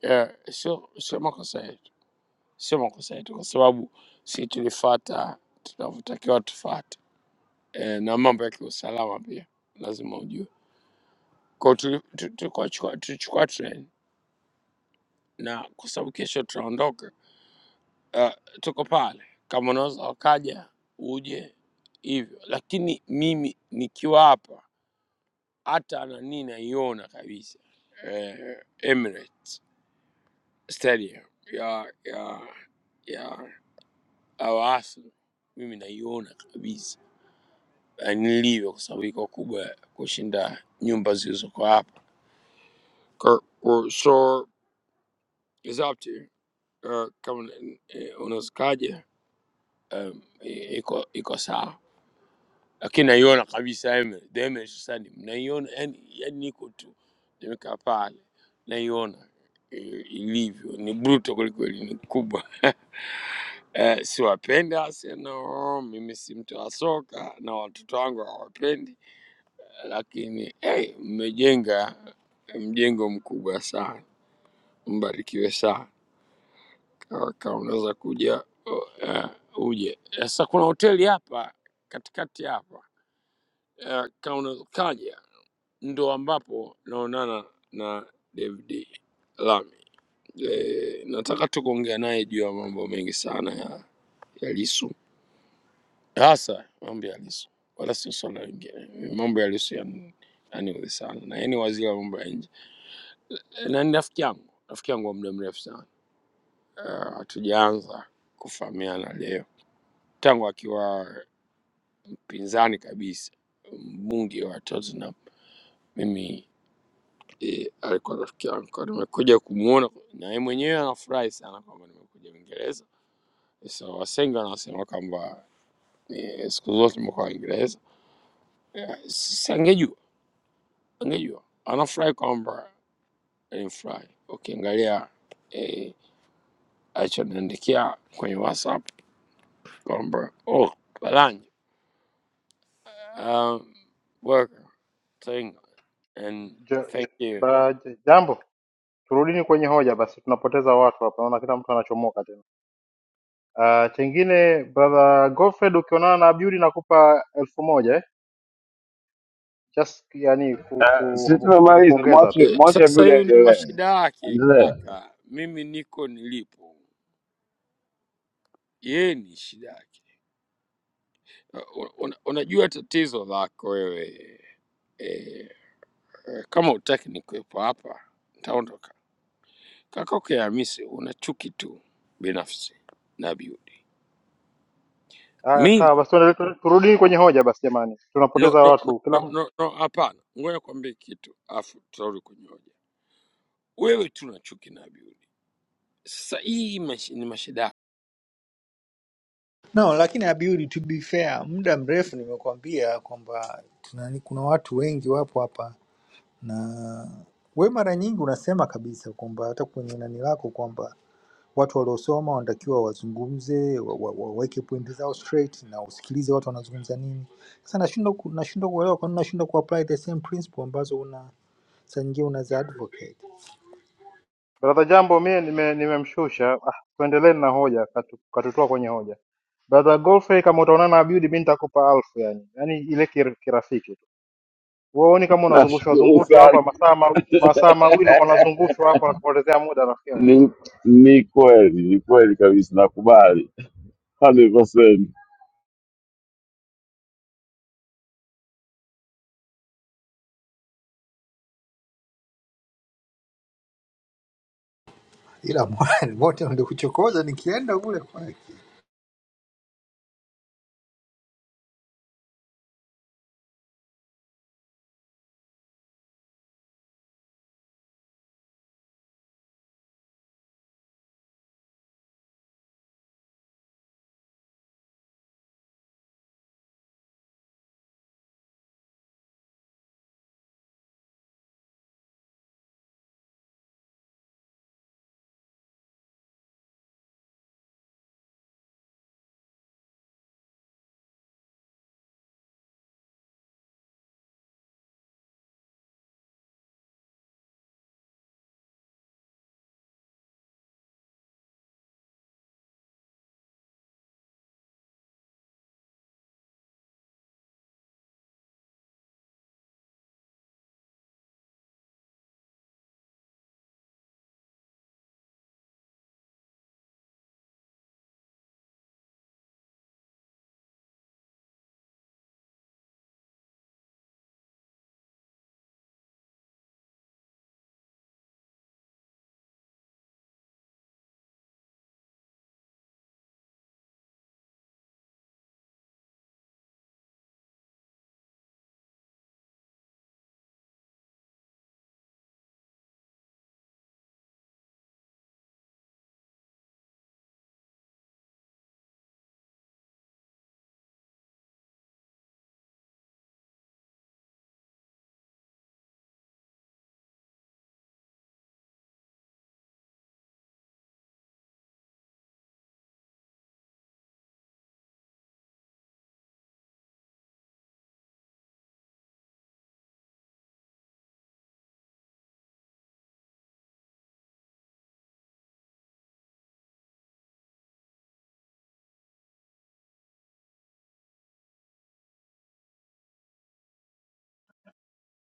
[SPEAKER 8] uh, sio sio makosa yetu sio makosa yetu, kwa sababu si tulifuata tunavyotakiwa tufuate, e, na mambo ya kiusalama pia lazima ujue. Kwa hiyo tuli- tu- tulikuwa chukua- tulichukua train na kwa sababu kesho tunaondoka, uh, tuko pale, kama unaweza wakaja uje hivyo, lakini mimi nikiwa hapa hata nani naiona kabisa eh, Emirates Stadium ya ya ya Al Ahly mimi naiona kabisa ah, nilivyo kwa sababu iko kubwa kushinda nyumba zilizoko hapa. Kwa- kwa- So is up to you. Uh, kama eh, unazikaje um, i- iko iko sawa, lakini naiona kabisa eme- damage sana, naiona yani, yani niko tu nimekaa pale naiona eh, ilivyo ni bruto kwelikweli, ni kubwa. Eh, siwapenda Arsenal, mimi si mtu wa soka na watoto wangu hawapendi lakini eh, mmejenga mjengo mkubwa sana, mbarikiwe sana. Kama kama unaweza kuja uh, uje. Eh, Sasa kuna hoteli hapa katikati hapa uh, kama unaweza kaja, ndo ambapo naonana na David Lami. E, nataka tu kuongea naye juu ya mambo mengi sana ya, ya Lisu, hasa mambo ya Lisu, wala sio swala lingine. Mambo ya Lisu yani sana, na yeye ni waziri wa mambo ya nje. na ni rafiki yangu, rafiki yangu wa muda mrefu sana. Ah, Hatujaanza uh, kufahamiana leo, tangu akiwa mpinzani kabisa, mbunge wa Tottenham. Mimi eh, alikuwa rafiki yangu, Kwa nimekuja kumwona na yeye mwenyewe anafurahi sana kwamba nimekuja Uingereza. So wasengi wanasema kwamba eh, siku zote nimekuwa Uingereza. Eh, Sasa angejua, angejua anafurahi kwamba nimfurahi. Ukiangalia eh, alichoniandikia kwenye WhatsApp Goldberg. Oh, Blanche. Um, worker single, and
[SPEAKER 2] Ja,
[SPEAKER 8] thank
[SPEAKER 2] ja-
[SPEAKER 8] you.
[SPEAKER 2] ba, ja- jambo, turudini kwenye hoja basi, tunapoteza watu hapa, naona kila mtu anachomoka tena. Uh, chengine brother Godfred, ukionana na Abdul nakupa elfu moja eh? just yani ku,
[SPEAKER 7] Ah, Sisi
[SPEAKER 2] ku,
[SPEAKER 7] tumemaliza,
[SPEAKER 2] kukupongeza
[SPEAKER 7] mwache
[SPEAKER 2] tu.
[SPEAKER 8] Eh,
[SPEAKER 7] mwache
[SPEAKER 8] Sasa
[SPEAKER 7] bila
[SPEAKER 8] hiyo ni
[SPEAKER 7] endelee.
[SPEAKER 8] mashida yake
[SPEAKER 7] Endelea.
[SPEAKER 8] kaka, mimi niko nilipo, yeye ni shida yake. Unajua una, unajua tatizo lako wewe e, kama utaki nikuwepo hapa nitaondoka. Kaka yake Hamisi, una chuki tu binafsi na Abiudi.
[SPEAKER 2] Haya,
[SPEAKER 8] Mi
[SPEAKER 2] sawa basi, tuendelee, turudini kwenye hoja basi jamani,
[SPEAKER 8] no
[SPEAKER 2] tunapoteza
[SPEAKER 8] no no
[SPEAKER 2] watu
[SPEAKER 8] no
[SPEAKER 2] kila
[SPEAKER 8] no, no, hapana, ngoja kwambie kitu afu tutarudi kwenye hoja. wewe tuna chuki na Abiudi. Sasa hii mash- ni mashidano
[SPEAKER 4] No, lakini Abiudi, to be fair, muda mrefu nimekuambia kwamba tunani, kuna watu wengi wapo hapa, na we mara nyingi unasema kabisa kwamba hata kwenye nani lako kwamba watu waliosoma wanatakiwa wazungumze, waweke wa, wa, waweke pointi zao straight na usikilize watu wanazungumza nini. Sasa nashindwa ku- nashindwa kuelewa kwa nini nashindwa kuapply the same principle ambazo una saa nyingine unaza advocate,
[SPEAKER 2] Brother Jambo, mie nime- nimemshusha. Ah, tuendelee na hoja, katu- katutoa kwenye hoja. Brother Godfrey, kama utaonana na Abudi, mi nitakupa alfu yani, yani ile kir- kirafiki tu. Uoni kama unazungushwa
[SPEAKER 7] Nashukuru
[SPEAKER 2] zungushwa
[SPEAKER 7] sana.
[SPEAKER 2] hapa masaa ma, masaa mawili uko unazungushwa hapa, unatupotezea muda rafiki yangu.
[SPEAKER 7] Ni, ni kweli, ni kweli kabisa, nakubali. Hallo, was denn?
[SPEAKER 4] ila mwani wote ndio kuchokoza nikienda kule kwake.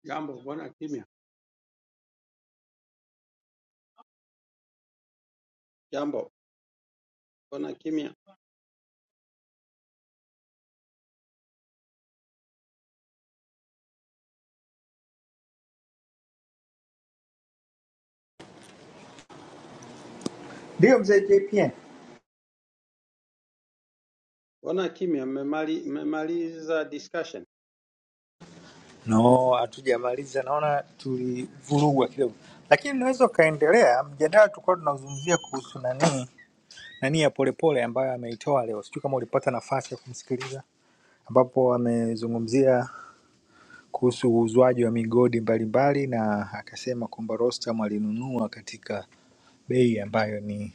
[SPEAKER 9] Jambo, mbona kimya? Jambo, mbona kimya?
[SPEAKER 4] Ndio mzee JPN.
[SPEAKER 9] Mbona kimya? Mmemali, mmemaliza discussion?
[SPEAKER 4] No, hatujamaliza, naona tulivurugwa kidogo, lakini unaweza ukaendelea. Mjadala tulikuwa tunazungumzia kuhusu nani nani ya Polepole ambayo ameitoa leo, sijui kama ulipata nafasi ya kumsikiliza, ambapo amezungumzia kuhusu uuzwaji wa migodi mbalimbali na akasema kwamba Rostam alinunua katika bei ambayo ni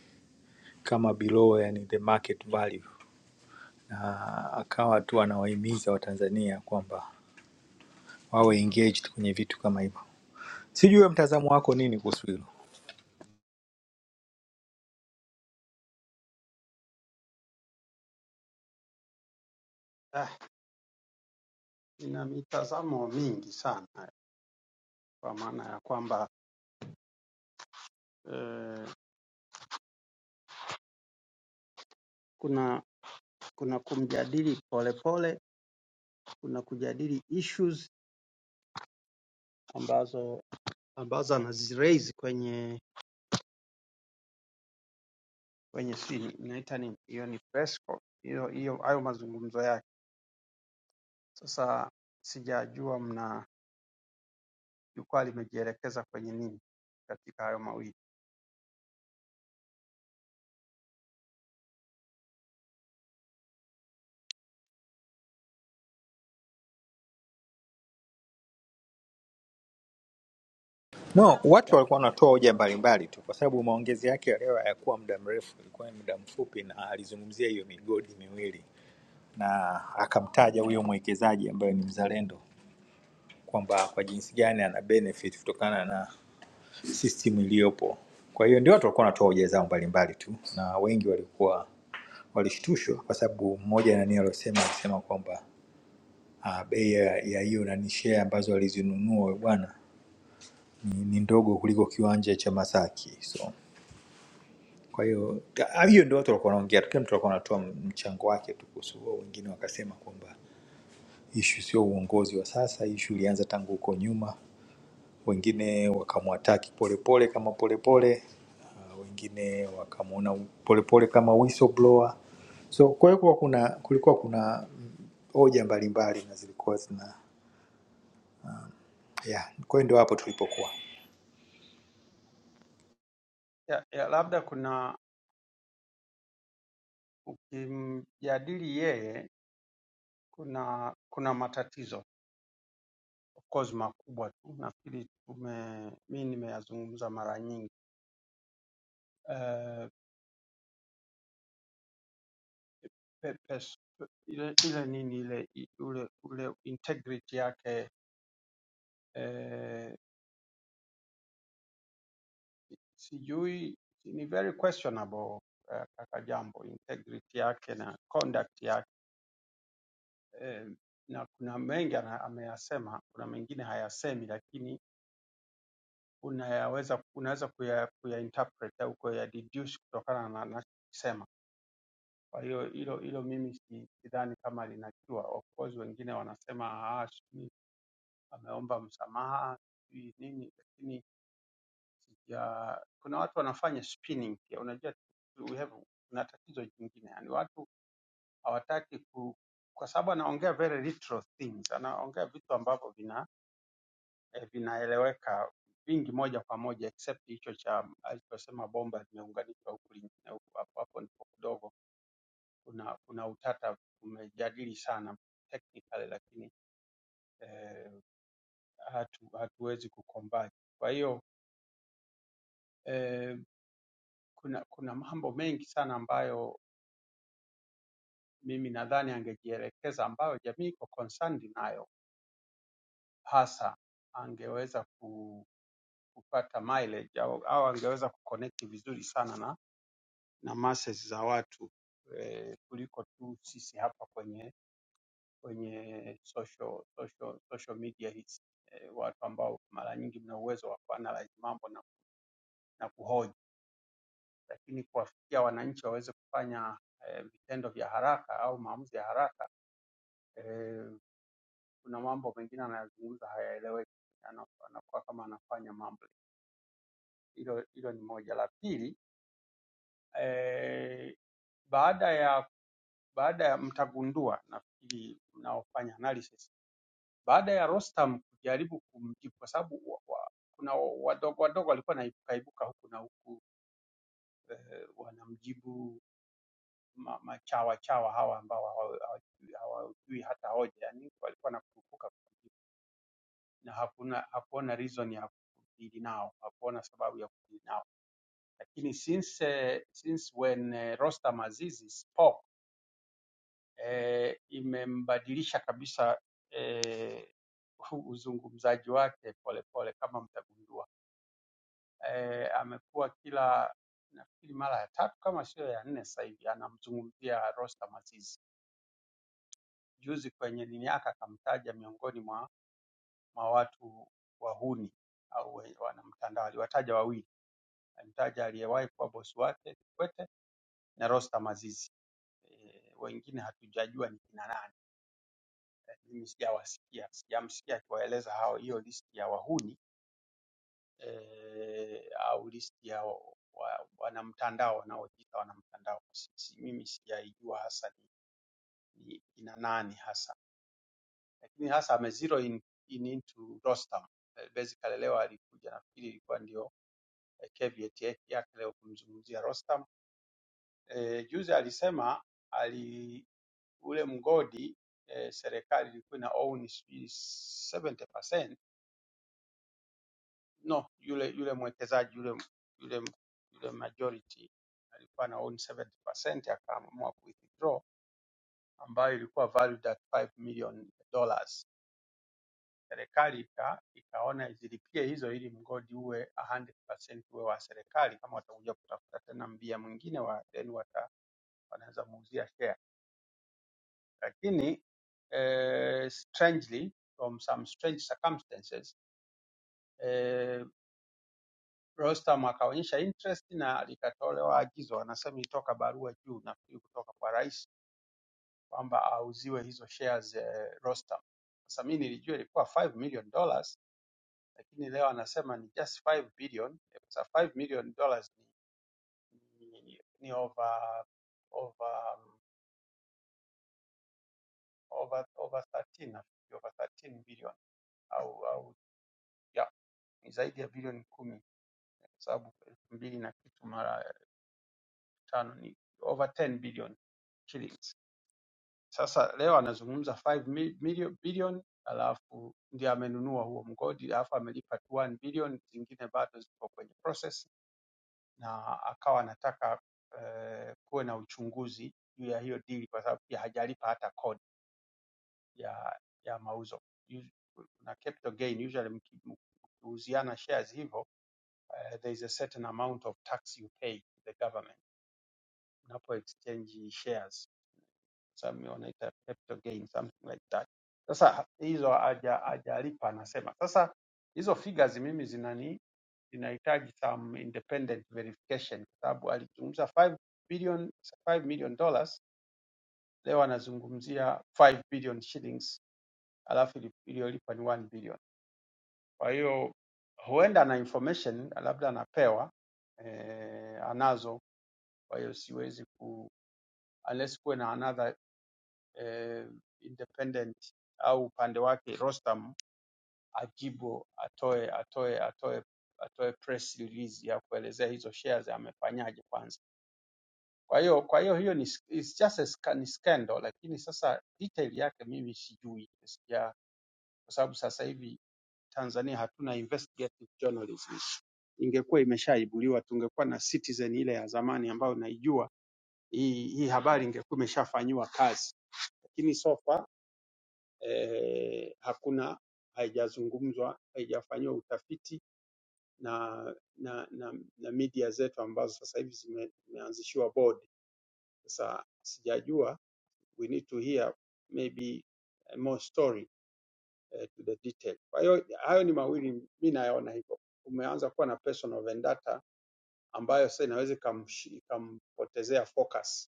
[SPEAKER 4] kama below, yani the market value, na akawa tu anawahimiza Watanzania kwamba wawe engaged kwenye vitu kama hivyo. Sijui wewe mtazamo wako nini kuhusu hilo?
[SPEAKER 9] Ah, ina mitazamo mingi sana kwa maana ya kwamba eh, kuna kuna kumjadili polepole, kuna kujadili issues ambazo ambazo anaziraise kwenye kwenye sini mnaita nini hiyo ni press call. hiyo hiyo hayo mazungumzo yake. Sasa sijajua mna jukwaa limejielekeza kwenye nini katika hayo mawili.
[SPEAKER 4] No, watu walikuwa wanatoa hoja mbalimbali tu, kwa sababu maongezi yake ya leo hayakuwa muda mrefu, ilikuwa ni muda mfupi, na alizungumzia hiyo migodi miwili na akamtaja huyo mwekezaji ambaye ni mzalendo kwamba kwa jinsi gani ana benefit kutokana na system iliyopo. Kwa hiyo ndio watu walikuwa wanatoa hoja zao mbalimbali tu, na wengi walikuwa walishtushwa kwa sababu mmoja nani aliyosema alisema kwamba ah, bei ya ya hiyo nani share ambazo alizinunua huyo bwana ni, ni ndogo kuliko kiwanja cha Masaki so Kwa hiyo ah, hiyo ndio watu walikuwa wanaongea tu, kila mtu alikuwa anatoa mchango wake tu kuhusu huo. Wengine wakasema kwamba ishu sio uongozi wa sasa, ishu ilianza tangu huko nyuma. Wengine wakamwataki Polepole kama Polepole, ah, wengine wakamwona Polepole kama whistleblower. So kwa hiyo kuwa kuna kulikuwa kuna mm, hoja mbalimbali na zilikuwa zina yeah. Kwa hiyo ndio hapo tulipokuwa
[SPEAKER 9] ya, ya labda kuna ukimjadili yeye kuna kuna matatizo of course makubwa tu, nafikiri tume mi nimeyazungumza mara nyingi uh, pe, pes, pe, ile, ile nini ile i- ule, ule integrity yake eh, sijui ni very questionable eh, kaka Jambo, integrity yake na conduct yake eh, na kuna mengi ana- ameyasema, kuna mengine hayasemi lakini unayaweza unaweza kuya, kuyainterpret au kuyadeduce kutokana na anachokisema. Kwa hiyo hilo hilo mimi si- sidhani kama linajua. Of course wengine wanasema ah, sijui ameomba msamaha sijui nini, lakini sija, kuna watu wanafanya spinning pia. Unajua we have kuna tatizo jingine, yani watu hawataki ku, kwa sababu anaongea very literal things, anaongea vitu ambavyo vina eh, vinaeleweka vingi moja kwa moja except hicho cha alichosema bomba limeunganishwa huku lingine huku, hapo hapo ndipo kidogo kuna kuna utata, tumejadili sana technically, lakini eh, hatu, hatuwezi kucombine. Kwa hiyo eh, kuna kuna mambo mengi sana ambayo mimi nadhani angejielekeza, ambayo jamii iko concerned nayo, hasa angeweza ku, kupata mileage au, au angeweza kuconnect vizuri sana na na masses za watu eh, kuliko tu sisi hapa kwenye kwenye social, social, social media hizi eh, watu ambao mara nyingi mna uwezo wa kuanalyze mambo na, na kuhoji, lakini kuwafikia wananchi waweze kufanya eh, vitendo vya haraka au maamuzi ya haraka eh, kuna mambo mengine anayozungumza hayaeleweki, ana- anakuwa kama anafanya mambo hilo. Hilo ni moja. La pili eh, baada ya baada ya mtagundua nafikiri mnaofanya analysis, baada ya Rostam kujaribu kumjibu kwa sababu wa, wa, kuna wa- wadogo wadogo walikuwa naibukaibuka huku na huku eh, wanamjibu ma- machawa chawa hawa ambao hawa- hawajui hawajui hata hoja, yani walikuwa na kurupuka kujibu, na hakuna hakuona reason ya kudili nao, hakuona sababu ya kudili nao, lakini since eh, since when eh, Rostam Aziz spoke eh, imembadilisha kabisa eh, hu- uzungumzaji wake polepole pole, kama mtagundua. Eh, amekuwa kila nafikiri mara ya tatu kama sio ya nne sasa hivi anamzungumzia Rostam Aziz. Juzi kwenye nini yake akamtaja miongoni mwa, mwa watu wahuni au we- wanamtandao, aliwataja wawili, alimtaja aliyewahi kuwa bosi wake Kikwete na Rostam Aziz. Eh, wengine hatujajua ni kina nani mimi sijawasikia, sijamsikia akiwaeleza hao hiyo listi ya wahuni eh, au listi ya wa- wa- wanamtandao wanaojiita wanamtandao. Si- si- Mimi sijaijua hasa ni, ni ina nani hasa, lakini hasa ame zero in, in into Rostam. Eh, Basically leo alikuja, nafikiri ilikuwa ndio eh, caveat yake yake leo kumzungumzia Rostam. Eh, juzi alisema ali ule mgodi eh, serikali ilikuwa ina own sijui 70% no yule yule mwekezaji yule yule yule majority alikuwa ana own 70% akaamua ku withdraw ambayo ilikuwa valued at 5 million dollars. Serikali ika, ikaona zilipie hizo ili mgodi uwe 100% uwe wa serikali, kama watakuja kutafuta tena mbia mwingine wa then wata, wanaweza muuzia share, lakini eh, strangely from some strange circumstances eh, Rostam akaonyesha interest na likatolewa agizo, anasema ilitoka barua juu, nafikiri kutoka kwa rais kwamba auziwe hizo shares eh, Rostam. Sasa mimi nilijua ilikuwa 5 million dollars, lakini leo anasema ni just 5 billion. Eh, Sasa 5 million dollars ni, ni, ni over over um, over over 13 nafikiri over 13 billion au au yeah, ni zaidi ya bilioni kumi kwa sababu elfu mbili na kitu mara eh, tano ni over 10 billion shillings. Sasa leo anazungumza 5 mi- million bilioni, alafu ndio amenunua huo mgodi, alafu amelipa 1 bilioni, zingine bado ziko kwenye process, na akawa anataka eh, kuwe na uchunguzi juu ya hiyo deal, kwa sababu pia hajalipa hata kodi ya ya mauzo Us- na capital gain. Usually mki- mkiuziana shares hivyo, eh, there is a certain amount of tax you pay to the government unapo exchange shares some wanaita capital gain something like that. Sasa hizo haja- hajalipa anasema. Sasa hizo figures mimi zinani zinahitaji some independent verification kwa sababu alizungumza 5 billion 5 million dollars leo anazungumzia 5 billion shillings alafu ili- iliyolipa ni 1 billion. Kwa hiyo huenda na information labda anapewa eh, anazo, kwa hiyo siwezi ku unless kuwe na another eh, independent au upande wake Rostam ajibu atoe atoe atoe atoe press release ya kuelezea hizo shares amefanyaje kwanza. Kwa hiyo kwa hiyo hiyo ni s- it's just a sca- ni scandal, lakini sasa detail yake mimi sijui sija, kwa sababu sasa hivi Tanzania hatuna investigative journalism. Ingekuwa imeshaibuliwa tungekuwa na Citizen ile ya zamani ambayo naijua, hii, hii habari ingekuwa imeshafanyiwa kazi, lakini so far eh, hakuna haijazungumzwa, haijafanyiwa utafiti na, na, na, na media zetu ambazo sasa hivi zime- zimeanzishiwa board. Sasa sijajua, we need to hear maybe eh, more story eh, to the detail. Kwa hiyo hayo ni mawili, mi nayaona hivyo. Umeanza kuwa na personal vendetta ambayo sasa inaweza ikamshi- ikampotezea focus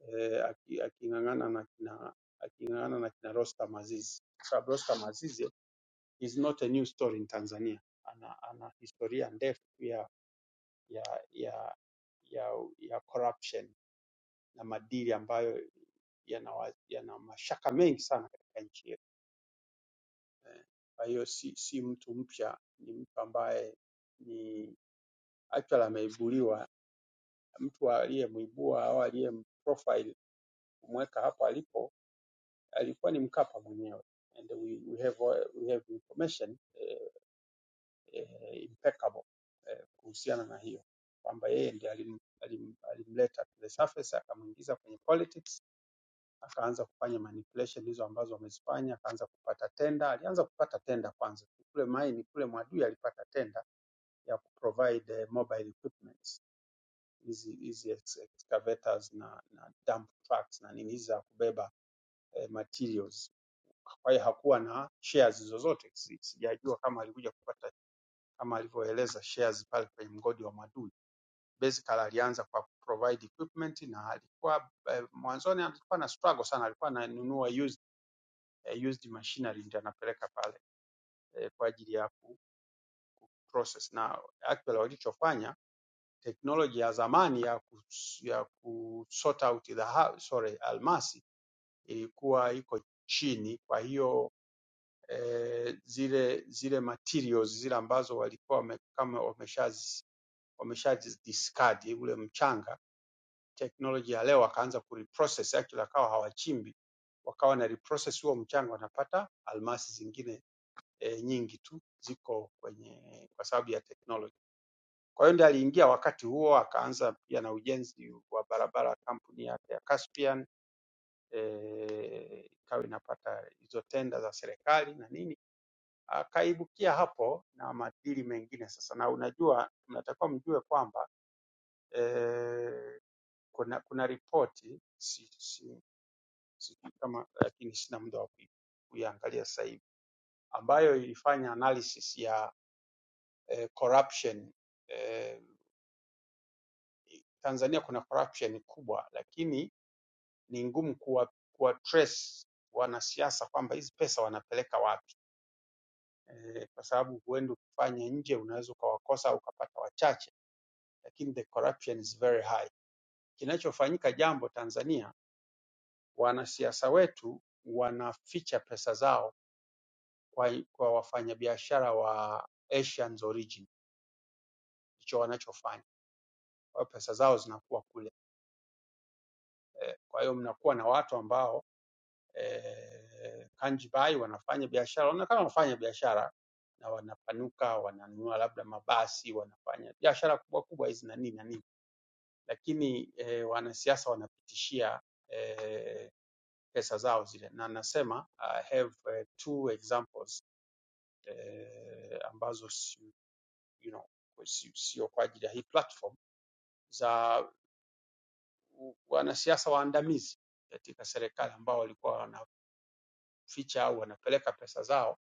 [SPEAKER 9] eh, aki- aking'ang'ana na kina aking'ang'ana na kina Rostam Aziz, kwa sababu Rostam Aziz is not a new story in Tanzania. Ana, ana historia ndefu ya ya ya ya, ya corruption na madili ambayo yana wa- yana mashaka mengi sana katika nchi yetu. Eh, Kwa hiyo si, si mtu mpya, ni mtu ambaye ni actually ameibuliwa. Mtu aliyemuibua au aliyemprofile kumweka hapo alipo alikuwa ni Mkapa mwenyewe and we, we have we have information eh, eh, impeccable eh, kuhusiana na hiyo kwamba yeye ndiye alim, alim, alimleta to the surface akamwingiza kwenye politics, akaanza kufanya manipulation hizo ambazo amezifanya, akaanza kupata tenda. Alianza kupata tenda kwanza kule maini kule, Mwadui alipata tenda ya kuprovide eh, mobile equipments hizi hizi ex- excavators na, na dump trucks na nini hizi za kubeba eh, materials. Kwa hiyo hakuwa na shares zozote, Si- sijajua kama alikuja kupata kama alivyoeleza shares pale kwenye mgodi wa Mwadui. Basically alianza kwa kuprovide equipment na alikuwa eh, mwanzoni alikuwa na struggle sana, alikuwa ananunua used, eh, used machinery ndio anapeleka pale eh, kwa ajili ya ku process na actually walichofanya teknoloji ya zamani ya ku, ya ku sort out dhahabu sorry, almasi ilikuwa iko chini, kwa hiyo eh, zile zile materials zile ambazo walikuwa wame, kama wameshazi wameshadiscard ule mchanga. Teknoloji ya leo wakaanza kureprocess, actually akawa hawachimbi, wakawa na reprocess huo mchanga, wanapata almasi zingine e, nyingi tu ziko kwenye kwa sababu ya teknoloji. Kwa hiyo ndiye aliingia wakati huo, akaanza pia na ujenzi wa barabara kampuni yake ya Caspian eh, ikawa inapata hizo tenda za serikali na nini, akaibukia hapo na madili mengine sasa. Na unajua mnatakiwa mjue kwamba eh, kuna kuna ripoti si, si, sijui kama lakini sina muda wa kui- kuiangalia sasa hivi ambayo ilifanya analysis ya eh, corruption eh, Tanzania kuna corruption kubwa, lakini ni ngumu kuwa, kuwa trace wanasiasa kwamba hizi pesa wanapeleka wapi eh, kwa sababu huenda ukifanya nje unaweza ukawakosa au ukapata wachache, lakini the corruption is very high. Kinachofanyika jambo Tanzania Wanasiasa wetu wanaficha pesa zao kwa, kwa wafanyabiashara wa Asians origin, ndicho wanachofanya. Kwa hiyo pesa zao zinakuwa kule. Eh, Kwa hiyo mnakuwa na watu ambao eh, kanji bai wanafanya biashara, wanaonekana wanafanya biashara na wanapanuka, wananunua labda mabasi, wanafanya biashara kubwa kubwa hizi na nini na nini, lakini eh, wanasiasa wanapitishia eh, pesa zao zile, na nasema I have eh, two examples eh, ambazo si, you know, kwa- si- sio kwa ajili ya hii platform za u- wanasiasa waandamizi katika serikali ambao walikuwa wanaficha au wanapeleka pesa zao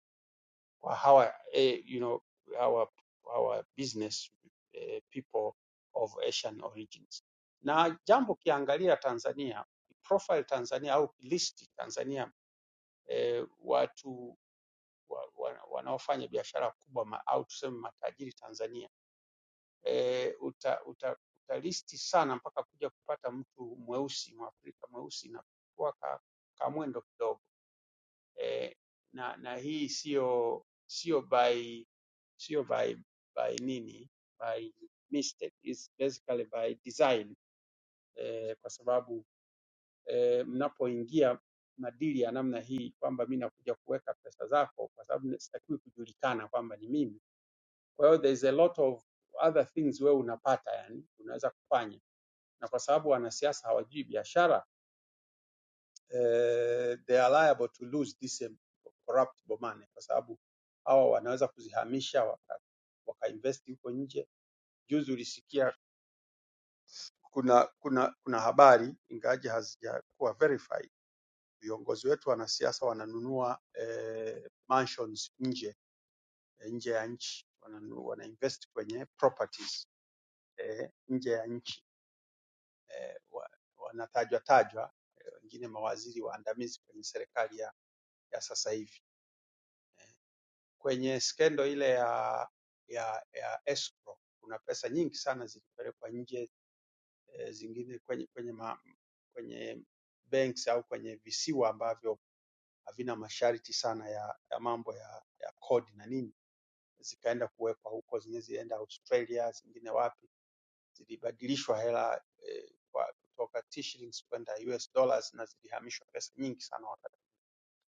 [SPEAKER 9] kwa hawa, eh, you know, hawa, hawa business eh, people of Asian origins. Na jambo ukiangalia Tanzania, profile Tanzania au list Tanzania eh, watu wa, wa, wanaofanya biashara kubwa ma, au tuseme matajiri Tanzania eh, uta, uta, utalisti sana mpaka kuja kupata mtu mweusi mwafrika mweusi na kuwa ka, ka mwendo kidogo eh, na, na hii sio sio by sio by, by nini by mistake It's basically by design eh, kwa sababu eh, mnapoingia madili ya namna hii kwamba mi nakuja kuweka pesa zako kwa sababu sitakiwi kujulikana kwamba ni mimi. Kwa hiyo there is a lot of other things wewe unapata, yani unaweza kufanya na kwa sababu wanasiasa hawajui biashara eh, they are liable to lose this em- corruptible money, kwa sababu hawa wanaweza kuzihamisha waka, wakainvesti huko nje. Juzi ulisikia kuna kuna kuna habari ingawaje hazijakuwa verified, viongozi wetu wanasiasa wananunua eh, mansions nje eh, nje ya nchi wananunua, wanainvest kwenye properties eh, nje ya nchi eh, wa- wanatajwa tajwa, eh, wengine eh, mawaziri waandamizi kwenye serikali ya, ya sasa hivi. Kwenye skendo ile ya ya, ya escrow kuna pesa nyingi sana zilipelekwa nje, eh, zingine kwenye kwenye ma, kwenye banks au kwenye visiwa ambavyo havina masharti sana ya, ya mambo ya, ya kodi na nini, zikaenda kuwekwa huko, zingine zilienda Australia, zingine wapi zilibadilishwa hela eh, kwa kutoka T shillings kwenda US dollars na zilihamishwa pesa nyingi sana wakati.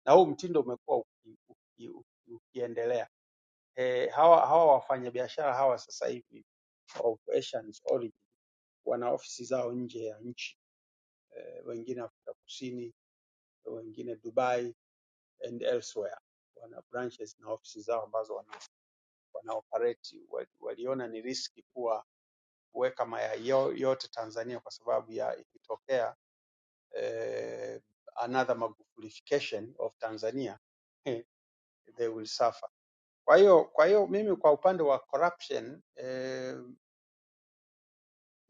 [SPEAKER 9] Na huu mtindo umekuwa uki, uki, uki, ukiendelea. Eh, hawa hawa wafanyabiashara hawa sasa hivi wa operations origin wana ofisi zao nje ya nchi eh, wengine Afrika Kusini, wengine Dubai and elsewhere. Wana branches na ofisi zao ambazo wana, wana operate. Wali- Waliona ni riski kuwa kuweka mayai yao yote Tanzania kwa sababu ya ikitokea eh, another magufulification of Tanzania eh, they will suffer. Kwa hiyo kwa hiyo mimi kwa upande wa corruption eh,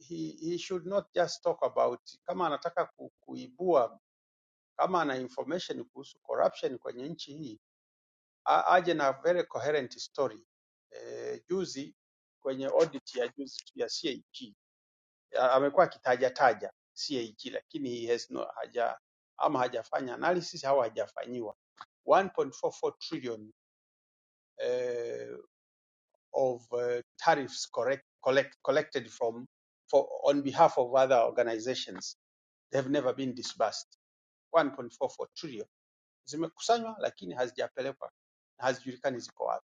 [SPEAKER 9] he, he should not just talk about kama anataka ku, kuibua kama ana information kuhusu corruption kwenye nchi hii a- aje na very coherent story. Eh, juzi kwenye audit ya juzi tu ya CAG a- amekuwa akitajataja CAG lakini he has no, haja ama hajafanya analysis au hajafanyiwa 1.44 trillion eh, of eh, tariffs correct, collect, collected from for, on behalf of other organizations they have never been disbursed 1.44 trillion zimekusanywa lakini hazijapelekwa na hazijulikani ziko wapi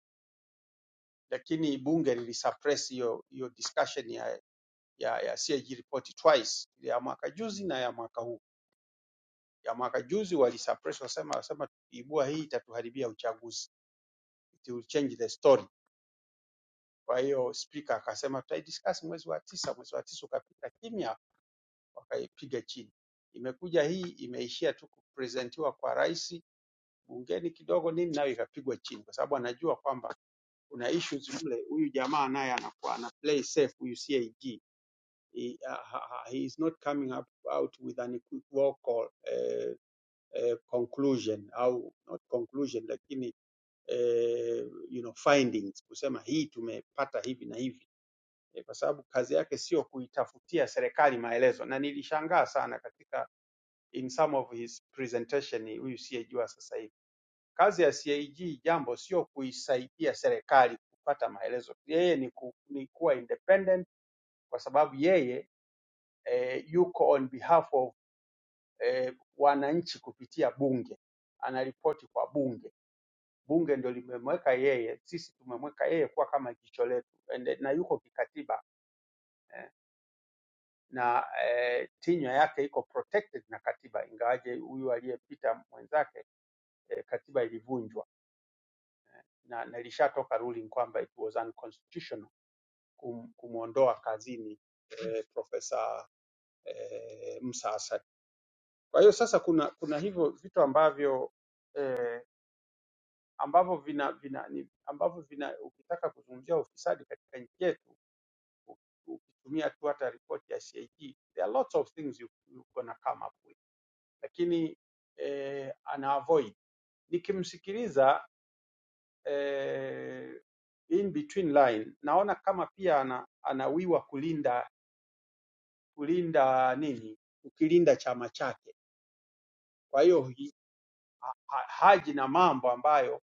[SPEAKER 9] lakini bunge lilisuppress hiyo hiyo discussion ya ya, ya CAG report twice ya mwaka juzi na ya mwaka huu ya mwaka juzi walisuppress, wasema wasema tukiibua hii itatuharibia uchaguzi, it will change the story. Kwa hiyo spika akasema tutaidiscuss mwezi wa tisa. Mwezi wa tisa ukapita kimya, wakaipiga chini. Imekuja hii imeishia tu kupresentiwa kwa rais bungeni kidogo nini, nayo ikapigwa chini, kwa sababu anajua kwamba kuna issues mle. Huyu jamaa naye anakuwa ana play safe, huyu CAG he, uh, he is not coming up out with an equivocal uh, eh, conclusion au not conclusion lakini eh, you know, findings kusema hii tumepata hivi na hivi eh, kwa sababu kazi yake sio kuitafutia serikali maelezo, na nilishangaa sana katika in some of his presentation huyu CAG wa sasa hivi. Kazi ya CAG jambo sio kuisaidia serikali kupata maelezo, yeye ni, ku, ni kuwa independent kwa sababu yeye eh, yuko on behalf of eh, wananchi kupitia bunge, anaripoti kwa bunge bunge ndio limemweka yeye, sisi tumemweka yeye kuwa kama jicho letu Ende- na yuko kikatiba eh, na eh, tinywa yake iko protected na katiba, ingawaje huyu aliyepita mwenzake eh, katiba ilivunjwa na, na ilishatoka ruling kwamba it was unconstitutional kum, kumwondoa kazini eh, profesa eh, Musa Asad. Kwa hiyo sasa kuna kuna hivyo vitu ambavyo eh, ambavyo vina, vina ni, ambavyo vina ukitaka kuzungumzia ufisadi katika nchi yetu ukitumia tu hata ripoti ya CAG, there are lots of things you, you gonna come up with, lakini eh, ana avoid. Nikimsikiliza eh, in between line, naona kama pia ana, anawiwa kulinda kulinda nini, ukilinda chama chake. Kwa hiyo hi- ha, ha, haji na mambo ambayo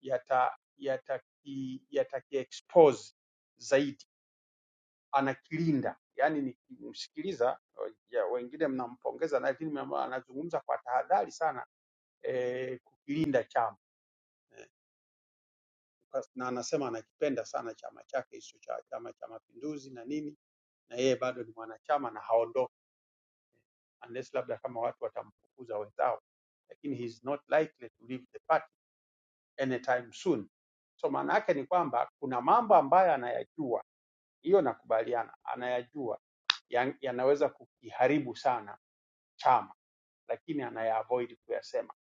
[SPEAKER 9] yata yataki yataki expose zaidi anakilinda. Yaani nikimsikiliza ya, wengine mnampongeza na lakini mnamwa- anazungumza kwa tahadhari sana eh, kukilinda chama Kwa- na anasema anakipenda sana chama chake hicho cha Chama cha Mapinduzi na nini, na yeye bado ni mwanachama na haondoki unless labda kama watu watamfukuza wenzao, lakini he is not likely to leave the party anytime soon. So maana yake ni kwamba kuna mambo ambayo anayajua, hiyo nakubaliana, anayajua yan- yanaweza kukiharibu sana chama lakini anayaavoid kuyasema.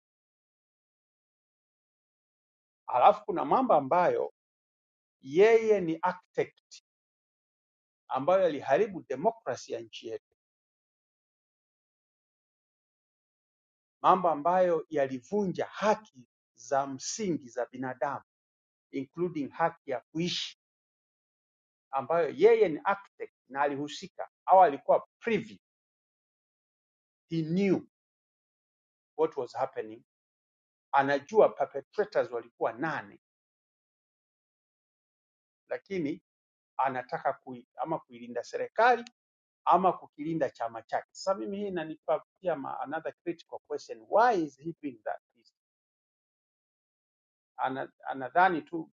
[SPEAKER 9] Halafu kuna mambo ambayo yeye ni architect ambayo yaliharibu demokrasi ya nchi yetu, mambo ambayo yalivunja haki za msingi za binadamu including haki ya kuishi ambayo yeye ni architect na alihusika au alikuwa privy, he knew what was happening, anajua perpetrators walikuwa nane, lakini anataka kui, ama kuilinda serikali ama kukilinda chama chake. Sasa mimi hii inanipa pia ma- another critical question. Why is he doing that? Ana, anadhani tu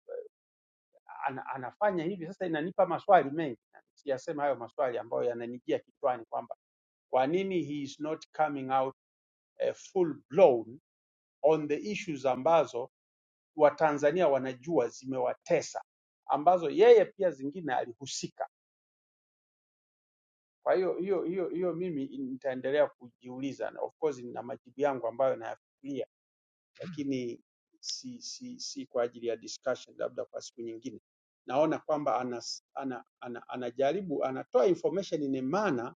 [SPEAKER 9] ana, anafanya hivi. Sasa inanipa maswali mengi, siyasema hayo maswali ambayo yananijia kichwani kwamba kwa nini he is not coming out eh, full blown on the issues ambazo Watanzania wanajua zimewatesa, ambazo yeye pia zingine alihusika. Kwa hiyo hiyo hiyo hiyo mimi nitaendelea kujiuliza, na of course nina majibu yangu ambayo nayafikiria lakini si, si, si kwa ajili ya discussion, labda kwa siku nyingine. Naona kwamba anas, ana, ana, anajaribu anatoa information yenye maana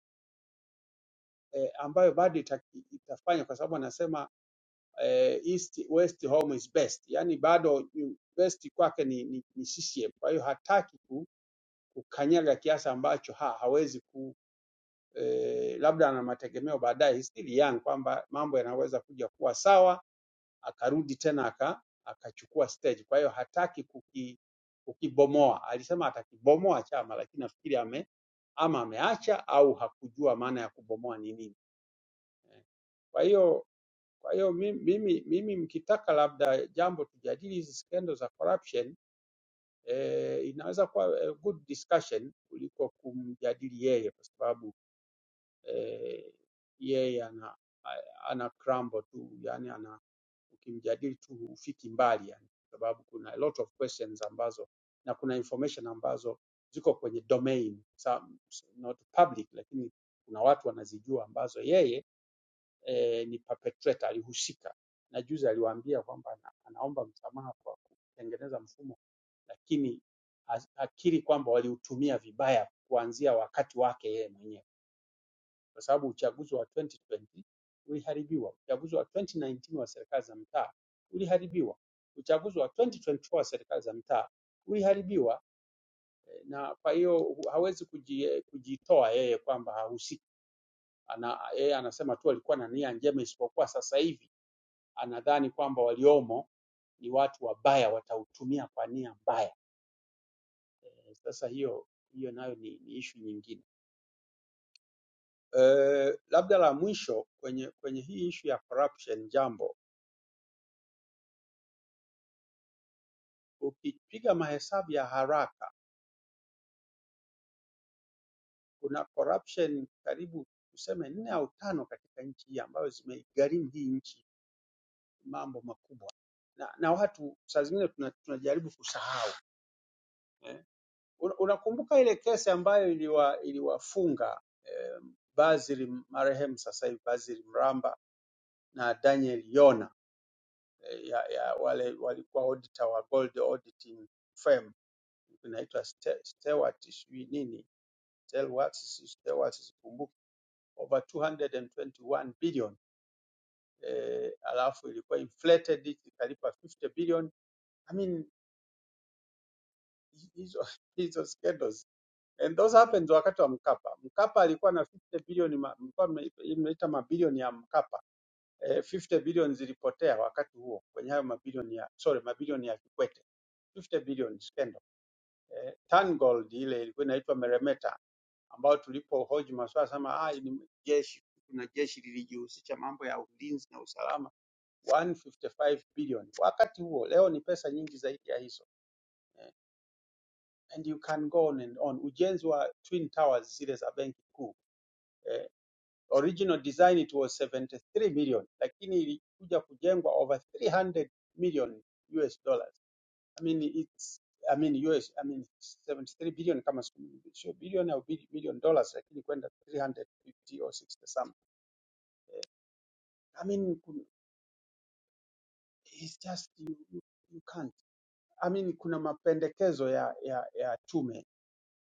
[SPEAKER 9] eh, ambayo bado ita, itafanya kwa sababu anasema eh, east west home is best, yani bado ni- best kwake ni, ni, ni CCM. Kwa hiyo hataki ku, kukanyaga kiasi ambacho ha, hawezi ku eh, labda ana mategemeo baadaye, he's still young, kwamba mambo yanaweza kuja kuwa sawa akarudi tena aka, akachukua stage. Kwa hiyo hataki kuki, kukibomoa. Alisema atakibomoa chama, lakini nafikiri ame, ama ameacha au hakujua maana ya kubomoa ni nini. Eh, Kwa hiyo kwa hiyo mi- mimi, mimi mkitaka labda jambo tujadili hizi skendo za corruption eh, inaweza kuwa a good discussion kuliko kumjadili yeye kwa sababu eh, yeye ana, a- ana crumble tu yani ana ukimjadili tu hufiki mbali yani, kwa sababu kuna a lot of questions ambazo na kuna information ambazo ziko kwenye domain some, not public, lakini kuna watu wanazijua ambazo yeye eh, ni perpetrator, alihusika. Na juzi aliwaambia kwamba ana, anaomba msamaha kwa kutengeneza mfumo, lakini as- akiri kwamba waliutumia vibaya kuanzia wakati wake yeye mwenyewe kwa sababu uchaguzi wa 2020 uliharibiwa, uchaguzi wa 2019 wa serikali za mtaa uliharibiwa, uchaguzi wa 2024 wa serikali za mtaa uliharibiwa, eh, na kwa hiyo hawezi kuji- kujitoa yeye kwamba hahusiki. Ana, yeye anasema tu alikuwa na nia njema, isipokuwa sasa hivi anadhani kwamba waliomo ni watu wabaya, watautumia kwa nia mbaya. Eh, Sasa hiyo hiyo nayo ni, ni ishu nyingine. Eh, labda la mwisho kwenye kwenye hii ishu ya corruption jambo Ukipiga mahesabu ya haraka kuna corruption karibu tuseme nne au tano katika nchi hii ambayo zimeigharimu hii nchi mambo makubwa na, na watu saa zingine tuna- tunajaribu kusahau eh. Una- Unakumbuka ile kesi ambayo iliwa, iliwafunga eh, Basil marehemu sasa hivi Basil Mramba na Daniel Yona eh, ya, ya wale walikuwa auditor wa gold auditing firm inaitwa Ste- Stewart sijui nini Stelwarts, si Stewart sikumbuki over 221 billion eh, alafu ilikuwa inflated ikalipa 50 billion. I mean hi- hizo hizo scandals and those happened wakati wa Mkapa. Mkapa alikuwa na 50 billion, ma- mlikuwa mme- mnaita mabilioni ya Mkapa eh, 50 billion zilipotea wakati huo kwenye hayo mabilioni ya sorry, mabilioni ya Kikwete 50 billion scandal. Eh, Tangold ile ilikuwa inaitwa Meremeta ambayo tulipohoji maswala sema ah, ni jeshi kuna jeshi lilijihusisha mambo ya ulinzi na usalama 155 billion. Wakati huo leo ni pesa nyingi zaidi ya hizo eh, and you can go on and on. Ujenzi wa Twin Towers zile za benki kuu eh, original design it was 73 million, lakini ilikuja kujengwa over 300 million US dollars. I mean it's I mean US I mean 73 billion kama siku- sio bilioni au bili- million dollars, lakini kwenda 350 or 60 something. I mean kun- it's just you, you, you can't amini kuna mapendekezo ya, ya, ya tume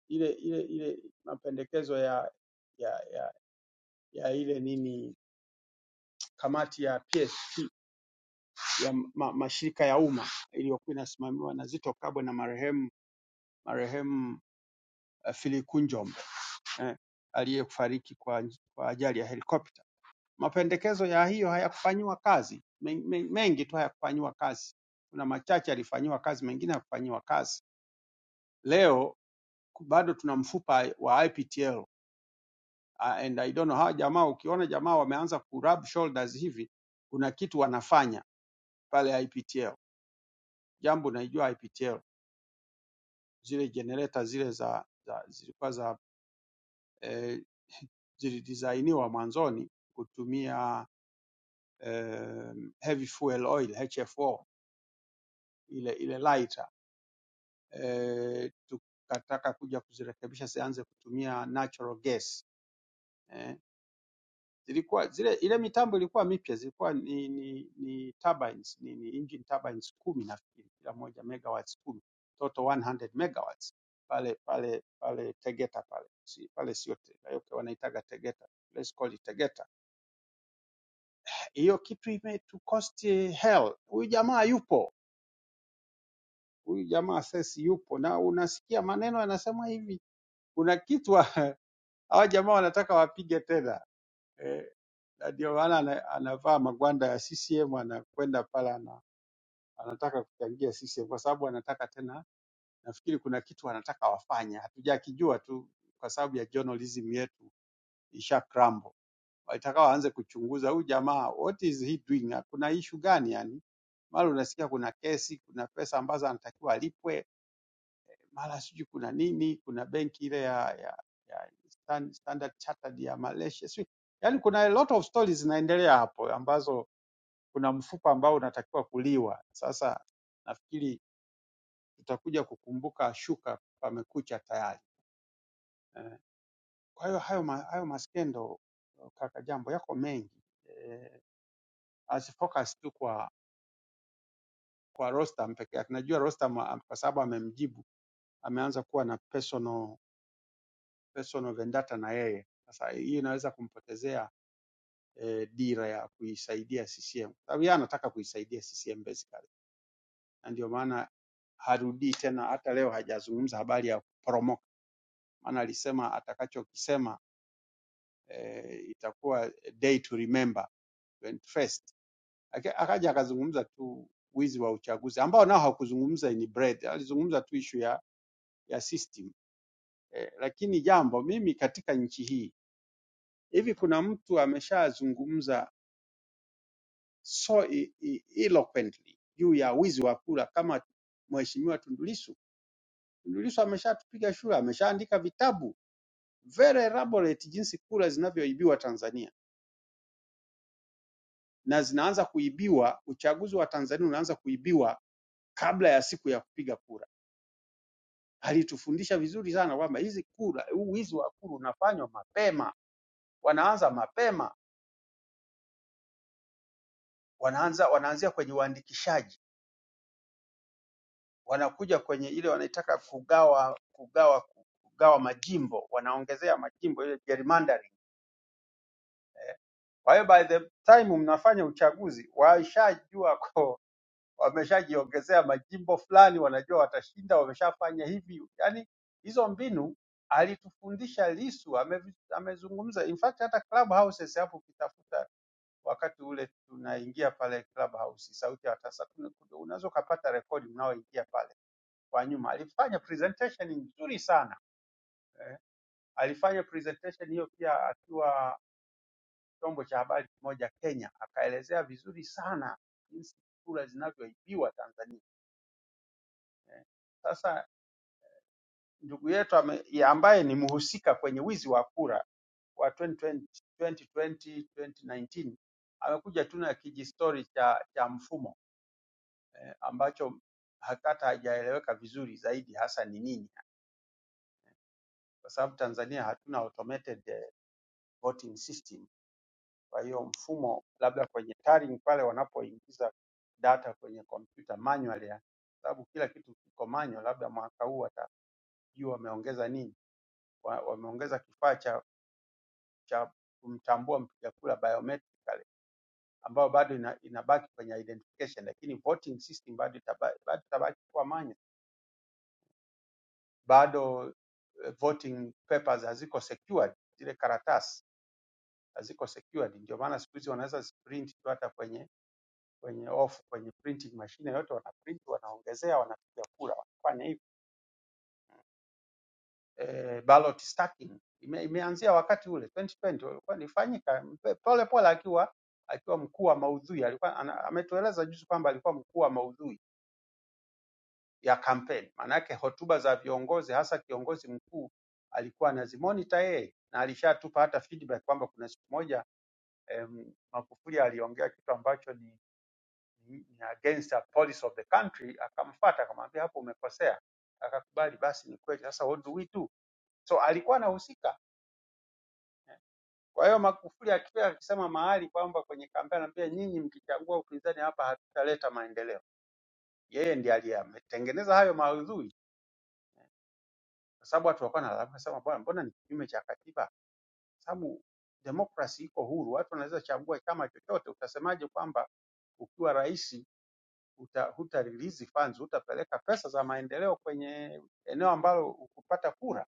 [SPEAKER 9] ile ile ile mapendekezo ya, ya, ya, ya ile nini kamati ya PSC ya ma, mashirika ya umma iliyokuwa inasimamiwa na Zito Kabwe na marehemu marehemu uh, Phili Kunjombe eh, aliyefariki kwa, kwa ajali ya helikopta. Mapendekezo ya hiyo hayakufanyiwa kazi, men, men, mengi tu hayakufanyiwa kazi. Kuna machache yalifanyiwa kazi, mengine hayakufanyiwa kazi. Leo bado tuna mfupa wa IPTL uh, and I don't know hawa jamaa, ukiona jamaa wameanza kurub shoulders hivi, kuna kitu wanafanya pale IPTL. Jambo naijua IPTL, zile generator zile za, za zilikuwa za eh, zilidesainiwa mwanzoni kutumia eh, heavy fuel oil HFO, ile ile lighter eh, tukataka kuja kuzirekebisha zianze kutumia natural gas Eh, zilikuwa zile ile mitambo ilikuwa mipya, zilikuwa ni, ni, ni turbines, ni, ni engine turbines kumi nafikiri, kila moja megawatts kumi total 100 megawatts pale pale pale Tegeta pale si, pale sio Tegeta, okay, wanaitaga Tegeta, let's call it Tegeta. Hiyo kitu imetucost hell. Huyu jamaa yupo, huyu jamaa sesi yupo, na unasikia maneno yanasema hivi, kuna kitu wa- hawa jamaa wanataka wapige tena. Eh, Na Ndio maana ana, anavaa magwanda ya CCM anakwenda pale ana, anataka kuchangia CCM kwa sababu anataka tena, nafikiri kuna kitu anataka wafanye, hatujakijua tu kwa sababu ya journalism yetu isha crumble. Walitaka waanze kuchunguza huyu jamaa, what is he doing? Kuna issue gani yani? Mara unasikia kuna kesi, kuna pesa ambazo anatakiwa alipwe, mara sijui kuna nini, kuna benki ile ya, ya, ya Stan- Standard Chartered ya Malaysia sijui, yani kuna a lot of stories zinaendelea hapo ambazo kuna mfupa ambao unatakiwa kuliwa. Sasa nafikiri tutakuja kukumbuka shuka pamekucha tayari. Eh, Kwa hiyo hayo, ma, hayo maskendo eh, kaka jambo yako mengi eh, asifocus tu kwa kwa Rostam peke yake. Najua Rostam ah, kwa sababu amemjibu ameanza kuwa na personal personal vendetta na yeye. Sasa hii inaweza kumpotezea eh, dira ya kuisaidia CCM. Sababu yeye anataka kuisaidia CCM basically. Na ndio maana harudii tena. Hata leo hajazungumza habari ya kuporomoka, maana alisema atakachokisema eh, itakuwa day to remember 21st. Aka- Akaja akazungumza tu wizi wa uchaguzi ambao nao hakuzungumza ni bread, alizungumza tu ishu ya, ya system eh, lakini jambo mimi katika nchi hii hivi kuna mtu ameshazungumza so e- e- eloquently juu ya wizi wa kura kama Mheshimiwa Tundu Lissu? Tundu Lissu ameshatupiga shule, ameshaandika vitabu very elaborate jinsi kura zinavyoibiwa Tanzania na zinaanza kuibiwa, uchaguzi wa Tanzania unaanza kuibiwa kabla ya siku ya kupiga kura. Alitufundisha vizuri sana kwamba hizi kura, huu wizi wa kura unafanywa mapema, wanaanza mapema, wanaanza wanaanzia kwenye uandikishaji, wanakuja kwenye ile wanaitaka kugawa kugawa kugawa majimbo, wanaongezea majimbo ile gerrymandering. Kwa hiyo by the time mnafanya uchaguzi, waishajua kwa wameshajiongezea majimbo fulani, wanajua watashinda, wameshafanya hivi. Yaani hizo mbinu alitufundisha Lisu, amevi- amezungumza. In fact hata Clubhouses hapo ukitafuta wakati ule tunaingia pale Clubhouse, sauti ya tasa, tuna- unaweza ukapata rekodi mnaoingia pale kwa nyuma. Alifanya presentation nzuri sana eh. Alifanya presentation hiyo pia akiwa chombo cha habari kimoja Kenya, akaelezea vizuri sana jinsi kura zinavyoibiwa Tanzania eh. Sasa ndugu yetu ame, ya ambaye ni mhusika kwenye wizi wa kura wa 2020, 2020 2019 amekuja tu na kijistori cha, cha mfumo eh, ambacho hata hajaeleweka vizuri zaidi hasa ni nini, kwa sababu Tanzania hatuna automated eh, voting system. Kwa hiyo mfumo labda kwenye tallying pale wanapoingiza data kwenye kompyuta manually, ya- sababu kila kitu kiko manual, labda mwaka huu watajua wameongeza nini, wa- wameongeza kifaa cha cha kumtambua mpiga kura biometrically ambayo bado ina, inabaki kwenye identification, lakini voting system bado itaba- bado itabaki kuwa manya, bado eh, voting papers haziko secured, zile karatasi haziko secured. Ndio maana siku hizi wanaweza print tu hata kwenye kwenye off kwenye printing machine yote, wanaprint wanaongezea, wanapiga kura, wanafanya hivyo. eh, ballot stacking ime, imeanzia wakati ule 2020 ulikuwa nifanyika mpe- pole pole akiwa akiwa mkuu wa maudhui alikuwa ana, ametueleza juzi kwamba alikuwa mkuu wa maudhui ya kampeni. Maana yake hotuba za viongozi hasa kiongozi mkuu alikuwa anazimonita yeye na alishatupa hata feedback kwamba kuna siku moja em, Magufuli aliongea kitu ambacho ni, ni, ni against the policy of the country, akamfuata akamwambia hapo umekosea, akakubali. Basi ni kweli. Sasa what do we do? So alikuwa anahusika Kwa hiyo Magufuli akifika akisema mahali kwamba kwenye kampeni anambia nyinyi mkichagua upinzani hapa hatutaleta maendeleo, yeye ndiye aliyetengeneza hayo maudhui, kwa sababu watu walikuwa wanalalamika sema, bwana, mbona ni kinyume cha katiba? Sababu demokrasi iko huru, watu wanaweza chagua chama chochote. Utasemaje kwamba ukiwa rais uta, huta release funds, hutapeleka pesa za maendeleo kwenye eneo ambalo hukupata kura?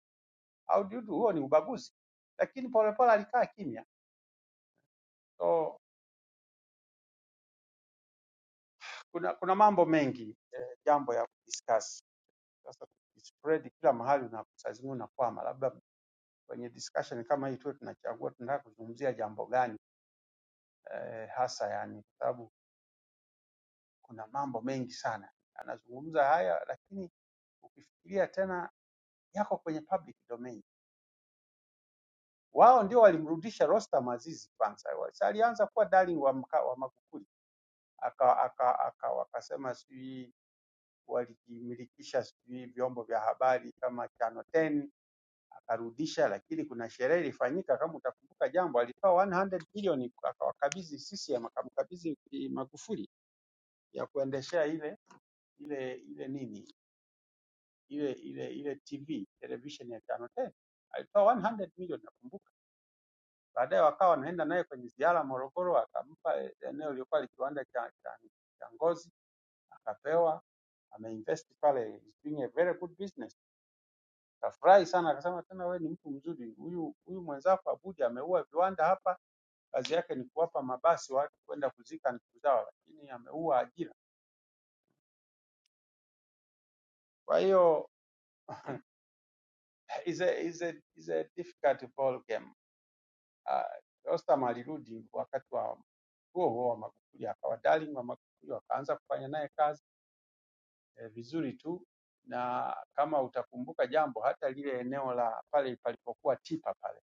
[SPEAKER 9] Au dudu, huo ni ubaguzi. Lakini Polepole alikaa kimya so Kuna, kuna mambo mengi eh, jambo ya kudiscuss. Sasa spread kila mahali na saa zingine unakwama, labda kwenye discussion kama hii tuwe tunachagua tunataka kuzungumzia jambo gani eh, hasa yani, kwa sababu kuna mambo mengi sana anazungumza haya, lakini ukifikiria tena yako kwenye public domain. Wao ndio walimrudisha Rostam Aziz kwanza, Sasa alianza kuwa darling wa, mka, wa Magufuli aka, aka, aka, wakasema sijui walijimilikisha sijui vyombo vya habari kama Channel 10 arudisha lakini kuna sherehe ilifanyika kama utakumbuka jambo alipewa 100 bilioni akawakabidhi CCM akamkabidhi eh, Magufuli ya kuendeshea ile ile ile nini ile ile ile TV television ya Channel 10 alipewa 100 milioni nakumbuka baadaye wakawa wanaenda naye kwenye ziara Morogoro akampa eh, eneo lilikuwa ni kiwanda cha, cha, cha ngozi akapewa ameinvest pale is doing a very good business kafurahi sana akasema tena wewe ni mtu mzuri huyu huyu mwenzako Abuja ameua viwanda hapa kazi yake ni kuwapa mabasi watu kwenda kuzika ndugu zao, lakini ameua ajira. Kwa hiyo is a, is a, is a difficult ball game. Uh, Rostam alirudi wakati wa huo huo wa Magufuli, akawa darling wa Magufuli, wakaanza kufanya naye kazi eh, vizuri tu, na kama utakumbuka jambo, hata lile eneo la pale palipokuwa tipa pale,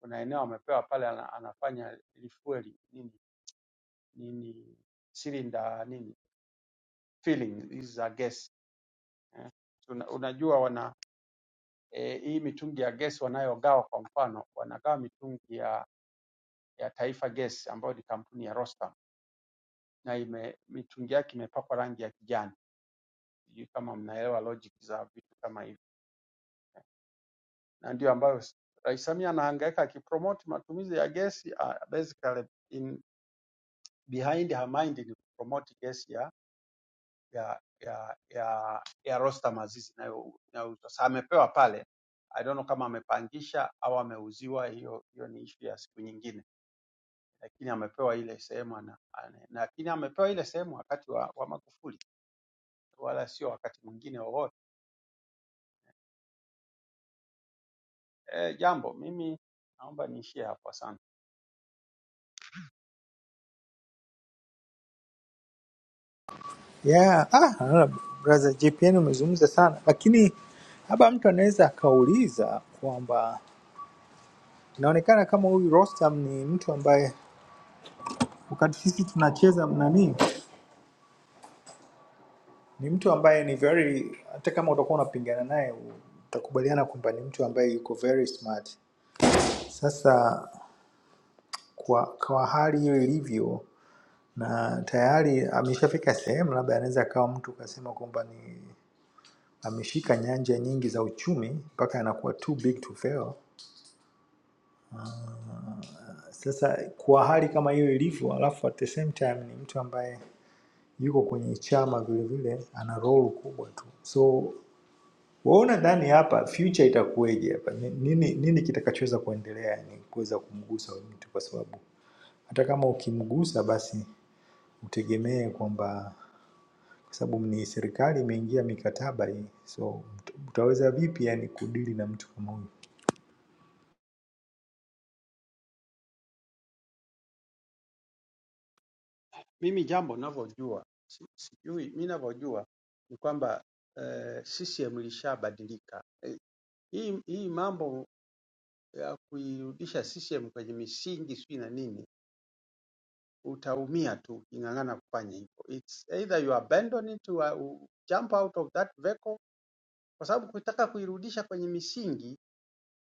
[SPEAKER 9] kuna eneo amepewa pale, ana, anafanya refueling nini nini silinda nini filling hizi za gesi eh. Una, unajua wana e, hii mitungi ya gesi wanayogawa, kwa mfano wanagawa mitungi ya, ya Taifa Gesi ambayo ni kampuni ya Rostam na ime, mitungi yake imepakwa rangi ya kijani. Sijui kama mnaelewa logic za vitu kama hivi, na ndio ambayo s- Rais Samia anahangaika akipromote matumizi ya gesi uh, basically in behind her mind ni kupromote gesi ya ya ya ya, ya Rostam Azizi inayo- inayouzwa. Sasa amepewa pale, I don't know kama amepangisha au ameuziwa, hiyo hiyo ni issue ya siku nyingine lakini amepewa ile sehemu ana, ana, lakini amepewa ile sehemu wakati wa, wa Magufuli wala sio wakati mwingine wowote. E, jambo mimi naomba niishie hapo, asante.
[SPEAKER 4] yeah. Ah, naona brother JPN umezungumza sana, lakini haba mtu anaweza akauliza kwamba Inaonekana kama huyu Rostam ni mtu ambaye wakati sisi tunacheza nani, ni mtu ambaye ni very, hata kama utakuwa unapingana naye utakubaliana kwamba ni mtu ambaye yuko very smart. Sasa kwa, kwa hali hiyo ilivyo na tayari ameshafika sehemu, labda anaweza akawa mtu ukasema kwamba ni ameshika nyanja nyingi za uchumi mpaka anakuwa too big to fail. Sasa kwa hali kama hiyo ilivyo, alafu at the same time ni mtu ambaye yuko kwenye chama vilevile, ana role kubwa tu. So waona ndani hapa future itakuweje hapa, Ni- nini, nini kitakachoweza kuendelea, ni kuweza kumgusa huyu mtu, kwa sababu hata kama ukimgusa, basi utegemee kwamba kwa sababu ni serikali imeingia mikataba hii, so mta- utaweza vipi yani kudili na mtu kama huyu?
[SPEAKER 9] Mimi jambo ninavyojua si- sijui, mimi ninavyojua ni kwamba eh, CCM ilishabadilika. Eh, hii, hii mambo ya kuirudisha CCM kwenye misingi sijui na nini, utaumia tu uking'ang'ana kufanya hivyo. It's either you abandon it, you are- you jump out of that vehicle, kwa sababu kutaka kuirudisha kwenye misingi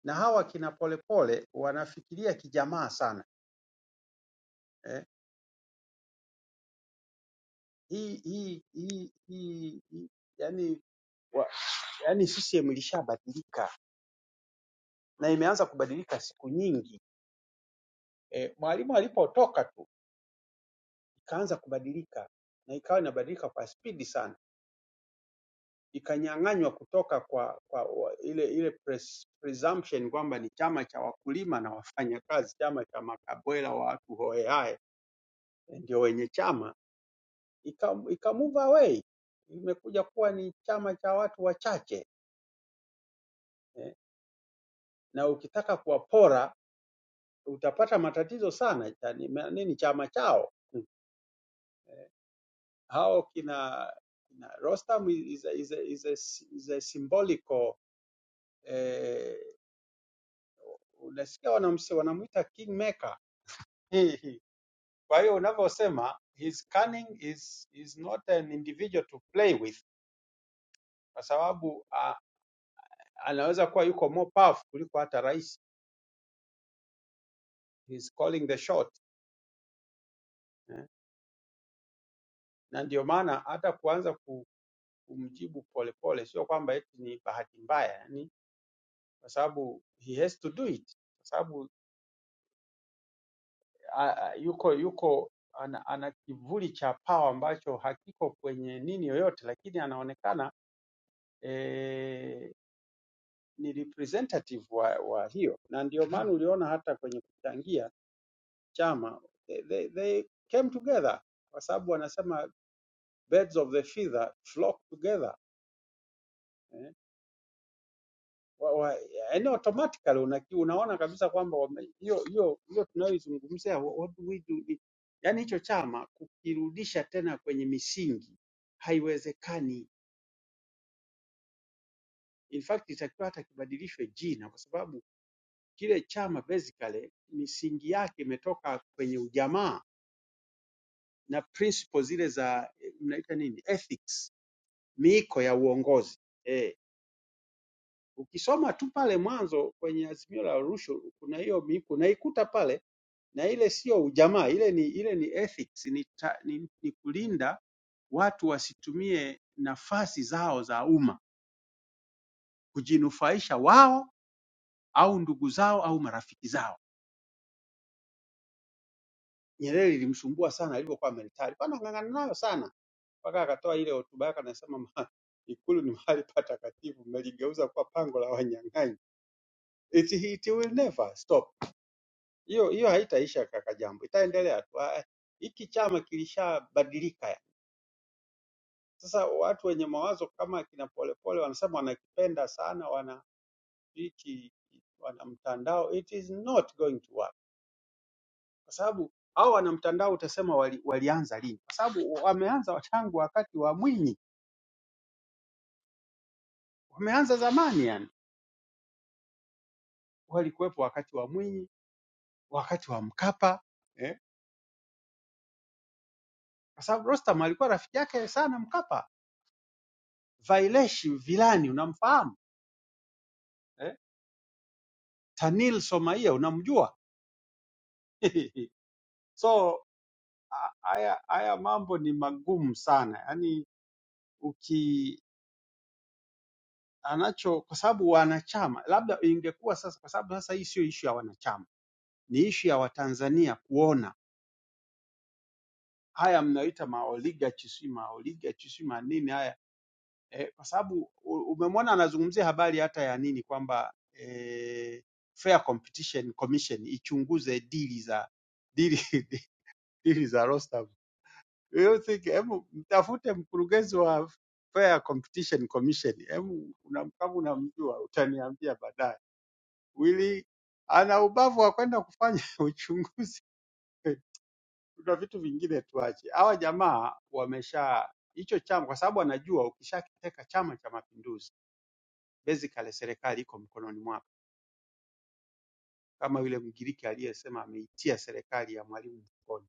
[SPEAKER 9] na hawa kina Polepole wanafikiria kijamaa sana eh. Hii hii hii hii hii- yani, wa, yani CCM ilishabadilika na imeanza kubadilika siku nyingi eh, Mwalimu alipotoka tu ikaanza kubadilika na ikawa inabadilika kwa spidi sana, ikanyang'anywa kutoka kwa, kwa wa, ile ile pres, presumption kwamba ni chama cha wakulima na wafanyakazi, chama cha makabwela wa watu hohehahe ndio wenye chama ika, ika move away, imekuja kuwa ni chama cha watu wachache eh, na ukitaka kuwapora utapata matatizo sana. cha- ni- ma- Nini chama chao Mm. hao kina, kina Rostam is a, is a, is a, is a symbolical eh, unasikia wanamse- wanamuita kingmaker kwa hiyo unavyosema his cunning is, is not an individual to play with kwa sababu uh, anaweza kuwa yuko more powerful kuliko hata rais. He's calling the shot. eh. Na ndio maana hata kuanza ku- kumjibu polepole sio kwamba eti ni bahati mbaya, yani kwa sababu he has to do it, kwa sababu a- a- yuko yuko ana, ana kivuli cha pawa ambacho hakiko kwenye nini yoyote, lakini anaonekana eh, ni representative wa, wa hiyo, na ndio maana uliona hata kwenye kuchangia chama they, they, they came together kwa sababu wanasema birds of the feather flock together eh. wa, wa, yani automatically una, unaona kabisa kwamba wame- hiyo hiyo hiyo tunayoizungumzia wha- what do we do ni- yani hicho chama kukirudisha tena kwenye misingi haiwezekani. In fact itakiwa hata kibadilishwe jina, kwa sababu kile chama basically misingi yake imetoka kwenye ujamaa na principles zile za eh, mnaita nini ethics, miiko ya uongozi eh. Ukisoma tu pale mwanzo kwenye Azimio la Arusha kuna hiyo miiko unaikuta pale na ile sio ujamaa, ile ni ile ni ethics, ni, ta, ni, ni kulinda watu wasitumie nafasi zao za umma kujinufaisha wao au ndugu zao au marafiki zao. Nyerere ilimsumbua sana alipokuwa militari, bana ng'ang'ana nayo sana mpaka akatoa ile hotuba yake, anasema "Ma- Ikulu ni mahali patakatifu, mmeligeuza kuwa pango la wanyang'anyi. It, it will never stop. Hiyo hiyo haitaisha kaka Jambo, itaendelea tu. Ah, Hiki chama kilishabadilika Sasa watu wenye mawazo kama kina Polepole wanasema wanakipenda sana, wana hiki wana mtandao, it is not going to work, kwa sababu hao wana mtandao utasema wali, walianza lini? Kwa sababu wameanza tangu wakati wa Mwinyi, wameanza zamani, yani walikuwepo wakati wa Mwinyi, wakati wa Mkapa eh? kwa sababu Rostam alikuwa rafiki yake sana Mkapa. Vailesh Vilani unamfahamu eh? Tanil Somaia unamjua so haya haya mambo ni magumu sana yaani uki anacho kwa sababu wanachama labda ingekuwa sasa, kwa sababu sasa hii sio ishu ya wanachama, ni ishu ya Watanzania kuona haya mnayoita maoligachi, si maoligachi, si manini haya eh, kwa sababu u- umemwona anazungumzia habari hata ya nini kwamba eh, Fair Competition Commission ichunguze dili za dili, dili za Rostam Yoyote, hebu mtafute mkurugenzi wa Fair Competition Commission, hebu una- kama unamjua utaniambia baadaye. Wili ana ubavu wa kwenda kufanya uchunguzi, kuna vitu vingine tuache. Hawa jamaa wamesha hicho chama, kwa sababu anajua ukishakiteka Chama cha Mapinduzi, basically serikali iko mkononi mwako, kama yule Mgiriki aliyesema ameitia serikali ya mwalimu mfukoni,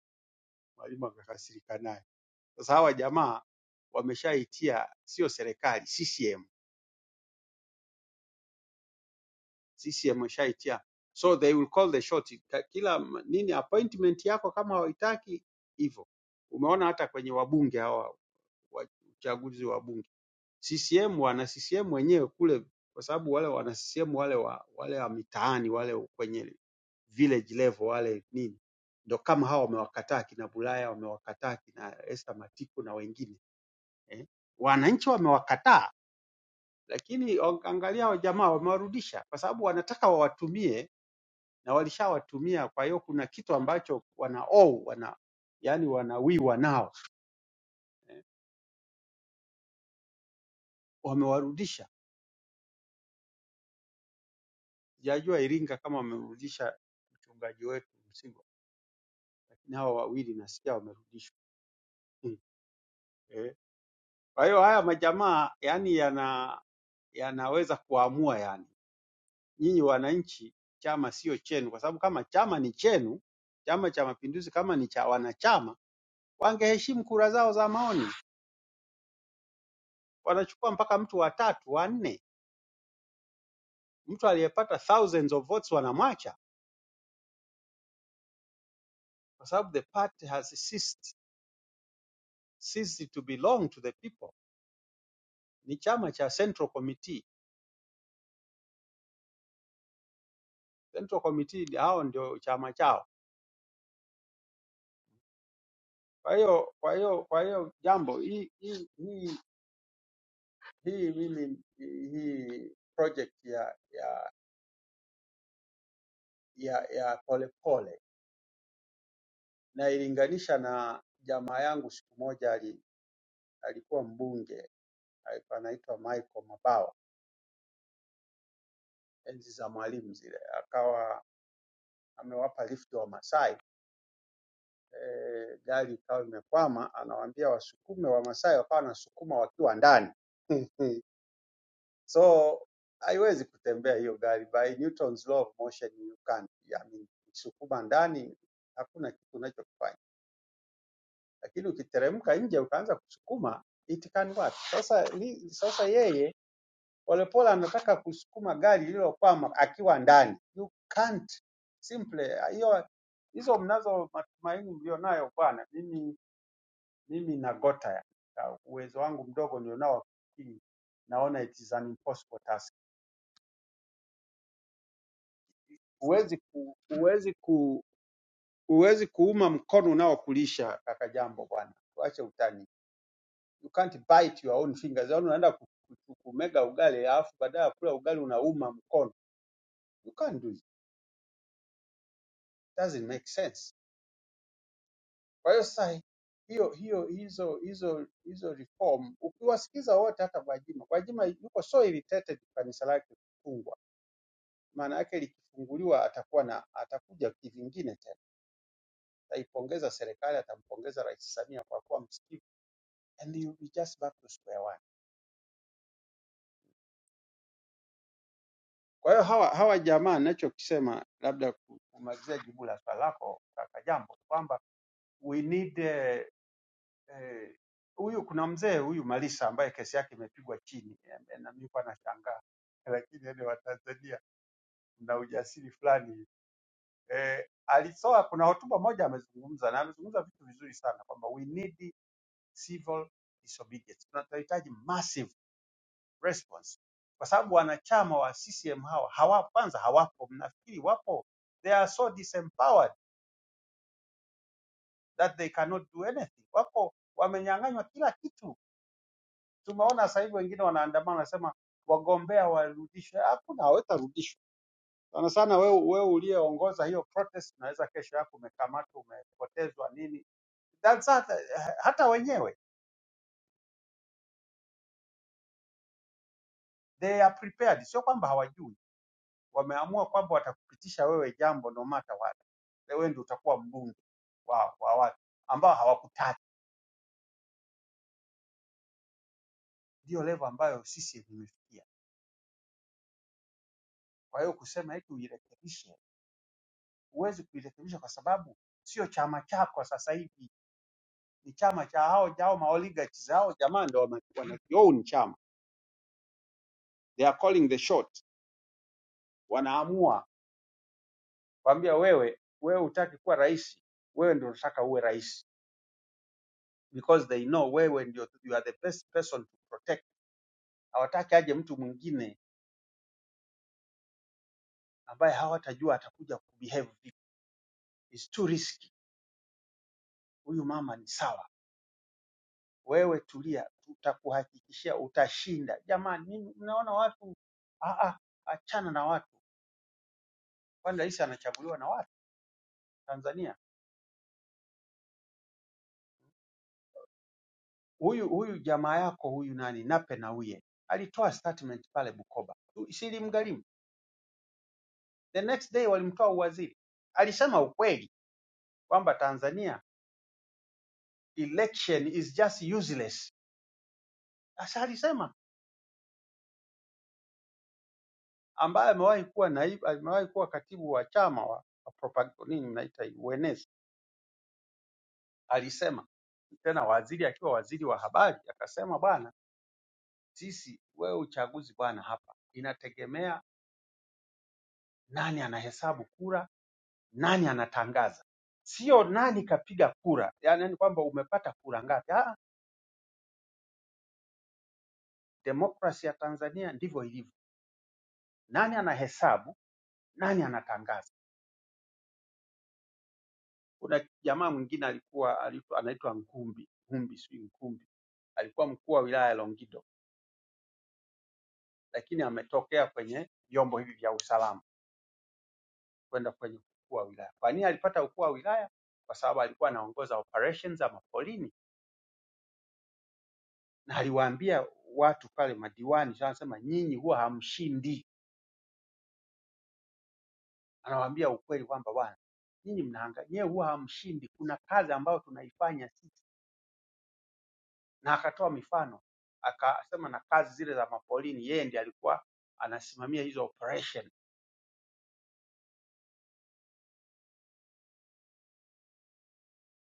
[SPEAKER 9] mwalimu akakasirika naye. Sasa hawa jamaa wameshaitia sio serikali, CCM CCM washaitia, so they will call the shot. Ka- Kila m- nini appointment yako kama hawaitaki hivyo. Umeona hata kwenye wabunge hawa wa uchaguzi wa bunge CCM, wana CCM wenyewe kule, kwa sababu wale wana CCM wale wa wale wa mitaani wale kwenye village level wale nini ndo kama hawa wamewakataa kina Bulaya, wamewakataa kina Esther Matiku na wengine eh. Wananchi wamewakataa, lakini angalia hao jamaa wamewarudisha, kwa sababu wanataka wawatumie na walishawatumia. Kwa hiyo kuna kitu ambacho wana owe, wana yani wanawiwa nao eh, wamewarudisha. Sijajua Iringa kama wamerudisha mchungaji wetu Msigwa, lakini hawa wawili nasikia wamerudishwa Mm. eh. Kwa hiyo haya majamaa yani yana yanaweza kuamua yani, nyinyi wananchi, chama sio chenu, kwa sababu kama chama ni chenu, Chama cha Mapinduzi kama ni cha wanachama, wangeheshimu kura zao za maoni. Wanachukua mpaka mtu wa tatu wa nne Mtu aliyepata thousands of votes wanamwacha kwa sababu the party has ceased, ceased to belong to the people. Ni chama cha Central Committee. Central Committee ndi- hao ndio chama chao. Kwa hiyo kwa hiyo kwa hiyo jambo hii hii hii hii mimi hii project ya ya ya ya polepole na ilinganisha na jamaa yangu siku moja ali, alikuwa mbunge alikuwa anaitwa Michael Mabawa enzi za Mwalimu zile, akawa amewapa lift wa Masai eh, gari ikawa imekwama, anawaambia wasukume, Wamasai wakawa wanasukuma wakiwa ndani so haiwezi kutembea hiyo gari, by Newton's law of motion you can't, I mean, ukisukuma ndani hakuna kitu unachokifanya, lakini ukiteremka nje ukaanza kusukuma it can work. Sasa ni, sasa yeye Polepole anataka kusukuma gari lililokwama akiwa ndani, you can't simple hiyo hizo mnazo matumaini mlionayo bwana, mimi mimi nagota ya uwezo wangu mdogo nilionao wa kufikiri, naona it is an impossible task. Huwezi ku, huwezi ku, huwezi kuuma mkono unaokulisha kaka jambo bwana, tuache utani. You can't bite your own fingers. Yaani unaenda ku- ku- kumega ugali alafu baadaye ya kula ugali unauma mkono. You can't do it. It Doesn't make sense. Kwa hiyo sasa hiyo hiyo hizo hizo hizo reform ukiwasikiza wote hata Gwajima, Gwajima yuko so irritated kanisa lake kufungwa maana yake likifunguliwa atakuwa na atakuja kivingine tena. Ataipongeza serikali, atampongeza Rais Samia kwa kuwa msikivu and you'll be just back to square one. Kwa hiyo hawa hawa jamaa ninachokisema labda ku- kumalizia jibu la swali lako kaka Jambo kwamba we need eh, eh, huyu kuna mzee huyu Malisa ambaye kesi yake imepigwa chini eh, na mimi kwa nashangaa lakini yani Watanzania na ujasiri fulani eh, alitoa kuna hotuba moja amezungumza na amezungumza vitu vizuri sana kwamba we need civil disobedience. Tunahitaji massive response kwa sababu wanachama wa CCM hawa hawa kwanza hawapo, mnafikiri wapo? They are so disempowered that they cannot do anything. Wako wamenyang'anywa kila kitu. Tumeona sasa hivi wengine wanaandamana wanasema wagombea warudishwe. Hakuna, hawatarudishwa sana sana. Wewe wewe uliyeongoza hiyo protest, unaweza kesho yako umekamatwa, umepotezwa nini. That's hata, hata wenyewe they are prepared, sio kwamba hawajui wameamua kwamba watakupitisha wewe jambo no matter what. Wewe ndio utakuwa mbunge wa, wa watu ambao hawakutaki. Ndio level ambayo sisi imefikia. Kwa hiyo kusema hiki uirekebishe, huwezi kuirekebisha kwa sababu sio chama chako sasa hivi, ni chama cha hao jao maoligarchs hao jamaa ndio wana wana- own chama, they are calling the shot, wanaamua kwambia wewe, wewe hutaki kuwa rais, wewe ndio unataka uwe rais because they know wewe ndio you are the best person to protect hawataki aje mtu mwingine ambaye hawatajua atakuja kubehave vipi. It's too risky. Huyu mama ni sawa, wewe tulia, tutakuhakikishia utashinda. Jamani, mimi mnaona watu ah, ah, achana na watu, kwani rais anachaguliwa na watu Tanzania? Huyu huyu jamaa yako huyu nani Nape Nnauye alitoa statement pale Bukoba, Tu- si ilimgharimu. The next day walimtoa uwaziri, alisema ukweli kwamba Tanzania election is just useless. Sasa alisema ambaye amewahi kuwa naibu, amewahi kuwa katibu wa chama wa wa propa- nini mnaita hii, uenezi, alisema tena, waziri akiwa waziri wa habari akasema, bwana, sisi wewe uchaguzi bwana, hapa inategemea nani anahesabu kura, nani anatangaza, sio nani kapiga kura, yaani ni kwamba umepata kura ngapi. Ah, demokrasi ya Tanzania ndivyo ilivyo, nani anahesabu, nani anatangaza. Kuna jamaa mwingine alikuwa aliitwa- anaitwa Nkumbi, Nkumbi sijui Nkumbi, alikuwa mkuu wa wilaya ya Longido, lakini ametokea kwenye vyombo hivi vya usalama kwenda kwenye ukuu wa wilaya. Kwa nini alipata ukuu wa wilaya? Kwa sababu alikuwa anaongoza operations za mapolini na aliwaambia watu pale madiwani, sasa anasema nyinyi huwa hamshindi. Anawaambia ukweli kwamba bwana, nyinyi mnahangaika, nyewe huwa hamshindi. Kuna kazi ambayo tunaifanya sisi na akatoa mifano akasema na kazi zile za mapolini yeye ndiye alikuwa anasimamia hizo operation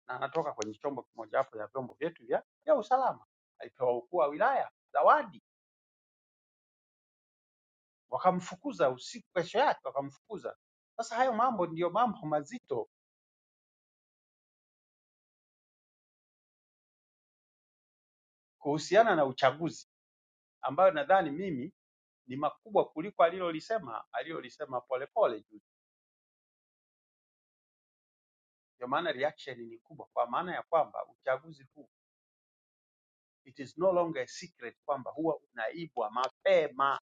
[SPEAKER 9] na anatoka kwenye chombo kimojawapo ya vyombo vyetu vya, vya usalama. Alipewa ukuu wa wilaya zawadi, wakamfukuza usiku, kesho yake wakamfukuza. Sasa hayo mambo ndiyo mambo mazito kuhusiana na uchaguzi ambayo nadhani mimi ni makubwa kuliko alilolisema alilolisema Polepole juzi. Ndio maana reaction ni kubwa, kwa maana ya kwamba uchaguzi huu it is no longer a secret kwamba huwa unaibwa mapema.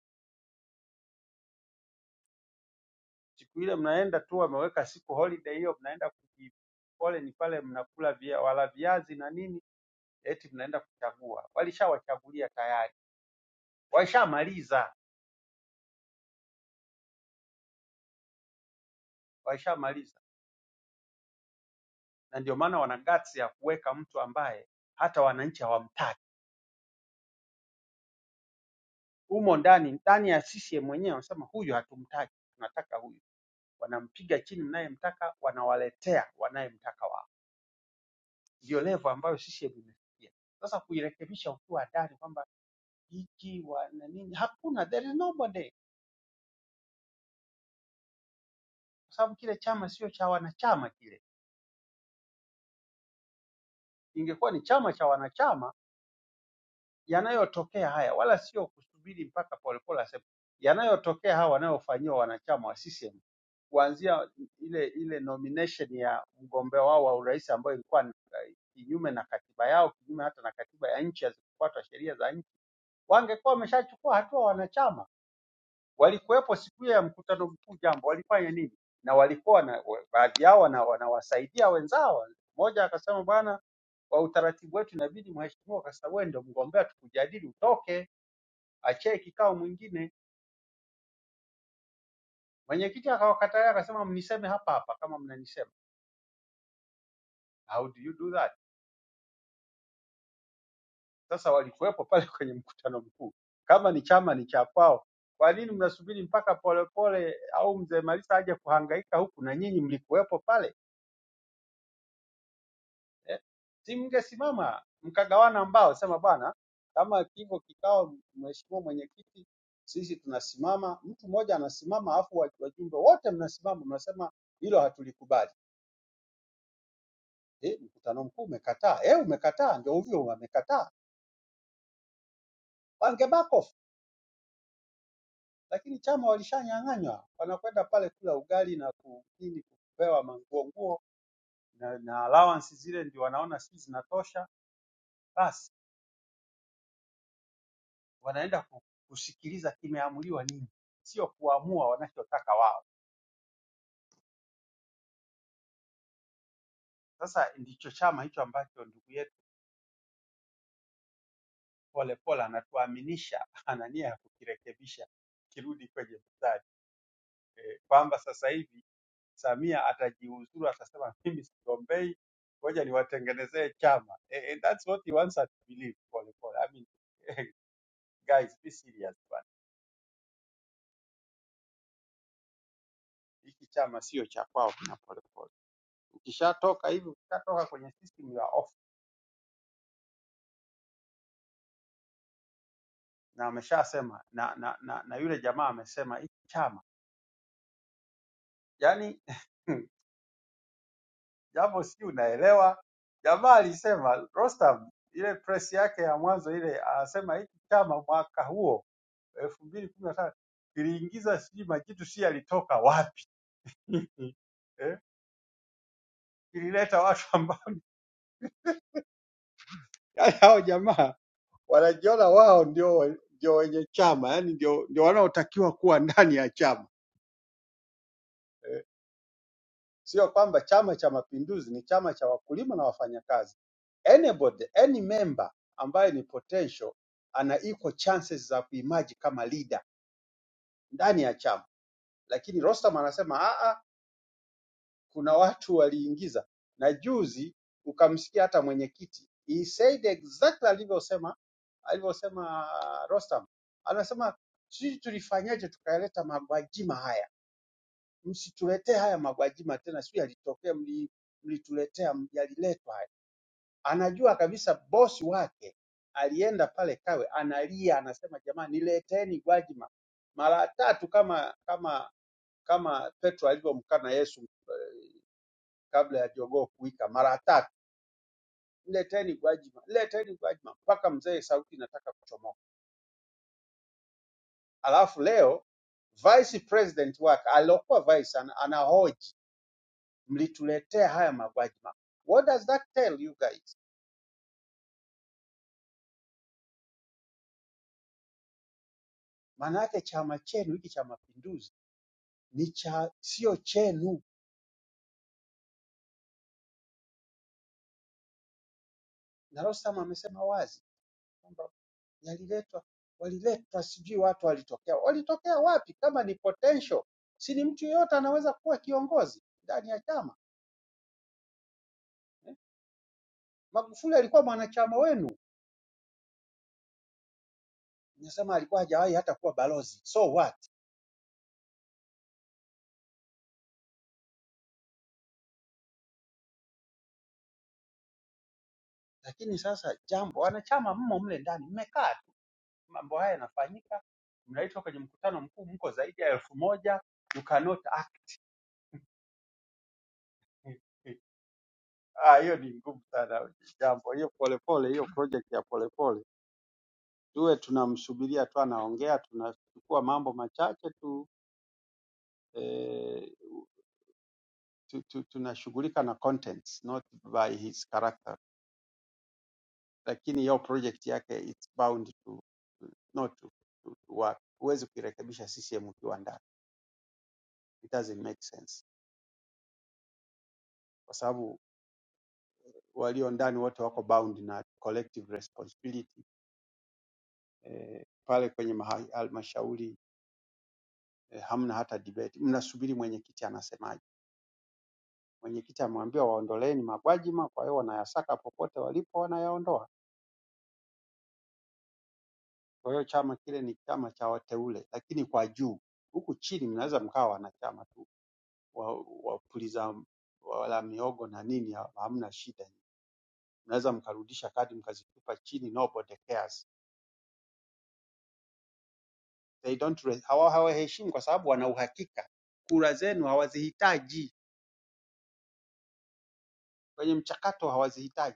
[SPEAKER 9] Siku ile mnaenda tu, wameweka siku holiday hiyo, mnaenda kuji- pole ni pale mnakula via, wala viazi na nini, eti mnaenda kuchagua. Walishawachagulia tayari, waishamaliza, waishamaliza, na ndio maana wana guts ya kuweka mtu ambaye hata wananchi hawamtaki humo ndani ndani ya CCM wenyewe wanasema huyu hatumtaki, tunataka huyu. Wanampiga chini mnayemtaka, wanawaletea wanayemtaka wao. ndio level ambayo CCM imefikia. Sasa kuirekebisha ukiwa hatari kwamba hiki wana nini, hakuna, there is nobody, kwa sababu kile chama sio cha wanachama. Kile ingekuwa ni chama cha wanachama, yanayotokea haya wala sio kusubiri mpaka polepole aseme yanayotokea hawa wanayofanyiwa wanachama wa CCM kuanzia ile ile nomination ya mgombea wao wa urais ambayo ilikuwa ni- uh, kinyume na katiba yao, kinyume hata na katiba ya nchi, hazikufuata sheria za nchi, wangekuwa wameshachukua hatua wanachama walikuwepo siku hiyo ya mkutano mkuu jambo walifanya nini na walikuwa na, wa- baadhi yao wana- wanawasaidia wenzao mmoja akasema bwana kwa utaratibu wetu inabidi mheshimiwa kwa sababu wewe ndio mgombea tukujadili utoke achie kikao mwingine mwenyekiti akawakataa akasema mniseme hapa hapa kama mnanisema how do you do that sasa walikuwepo pale kwenye mkutano mkuu kama ni chama ni cha kwao kwa nini mnasubiri mpaka polepole au mzee Malisa aje kuhangaika huku na nyinyi mlikuwepo pale eh, si mngesimama mkagawana mbao, sema bwana, kama hivyo kikao, mheshimiwa mwenyekiti, sisi tunasimama, mtu mmoja anasimama, afu wa- wajumbe wote mnasimama, mnasema hilo hatulikubali. Eh, mkutano mkuu umekataa, eh, umekataa, ndio hivyo, wamekataa, wange back off, lakini chama walishanyang'anywa, wanakwenda pale kula ugali na ku- nini, kupewa manguo nguo na, na allowance zile ndio wanaona si zinatosha basi wanaenda ku- kusikiliza kimeamuliwa nini, sio kuamua wanachotaka wao. Sasa ndicho chama hicho ambacho ndugu yetu Pole Pole anatuaminisha ana nia ya kukirekebisha kirudi kwenye mstari eh, kwamba sasa hivi Samia atajiuzuru, atasema mimi sigombei, ngoja niwatengenezee chama eh, and that's what he wants us to believe. Pole Pole, I mean eh, guys be serious bwana, hiki chama sio cha kwao, kina Pole Pole. Ukishatoka hivi, ukishatoka kwenye system ya off na ameshasema na, na, na, na yule jamaa amesema hiki chama yani jambo si unaelewa jamaa alisema Rostam ile press yake ya mwanzo ile anasema hiki chama mwaka huo elfu mbili kumi na tano kiliingiza sijui majitu si yalitoka wapi eh? kilileta watu ambao yani hao jamaa wanajiona wao ndio ndio wenye chama yani ndio, ndio wanaotakiwa kuwa ndani ya chama sio kwamba Chama cha Mapinduzi ni chama cha wakulima na wafanyakazi. Anybody, any member ambaye ni potential ana equal chances za kuimaji kama leader ndani ya chama, lakini Rostam anasema a a, kuna watu waliingiza, na juzi ukamsikia hata mwenyekiti he said exactly alivyosema alivyosema Rostam, anasema sisi tulifanyaje tukaleta magwajima haya msituletee haya magwajima tena, sijui yalitokea mli, mlituletea yaliletwa haya. Anajua kabisa bosi wake alienda pale Kawe analia, anasema jamani, nileteni Gwajima mara tatu, kama kama kama Petro alivyomkana Yesu kabla ya jogoo kuwika mara tatu, nileteni Gwajima, nileteni Gwajima, mpaka mzee sauti inataka kuchomoka. Alafu leo vice president wake aliyokuwa vice ana, anahoji mlituletea haya magwajima. What does that tell you guys? Maanake chama chenu hiki cha Mapinduzi ni cha sio chenu, na Rostam amesema wazi kwamba yaliletwa, waliletwa, sijui watu walitokea, walitokea wapi? Kama ni potential, si ni mtu yeyote anaweza kuwa kiongozi ndani ya chama. Magufuli alikuwa mwanachama wenu, nasema alikuwa hajawahi hata kuwa balozi, so what? Lakini sasa jambo, wanachama mmo mle ndani, mmekaa tu, mambo haya yanafanyika, mnaitwa kwenye mkutano mkuu, mko zaidi ya elfu moja you cannot act Ah, hiyo ni ngumu sana jambo hiyo, polepole hiyo project ya polepole, tuwe tunamsubiria tu anaongea, tunachukua mambo machache tu eh, tu, tu, tunashughulika na contents not by his character, lakini hiyo project yake it's bound to to- not to, to, to work. Huwezi kuirekebisha CCM ukiwa ndani, it doesn't make sense kwa sababu walio ndani wote wako bound na collective responsibility eh, pale kwenye maha- halmashauri eh, hamna hata debate, mnasubiri mwenyekiti anasemaje. Mwenyekiti ameambiwa waondoleeni Magwajima, kwa hiyo wanayasaka popote walipo, wanayaondoa. Kwa hiyo chama kile ni chama cha wateule, lakini kwa juu. Huku chini mnaweza mkawa wanachama tu wa- wapuliza wala miogo na nini, ha- hamna shida. Mnaweza mkarudisha kadi mkazitupa chini, nobody cares. They don't re- hawa hawaheshimu kwa sababu wana uhakika kura zenu hawazihitaji, kwenye mchakato hawazihitaji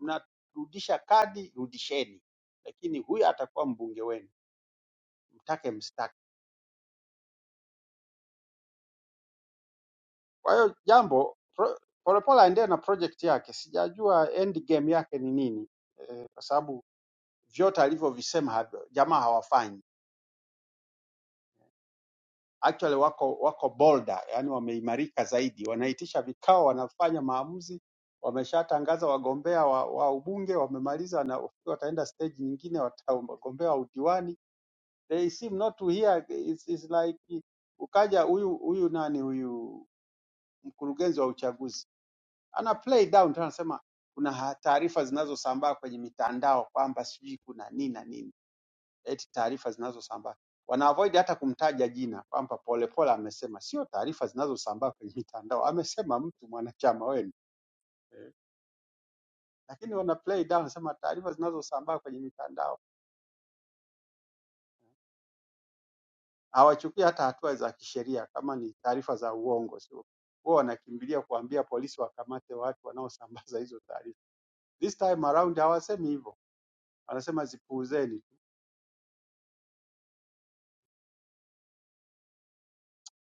[SPEAKER 9] mnarudisha kadi, rudisheni, lakini huyu atakuwa mbunge wenu, mtake msitake. Kwa hiyo jambo pro- Polepole aendelee na project yake, sijajua end game yake ni nini eh, kwa sababu vyote alivyovisema hav- jamaa hawafanyi actually, wako wako bolder, yani wameimarika zaidi, wanaitisha vikao, wanafanya maamuzi, wameshatangaza wagombea wa, wa ubunge wamemaliza, na wataenda stage nyingine, wata- wagombea wa udiwani they seem not to hear. It's, it's like ukaja huyu huyu nani huyu mkurugenzi wa uchaguzi ana play down tu, anasema kuna ha- taarifa zinazosambaa kwenye mitandao kwamba sijui kuna nini na nini, eti taarifa zinazosambaa wana avoid hata kumtaja jina kwamba Polepole amesema, sio taarifa zinazosambaa kwenye mitandao, amesema mtu mwanachama wenu eh, lakini wana play down, sema taarifa zinazosambaa kwenye mitandao Hawachukui hata hatua za kisheria kama ni taarifa za uongo, sio huwa wanakimbilia kuambia polisi wakamate watu wanaosambaza hizo taarifa. This time around hawasemi hivyo, wanasema zipuuzeni tu.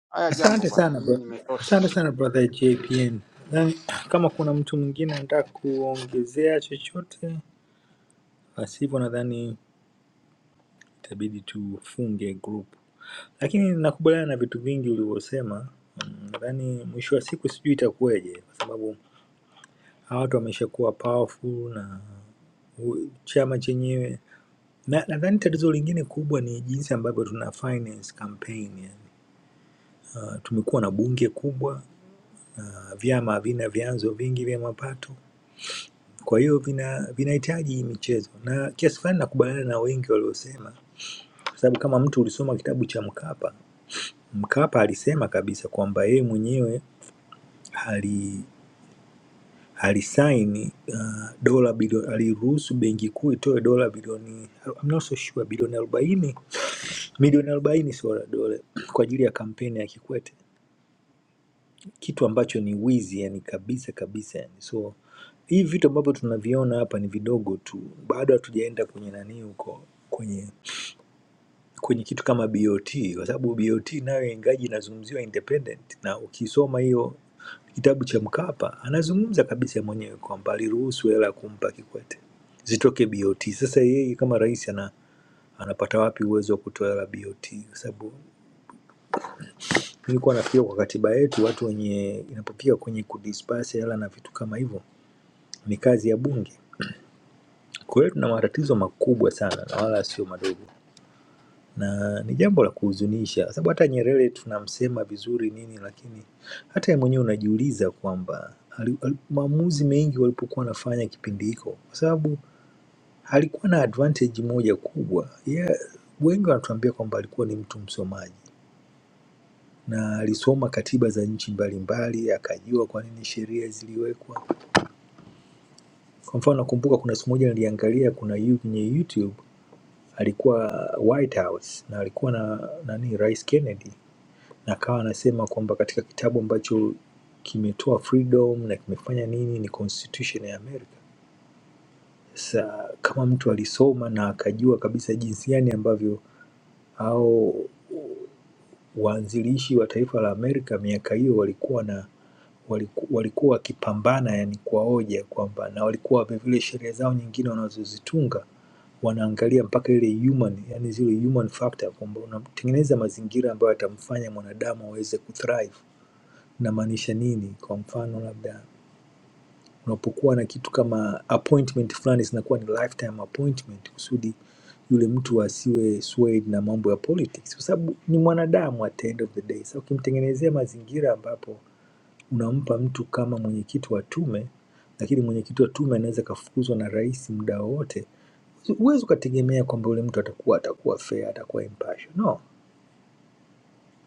[SPEAKER 9] Haya, jambo
[SPEAKER 4] Asante
[SPEAKER 9] bwana,
[SPEAKER 4] sana
[SPEAKER 9] mimi
[SPEAKER 4] bro.
[SPEAKER 9] nimetosha.
[SPEAKER 4] Asante sana brother JPN. Nadhani kama kuna mtu mwingine anataka kuongezea chochote, basi hivyo nadhani itabidi tufunge group, lakini nakubaliana na vitu vingi ulivyosema. Mm, Nadhani mwisho wa siku sijui itakuwaje, kwa sababu hawa watu wameshakuwa powerful na u- chama chenyewe na nadhani tatizo lingine kubwa ni jinsi ambavyo tuna finance campaign yani. Uh, tumekuwa na bunge kubwa uh, vyama vina vyanzo vingi vya mapato, kwa hiyo vina vinahitaji hii michezo, na kiasi fulani nakubaliana na wengi waliosema, kwa sababu kama mtu ulisoma kitabu cha Mkapa Mkapa alisema kabisa kwamba yeye mwenyewe ali alisaini uh, dola bilioni aliruhusu benki kuu itoe dola bilioni I'm not so sure bilioni arobaini milioni arobaini sio dola kwa ajili ya kampeni ya Kikwete, kitu ambacho ni wizi yani kabisa kabisa yani. So hivi vitu ambavyo tunaviona hapa ni vidogo tu, bado hatujaenda kwenye nani huko kwenye kwenye kitu kama BOT kwa sababu BOT nayo ingaji inazungumziwa independent, na ukisoma hiyo kitabu cha Mkapa anazungumza kabisa mwenyewe kwamba aliruhusu hela kumpa Kikwete zitoke BOT. Sasa yeye kama rais ana, anapata wapi uwezo wa kutoa hela BOT? Kwa sababu nilikuwa nafikiria kwa katiba yetu watu wenye inapofika kwenye kudispasi hela na vitu kama hivyo ni kazi ya Bunge. Kwa hiyo tuna matatizo makubwa sana na wala sio madogo. na ni jambo la kuhuzunisha, sababu hata Nyerere tunamsema vizuri nini, lakini hata yeye mwenyewe unajiuliza kwamba ali- ali- maamuzi mengi walipokuwa wanafanya kipindi hiko, kwa sababu alikuwa na advantage moja kubwa. Yeye wengi wanatuambia kwamba alikuwa ni mtu msomaji na alisoma katiba za nchi mbalimbali, akajua kwa nini sheria ziliwekwa. Kwa mfano, nakumbuka kuna siku moja niliangalia, kuna yu- kwenye YouTube alikuwa White House na alikuwa na nani, Rais Kennedy na akawa anasema kwamba katika kitabu ambacho kimetoa freedom na kimefanya nini ni constitution ya Amerika. Sasa kama mtu alisoma na akajua kabisa jinsi gani ambavyo au waanzilishi wa taifa la Amerika miaka hiyo walikuwa na waliku- walikuwa wakipambana yani kwa hoja kwamba na walikuwa vilevile sheria zao nyingine wanazozitunga wanaangalia mpaka ile human yani zile human factor kwamba unatengeneza mazingira ambayo yatamfanya mwanadamu aweze kuthrive namaanisha nini kwa mfano labda unapokuwa na kitu kama appointment fulani zinakuwa ni lifetime appointment kusudi yule mtu asiwe swayed na mambo ya politics kwa sababu ni mwanadamu at the end of the day sasa ukimtengenezea mazingira ambapo unampa mtu kama mwenyekiti wa tume lakini mwenyekiti wa tume anaweza akafukuzwa na rais muda wowote huwezi ukategemea kwamba yule mtu atakuwa atakuwa fair atakuwa impartial no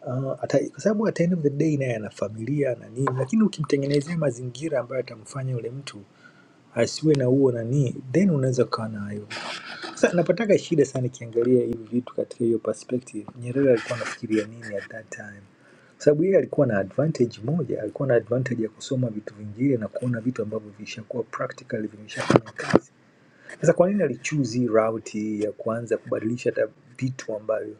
[SPEAKER 4] Ah, ata- kwa sababu at the end of the day naye ana familia na nini, lakini ukimtengenezea mazingira ambayo atamfanya yule mtu asiwe na huo nani, then unaweza ukawa nayo. Sasa napataga shida sana nikiangalia hivi vitu katika hiyo perspective, Nyerere alikuwa anafikiria nini at that time? Kwa sababu yeye alikuwa na advantage moja, alikuwa na advantage ya kusoma vitu vingine na kuona vitu ambavyo vishakuwa practically vimeshafanya kazi sasa kwa nini alichuzi hii route ya kuanza kubadilisha hata vitu ambavyo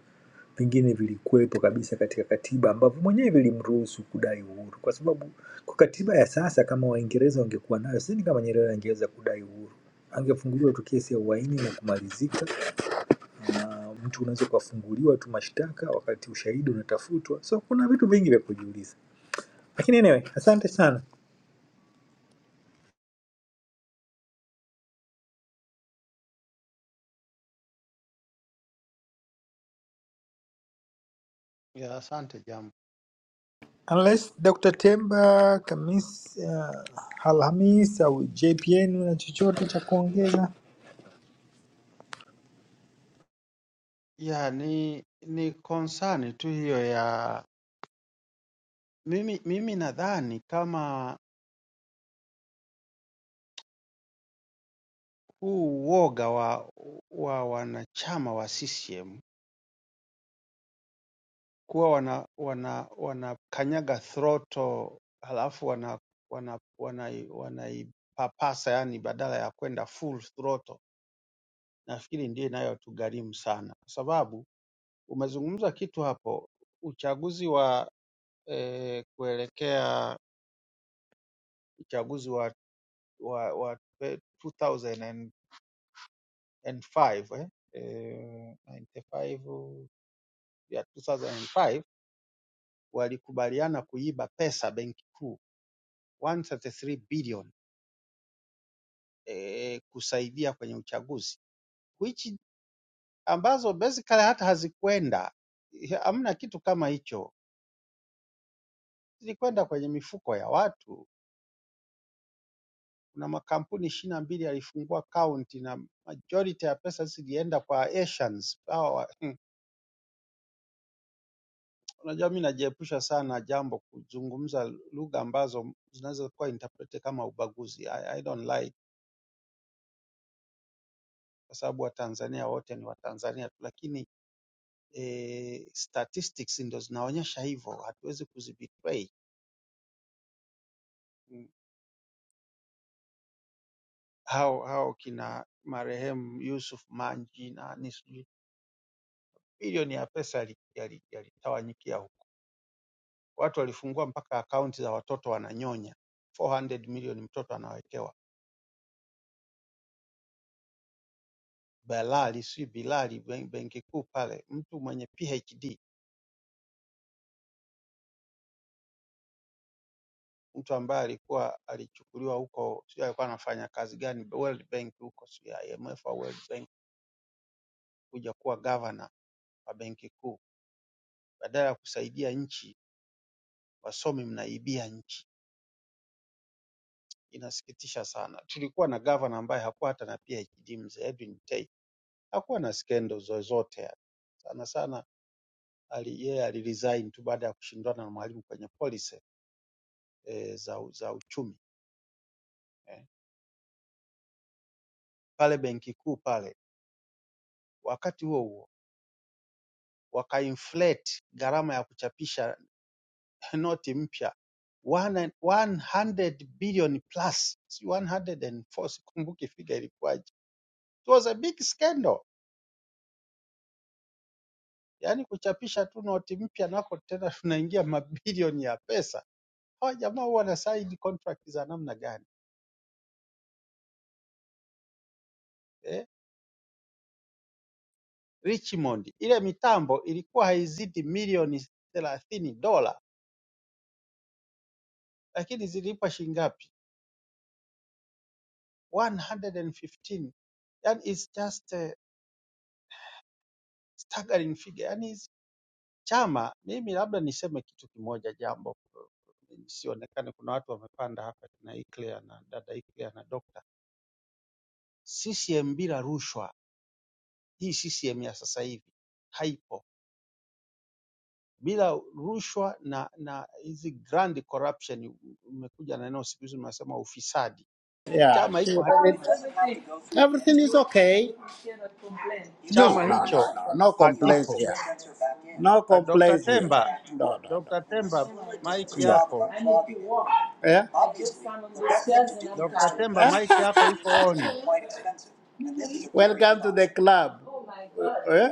[SPEAKER 4] vingine vilikuwepo kabisa katika katiba ambavyo mwenyewe vilimruhusu kudai uhuru, kwa sababu kwa katiba ya sasa kama Waingereza wangekuwa nayo, sidhani kama Nyerere angeweza kudai uhuru. Angefunguliwa tu kesi ya uhaini na kumalizika, na mtu unaweza ukafunguliwa tu mashtaka wakati ushahidi unatafutwa. So kuna vitu vingi vya kujiuliza, lakini anyway, asante sana.
[SPEAKER 9] Ya, asante jambo.
[SPEAKER 4] unless Dr. Temba Kamis, uh, Alhamis au JPN na chochote cha kuongeza.
[SPEAKER 9] Ya, ni ni concern tu hiyo ya mimi, mimi nadhani kama huu uoga wa wa wanachama wa CCM kuwa wana wana wanakanyaga throttle halafu wana wana wanai- wanaipapasa yani badala ya kwenda full throttle. Nafikiri ndio inayotugharimu sana, kwa sababu umezungumza kitu hapo, uchaguzi wa eh, kuelekea uchaguzi wa wa, wa eh, 2005 eh? Eh, 95, ya 2005 walikubaliana kuiba pesa benki kuu 133 billion eh, kusaidia kwenye uchaguzi which ambazo basically hata hazikuenda, hamna kitu kama hicho, zilikwenda kwenye mifuko ya watu. Kuna makampuni ishirini na mbili yalifungua kaunti na majority ya pesa zilienda kwa Asians. Hawa, wa- hmm, unajua mimi najiepusha sana jambo kuzungumza lugha ambazo zinaweza kuwa interpreted kama ubaguzi. I, I don't like kwa sababu Watanzania wote ni Watanzania, lakini eh, statistics ndo zinaonyesha hivyo, hatuwezi kuzibetray mm, hao hao kina marehemu Yusuf Manji na nani sijui, milioni ya pesa yalitawanyikia yali, yali yalitawanyikia huko. Watu walifungua mpaka akaunti za watoto wananyonya 400 milioni mtoto anawekewa Balali si Bilali ben- benki kuu pale, mtu mwenye PhD, mtu ambaye alikuwa alichukuliwa huko, sio alikuwa anafanya kazi gani World Bank huko, sio IMF au World Bank, kuja kuwa governor wa benki kuu, badala ya kusaidia nchi, wasomi mnaibia nchi. Inasikitisha sana. Tulikuwa na gavana ambaye hakuwa hata na PhD, mzee Edwin Tei, hakuwa na skendo zozote yani. Sana sana ali, yeye aliresign tu baada ya kushindana na Mwalimu kwenye policy e, za, u- za uchumi eh. Pale benki kuu pale, wakati huo huo wakainflate gharama ya kuchapisha noti mpya one and- 100 billion plus, si 104, sikumbuki figa ilikuwaje. It was a big scandal Yaani kuchapisha tu noti mpya nako tena tunaingia mabilioni ya pesa. Hawa jamaa huwa na side contract za namna gani eh? Richmond ile mitambo ilikuwa haizidi milioni thelathini dola, lakini zilipa shilingi ngapi? 115. Yani it's just a staggering figure. Yani hizi chama, mimi labda niseme kitu kimoja, jambo nisionekane, kuna watu wamepanda hapa na Iclea na dada Iclea na dokta, CCM bila rushwa Hii CCM ya sasa hivi haipo. Bila rushwa na, na hizi grand corruption, umekuja na neno siku hizi mnasema ufisadi.
[SPEAKER 3] Yeah,
[SPEAKER 9] Chama hicho,
[SPEAKER 3] she,
[SPEAKER 9] ha-
[SPEAKER 3] everything is okay. No, no,
[SPEAKER 9] chama
[SPEAKER 3] no,
[SPEAKER 9] hicho
[SPEAKER 3] no, no complaints
[SPEAKER 9] hakipo.
[SPEAKER 3] here. No
[SPEAKER 9] Ah, Dr.
[SPEAKER 3] complaints here.
[SPEAKER 9] Temba,
[SPEAKER 3] No, no, no.
[SPEAKER 9] Dr. Temba, mic yako.
[SPEAKER 3] Yeah.
[SPEAKER 9] Dr. Temba, mic yako iko on.
[SPEAKER 3] Welcome to the club. Oh my Uh, God. eh?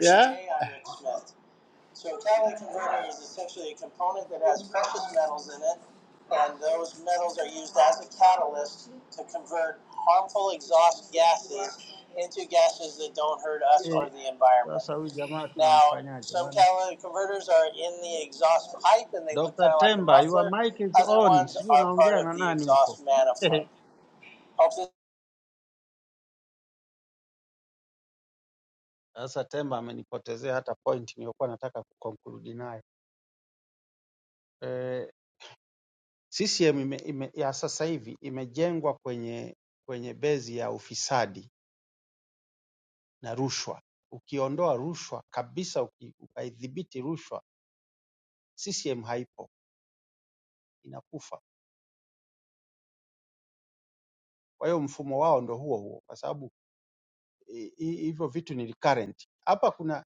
[SPEAKER 3] Yeah.
[SPEAKER 9] Eh, sasa huyu jamaa tunamfanyaje bwana? Dr. Temba, your mic is on. Sijui unaongea na nani huko. Sasa Temba amenipotezea hata point niliyokuwa nataka kuconclude nayo. Eh, CCM ime, ime, ya sasa hivi imejengwa kwenye, kwenye bezi ya ufisadi na rushwa. Ukiondoa rushwa kabisa, uki- ukaidhibiti rushwa, CCM haipo, inakufa. Kwa hiyo mfumo wao ndo huo huo, kwa sababu i- i- hivyo vitu ni recurrent. Hapa kuna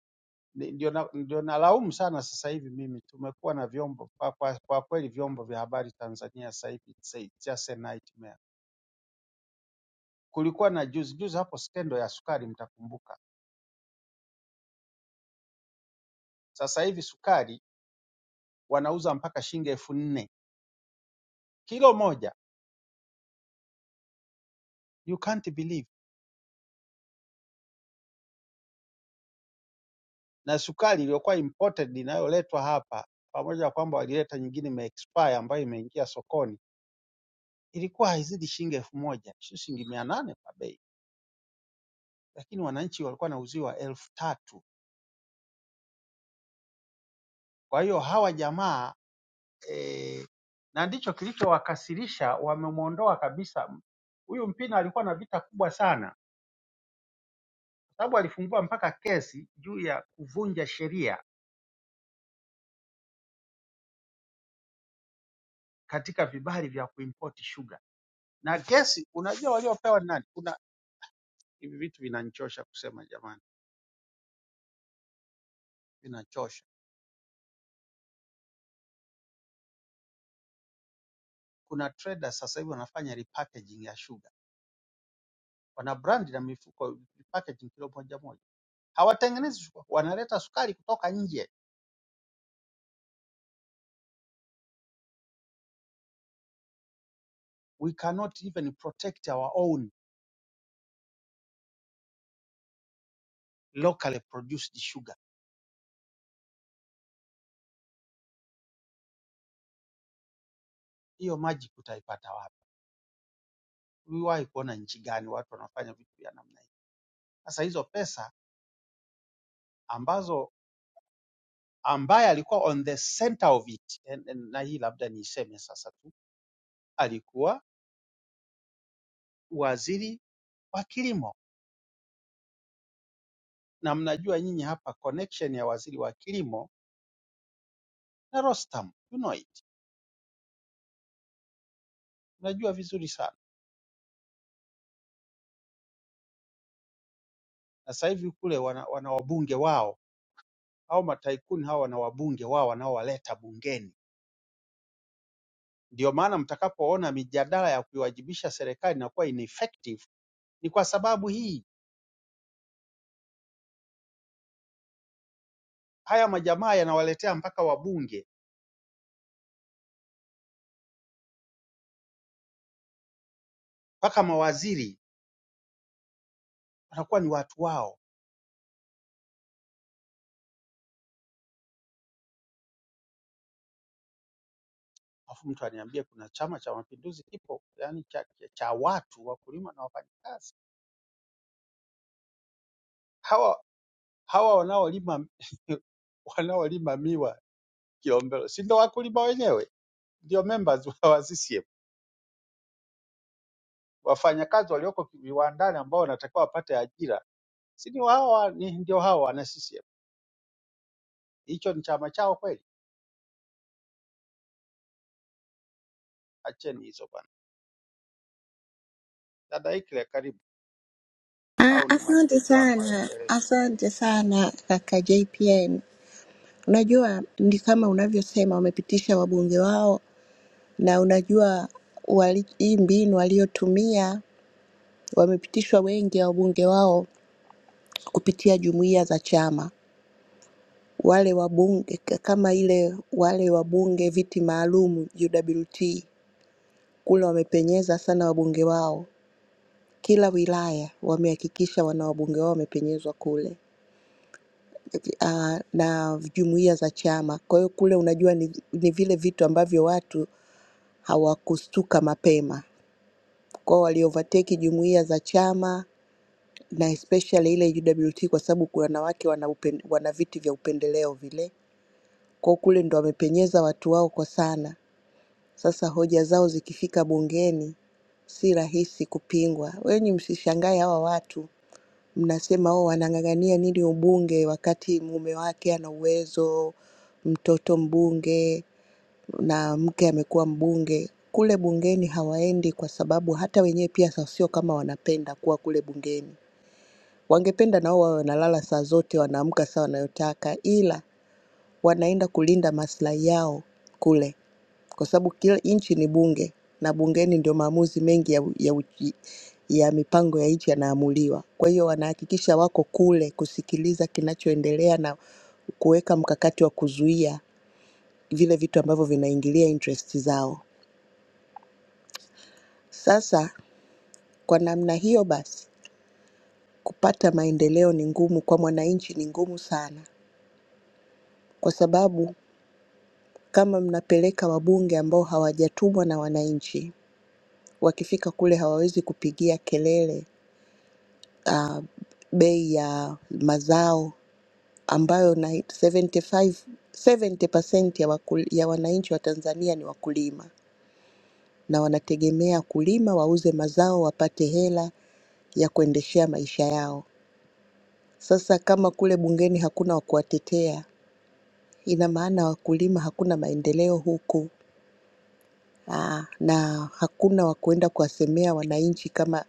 [SPEAKER 9] ni- ndio na- ndio nalaumu sana sasa hivi mimi, tumekuwa na vyombo kwa, kwa, kwa kweli vyombo vya habari Tanzania sasa hivi it's a- just a nightmare. Kulikuwa na juzi juzi hapo skendo ya sukari, mtakumbuka. Sasa hivi sukari wanauza mpaka shilingi elfu nne kilo moja, you can't believe. Na sukari iliyokuwa imported inayoletwa hapa, pamoja na kwamba walileta nyingine imeexpire ambayo imeingia sokoni, ilikuwa haizidi shilingi elfu moja, sio shilingi mia nane kwa bei, lakini wananchi walikuwa wanauziwa elfu tatu. Kwa hiyo hawa jamaa eh, na ndicho kilichowakasirisha, wamemwondoa kabisa huyu Mpina alikuwa na vita kubwa sana, kwa sababu alifungua mpaka kesi juu ya kuvunja sheria katika vibali vya kuimport sugar. na gesi. Unajua waliopewa ni nani? Kuna hivi vitu vinanichosha kusema jamani, vinachosha. Kuna traders sasa hivi wanafanya repackaging ya sugar, wana brand na mifuko repackaging kilo moja moja, hawatengenezi sukari, wanaleta sukari kutoka nje. We cannot even protect our own locally produced sugar. Hiyo maji utaipata wapi? Uliwahi kuona nchi gani watu wanafanya vitu vya namna hii? Sasa hizo pesa ambazo ambaye alikuwa on the center of it, en- en- na hii labda niiseme sasa tu, alikuwa waziri wa kilimo na mnajua nyinyi hapa connection ya waziri wa kilimo na Rostam, you know it, mnajua vizuri sana. Na sasa hivi kule wana, wana wabunge wao au mataikuni hao wana wabunge wao wanaowaleta bungeni. Ndio maana mtakapoona mijadala ya kuiwajibisha serikali inakuwa ineffective ni kwa sababu hii. Haya majamaa yanawaletea mpaka wabunge mpaka mawaziri wanakuwa ni watu wao, alafu mtu aniambie kuna Chama cha Mapinduzi kipo, yani cha, cha watu wakulima na wafanyakazi. hawa hawa wanaolima wanaolima miwa Kilombero, si ndio wakulima wenyewe, ndio members wa CCM. Wafanyakazi walioko viwandani ambao wanatakiwa wapate ajira, si ndio hawa, ni ndio hawa wana CCM. Hicho ni chama chao kweli? Acheni hizo bwana. Dada Ikle, karibu
[SPEAKER 10] Ah,
[SPEAKER 9] au
[SPEAKER 10] asante
[SPEAKER 9] nimwachie jambo
[SPEAKER 10] sana,
[SPEAKER 9] aendelee.
[SPEAKER 10] asante sana kaka JPN. Unajua ni kama unavyosema, wamepitisha wabunge wao, na unajua wali, hii mbinu waliotumia wamepitishwa wengi ya wabunge wao kupitia jumuiya za chama, wale wabunge k- kama ile wale wabunge viti maalum UWT kule wamepenyeza sana wabunge wao, kila wilaya wamehakikisha wana wabunge wao wamepenyezwa kule uh, na jumuiya za chama. Kwa hiyo kule unajua ni, ni vile vitu ambavyo watu hawakustuka mapema kwao, waliovateki jumuiya za chama na especially ile UWT kwa sababu kuna wanawake wana, upen, wana viti vya upendeleo vile kwao, kule ndo wamepenyeza watu wao kwa sana. Sasa hoja zao zikifika bungeni si rahisi kupingwa. Wenyi msishangae hawa watu mnasema oh, anang'ang'ania nini ubunge wakati mume wake ana uwezo, mtoto mbunge na mke amekuwa mbunge. Kule bungeni hawaendi kwa sababu hata wenyewe pia sa- sio kama wanapenda kuwa kule bungeni. Wangependa nao wawe wanalala saa zote, wanaamka saa wanayotaka, ila wanaenda kulinda maslahi yao kule kwa sababu kila nchi ni bunge na bungeni ndio maamuzi mengi ya, ya, uchi- ya mipango ya nchi yanaamuliwa. Kwa hiyo wanahakikisha wako kule kusikiliza kinachoendelea na kuweka mkakati wa kuzuia vile vitu ambavyo vinaingilia interest zao. Sasa kwa namna hiyo basi, kupata maendeleo ni ngumu kwa mwananchi, ni ngumu sana, kwa sababu kama mnapeleka wabunge ambao hawajatumwa na wananchi, wakifika kule hawawezi kupigia kelele uh, bei ya mazao ambayo na 75 70% ya, wakul, ya wananchi wa Tanzania ni wakulima na wanategemea kulima wauze mazao wapate hela ya kuendeshea maisha yao. Sasa kama kule bungeni hakuna wa kuwatetea, ina maana wakulima hakuna maendeleo huku aa, na hakuna wa kuenda kuwasemea wananchi kama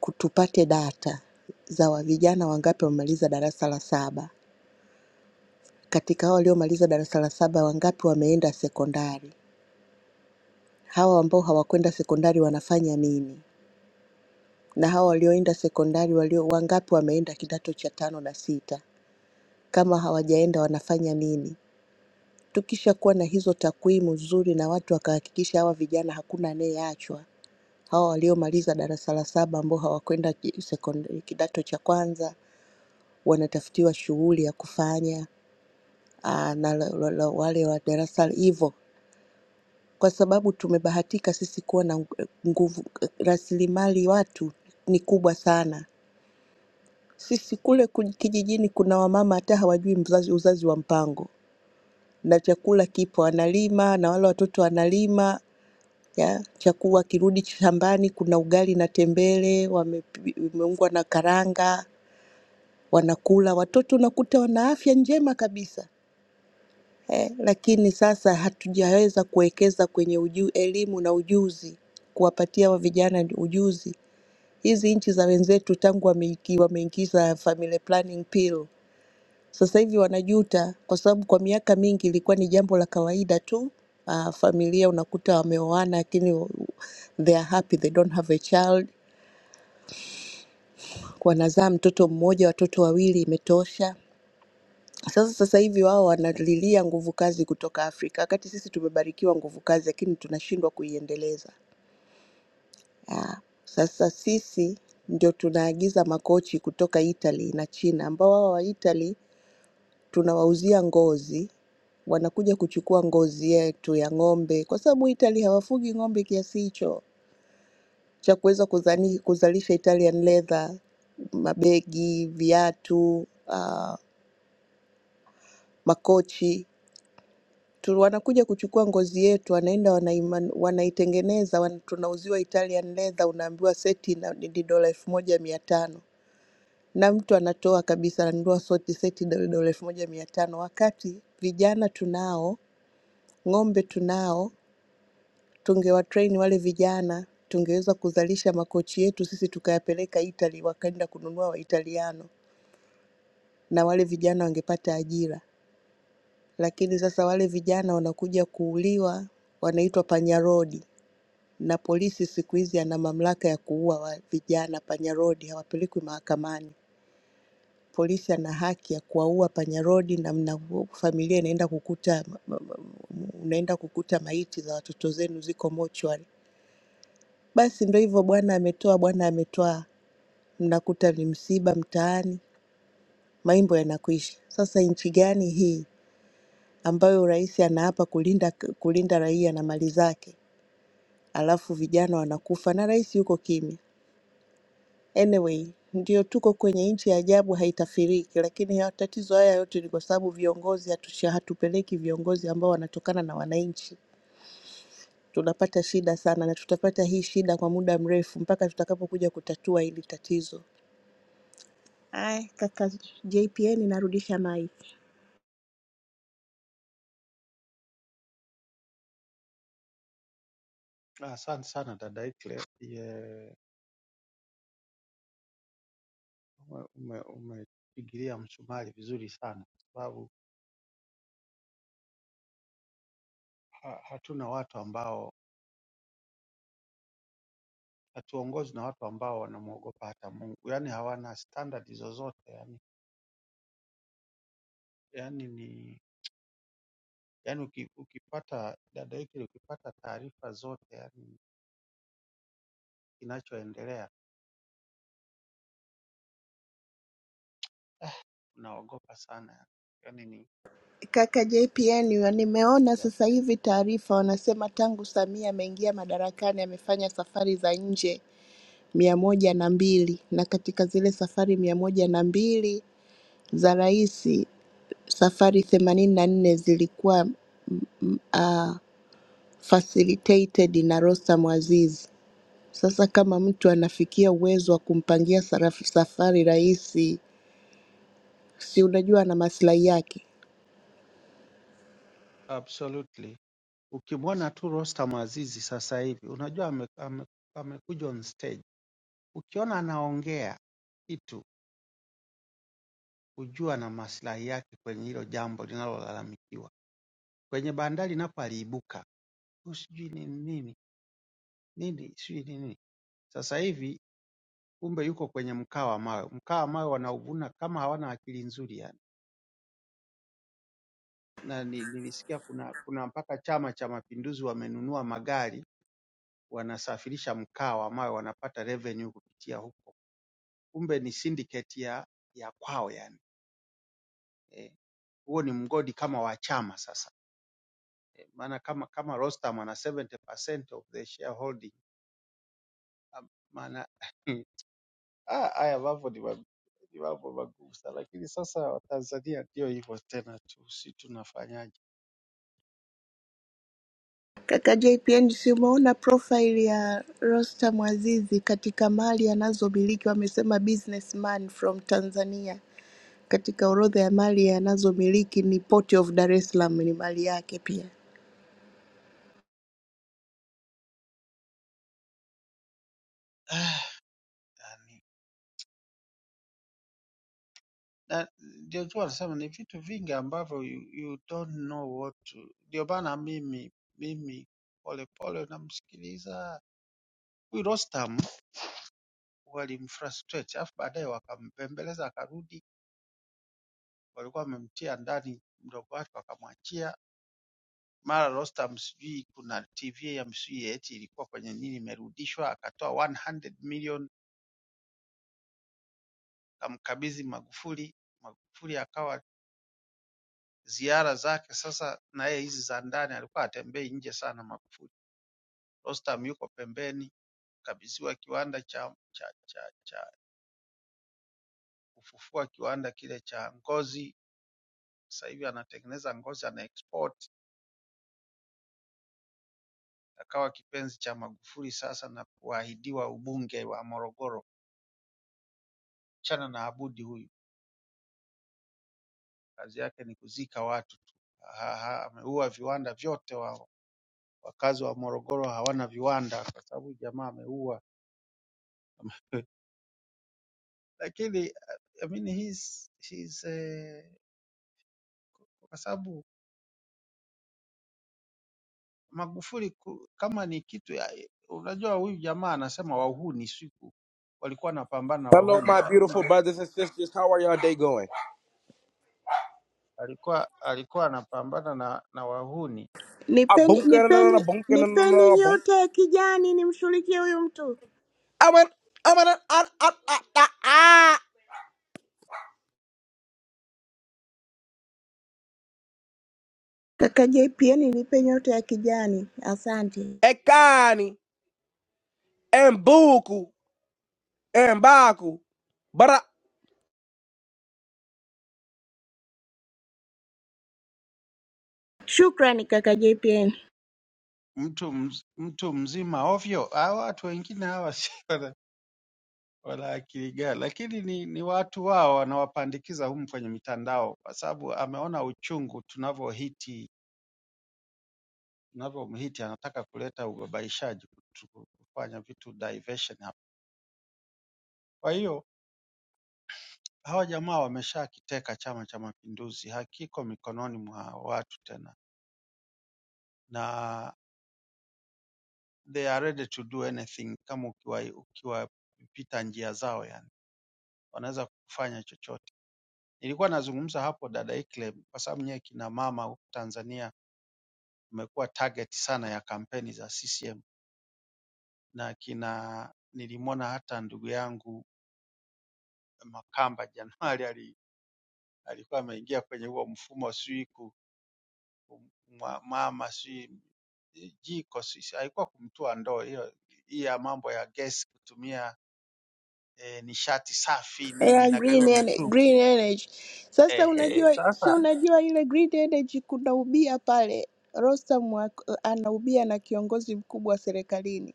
[SPEAKER 10] ku- tupate data za wa- vijana wangapi wamemaliza darasa la saba Katika hao waliomaliza darasa la saba wangapi wameenda sekondari? Hawa ambao hawakwenda sekondari wanafanya nini? Na hawa walioenda sekondari walio wangapi wameenda kidato cha tano na sita? Kama hawajaenda wanafanya nini? Tukishakuwa na hizo takwimu nzuri na watu wakahakikisha hawa vijana hakuna anayeachwa, hawa waliomaliza darasa la saba ambao hawakwenda ki- sekondari kidato cha kwanza wanatafutiwa shughuli ya kufanya aa, na la- la- la- wale wa darasa hivyo kwa sababu tumebahatika sisi kuwa na ng- nguvu, rasilimali watu ni kubwa sana. Sisi kule kuj- kijijini kuna wamama hata hawajui mzazi, uzazi wa mpango, na chakula kipo, analima na wale watoto analima ya chakula, wakirudi shambani kuna ugali na tembele wamepi- wameungwa na karanga wanakula, watoto unakuta wana afya njema kabisa eh, lakini sasa hatujaweza kuwekeza kwenye uju, elimu na ujuzi, kuwapatia wa vijana ni ujuzi. Hizi nchi za wenzetu tangu wameiki- wameingiza family planning pill, sasa hivi wanajuta, kwa sababu kwa miaka mingi ilikuwa ni jambo la kawaida tu. Uh, familia unakuta wameoana lakini they are happy they don't have a child, wanazaa mtoto mmoja, watoto wawili imetosha Sasa sasa hivi wao wanalilia nguvu kazi kutoka Afrika, wakati sisi tumebarikiwa nguvu kazi, lakini tunashindwa kuiendeleza. Ah, Sasa sisi ndio tunaagiza makochi kutoka Italy na China, ambao wao wa Italy tunawauzia ngozi, wanakuja kuchukua ngozi yetu ya ng'ombe, kwa sababu Italy hawafugi ng'ombe kiasi hicho cha kuweza kuzani- kuzalisha Italian leather, mabegi, viatu, ah, makochi tu, wanakuja kuchukua ngozi yetu, wanaenda wanaima- wanaitengeneza, wana, tunauziwa Italian leather, unaambiwa seti ina- ni dola elfu moja mia tano na mtu anatoa kabisa, ananunua soti seti do- dola elfu moja mia tano wakati vijana tunao, ng'ombe tunao, tungewatrain wale vijana tungeweza kuzalisha makochi yetu sisi tukayapeleka Italy, wakaenda kununua Waitaliano na wale vijana wangepata ajira, lakini sasa wale vijana wanakuja kuuliwa, wanaitwa panyarodi na polisi siku hizi ana mamlaka ya kuua wa vijana panyarodi, hawapelekwi mahakamani. Polisi ana haki ya kuwaua panyarodi, na mna familia inaenda kukuta unaenda kukuta maiti za watoto zenu ziko mochwari. Basi ndo hivyo, bwana ametoa, bwana ametoa, mnakuta ni msiba mtaani, maimbo yanakwisha. Sasa nchi gani hii ambayo rais anaapa kulinda kulinda raia na mali zake, alafu vijana wanakufa na rais yuko kimya? Anyway, ndio tuko kwenye nchi ya ajabu haitafiriki, lakini ya tatizo haya yote ni kwa sababu viongozi hatusha, hatupeleki viongozi ambao wanatokana na wananchi. Tunapata shida sana na tutapata hii shida kwa muda mrefu mpaka tutakapokuja kutatua hili tatizo. Ay, kaka JPN narudisha mic.
[SPEAKER 9] Ah, Asante sana dada Ikle, Ye- ume- ume- umepigilia msumari vizuri sana, kwa sababu ha, hatuna watu ambao hatuongozwi na watu ambao wanamwogopa hata Mungu, yaani hawana standard zozote yani, yani ni yani uki, ukipata dada hiki ukipata taarifa zote yani kinachoendelea unaogopa sana yani, yani ni
[SPEAKER 10] Kaka JPN, nimeona sasa hivi taarifa wanasema tangu Samia ameingia madarakani amefanya safari za nje mia moja na mbili na katika zile safari mia moja na mbili za rais safari themanini na nne zilikuwa mm, mm, ah, facilitated na Rostam Aziz. Sasa kama mtu anafikia uwezo wa kumpangia saraf- safari rais, si unajua ana maslahi yake.
[SPEAKER 9] absolutely. Ukimwona tu Rostam Azizi sasa hivi unajua ame, ame, amekuja on stage, ukiona anaongea kitu hujua na maslahi yake kwenye hilo jambo linalolalamikiwa. Kwenye bandari napo aliibuka, sijui ni nini nini sijui nini. Sasa hivi kumbe yuko kwenye mkaa wa mawe. Mkaa wa mawe wanauvuna kama hawana akili nzuri yani. Na ni- nilisikia kuna kuna mpaka Chama cha Mapinduzi wamenunua magari wanasafirisha mkaa wa mawe wanapata revenue kupitia huko. Kumbe ni syndicate ya ya kwao yani. Eh, huo ni mgodi kama wa chama sasa. Eh, maana kama kama Rostam ana 70% of the shareholding ah, maana Ah, haya mambo ni, ma- ni mambo magumu sana, lakini sasa Watanzania ndio hivyo tena tu, si tunafanyaje?
[SPEAKER 10] Kaka JPN, si umeona profile ya Rostam Azizi katika mali anazomiliki? Wamesema businessman from Tanzania, katika orodha ya mali anazomiliki ni Port of Dar es Salaam, ni mali yake pia.
[SPEAKER 9] Ah, yani, na ndio tu wanasema ni vitu vingi ambavyo you, you don't know what to. Ndio maana mimi mimi polepole namsikiliza huyu Rostam, walimfrustrate, alafu baadaye wakampembeleza akarudi, walikuwa wamemtia ndani mdogo wake wakamwachia mara Rostam sijui kuna TV ya msijui eti ilikuwa kwenye nini imerudishwa, akatoa 100 million kamkabidhi Magufuli. Magufuli akawa ziara zake sasa, na yeye hizi za ndani alikuwa atembei nje sana Magufuli. Rostam yuko pembeni, kabidhiwa kiwanda cha, cha, cha, cha kufufua kiwanda kile cha ngozi, sasa hivi anatengeneza ngozi ana export. Akawa kipenzi cha Magufuli sasa na kuahidiwa ubunge wa Morogoro. Chana na Abudi huyu kazi yake ni kuzika watu tu. Ha- ha- Ameua viwanda vyote wao. Wakazi wa Morogoro hawana viwanda kwa sababu jamaa ameua. Lakini eh, I mean he's, he's, eh, kwa sababu Magufuli ku- kama ni kitu ya, unajua huyu jamaa anasema wahuni siku walikuwa anapambana na
[SPEAKER 11] Hello, my
[SPEAKER 9] wahuni,
[SPEAKER 11] beautiful
[SPEAKER 9] lakini
[SPEAKER 11] brothers and sisters. How are y'all day going?
[SPEAKER 9] alikuwa alikuwa anapambana na, na wahuni
[SPEAKER 11] I
[SPEAKER 10] Nipeni,
[SPEAKER 11] boom, ka- na- na- na-
[SPEAKER 10] nipeni,
[SPEAKER 11] boom, ka- na- na- na-
[SPEAKER 10] nipeni
[SPEAKER 11] na- boom.
[SPEAKER 10] nyota ya kijani nimshughulikie huyu mtu.
[SPEAKER 11] I went, I went, ah, ah, ah, ah, ah.
[SPEAKER 10] Kaka JPN, nipe nyota ya kijani. Asante,
[SPEAKER 11] Ekani, Mbuku, Mbaku,
[SPEAKER 10] shukrani kaka JPN.
[SPEAKER 9] mtu mz, mtu mzima ovyo. Hawa watu wengine hawa si wala akili gani, lakini ni, ni watu wao wanawapandikiza humu kwenye mitandao, kwa sababu ameona uchungu tunavyohiti tunavyomhiti, anataka kuleta ubabaishaji, kutu- kufanya vitu diversion hapa. Kwa hiyo hawa jamaa wameshakiteka Chama cha Mapinduzi, hakiko mikononi mwa watu tena, na they are ready to do anything. Kama ukiwa ukiwapita njia zao, yani wanaweza kufanya chochote. Nilikuwa nazungumza hapo dada Ikle, kwa sababu nyewe kina mama huku Tanzania Imekuwa target sana ya kampeni za CCM na kina nilimwona hata ndugu yangu Makamba January ali, alikuwa ameingia kwenye huo mfumo sijui ku- kumwa- mama sijui eh, jiko sijui alikuwa kumtua ndoo hiyo hii ya mambo ya gesi kutumia eh, nishati safi nini
[SPEAKER 10] Yeah, green,
[SPEAKER 9] inagaiwa
[SPEAKER 10] ener-
[SPEAKER 9] mitungi
[SPEAKER 10] green energy. Sasa
[SPEAKER 9] ehe.
[SPEAKER 10] unajua, si
[SPEAKER 9] Sasa
[SPEAKER 10] unajua ile green energy kuna ubia pale, Rostam ak- anaubia na kiongozi mkubwa serikalini.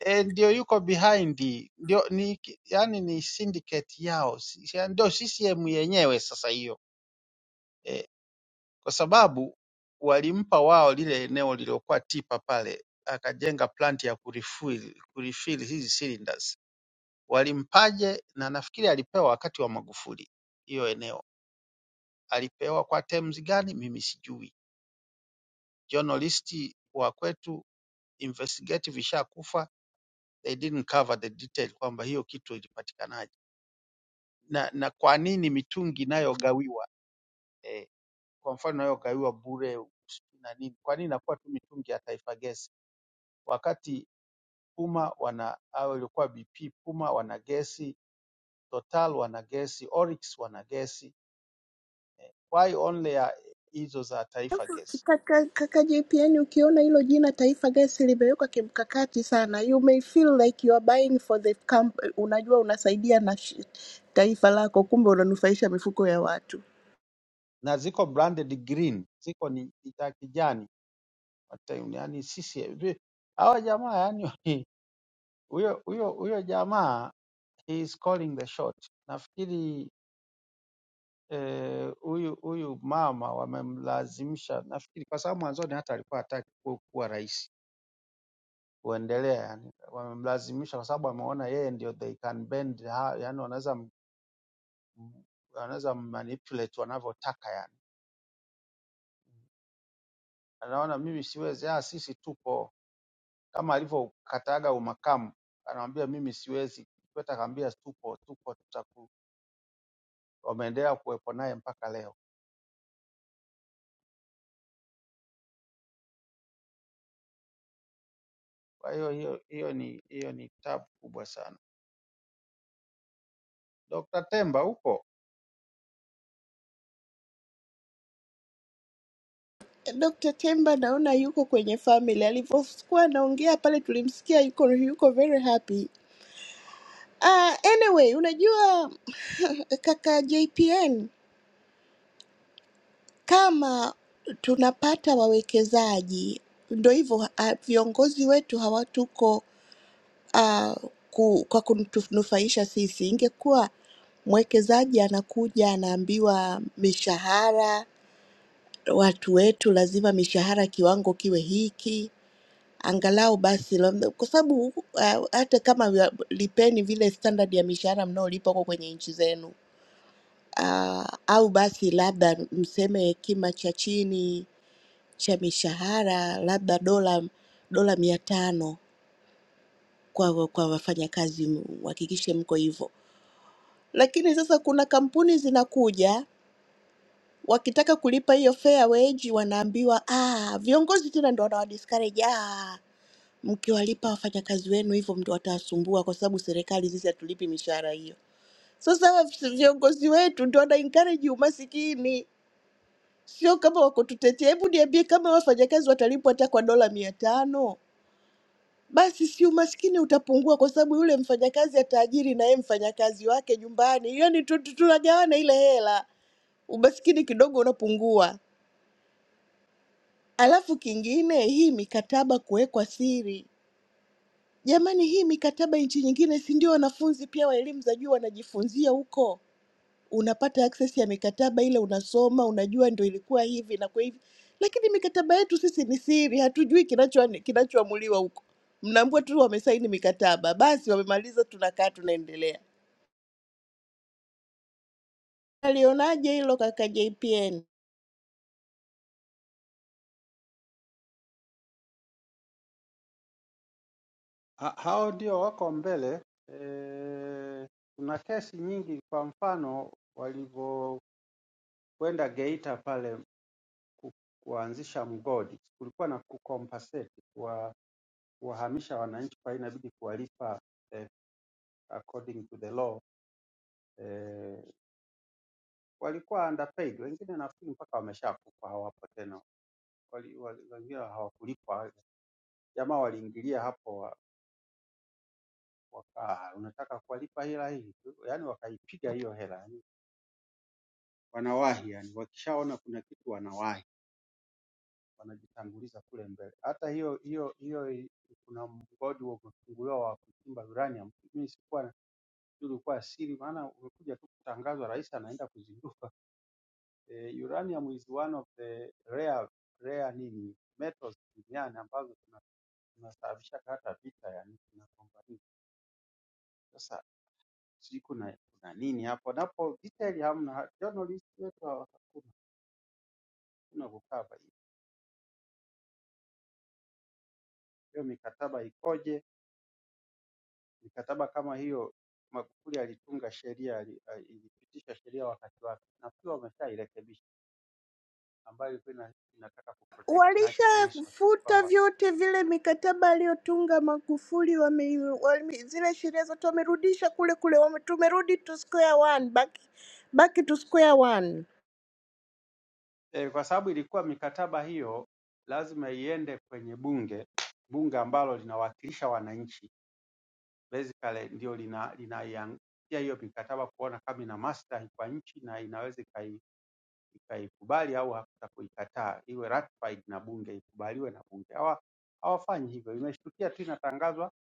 [SPEAKER 9] eh, ndio yuko behind ndio ni yani ni syndicate yao si- si- ndio CCM yenyewe sasa hiyo eh, kwa sababu walimpa wao lile eneo lililokuwa tipa pale, akajenga plant ya kurefill, kurefill hizi cylinders. Walimpaje? Na nafikiri alipewa wakati wa Magufuli hiyo eneo, alipewa kwa terms gani mimi sijui. Journalist wa kwetu investigative ishakufa, they didn't cover the detail kwamba hiyo kitu ilipatikanaje na, na kwa nini mitungi inayogawiwa eh, kwa mfano inayogawiwa bure na nini, kwa nini inakuwa tu mitungi ya Taifa Gesi wakati Puma wana au ilikuwa BP Puma wana gesi, Total wana gesi, Oryx wana gesi. Why only ya hizo za Taifa Gesi?
[SPEAKER 10] Kaka, kaka JPN ukiona hilo jina Taifa Gas limewekwa kimkakati sana. You may feel like you are buying for the camp. Unajua unasaidia na shi- taifa lako kumbe unanufaisha mifuko ya watu.
[SPEAKER 9] Na ziko branded green, ziko ni ni za kijani. Hata yani sisi vi- hawa jamaa yani huyo huyo huyo jamaa he is calling the shot. Nafikiri eh, huyu huyu mama wamemlazimisha, nafikiri kwa sababu mwanzoni hata alikuwa hataki ku- kuwa rais kuendelea yani, wamemlazimisha kwa sababu wameona yeye ndio they can bend ha- yani, wanaweza m- m- wanaweza manipulate wanavyotaka yani. Anaona mimi siwezi, ah, sisi tupo kama alivyokataga umakamu, anamwambia mimi siwezi, Kikwete akamwambia tupo, tupo, tutaku. Wameendelea kuwepo naye mpaka leo. Kwa hiyo hiyo hiyo ni hiyo ni tabu kubwa sana. Dr. Temba upo?
[SPEAKER 10] Dr. Temba naona yuko kwenye family. Alivyokuwa anaongea pale tulimsikia yuko yuko very happy. Uh, anyway, unajua kaka JPN kama tunapata wawekezaji ndo hivyo ha- viongozi wetu hawatuko ah, ku, kwa kutunufaisha sisi. Ingekuwa mwekezaji anakuja anaambiwa mishahara, watu wetu lazima mishahara kiwango kiwe hiki angalau basi labda- kwa sababu ah, hata kama wa- lipeni vile standard ya mishahara mnaolipa huko kwenye nchi zenu ah, au basi labda mseme kima cha chini cha mishahara labda dola dola mia tano kwa kwa wafanyakazi, mhakikishe mko hivyo Lakini sasa kuna kampuni zinakuja wakitaka kulipa hiyo fair wage, wanaambiwa ah, viongozi tena ndo wanawadiscourage ah, mkiwalipa wafanyakazi wenu hivyo ndo watawasumbua, kwa sababu serikali sisi hatulipi mishahara hiyo. Sasa hawa viongozi wetu ndo wana encourage umasikini, sio kama wakututetea. Hebu niambie, kama wafanyakazi watalipwa hata kwa dola mia tano basi si umaskini utapungua, kwa sababu yule mfanyakazi ataajiri na yeye mfanyakazi wake nyumbani, yani tu- tu- tunagawana ile hela. umaskini kidogo unapungua. Alafu kingine, hii mikataba kuwekwa siri. Jamani, hii mikataba nchi nyingine, si ndio wanafunzi pia wa elimu za juu wanajifunzia huko? Unapata access ya mikataba ile, unasoma, unajua ndio ilikuwa hivi na kwa hivi, lakini mikataba yetu sisi ni siri, hatujui kinacho kinachoamuliwa huko. Mnaambua tu wamesaini mikataba, basi wamemaliza, tunakaa tunaendelea. Alionaje hilo kaka JPN?
[SPEAKER 9] Ha, hao ndio wako mbele. E, kuna kesi nyingi, kwa mfano walivyo kwenda Geita pale kuanzisha mgodi kulikuwa na kucompensate kuwa- kuwahamisha wananchi, kwa hiyo inabidi kuwalipa eh, according to the law eh, walikuwa underpaid, wengine nafikiri mpaka wameshakufa hawapo tena, Wali- wali- wengine hawakulipwa. Jamaa waliingilia hapo wa- waka unataka kuwalipa hela hii, yaani wakaipiga hiyo hela, yaani wanawahi, yani wakishaona kuna kitu wanawahi. wanajitanguliza kule mbele. Hata hiyo hiyo hiyo kuna mgodi wa kufunguliwa wa kuchimba uranium, mimi sikuwa ilikuwa siri, maana umekuja tu kutangazwa, rais anaenda kuzindua. E, uranium is one of the rare rare nini metals duniani ambazo tuna- tunasababisha hata vita yani tunagombania. Sasa sijui kuna kuna nini hapo, napo detail hamna, journalist wetu hawa- hakuna hakuna kukava hiyo mikataba ikoje Mikataba kama hiyo Magufuli alitunga sheria, ali- ali- ilipitisha sheria wakati wake. Nafikiri wameshairekebisha ambayo ilikuwa ina- inataka kuprotect natural resources
[SPEAKER 10] Walishafuta
[SPEAKER 9] kwamba
[SPEAKER 10] vyote vile mikataba aliyotunga Magufuli, wame, wame, zile sheria zote wamerudisha kule kule, wame, tumerudi to square one, back, back to square one.
[SPEAKER 9] eh, kwa sababu ilikuwa mikataba hiyo lazima iende kwenye bunge, bunge ambalo linawakilisha wananchi basically ndio lina linaiangalia hiyo mikataba kuona kama ina maslahi kwa nchi na inaweza ikai ikaikubali au hata kuikataa iwe ratified na bunge ikubaliwe na bunge. Hawa hawafanyi hivyo, imeshtukia tu inatangazwa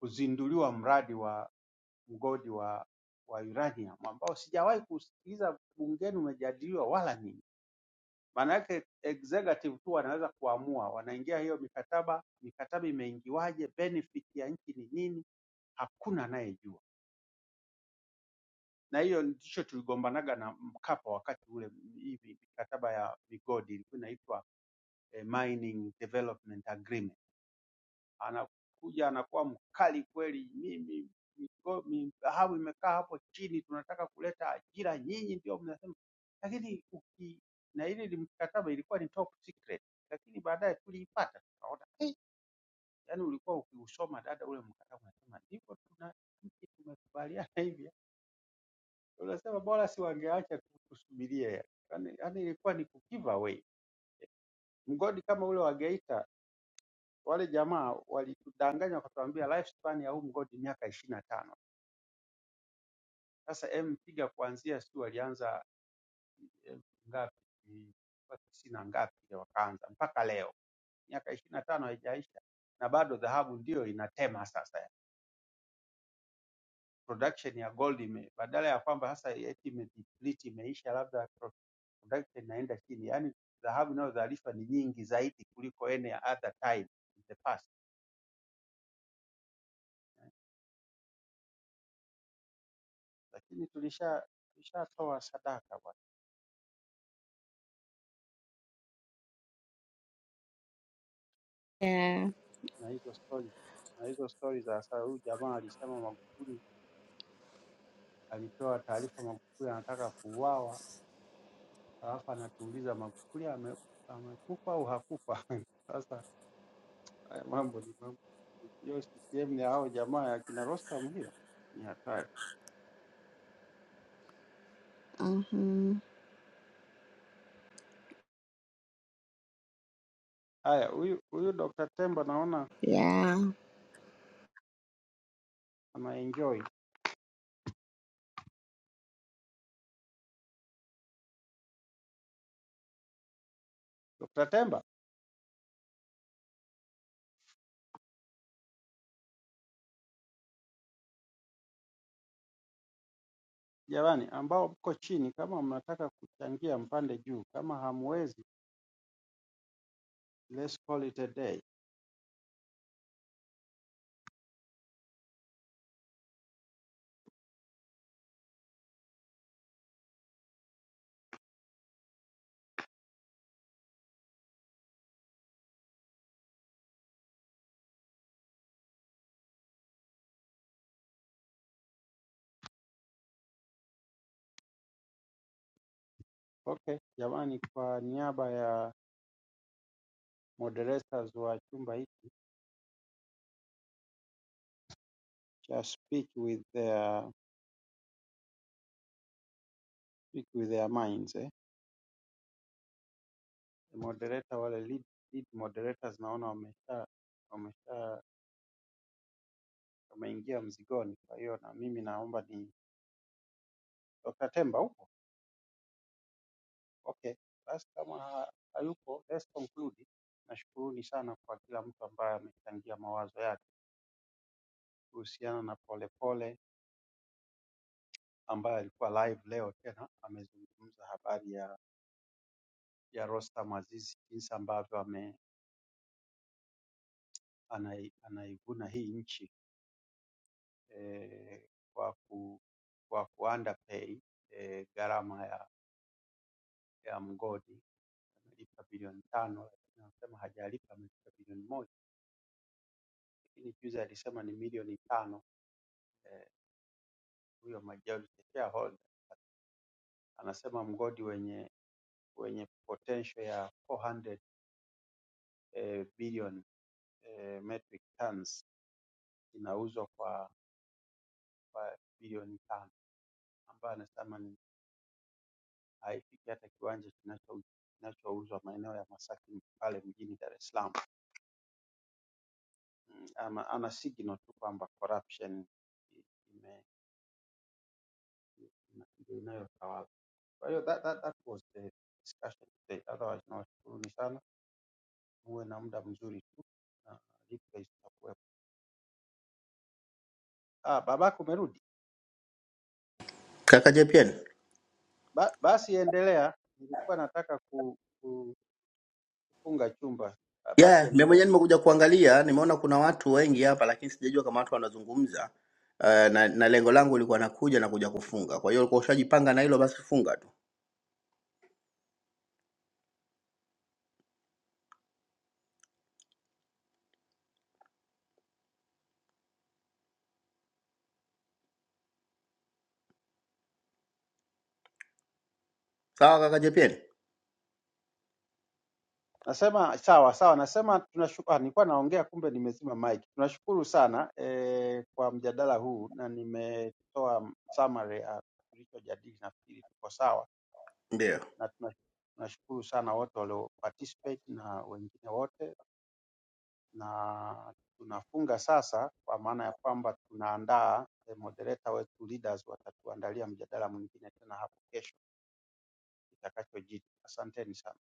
[SPEAKER 9] kuzinduliwa mradi wa mgodi wa wa uranium ambao sijawahi kusikiliza bungeni umejadiliwa wala nini. Maana yake executive tu wanaweza kuamua, wanaingia hiyo mikataba, mikataba imeingiwaje, benefit ya nchi ni nini, hakuna anayejua. Na hiyo ndicho tuligombanaga na Mkapa wakati ule, hivi mikataba ya migodi ilikuwa inaitwa eh, mining development agreement. Anakuja anakuwa mkali kweli, mimi migo- mi- dhahabu imekaa hapo chini, tunataka kuleta ajira, nyinyi ndio mnasema. Lakini uki, na ile ili- mkataba ilikuwa ni top secret, lakini baadaye tuliipata tukaona, eh, yani ulikuwa ukiusoma dada ule mkataba unasema ndivyo tuna nchi tumekubaliana hivi, unasema bora si wangeacha tu tusubirie, yani, yani ilikuwa ni ku give away mgodi kama ule wa Geita wale jamaa walitudanganya wakatuambia lifespan ya huu mgodi miaka ishirini na tano. Sasa em piga kuanzia sijui walianza em, ngapi mpaka tisini na ngapi ndio wakaanza mpaka leo miaka ishirini na tano haijaisha na bado dhahabu ndio inatema sasa. Production ya gold ime badala ya kwamba sasa eti imedeplete imeisha, labda pro- production inaenda chini, yaani dhahabu inayozalishwa ni nyingi zaidi kuliko any other time in the past, lakini tulisha tulishatoa sadaka.
[SPEAKER 10] Yeah.
[SPEAKER 9] na hizo stori na hizo stori za sasa. Huyu jamaa alisema Magufuli alipewa taarifa Magufuli anataka kuuawa, alafu anatuuliza Magufuli ame, amekufa au hakufa? Sasa haya mambo ni mambo hiyo CCM ni hao jamaa ya kina Rostam, hiyo ni hatari.
[SPEAKER 10] Mhm.
[SPEAKER 9] Haya, huyu huyu Dr. Temba naona ana enjoy. Dr. Temba, jamani, ambao mko chini, kama mnataka kuchangia mpande juu, kama hamwezi let's call it a day. Okay, jamani, kwa niaba ya moderators wa chumba hiki cha speak with their speak with their minds eh. Moderator wale lead, lead moderators naona wamesha wamesha wameingia mzigoni, kwa hiyo na mimi naomba ni Dr. Temba upo? Okay, basi kama ha- hayupo let's conclude. Nashukuruni sana kwa kila mtu ambaye amechangia mawazo yake kuhusiana na Polepole ambaye alikuwa live leo tena amezungumza habari ya ya Rostam Aziz jinsi ambavyo ame anai- anaivuna hii nchi eh, kwa ku, kwa ku underpay eh, gharama ya, ya mgodi. Amelipa bilioni tano lakini anasema hajalipa amelipa bilioni moja, lakini juzi alisema ni milioni tano eh, huyo majority shareholder anasema mgodi wenye wenye potential ya 400 eh, billion eh, metric tons inauzwa kwa, kwa bilioni tano ambayo anasema ni haifiki hata kiwanja kinacho- kinachouzwa maeneo ya Masaki pale mjini Dar es Salaam. Mm, Ana, ana signal tu kwamba corruption i- ime- ime- ndio inayotawala. Kwa hiyo that, that, that was the discussion today. Otherwise nawashukuruni sana, muwe na muda mzuri tu na replays zitakuwepo. Ah, babako umerudi?
[SPEAKER 1] Kaka Jepian.
[SPEAKER 9] Ba, basi endelea, nilikuwa nataka ku, ku, kufunga chumba. Ah, Basi
[SPEAKER 1] Yeah, mimi
[SPEAKER 9] endelea.
[SPEAKER 1] mwenyewe nimekuja kuangalia, nimeona kuna watu wengi hapa lakini sijajua kama watu wanazungumza. Uh, na, na lengo langu lilikuwa nakuja na kuja kufunga. Kwa hiyo ulikuwa ushajipanga na hilo basi funga tu. Sawa kaka Jepian?
[SPEAKER 9] Nasema sawa sawa, nasema tunashukuru. Nilikuwa naongea kumbe nimezima mic. Tunashukuru sana eh, kwa mjadala huu na nimetoa summary ya tulichojadili, nafikiri tuko sawa
[SPEAKER 1] Ndio.
[SPEAKER 9] na tuna- tunashukuru sana wote walio participate na wengine wote, na tunafunga sasa, kwa maana ya kwamba tunaandaa eh, moderator wetu leaders watatuandalia mjadala mwingine tena hapo kesho itakachojiri. Asanteni sana.